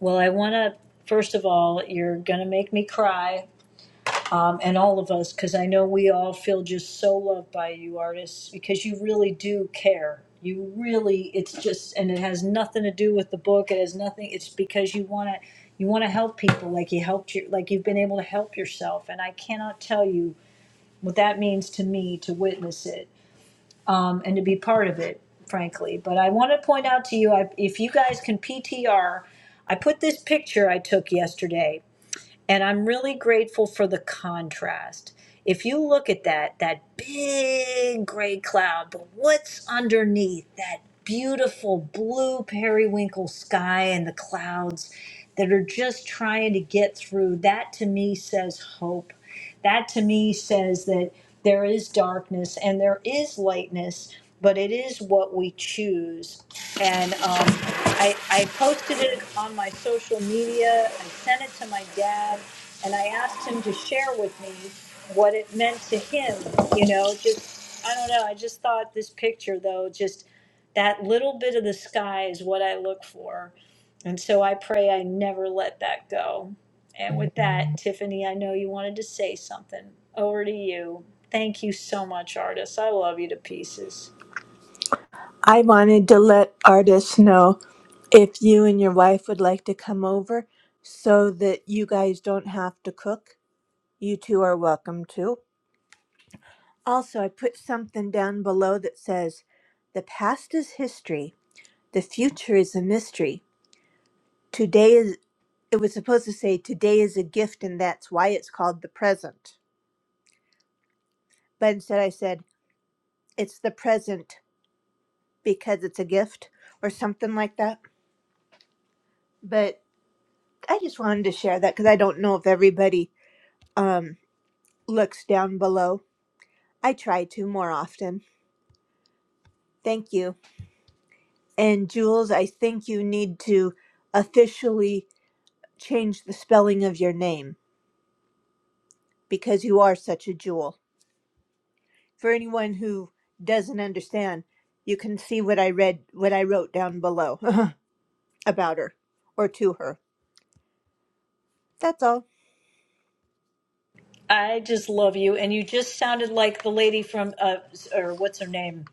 Speaker 1: Well, I want to first of all, you're going to make me cry and all of us because I know we all feel just so loved by you artists because you really do care. You really it's just and it has nothing to do with the book. It has nothing it's because you want to you want to help people like you helped your like you've been able to help yourself and I cannot tell you what that means to me to witness it um, and to be part of it frankly. But I want to point out to you I, if you guys can PTR I put this picture I took yesterday and I'm really grateful for the contrast. If you look at that, that big gray cloud, but what's underneath that beautiful blue periwinkle sky and the clouds that are just trying to get through, that to me says hope. That to me says that there is darkness and there is lightness, but it is what we choose. And um, I, I posted it on my social media. I sent it to my dad and I asked him to share with me what it meant to him. You know, just I don't know. I just thought this picture though, just that little bit of the sky is what I look for, and so I pray I never let that go. And with that, Tiffany, I know you wanted to say something. Over to you. Thank you so much, artist. I love you to pieces.
Speaker 15: I wanted to let artists know if you and your wife would like to come over so that you guys don't have to cook. You two are welcome to. Also, I put something down below that says, "The past is history. The future is a mystery. Today is." It was supposed to say, "Today is a gift, and that's why it's called the present." But instead, I said, "It's the present because it's a gift," or something like that. But I just wanted to share that because I don't know if everybody um, looks down below. I try to more often. Thank you. And Jules, I think you need to officially change the spelling of your name because you are such a jewel. For anyone who doesn't understand, you can see what I read, what I wrote down below [LAUGHS] about her or to her. That's all.
Speaker 1: I just love you, and you just sounded like the lady from uh, or what's her name?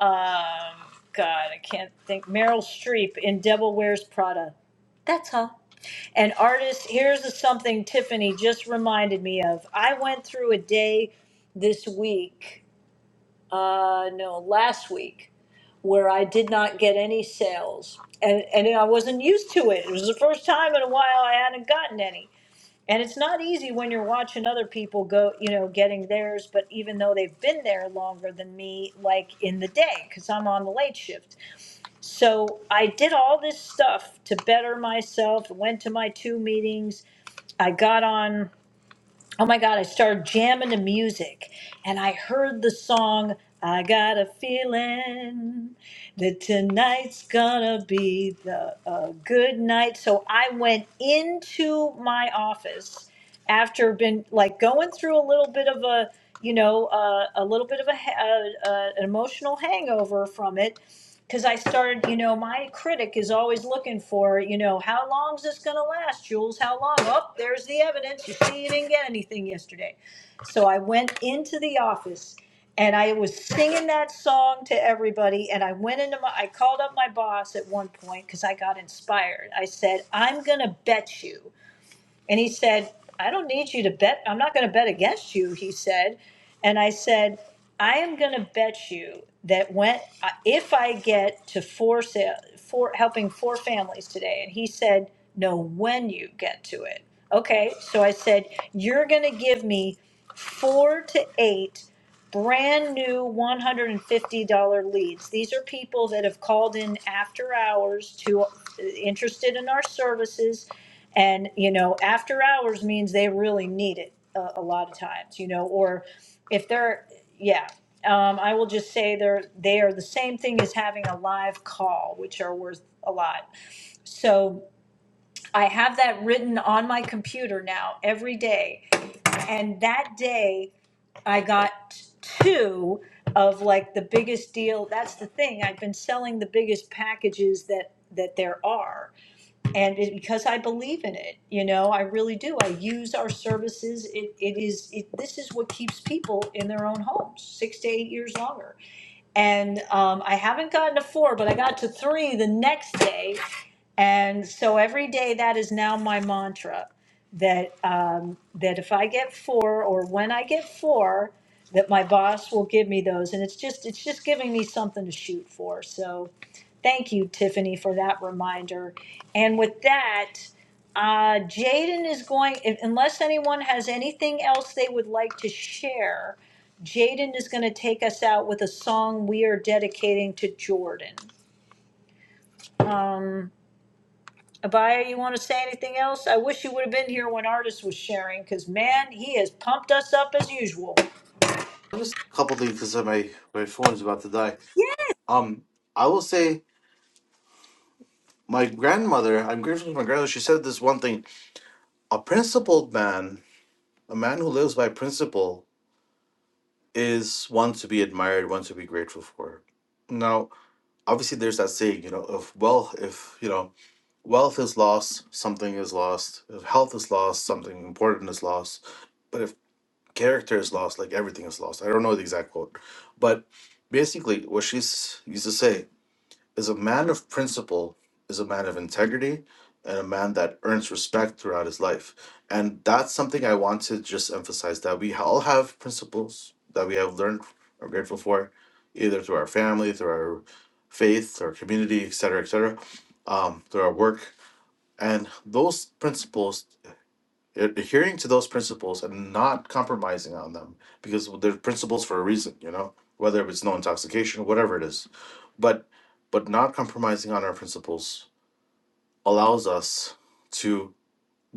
Speaker 1: Um, God, I can't think. Meryl Streep in Devil Wears Prada. That's her. An artist. Here's something Tiffany just reminded me of. I went through a day this week, uh, no, last week, where I did not get any sales, and and I wasn't used to it. It was the first time in a while I hadn't gotten any. And it's not easy when you're watching other people go, you know, getting theirs, but even though they've been there longer than me, like in the day, because I'm on the late shift. So I did all this stuff to better myself, went to my two meetings. I got on, oh my God, I started jamming to music and I heard the song, I Got a Feeling that Tonight's Gonna Be the, a Good Night. So I went into my office after been like going through a little bit of a you know, uh, a little, oh, you see, you didn't get anything. You're singing that song to, I went in bet, and he said, going to bet against you, he said. And I said, I am going to bet you that when uh, if I get to four sale, four helping four families today, and he said, no, when you get to it. Okay, so I said, you're going to give me four to eight brand new $150 leads. These are people that have called in after hours to uh, interested in our services and, you know, after hours means they really need it a, a lot of times, you know, or if they're, yeah. Um, I will just say they're, they are the same thing as having a live call, which are worth a lot. So I have that written on my computer now every day. And that day I got two of like the biggest deal. That's the thing. I've been selling the biggest packages that, that there are and it, because I believe in it, you know, I really do. I use our services. It, it is it, this is what keeps people in their own homes six to eight years longer. And um, I haven't gotten to four, but I got to three the next day and so every day that is now my mantra that um, that if I get four or when I get four, that my boss will give me those. And it's just it's just giving me something to shoot for. So thank you, Tiffany, for that reminder. And with that, uh, Jaden is going if, unless anyone has anything else they would like to share. Jaden is going to take us out with a song we are dedicating to Jordan. Um, Abaya, you want to say anything else? I wish you would have been here when Artis was sharing, because man, he has pumped us up as usual.
Speaker 17: Just a couple things because my my phone is about to die. Um, I will say. my grandmother, I'm grateful to my grandmother, she said this one thing a principled man, a man who lives by principle, is one to be admired, one to be grateful for. Now, obviously, there's that saying, you know, if wealth, if, you know, wealth is lost, something is lost. If health is lost, something important is lost. But if character is lost, like everything is lost. I don't know the exact quote. But basically, what she's used to say is a man of principle, is a man of integrity, and a man that earns respect throughout his life. And that's something I want to just emphasize that we all have principles that we have learned or grateful for, either through our family, through our faith, our community, etc., etc., um, through our work. And those principles Ad- Adhering to those principles and not compromising on them because they're principles for a reason, you know, whether it's no intoxication, whatever it is. But but not compromising on our principles allows us to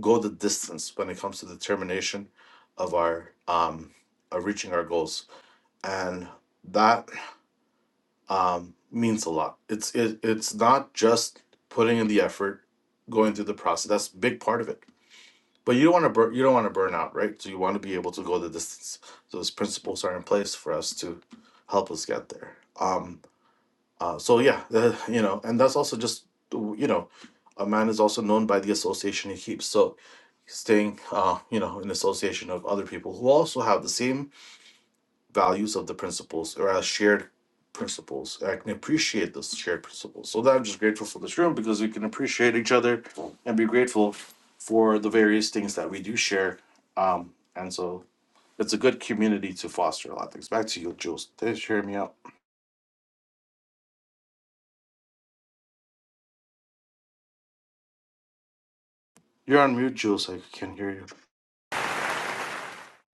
Speaker 17: go the distance when it comes to the determination of our um of reaching our goals. And that um means a lot. It's it, it's not just putting in the effort, going through the process. That's a big part of it but you don't want to burn. You don't want to burn out, right? So you want to be able to go the distance. So Those principles are in place for us to help us get there. Um. Uh, so yeah, the, you know, and that's also just you know, a man is also known by the association he keeps. So staying, uh, you know, in association of other people who also have the same values of the principles or as shared principles. I can appreciate those shared principles. So that I'm just grateful for this room because we can appreciate each other and be grateful for the various things that we do share. Um, and so it's a good community to foster a lot of things. Back to you, Jules. Thanks for hearing me out. You're on mute, Jules. I can't hear you.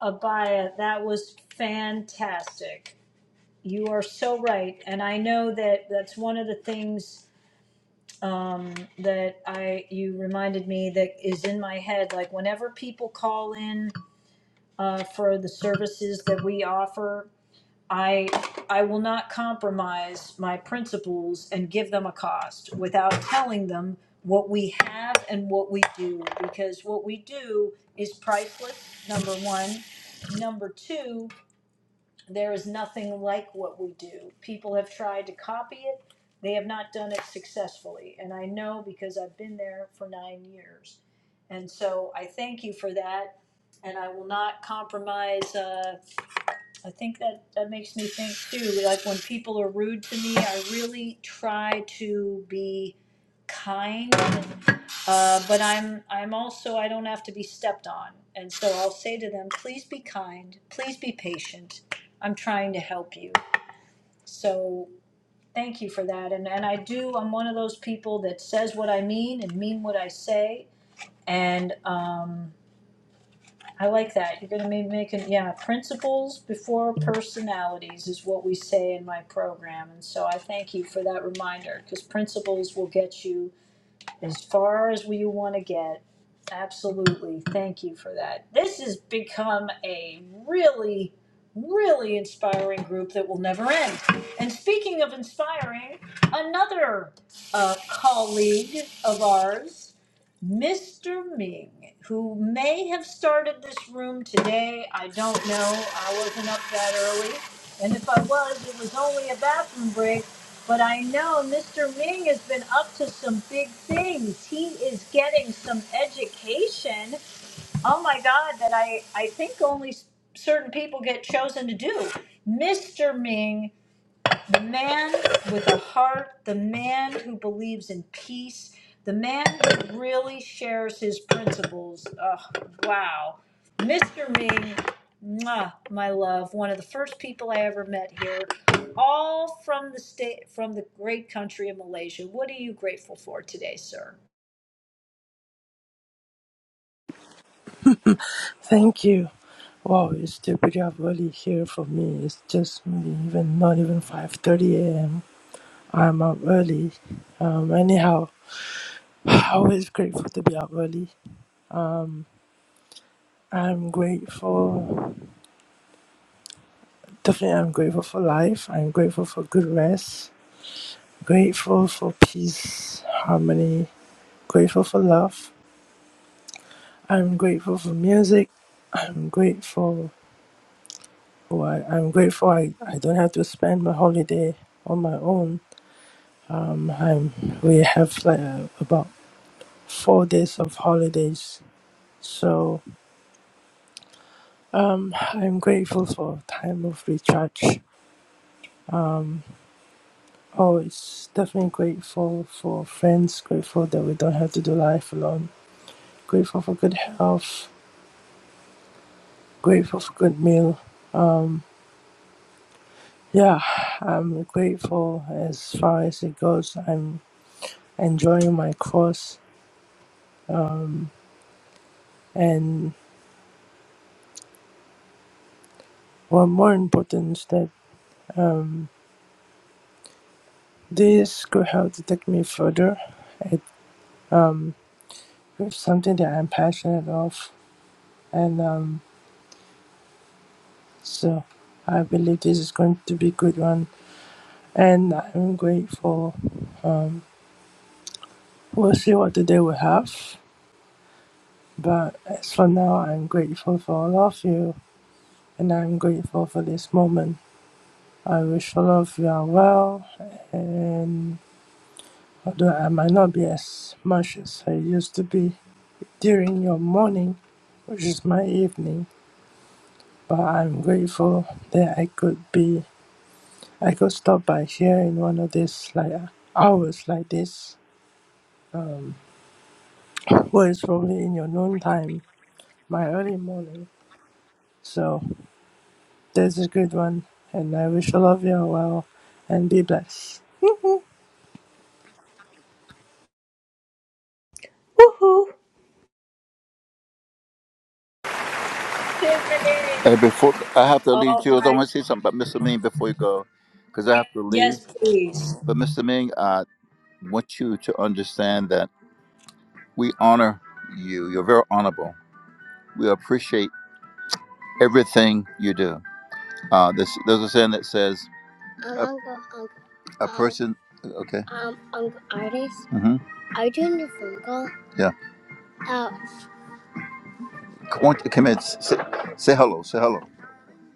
Speaker 1: Abaya, that was fantastic. You are so right, and I know that that's one of the things that I you reminded me that is in my head. Like whenever people call in uh, for the services that we offer, I, I will not compromise my principles and give them a cost without telling them what we have and what we do, because what we do is priceless, number one. Number two, there is nothing like what we do. People have tried to copy it, they have not done it successfully. And I know because I've been there for nine years. And so I thank you for that. And I will not compromise. Uh, I think that, that makes me think too, like when people are rude to me, I really try to be kind. Uh, but I'm, I'm also, I don't have to be stepped on. And so I'll say to them, please be kind, please be patient. I'm trying to help you. So thank you for that. And, and I do, I'm one of those people that says what I mean and mean what I say. And, um, I like that. You're gonna maybe make it, yeah, principles before personalities is what we say in my program. And so I thank you for that reminder, because principles will get you as far as you wanna get. Absolutely. Thank you for that. This has become a really, really inspiring group never end. And speaking of inspiring, under a colleague of Mr. Ming, who may have since remote know our Joey. And if I was, it was only a bathroom break. But I know Mr. Ming has been up some big things. He is getting some education. Oh my God, that I, I think only certain people get chosen to do. Mr. Ming the man with a heart, the man who believes in peace, the man who really shares his principles. Oh, wow. Mr. Ming, mwah, my love, one of the first people I ever met here, all from the state from the great country of Malaysia. What are you grateful for today, sir?
Speaker 22: Thank you. Wow, it's still pretty up early here for me. It's just maybe even not even five thirty a.m. I'm up early. Um, anyhow, [SIGHS] always grateful to be up early. I'm grateful. Definitely, I'm grateful for life. I'm grateful for good rest. Grateful for peace, harmony. Grateful for love. I'm grateful for music. I'm grateful. Oh, I, I'm grateful. I, I don't have to spend my holiday on my own Um, I'm, we have like uh, about four days of holidays, so um, I'm grateful for time of recharge. Always definitely grateful for friends. Grateful that we don't have to do life alone. Grateful for good health. Grateful for good meal. Yeah, I'm grateful as far as it goes. I'm enjoying my course, and what more important is that this could help to take me further at It's something that I'm passionate of, and um, so I believe this is going to be a good one. And I'm grateful. We'll see what the day will have, but as for now, I'm grateful for all of you, and I'm grateful for this moment. I wish all of you are well, and although I might not be as much as I used to be during your morning, which is my evening, but I'm grateful that I could be I could stop by here in one of these like hours like this, where it's probably in your noon time, my early morning. So that's a good one, and I wish all of you are well and be blessed.
Speaker 15: Woohoo!
Speaker 1: Tiffany.
Speaker 21: And before I have to leave,
Speaker 1: Oh
Speaker 21: Jules, I
Speaker 1: my
Speaker 21: want to say something about Mr. Ming before you go, because I have to leave.
Speaker 1: yes, please.
Speaker 21: But Mr. Ming, I want you to understand that. We honor you. You're very honorable. We appreciate everything you do. Uh, this, there's a saying that says, um, a, Uncle, uncle, a um, person, um, okay. Um, uncle artist. Mm-hmm. Are you doing your phone call? Yeah. Uh, Come on, come in. Say, say hello. Say hello.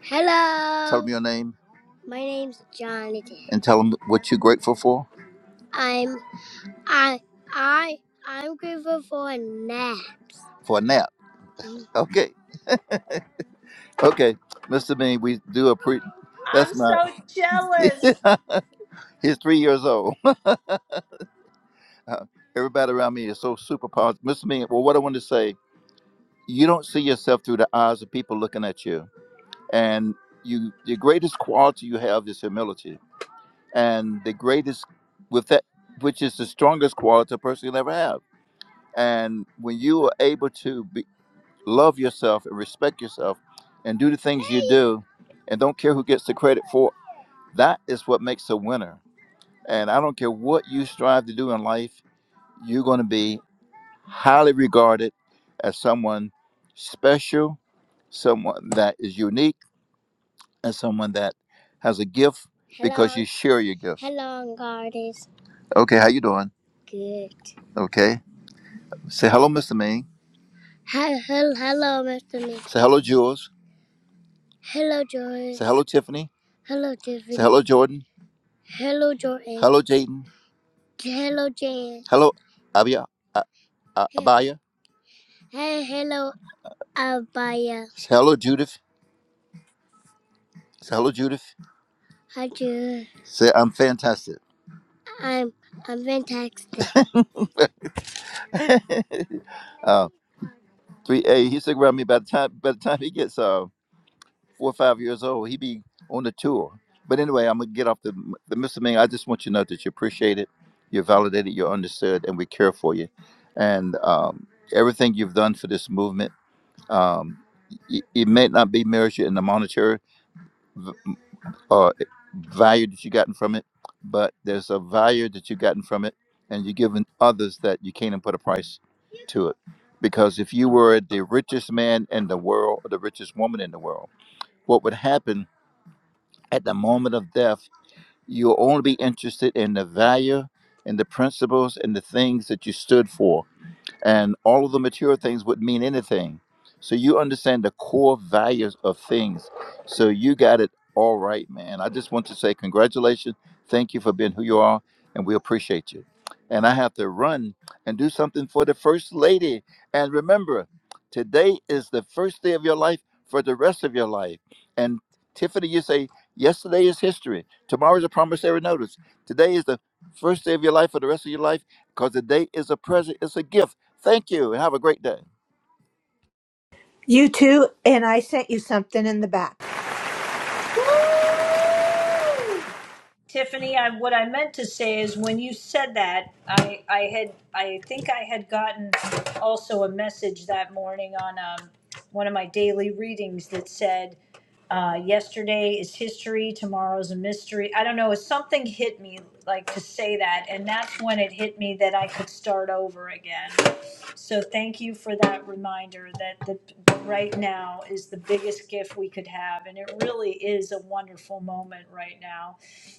Speaker 21: Hello. Tell them your name. My name's Jonathan. And tell them what you're grateful for. I'm I I I'm grateful for naps. For a nap. Mhm. Okay. [LAUGHS] Okay, Mr. Bean, we do a pre. That's
Speaker 1: I'm
Speaker 21: my.
Speaker 1: so jealous.
Speaker 21: [LAUGHS] He's three years old. [LAUGHS] Uh, Everybody around me is so super positive. Mr. Bean, well, what I want to say, you don't see yourself through the eyes of people looking at you, and you, the greatest quality you have is humility, and the greatest with that, which is the strongest quality a person can ever have. And when you are able to be, love yourself and respect yourself, and do the things you do, and don't care who gets the credit for That is what makes a winner. And I don't care what you strive to do in life, you're going to be highly regarded as someone special, someone that is unique, and someone that has a gift Hello. because you share your gift. Hello, Gardens. Okay, how you doing? Good. Okay. Say hello, Mr. Ming. Hi, hello, hello, Mr. Ming. Say hello, Jules. Hello, Jules. Say hello, Tiffany. Hello, Tiffany. Say hello, Jordan. Hello, Jordan. Hello, Jaden. Hello, Jan. Hello, Abia, uh, uh, Hey, Abaya. hey, hello, Abaya. Say hello, Judith. Say hello, Judith. How do you? Say I'm fantastic. I'm I'm fantastic. [LAUGHS] uh, three A. He stick around me by the time by the time he gets uh four or five years old, he be on the tour. But anyway, I'm gonna get off the the Mr. Ming. I just want you to know that you appreciate it, you're validated, you're understood, and we care for you, and um, everything you've done for this movement. Um, it, it may not be measured in the monetary v- uh, value that you gotten from it, but there's a value that you gotten from it, and you're giving others that you can't even put a price to it. Because if you were the richest man in the world or the richest woman in the world, what would happen at the moment of death? You'll only be interested in the value and the principles and the things that you stood for and all of the material things wouldn't mean anything. So you understand the core values of things. So you got it all right, man. I just want to say congratulations. Thank you for being who you are, and we appreciate you. And I have to run and do something for the first lady. And remember, today is the first day of your life for the rest of your life. And Tiffany, you say yesterday is history. Tomorrow is a promissory notice. Today is the first day of your life for the rest of your life because the day is a present. It's a gift Thank you and have a great day.
Speaker 15: You too, and I sent you something in the back.
Speaker 1: Tiffany, I, what I meant to say is when you said that, I, I had, I think I had gotten also a message that morning on um, one of my daily readings that said, uh, yesterday is history, tomorrow's a mystery. I don't know, something hit me like to say that, and that's when it hit me that I could start over again. So thank you for that reminder that the right now is the biggest gift we could have, and it really is a wonderful moment right now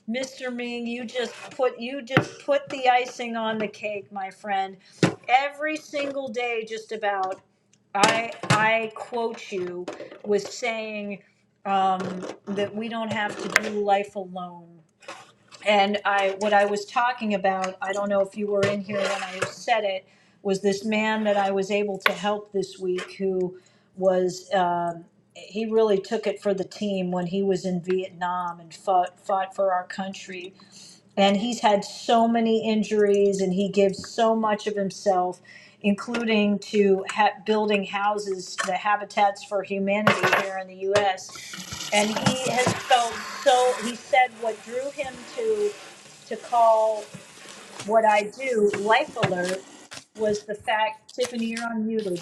Speaker 1: Mr. Ming, you just put you just put the icing on the cake, my friend. Every single day, just about I I quote you with saying um, that we don't have to do life alone. And I what I was talking about, I don't know if you were in here when I said it, was this man that I was able to help this week who was um, he really took it for the team when he was in Vietnam and fought fought for our country and he's had so many injuries and he gives so much of himself including to ha- building houses the habitats for humanity here in the US and he has felt so he said what drew him to to call what I do life alert was the fact Tiffany you're unmuted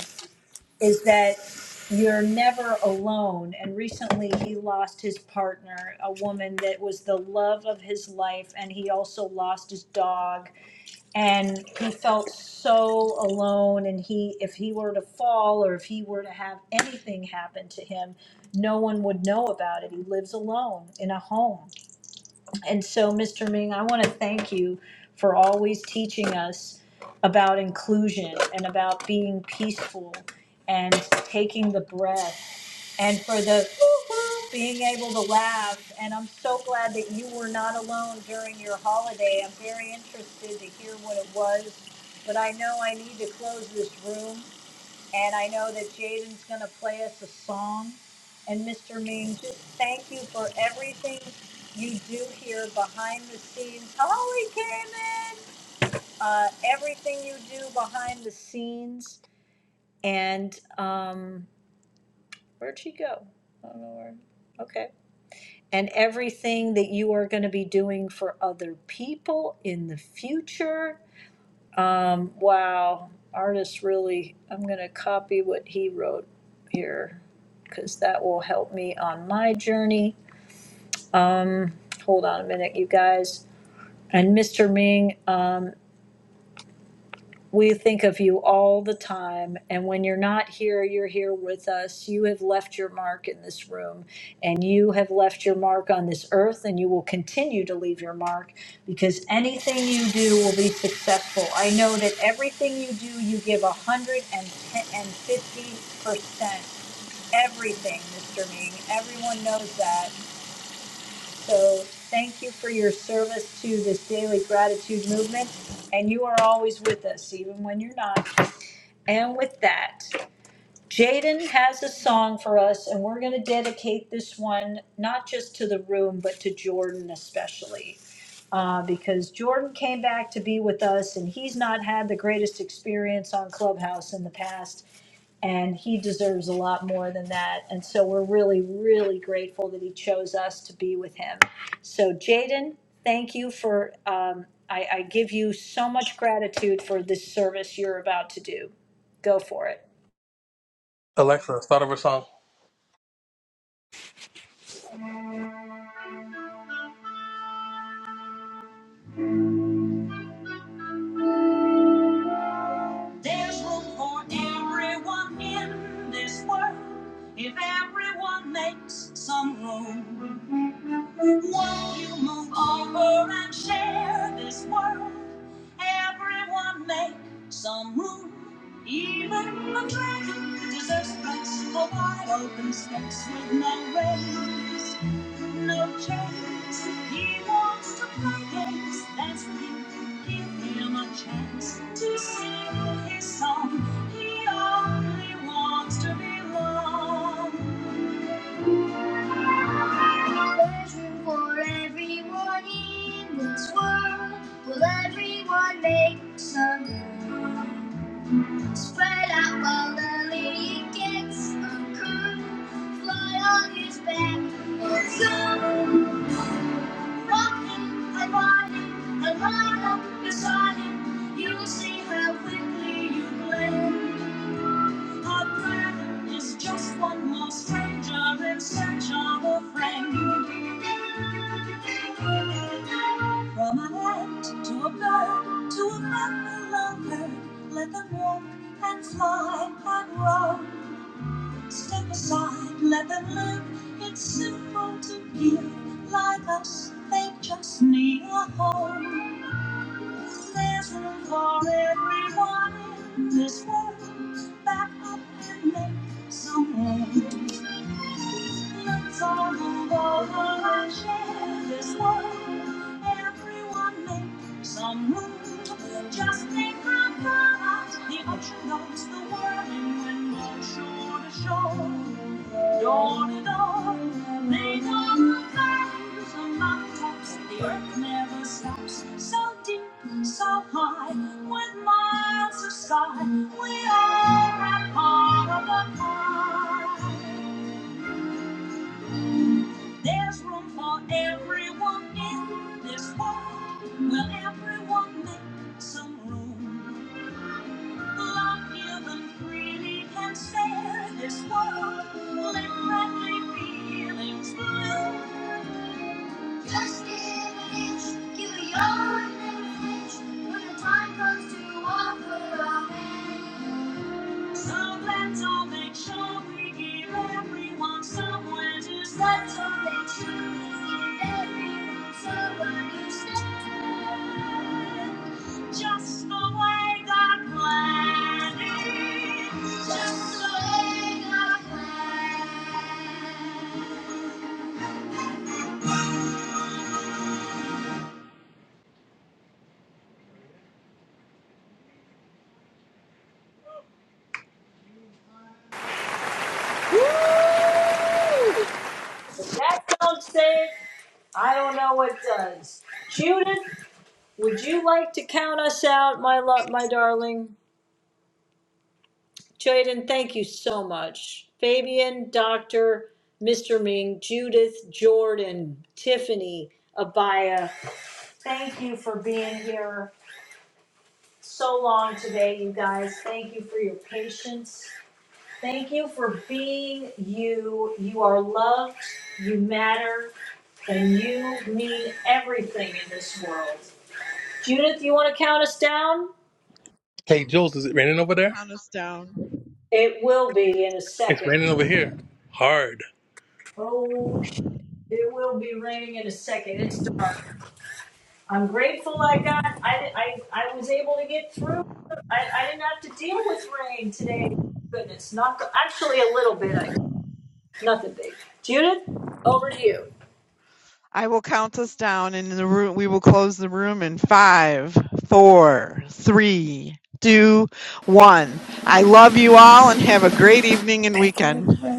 Speaker 1: is that you're never alone. And recently he lost his partner, a woman that was the love of his life, and he also lost his dog. And he felt so alone. And he, if he were to fall or if he were to have anything happen to him, no one would know about it. He lives alone in a home. And so, Mr. Ming, I want to thank you for always teaching us about inclusion and about being peaceful and taking the breath and for the woo-hoo, being able to laugh. And I'm so glad that you were not alone during your holiday. I'm very interested to hear what it was, but I know I need to close this room. And I know that Jaden's going to play us a song. And Mr. Ming, just thank you for everything you do here behind the scenes. Holly came in. Uh, everything you do behind the scenes. And um, where'd she go? I don't know where. Okay. And everything that you are going to be doing for other people in the future Um, wow, artist really, I'm gonna copy what he wrote here, cause that will help me on my journey. Um, hold on a minute, you guys. And Mr. Ming, um, we think of you all the time, and when you're not here, you're here with us. You have left your mark in this room, and you have left your mark on this earth, and you will continue to leave your mark because anything you do will be successful. I know that everything you do, you give 150%. Everything, Mr. Ming. Everyone knows that. So thank you for your service to this daily gratitude movement, and you are always with us, even when you're not. And with that, Jaden has a song for us, and we're going to dedicate this one not just to the room, but to Jordan especially. Uh, because Jordan came back to be with us, and he's not had the greatest experience on Clubhouse in the past, and he deserves a lot more than that. And so we're really, really grateful that he chose us to be with him. So, Jaden, thank you for, um, I, I give you so much gratitude for this service you're about to do. Go for it.
Speaker 20: Alexa, start over song. There's room for everyone in this world if everyone makes some room. Won't you move over and share this world? Everyone make some room. Even the dragon deserves a place for wide open space with no rails. No chance. He wants to play games. That's him. Give him a chance to sing his song. He only wants to belong. There's room for everyone in this world. Will everyone make some room? Spread out while the lady gets a curl. Fly on his back or zoom. Walking and riding and right up beside him, you'll see how quickly you blend. Our dragon is just one more stranger in search of a friend. From an ant to a bird to a buffalo bird, let them walk and fly and roam. Step aside, let them live. It's simple to give. Like us, they just need a home. There's room for everyone in this world. Back up and make some way. Let's all move over and share this world. Everyone make Some room, just think how far out the ocean goes, the world whirling wind goes shore to shore, door to door. They know the valleys and mountaintops, the earth never stops. So deep, so high, with miles of sky, we are a part of the pie. There's room for everyone in this world. Will everyone make some room? Love give and freely can share this world. Let friendly feelings bloom. Just give an inch, give a yard, never flinch. When the time comes to offer our hand. So let's all make sure we give everyone somewhere to stand. Let's all make sure we give everyone somewhere to stand. Just the way God planned it. Just the way God planned it.
Speaker 1: If that don't say it, I don't know what does. Judith, would you like to count us out, my love, my darling? Jaden, thank you so much. Fabian, Doctor, Mr. Ming, Judith, Jordan, Tiffany, Abaya, thank you for being here so long today, you guys. Thank you for your patience. Thank you for being you. You are loved, you matter, and you mean everything in this world. Judith, you want to count us down?
Speaker 20: Hey, Jules, is it raining over there?
Speaker 13: Count us down.
Speaker 1: It will be in a
Speaker 20: It's
Speaker 1: second.
Speaker 20: raining over here. Hard.
Speaker 1: Oh, sh- it will be raining in a second. It's dark. I'm grateful I got. I I, I was able to get through. I, I didn't have to deal with rain today. Goodness, not actually a little bit. I nothing big. Judith, over to you.
Speaker 13: I will count us down and the room we will close the room in five, four, three, two, one. I love you all and have a great evening and
Speaker 22: Take care.
Speaker 13: weekend.
Speaker 22: everyone.